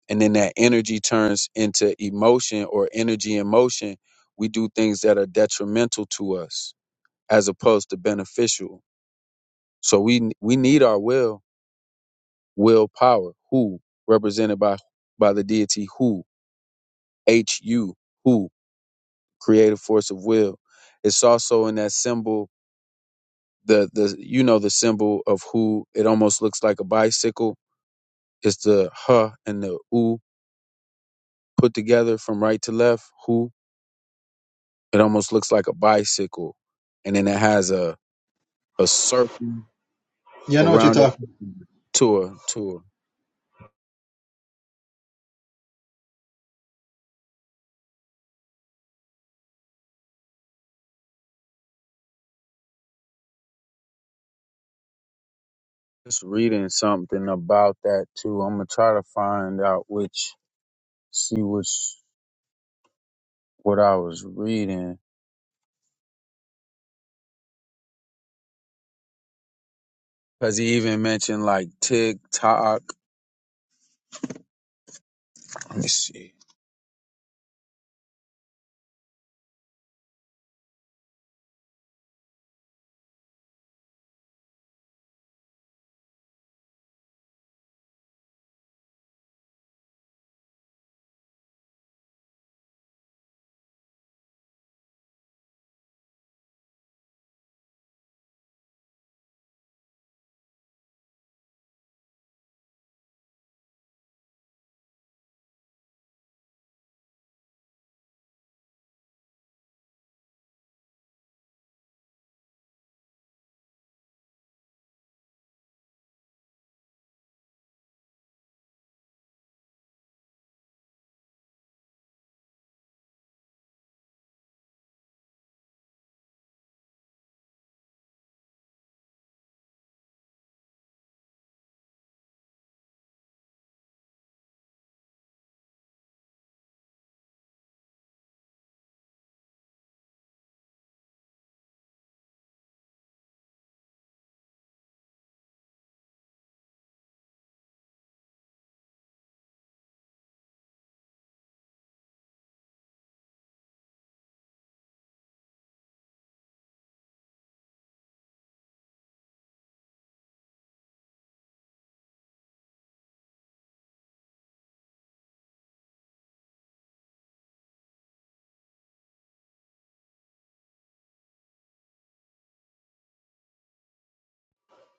K: and then that energy turns into emotion or energy in motion we do things that are detrimental to us as opposed to beneficial so we we need our will willpower who represented by by the deity who h u who creative force of will it's also in that symbol the the you know the symbol of who it almost looks like a bicycle it's the huh and the ooh put together from right to left who it almost looks like a bicycle and then it has a a circle
J: Yeah, I know what you're
K: around
J: talking.
K: it tour tour just reading something about that too i'm gonna try to find out which see which what i was reading because he even mentioned like tiktok let me see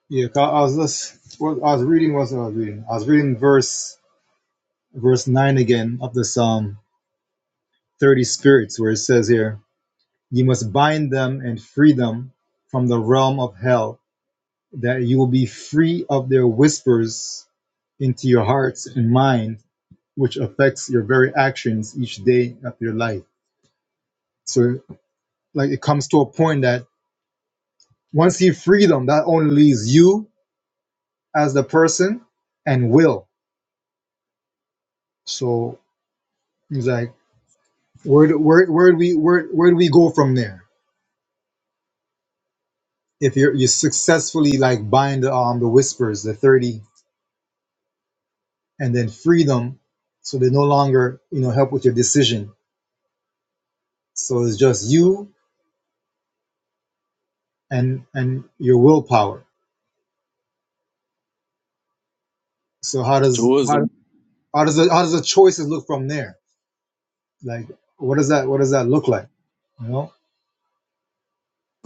J: Yeah, 'cause I was just what I was reading was I was reading. I was reading verse verse nine again of the Psalm thirty spirits where it says here, You must bind them and free them from the realm of hell, that you will be free of their whispers into your hearts and mind, which affects your very actions each day of your life. So like it comes to a point that once you free them, that only leaves you as the person and will. So he's like Where do- where where do we where where do we go from there? If you're you successfully like bind um the whispers, the thirty, and then free them, so they no longer you know help with your decision. So it's just you and and your willpower. So how does how
K: tourism
J: how does the, how does the choices look from there? Like what does that what does that look like? You know,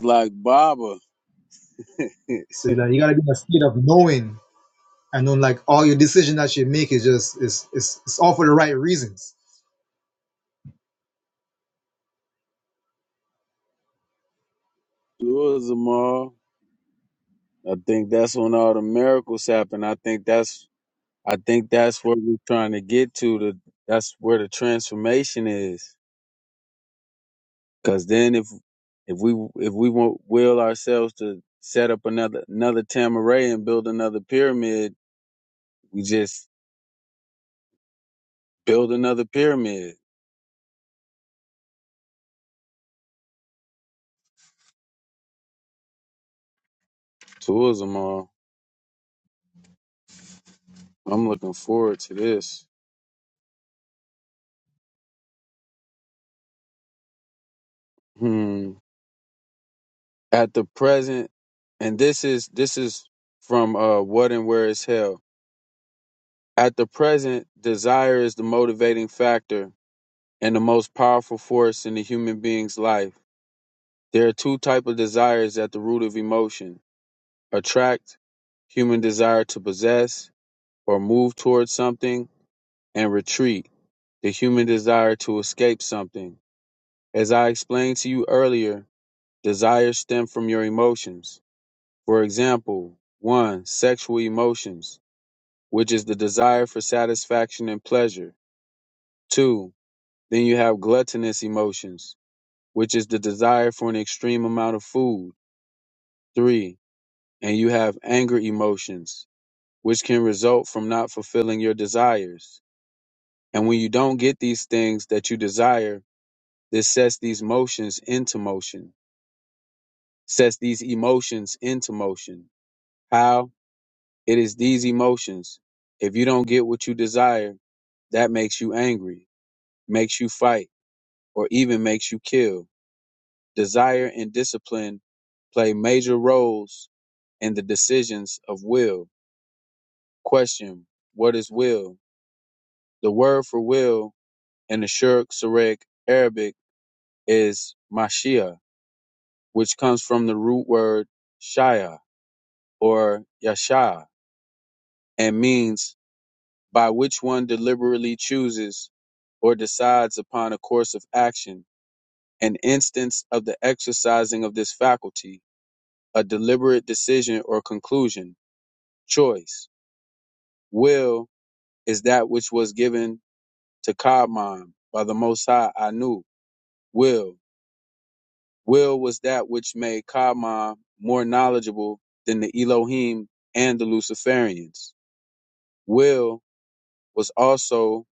K: like baba (laughs)
J: so like you gotta be in a state of knowing, and then like all your decision that you make is just is is it's all for the right reasons
K: tourism all I think that's when all the miracles happen. I think that's I think that's where we're trying to get to. The that's where the transformation is. Because then if if we if we won't will ourselves to set up another another Tamaray and build another pyramid, we just build another pyramid. Tourism all. I'm looking forward to this. Hmm. At the present, and this is this is from uh what and where is hell At the present, desire is the motivating factor and the most powerful force in the human being's life. There are two types of desires at the root of emotion. Attract, human desire to possess or move towards something, and retreat, the human desire to escape something. As I explained to you earlier, desires stem from your emotions. For example, one, sexual emotions, which is the desire for satisfaction and pleasure. Two, Then you have gluttonous emotions, which is the desire for an extreme amount of food. Three, and you have anger emotions, which can result from not fulfilling your desires. And when you don't get these things that you desire, this sets these motions into motion, sets these emotions into motion. How? It is these emotions. If you don't get what you desire, that makes you angry, makes you fight, or even makes you kill. Desire and discipline play major roles in the decisions of will. Question What is will? The word for will in the Shurk Sarek Arabic is Mashia, which comes from the root word Shia or Yasha and means by which one deliberately chooses or decides upon a course of action. An instance of the exercising of this faculty, a deliberate decision or conclusion, choice. Will is that which was given to Kaaman by the Most High Anu. Will. Will was that which made Kaaman more knowledgeable than the Elohim and the Luciferians. Will was also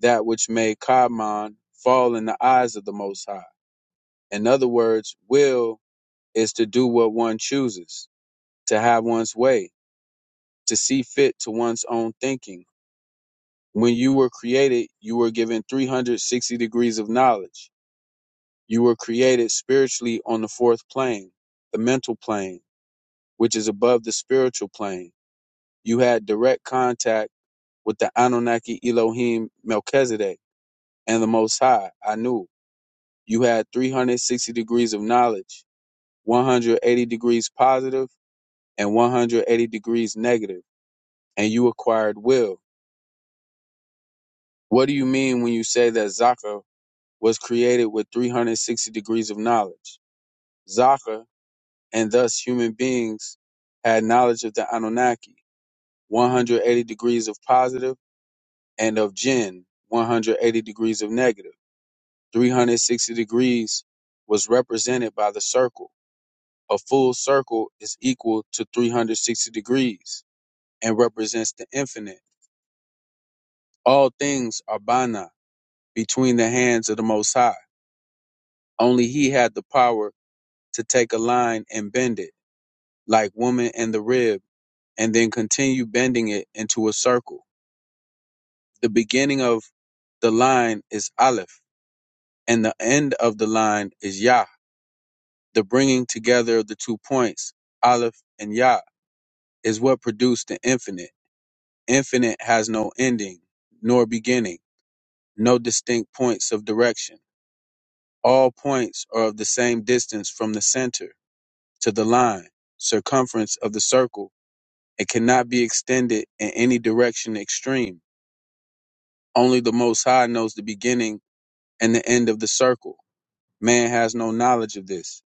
K: that which made Kaaman fall in the eyes of the Most High. In other words, will is to do what one chooses, to have one's way, to see fit to one's own thinking. When you were created, you were given 360 degrees of knowledge You were created spiritually on the fourth plane, the mental plane, which is above the spiritual plane. You had direct contact with the Anunnaki Elohim Melchizedek and the Most High, Anu. You had 360 degrees of knowledge, 180 degrees positive and 180 degrees negative, and you acquired will. What do you mean when you say that Zaka was created with 360 degrees of knowledge? Zaka and thus human beings had knowledge of the Anunnaki, 180 degrees of positive, and of Jinn, 180 degrees of negative. 360 degrees was represented by the circle. A full circle is equal to 360 degrees and represents the infinite. All things are Bana, between the hands of the Most High. Only He had the power to take a line and bend it, like woman and the rib, and then continue bending it into a circle the beginning of the line is Aleph, and the end of the line is Yah. The bringing together of the two points, Aleph and Yah, is what produced the infinite. Infinite has no ending, nor beginning, no distinct points of direction. All points are of the same distance from the center to the line, circumference of the circle, It cannot be extended in any direction extreme. Only the Most High knows the beginning and the end of the circle Man has no knowledge of this.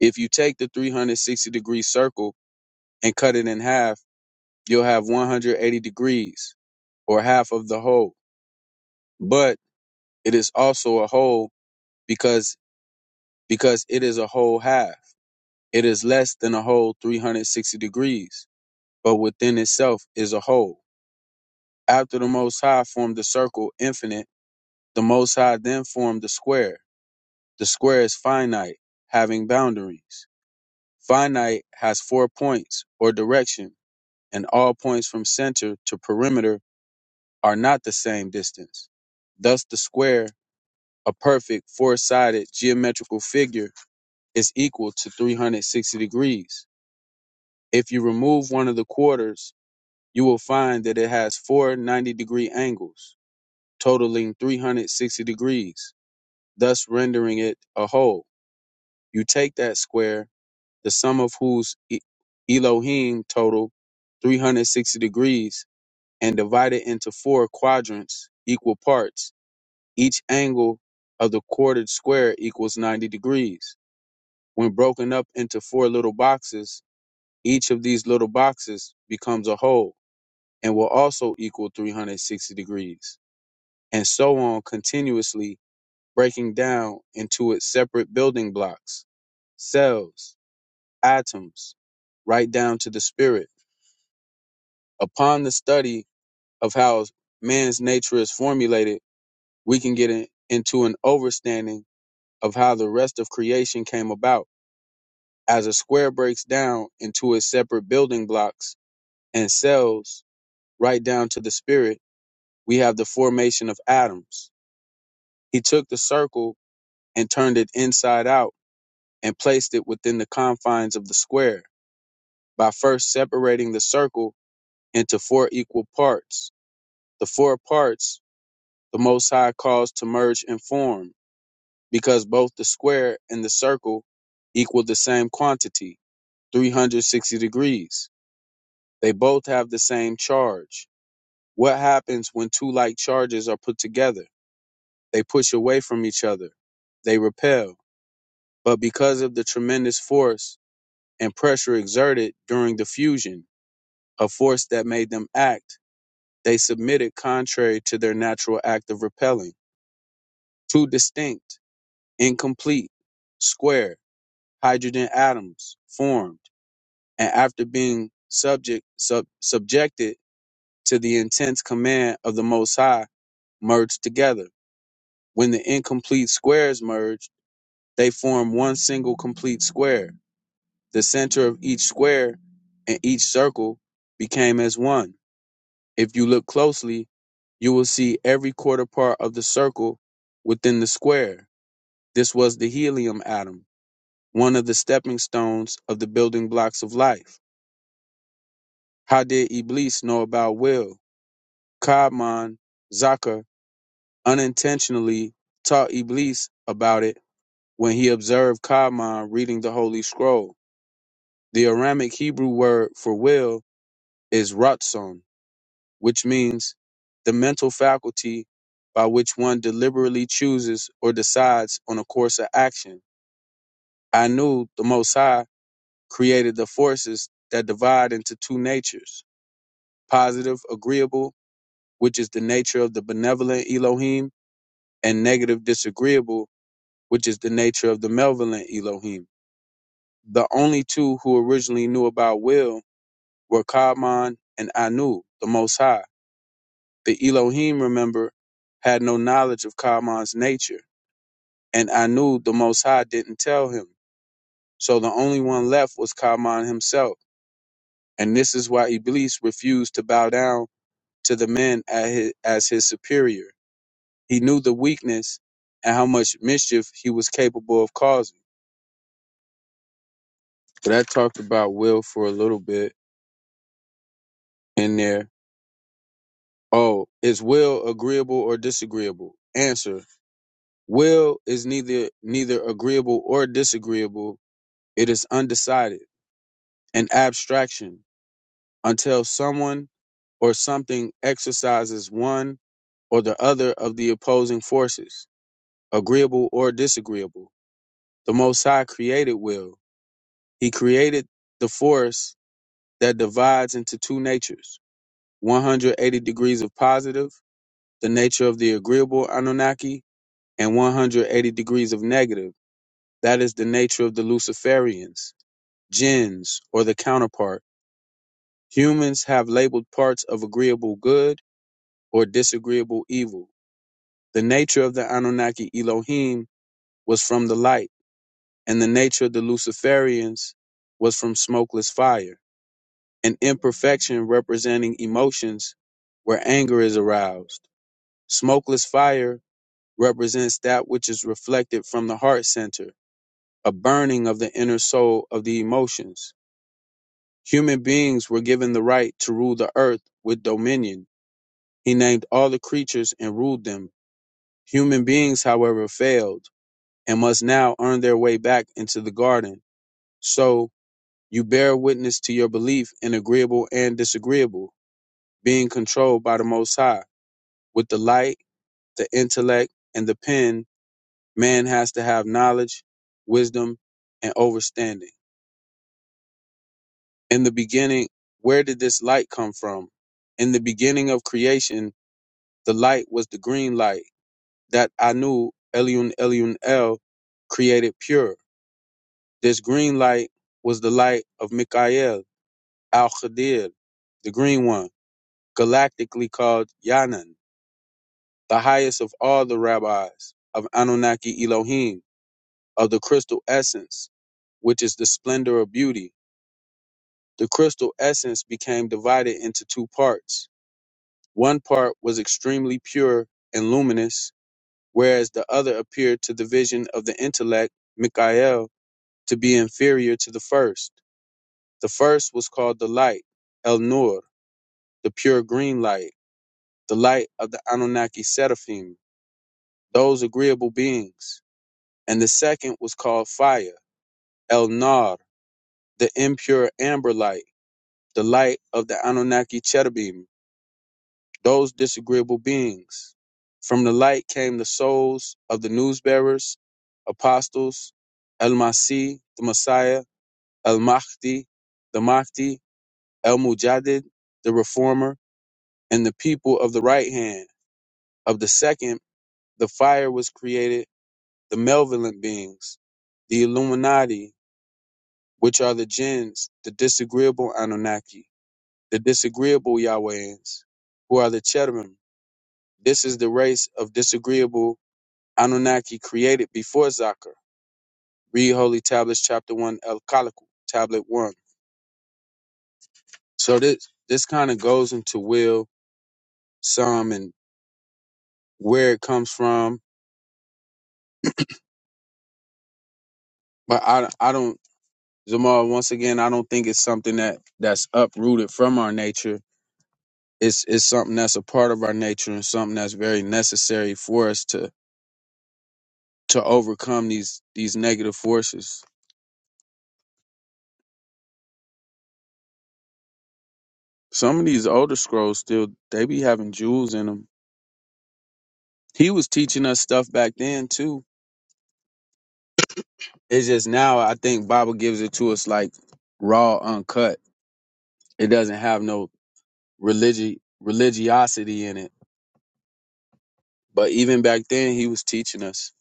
K: If you take the 360 degree circle and cut it in half, you'll have 180 degrees or half of the whole. But it is also a whole because because it is a whole half. It is less than a whole 360 degrees, but within itself is a whole. After the Most High formed the circle infinite, the Most High then formed the square. The square is finite, having boundaries. Finite has four points or directions and all points from center to perimeter are not the same distance. Thus, the square, a perfect four sided geometrical figure, is equal to 360 degrees. If you remove one of the quarters, you will find that it has four 90 degree angles, totaling 360 degrees, thus rendering it a whole. You take that square, the sum of whose E- Elohim total 360 degrees and divided into four quadrants, equal parts. Each angle of the quartered square equals 90 degrees. When broken up into four little boxes, each of these little boxes becomes a whole and will also equal 360 degrees, and so on continuously breaking down into its separate building blocks, cells, atoms, right down to the spirit. Upon the study of how man's nature is formulated, we can get in, into an overstanding of how the rest of creation came about as a square breaks down into its separate building blocks and cells right down to the spirit we have the formation of atoms he took the circle and turned it inside out and placed it within the confines of the square by first separating the circle into four equal parts the four parts the most high caused to merge and form because both the square and the circle equal the same quantity, 360 degrees. They both have the same charge. What happens when two like charges are put together? They push away from each other. They repel. But because of the tremendous force and pressure exerted during the fusion, a force that made them act, they submitted contrary to their natural act of repelling. Two distinct, incomplete, square hydrogen atoms formed and after being subject sub, subjected to the intense command of the Most High, merged together. When the incomplete squares merge, they form one single complete square. The center of each square and each circle became as one. If you look closely, you will see every quarter part of the circle within the square. This was the helium atom, one of the stepping stones of the building blocks of life. How did Iblis know about will? Ka'man Zaka unintentionally taught Iblis about it when he observed Ka'man reading the Holy Scroll. The Aramic Hebrew word for will is ratzon, which means the mental faculty by which one deliberately chooses or decides on a course of action. Anu, the Most High, created the forces that divide into two natures positive, agreeable, which is the nature of the benevolent Elohim, and negative, disagreeable, which is the nature of the malevolent Elohim. The only two who originally knew about will were Kaaman and Anu, the Most High. The Elohim, remember, had no knowledge of Kaaman's nature, and Anu, the Most High, didn't tell him. So the only one left was Kaaman himself. And this is why Iblis refused to bow down to the man as his, as his superior. He knew the weakness and how much mischief he was capable of causing. But I talked about will for a little bit in there. Oh, is will agreeable or disagreeable? Answer. Will is neither neither agreeable or disagreeable. It is undecided, an abstraction, until someone or something exercises one or the other of the opposing forces, agreeable or disagreeable. The Most High created will. He created the force that divides into two natures, 180 degrees of positive, the nature of the agreeable Anunnaki, and 180 degrees of negative. That is the nature of the Luciferians, jinns, or the counterpart. Humans have labeled parts of agreeable good or disagreeable evil. The nature of the Anunnaki Elohim was from the light, and the nature of the Luciferians was from smokeless fire, an imperfection representing emotions where anger is aroused. Smokeless fire represents that which is reflected from the heart center a burning of the inner soul of the emotions. Human beings were given the right to rule the earth with dominion. He named all the creatures and ruled them. Human beings, however, failed and must now earn their way back into the garden. So you bear witness to your belief in agreeable and disagreeable, being controlled by the Most High. With the light, the intellect, and the pen, man has to have knowledge, wisdom, and understanding. in the beginning, where did this light come from? In the beginning of creation, the light was the green light that Anu Elion Elion El created pure. This green light was the light of Mikael Al Khadir, the green one, galactically called Yanan, the highest of all the rabbis of Anunnaki Elohim, of the crystal essence, which is the splendor of beauty. The crystal essence became divided into two parts One part was extremely pure and luminous, whereas the other appeared to the vision of the intellect, Mikael, to be inferior to the first. The first was called the light, El Nur, the pure green light, the light of the Anunnaki seraphim, those agreeable beings. And the second was called fire, El Nar, the impure amber light, the light of the Anunnaki cherubim. those disagreeable beings. From the light came the souls of the newsbearers, apostles, El Masih, the Messiah, El Mahdi, the Mahdi, El Mujaddid, the reformer, and the people of the right hand. Of the second, the fire was created, the malevolent beings, the Illuminati, which are the jinns, the disagreeable Anunnaki, the disagreeable Yahwehans, who are the cherubim. This is the race of disagreeable Anunnaki created before Zaka. Read Holy Tablets, Chapter 1, El Kalaku, Tablet 1. So this this kind of goes into will, some, and where it comes from. But I, I don't, Zamal, once again, I don't think it's something that that's uprooted from our nature. It's, it's something that's a part of our nature and something that's very necessary for us to to overcome these these negative forces. Some of these older scrolls still they be having jewels in them. He was teaching us stuff back then too It's just now I think Bible gives it to us like raw, uncut. It doesn't have no religi- religiosity in it. But even back then, he was teaching us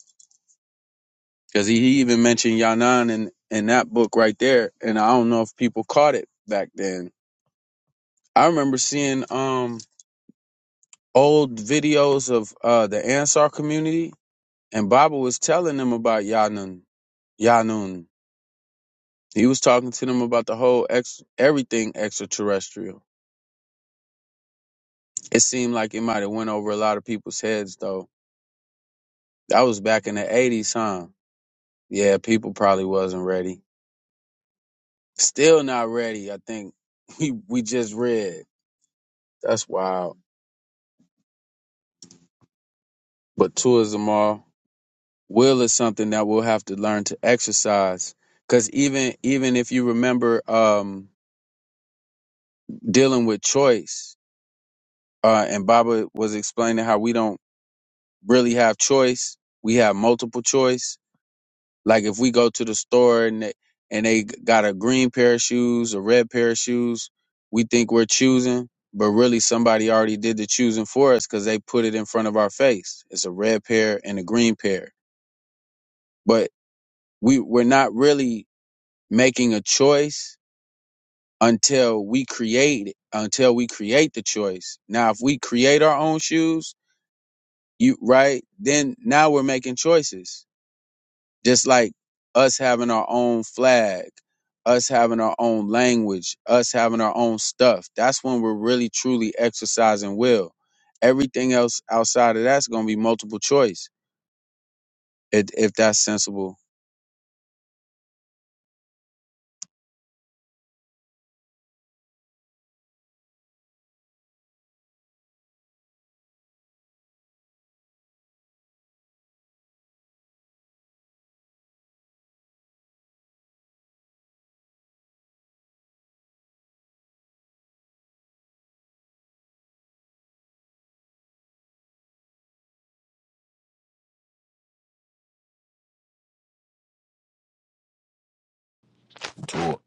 K: because he, he even mentioned Yanan in in that book right there. And I don't know if people caught it back then. I remember seeing um old videos of uh the Ansar community, and Bible was telling them about Yanun. Yanun. He was talking to them about the whole ex everything extraterrestrial. It seemed like it might have went over a lot of people's heads though. That was back in the '80s, huh? Yeah, people probably wasn't ready. Still not ready. I think (laughs) we we just read. That's wild. But tourism all will is something that we'll have to learn to exercise. Cause even even if you remember um, dealing with choice, uh, and Baba was explaining how we don't really have choice. We have multiple choice Like if we go to the store and they, and they got a green pair of shoes, a red pair of shoes, we think we're choosing, but really somebody already did the choosing for us because they put it in front of our face. It's a red pair and a green pair, but we we're not really making a choice until we create it, until we create the choice. Now, if we create our own shoes, you right then now we're making choices Just like us having our own flag, us having our own language, us having our own stuff. That's when we're really truly exercising will. Everything else outside of that's going to be multiple choice if, if that's sensible.
I: To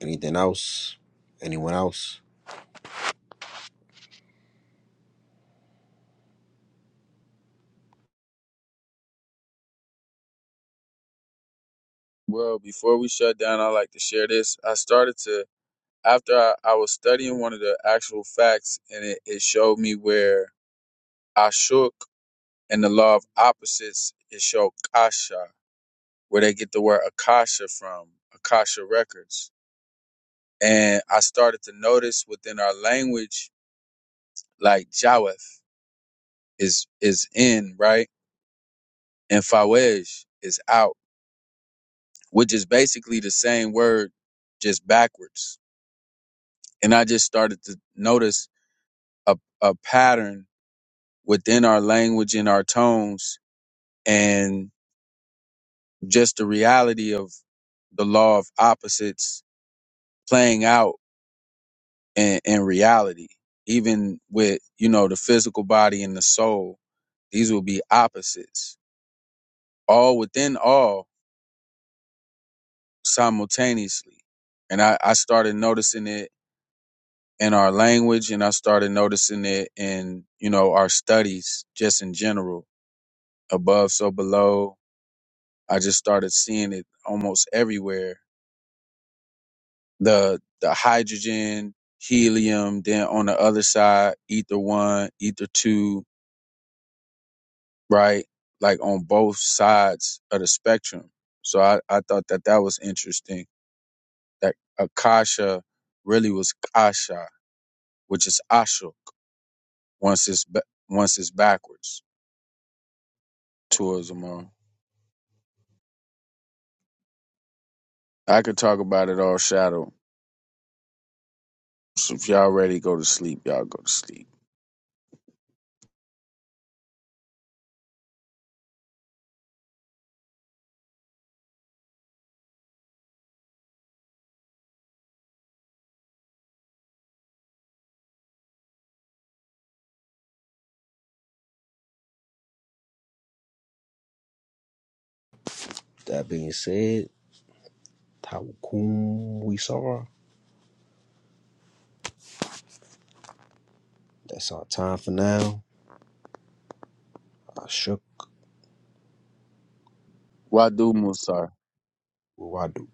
I: anything else? Anyone else?
K: Well, before we shut down, I like to share this. I started to after I, I was studying one of the actual facts, and it, it showed me where Ashuk and the law of opposites it showed Kasha, where they get the word Akasha from, Akasha records and I started to notice within our language, like Jaweth is is in right, and Fawej is out, which is basically the same word, just backwards. And I just started to notice a a pattern within our language and our tones, and just the reality of the law of opposites playing out in, in reality, even with you know the physical body and the soul. These will be opposites all within all simultaneously. And I, I started noticing it in our language and I started noticing it in, you know, our studies just in general. Above, so below. I just started seeing it almost everywhere. The the hydrogen, helium, then on the other side, ether one, ether two, right? Like on both sides of the spectrum. So I, I thought that that was interesting that Akasha really was Kasha, which is Ashok once it's ba- once it's backwards towards them all. I could talk about it all shadow. So if y'all ready, go to sleep. Y'all go to sleep.
I: That being said, Tawakum, we saw. That's our time for now. I shook.
K: Wadu Musar.
I: Wadu.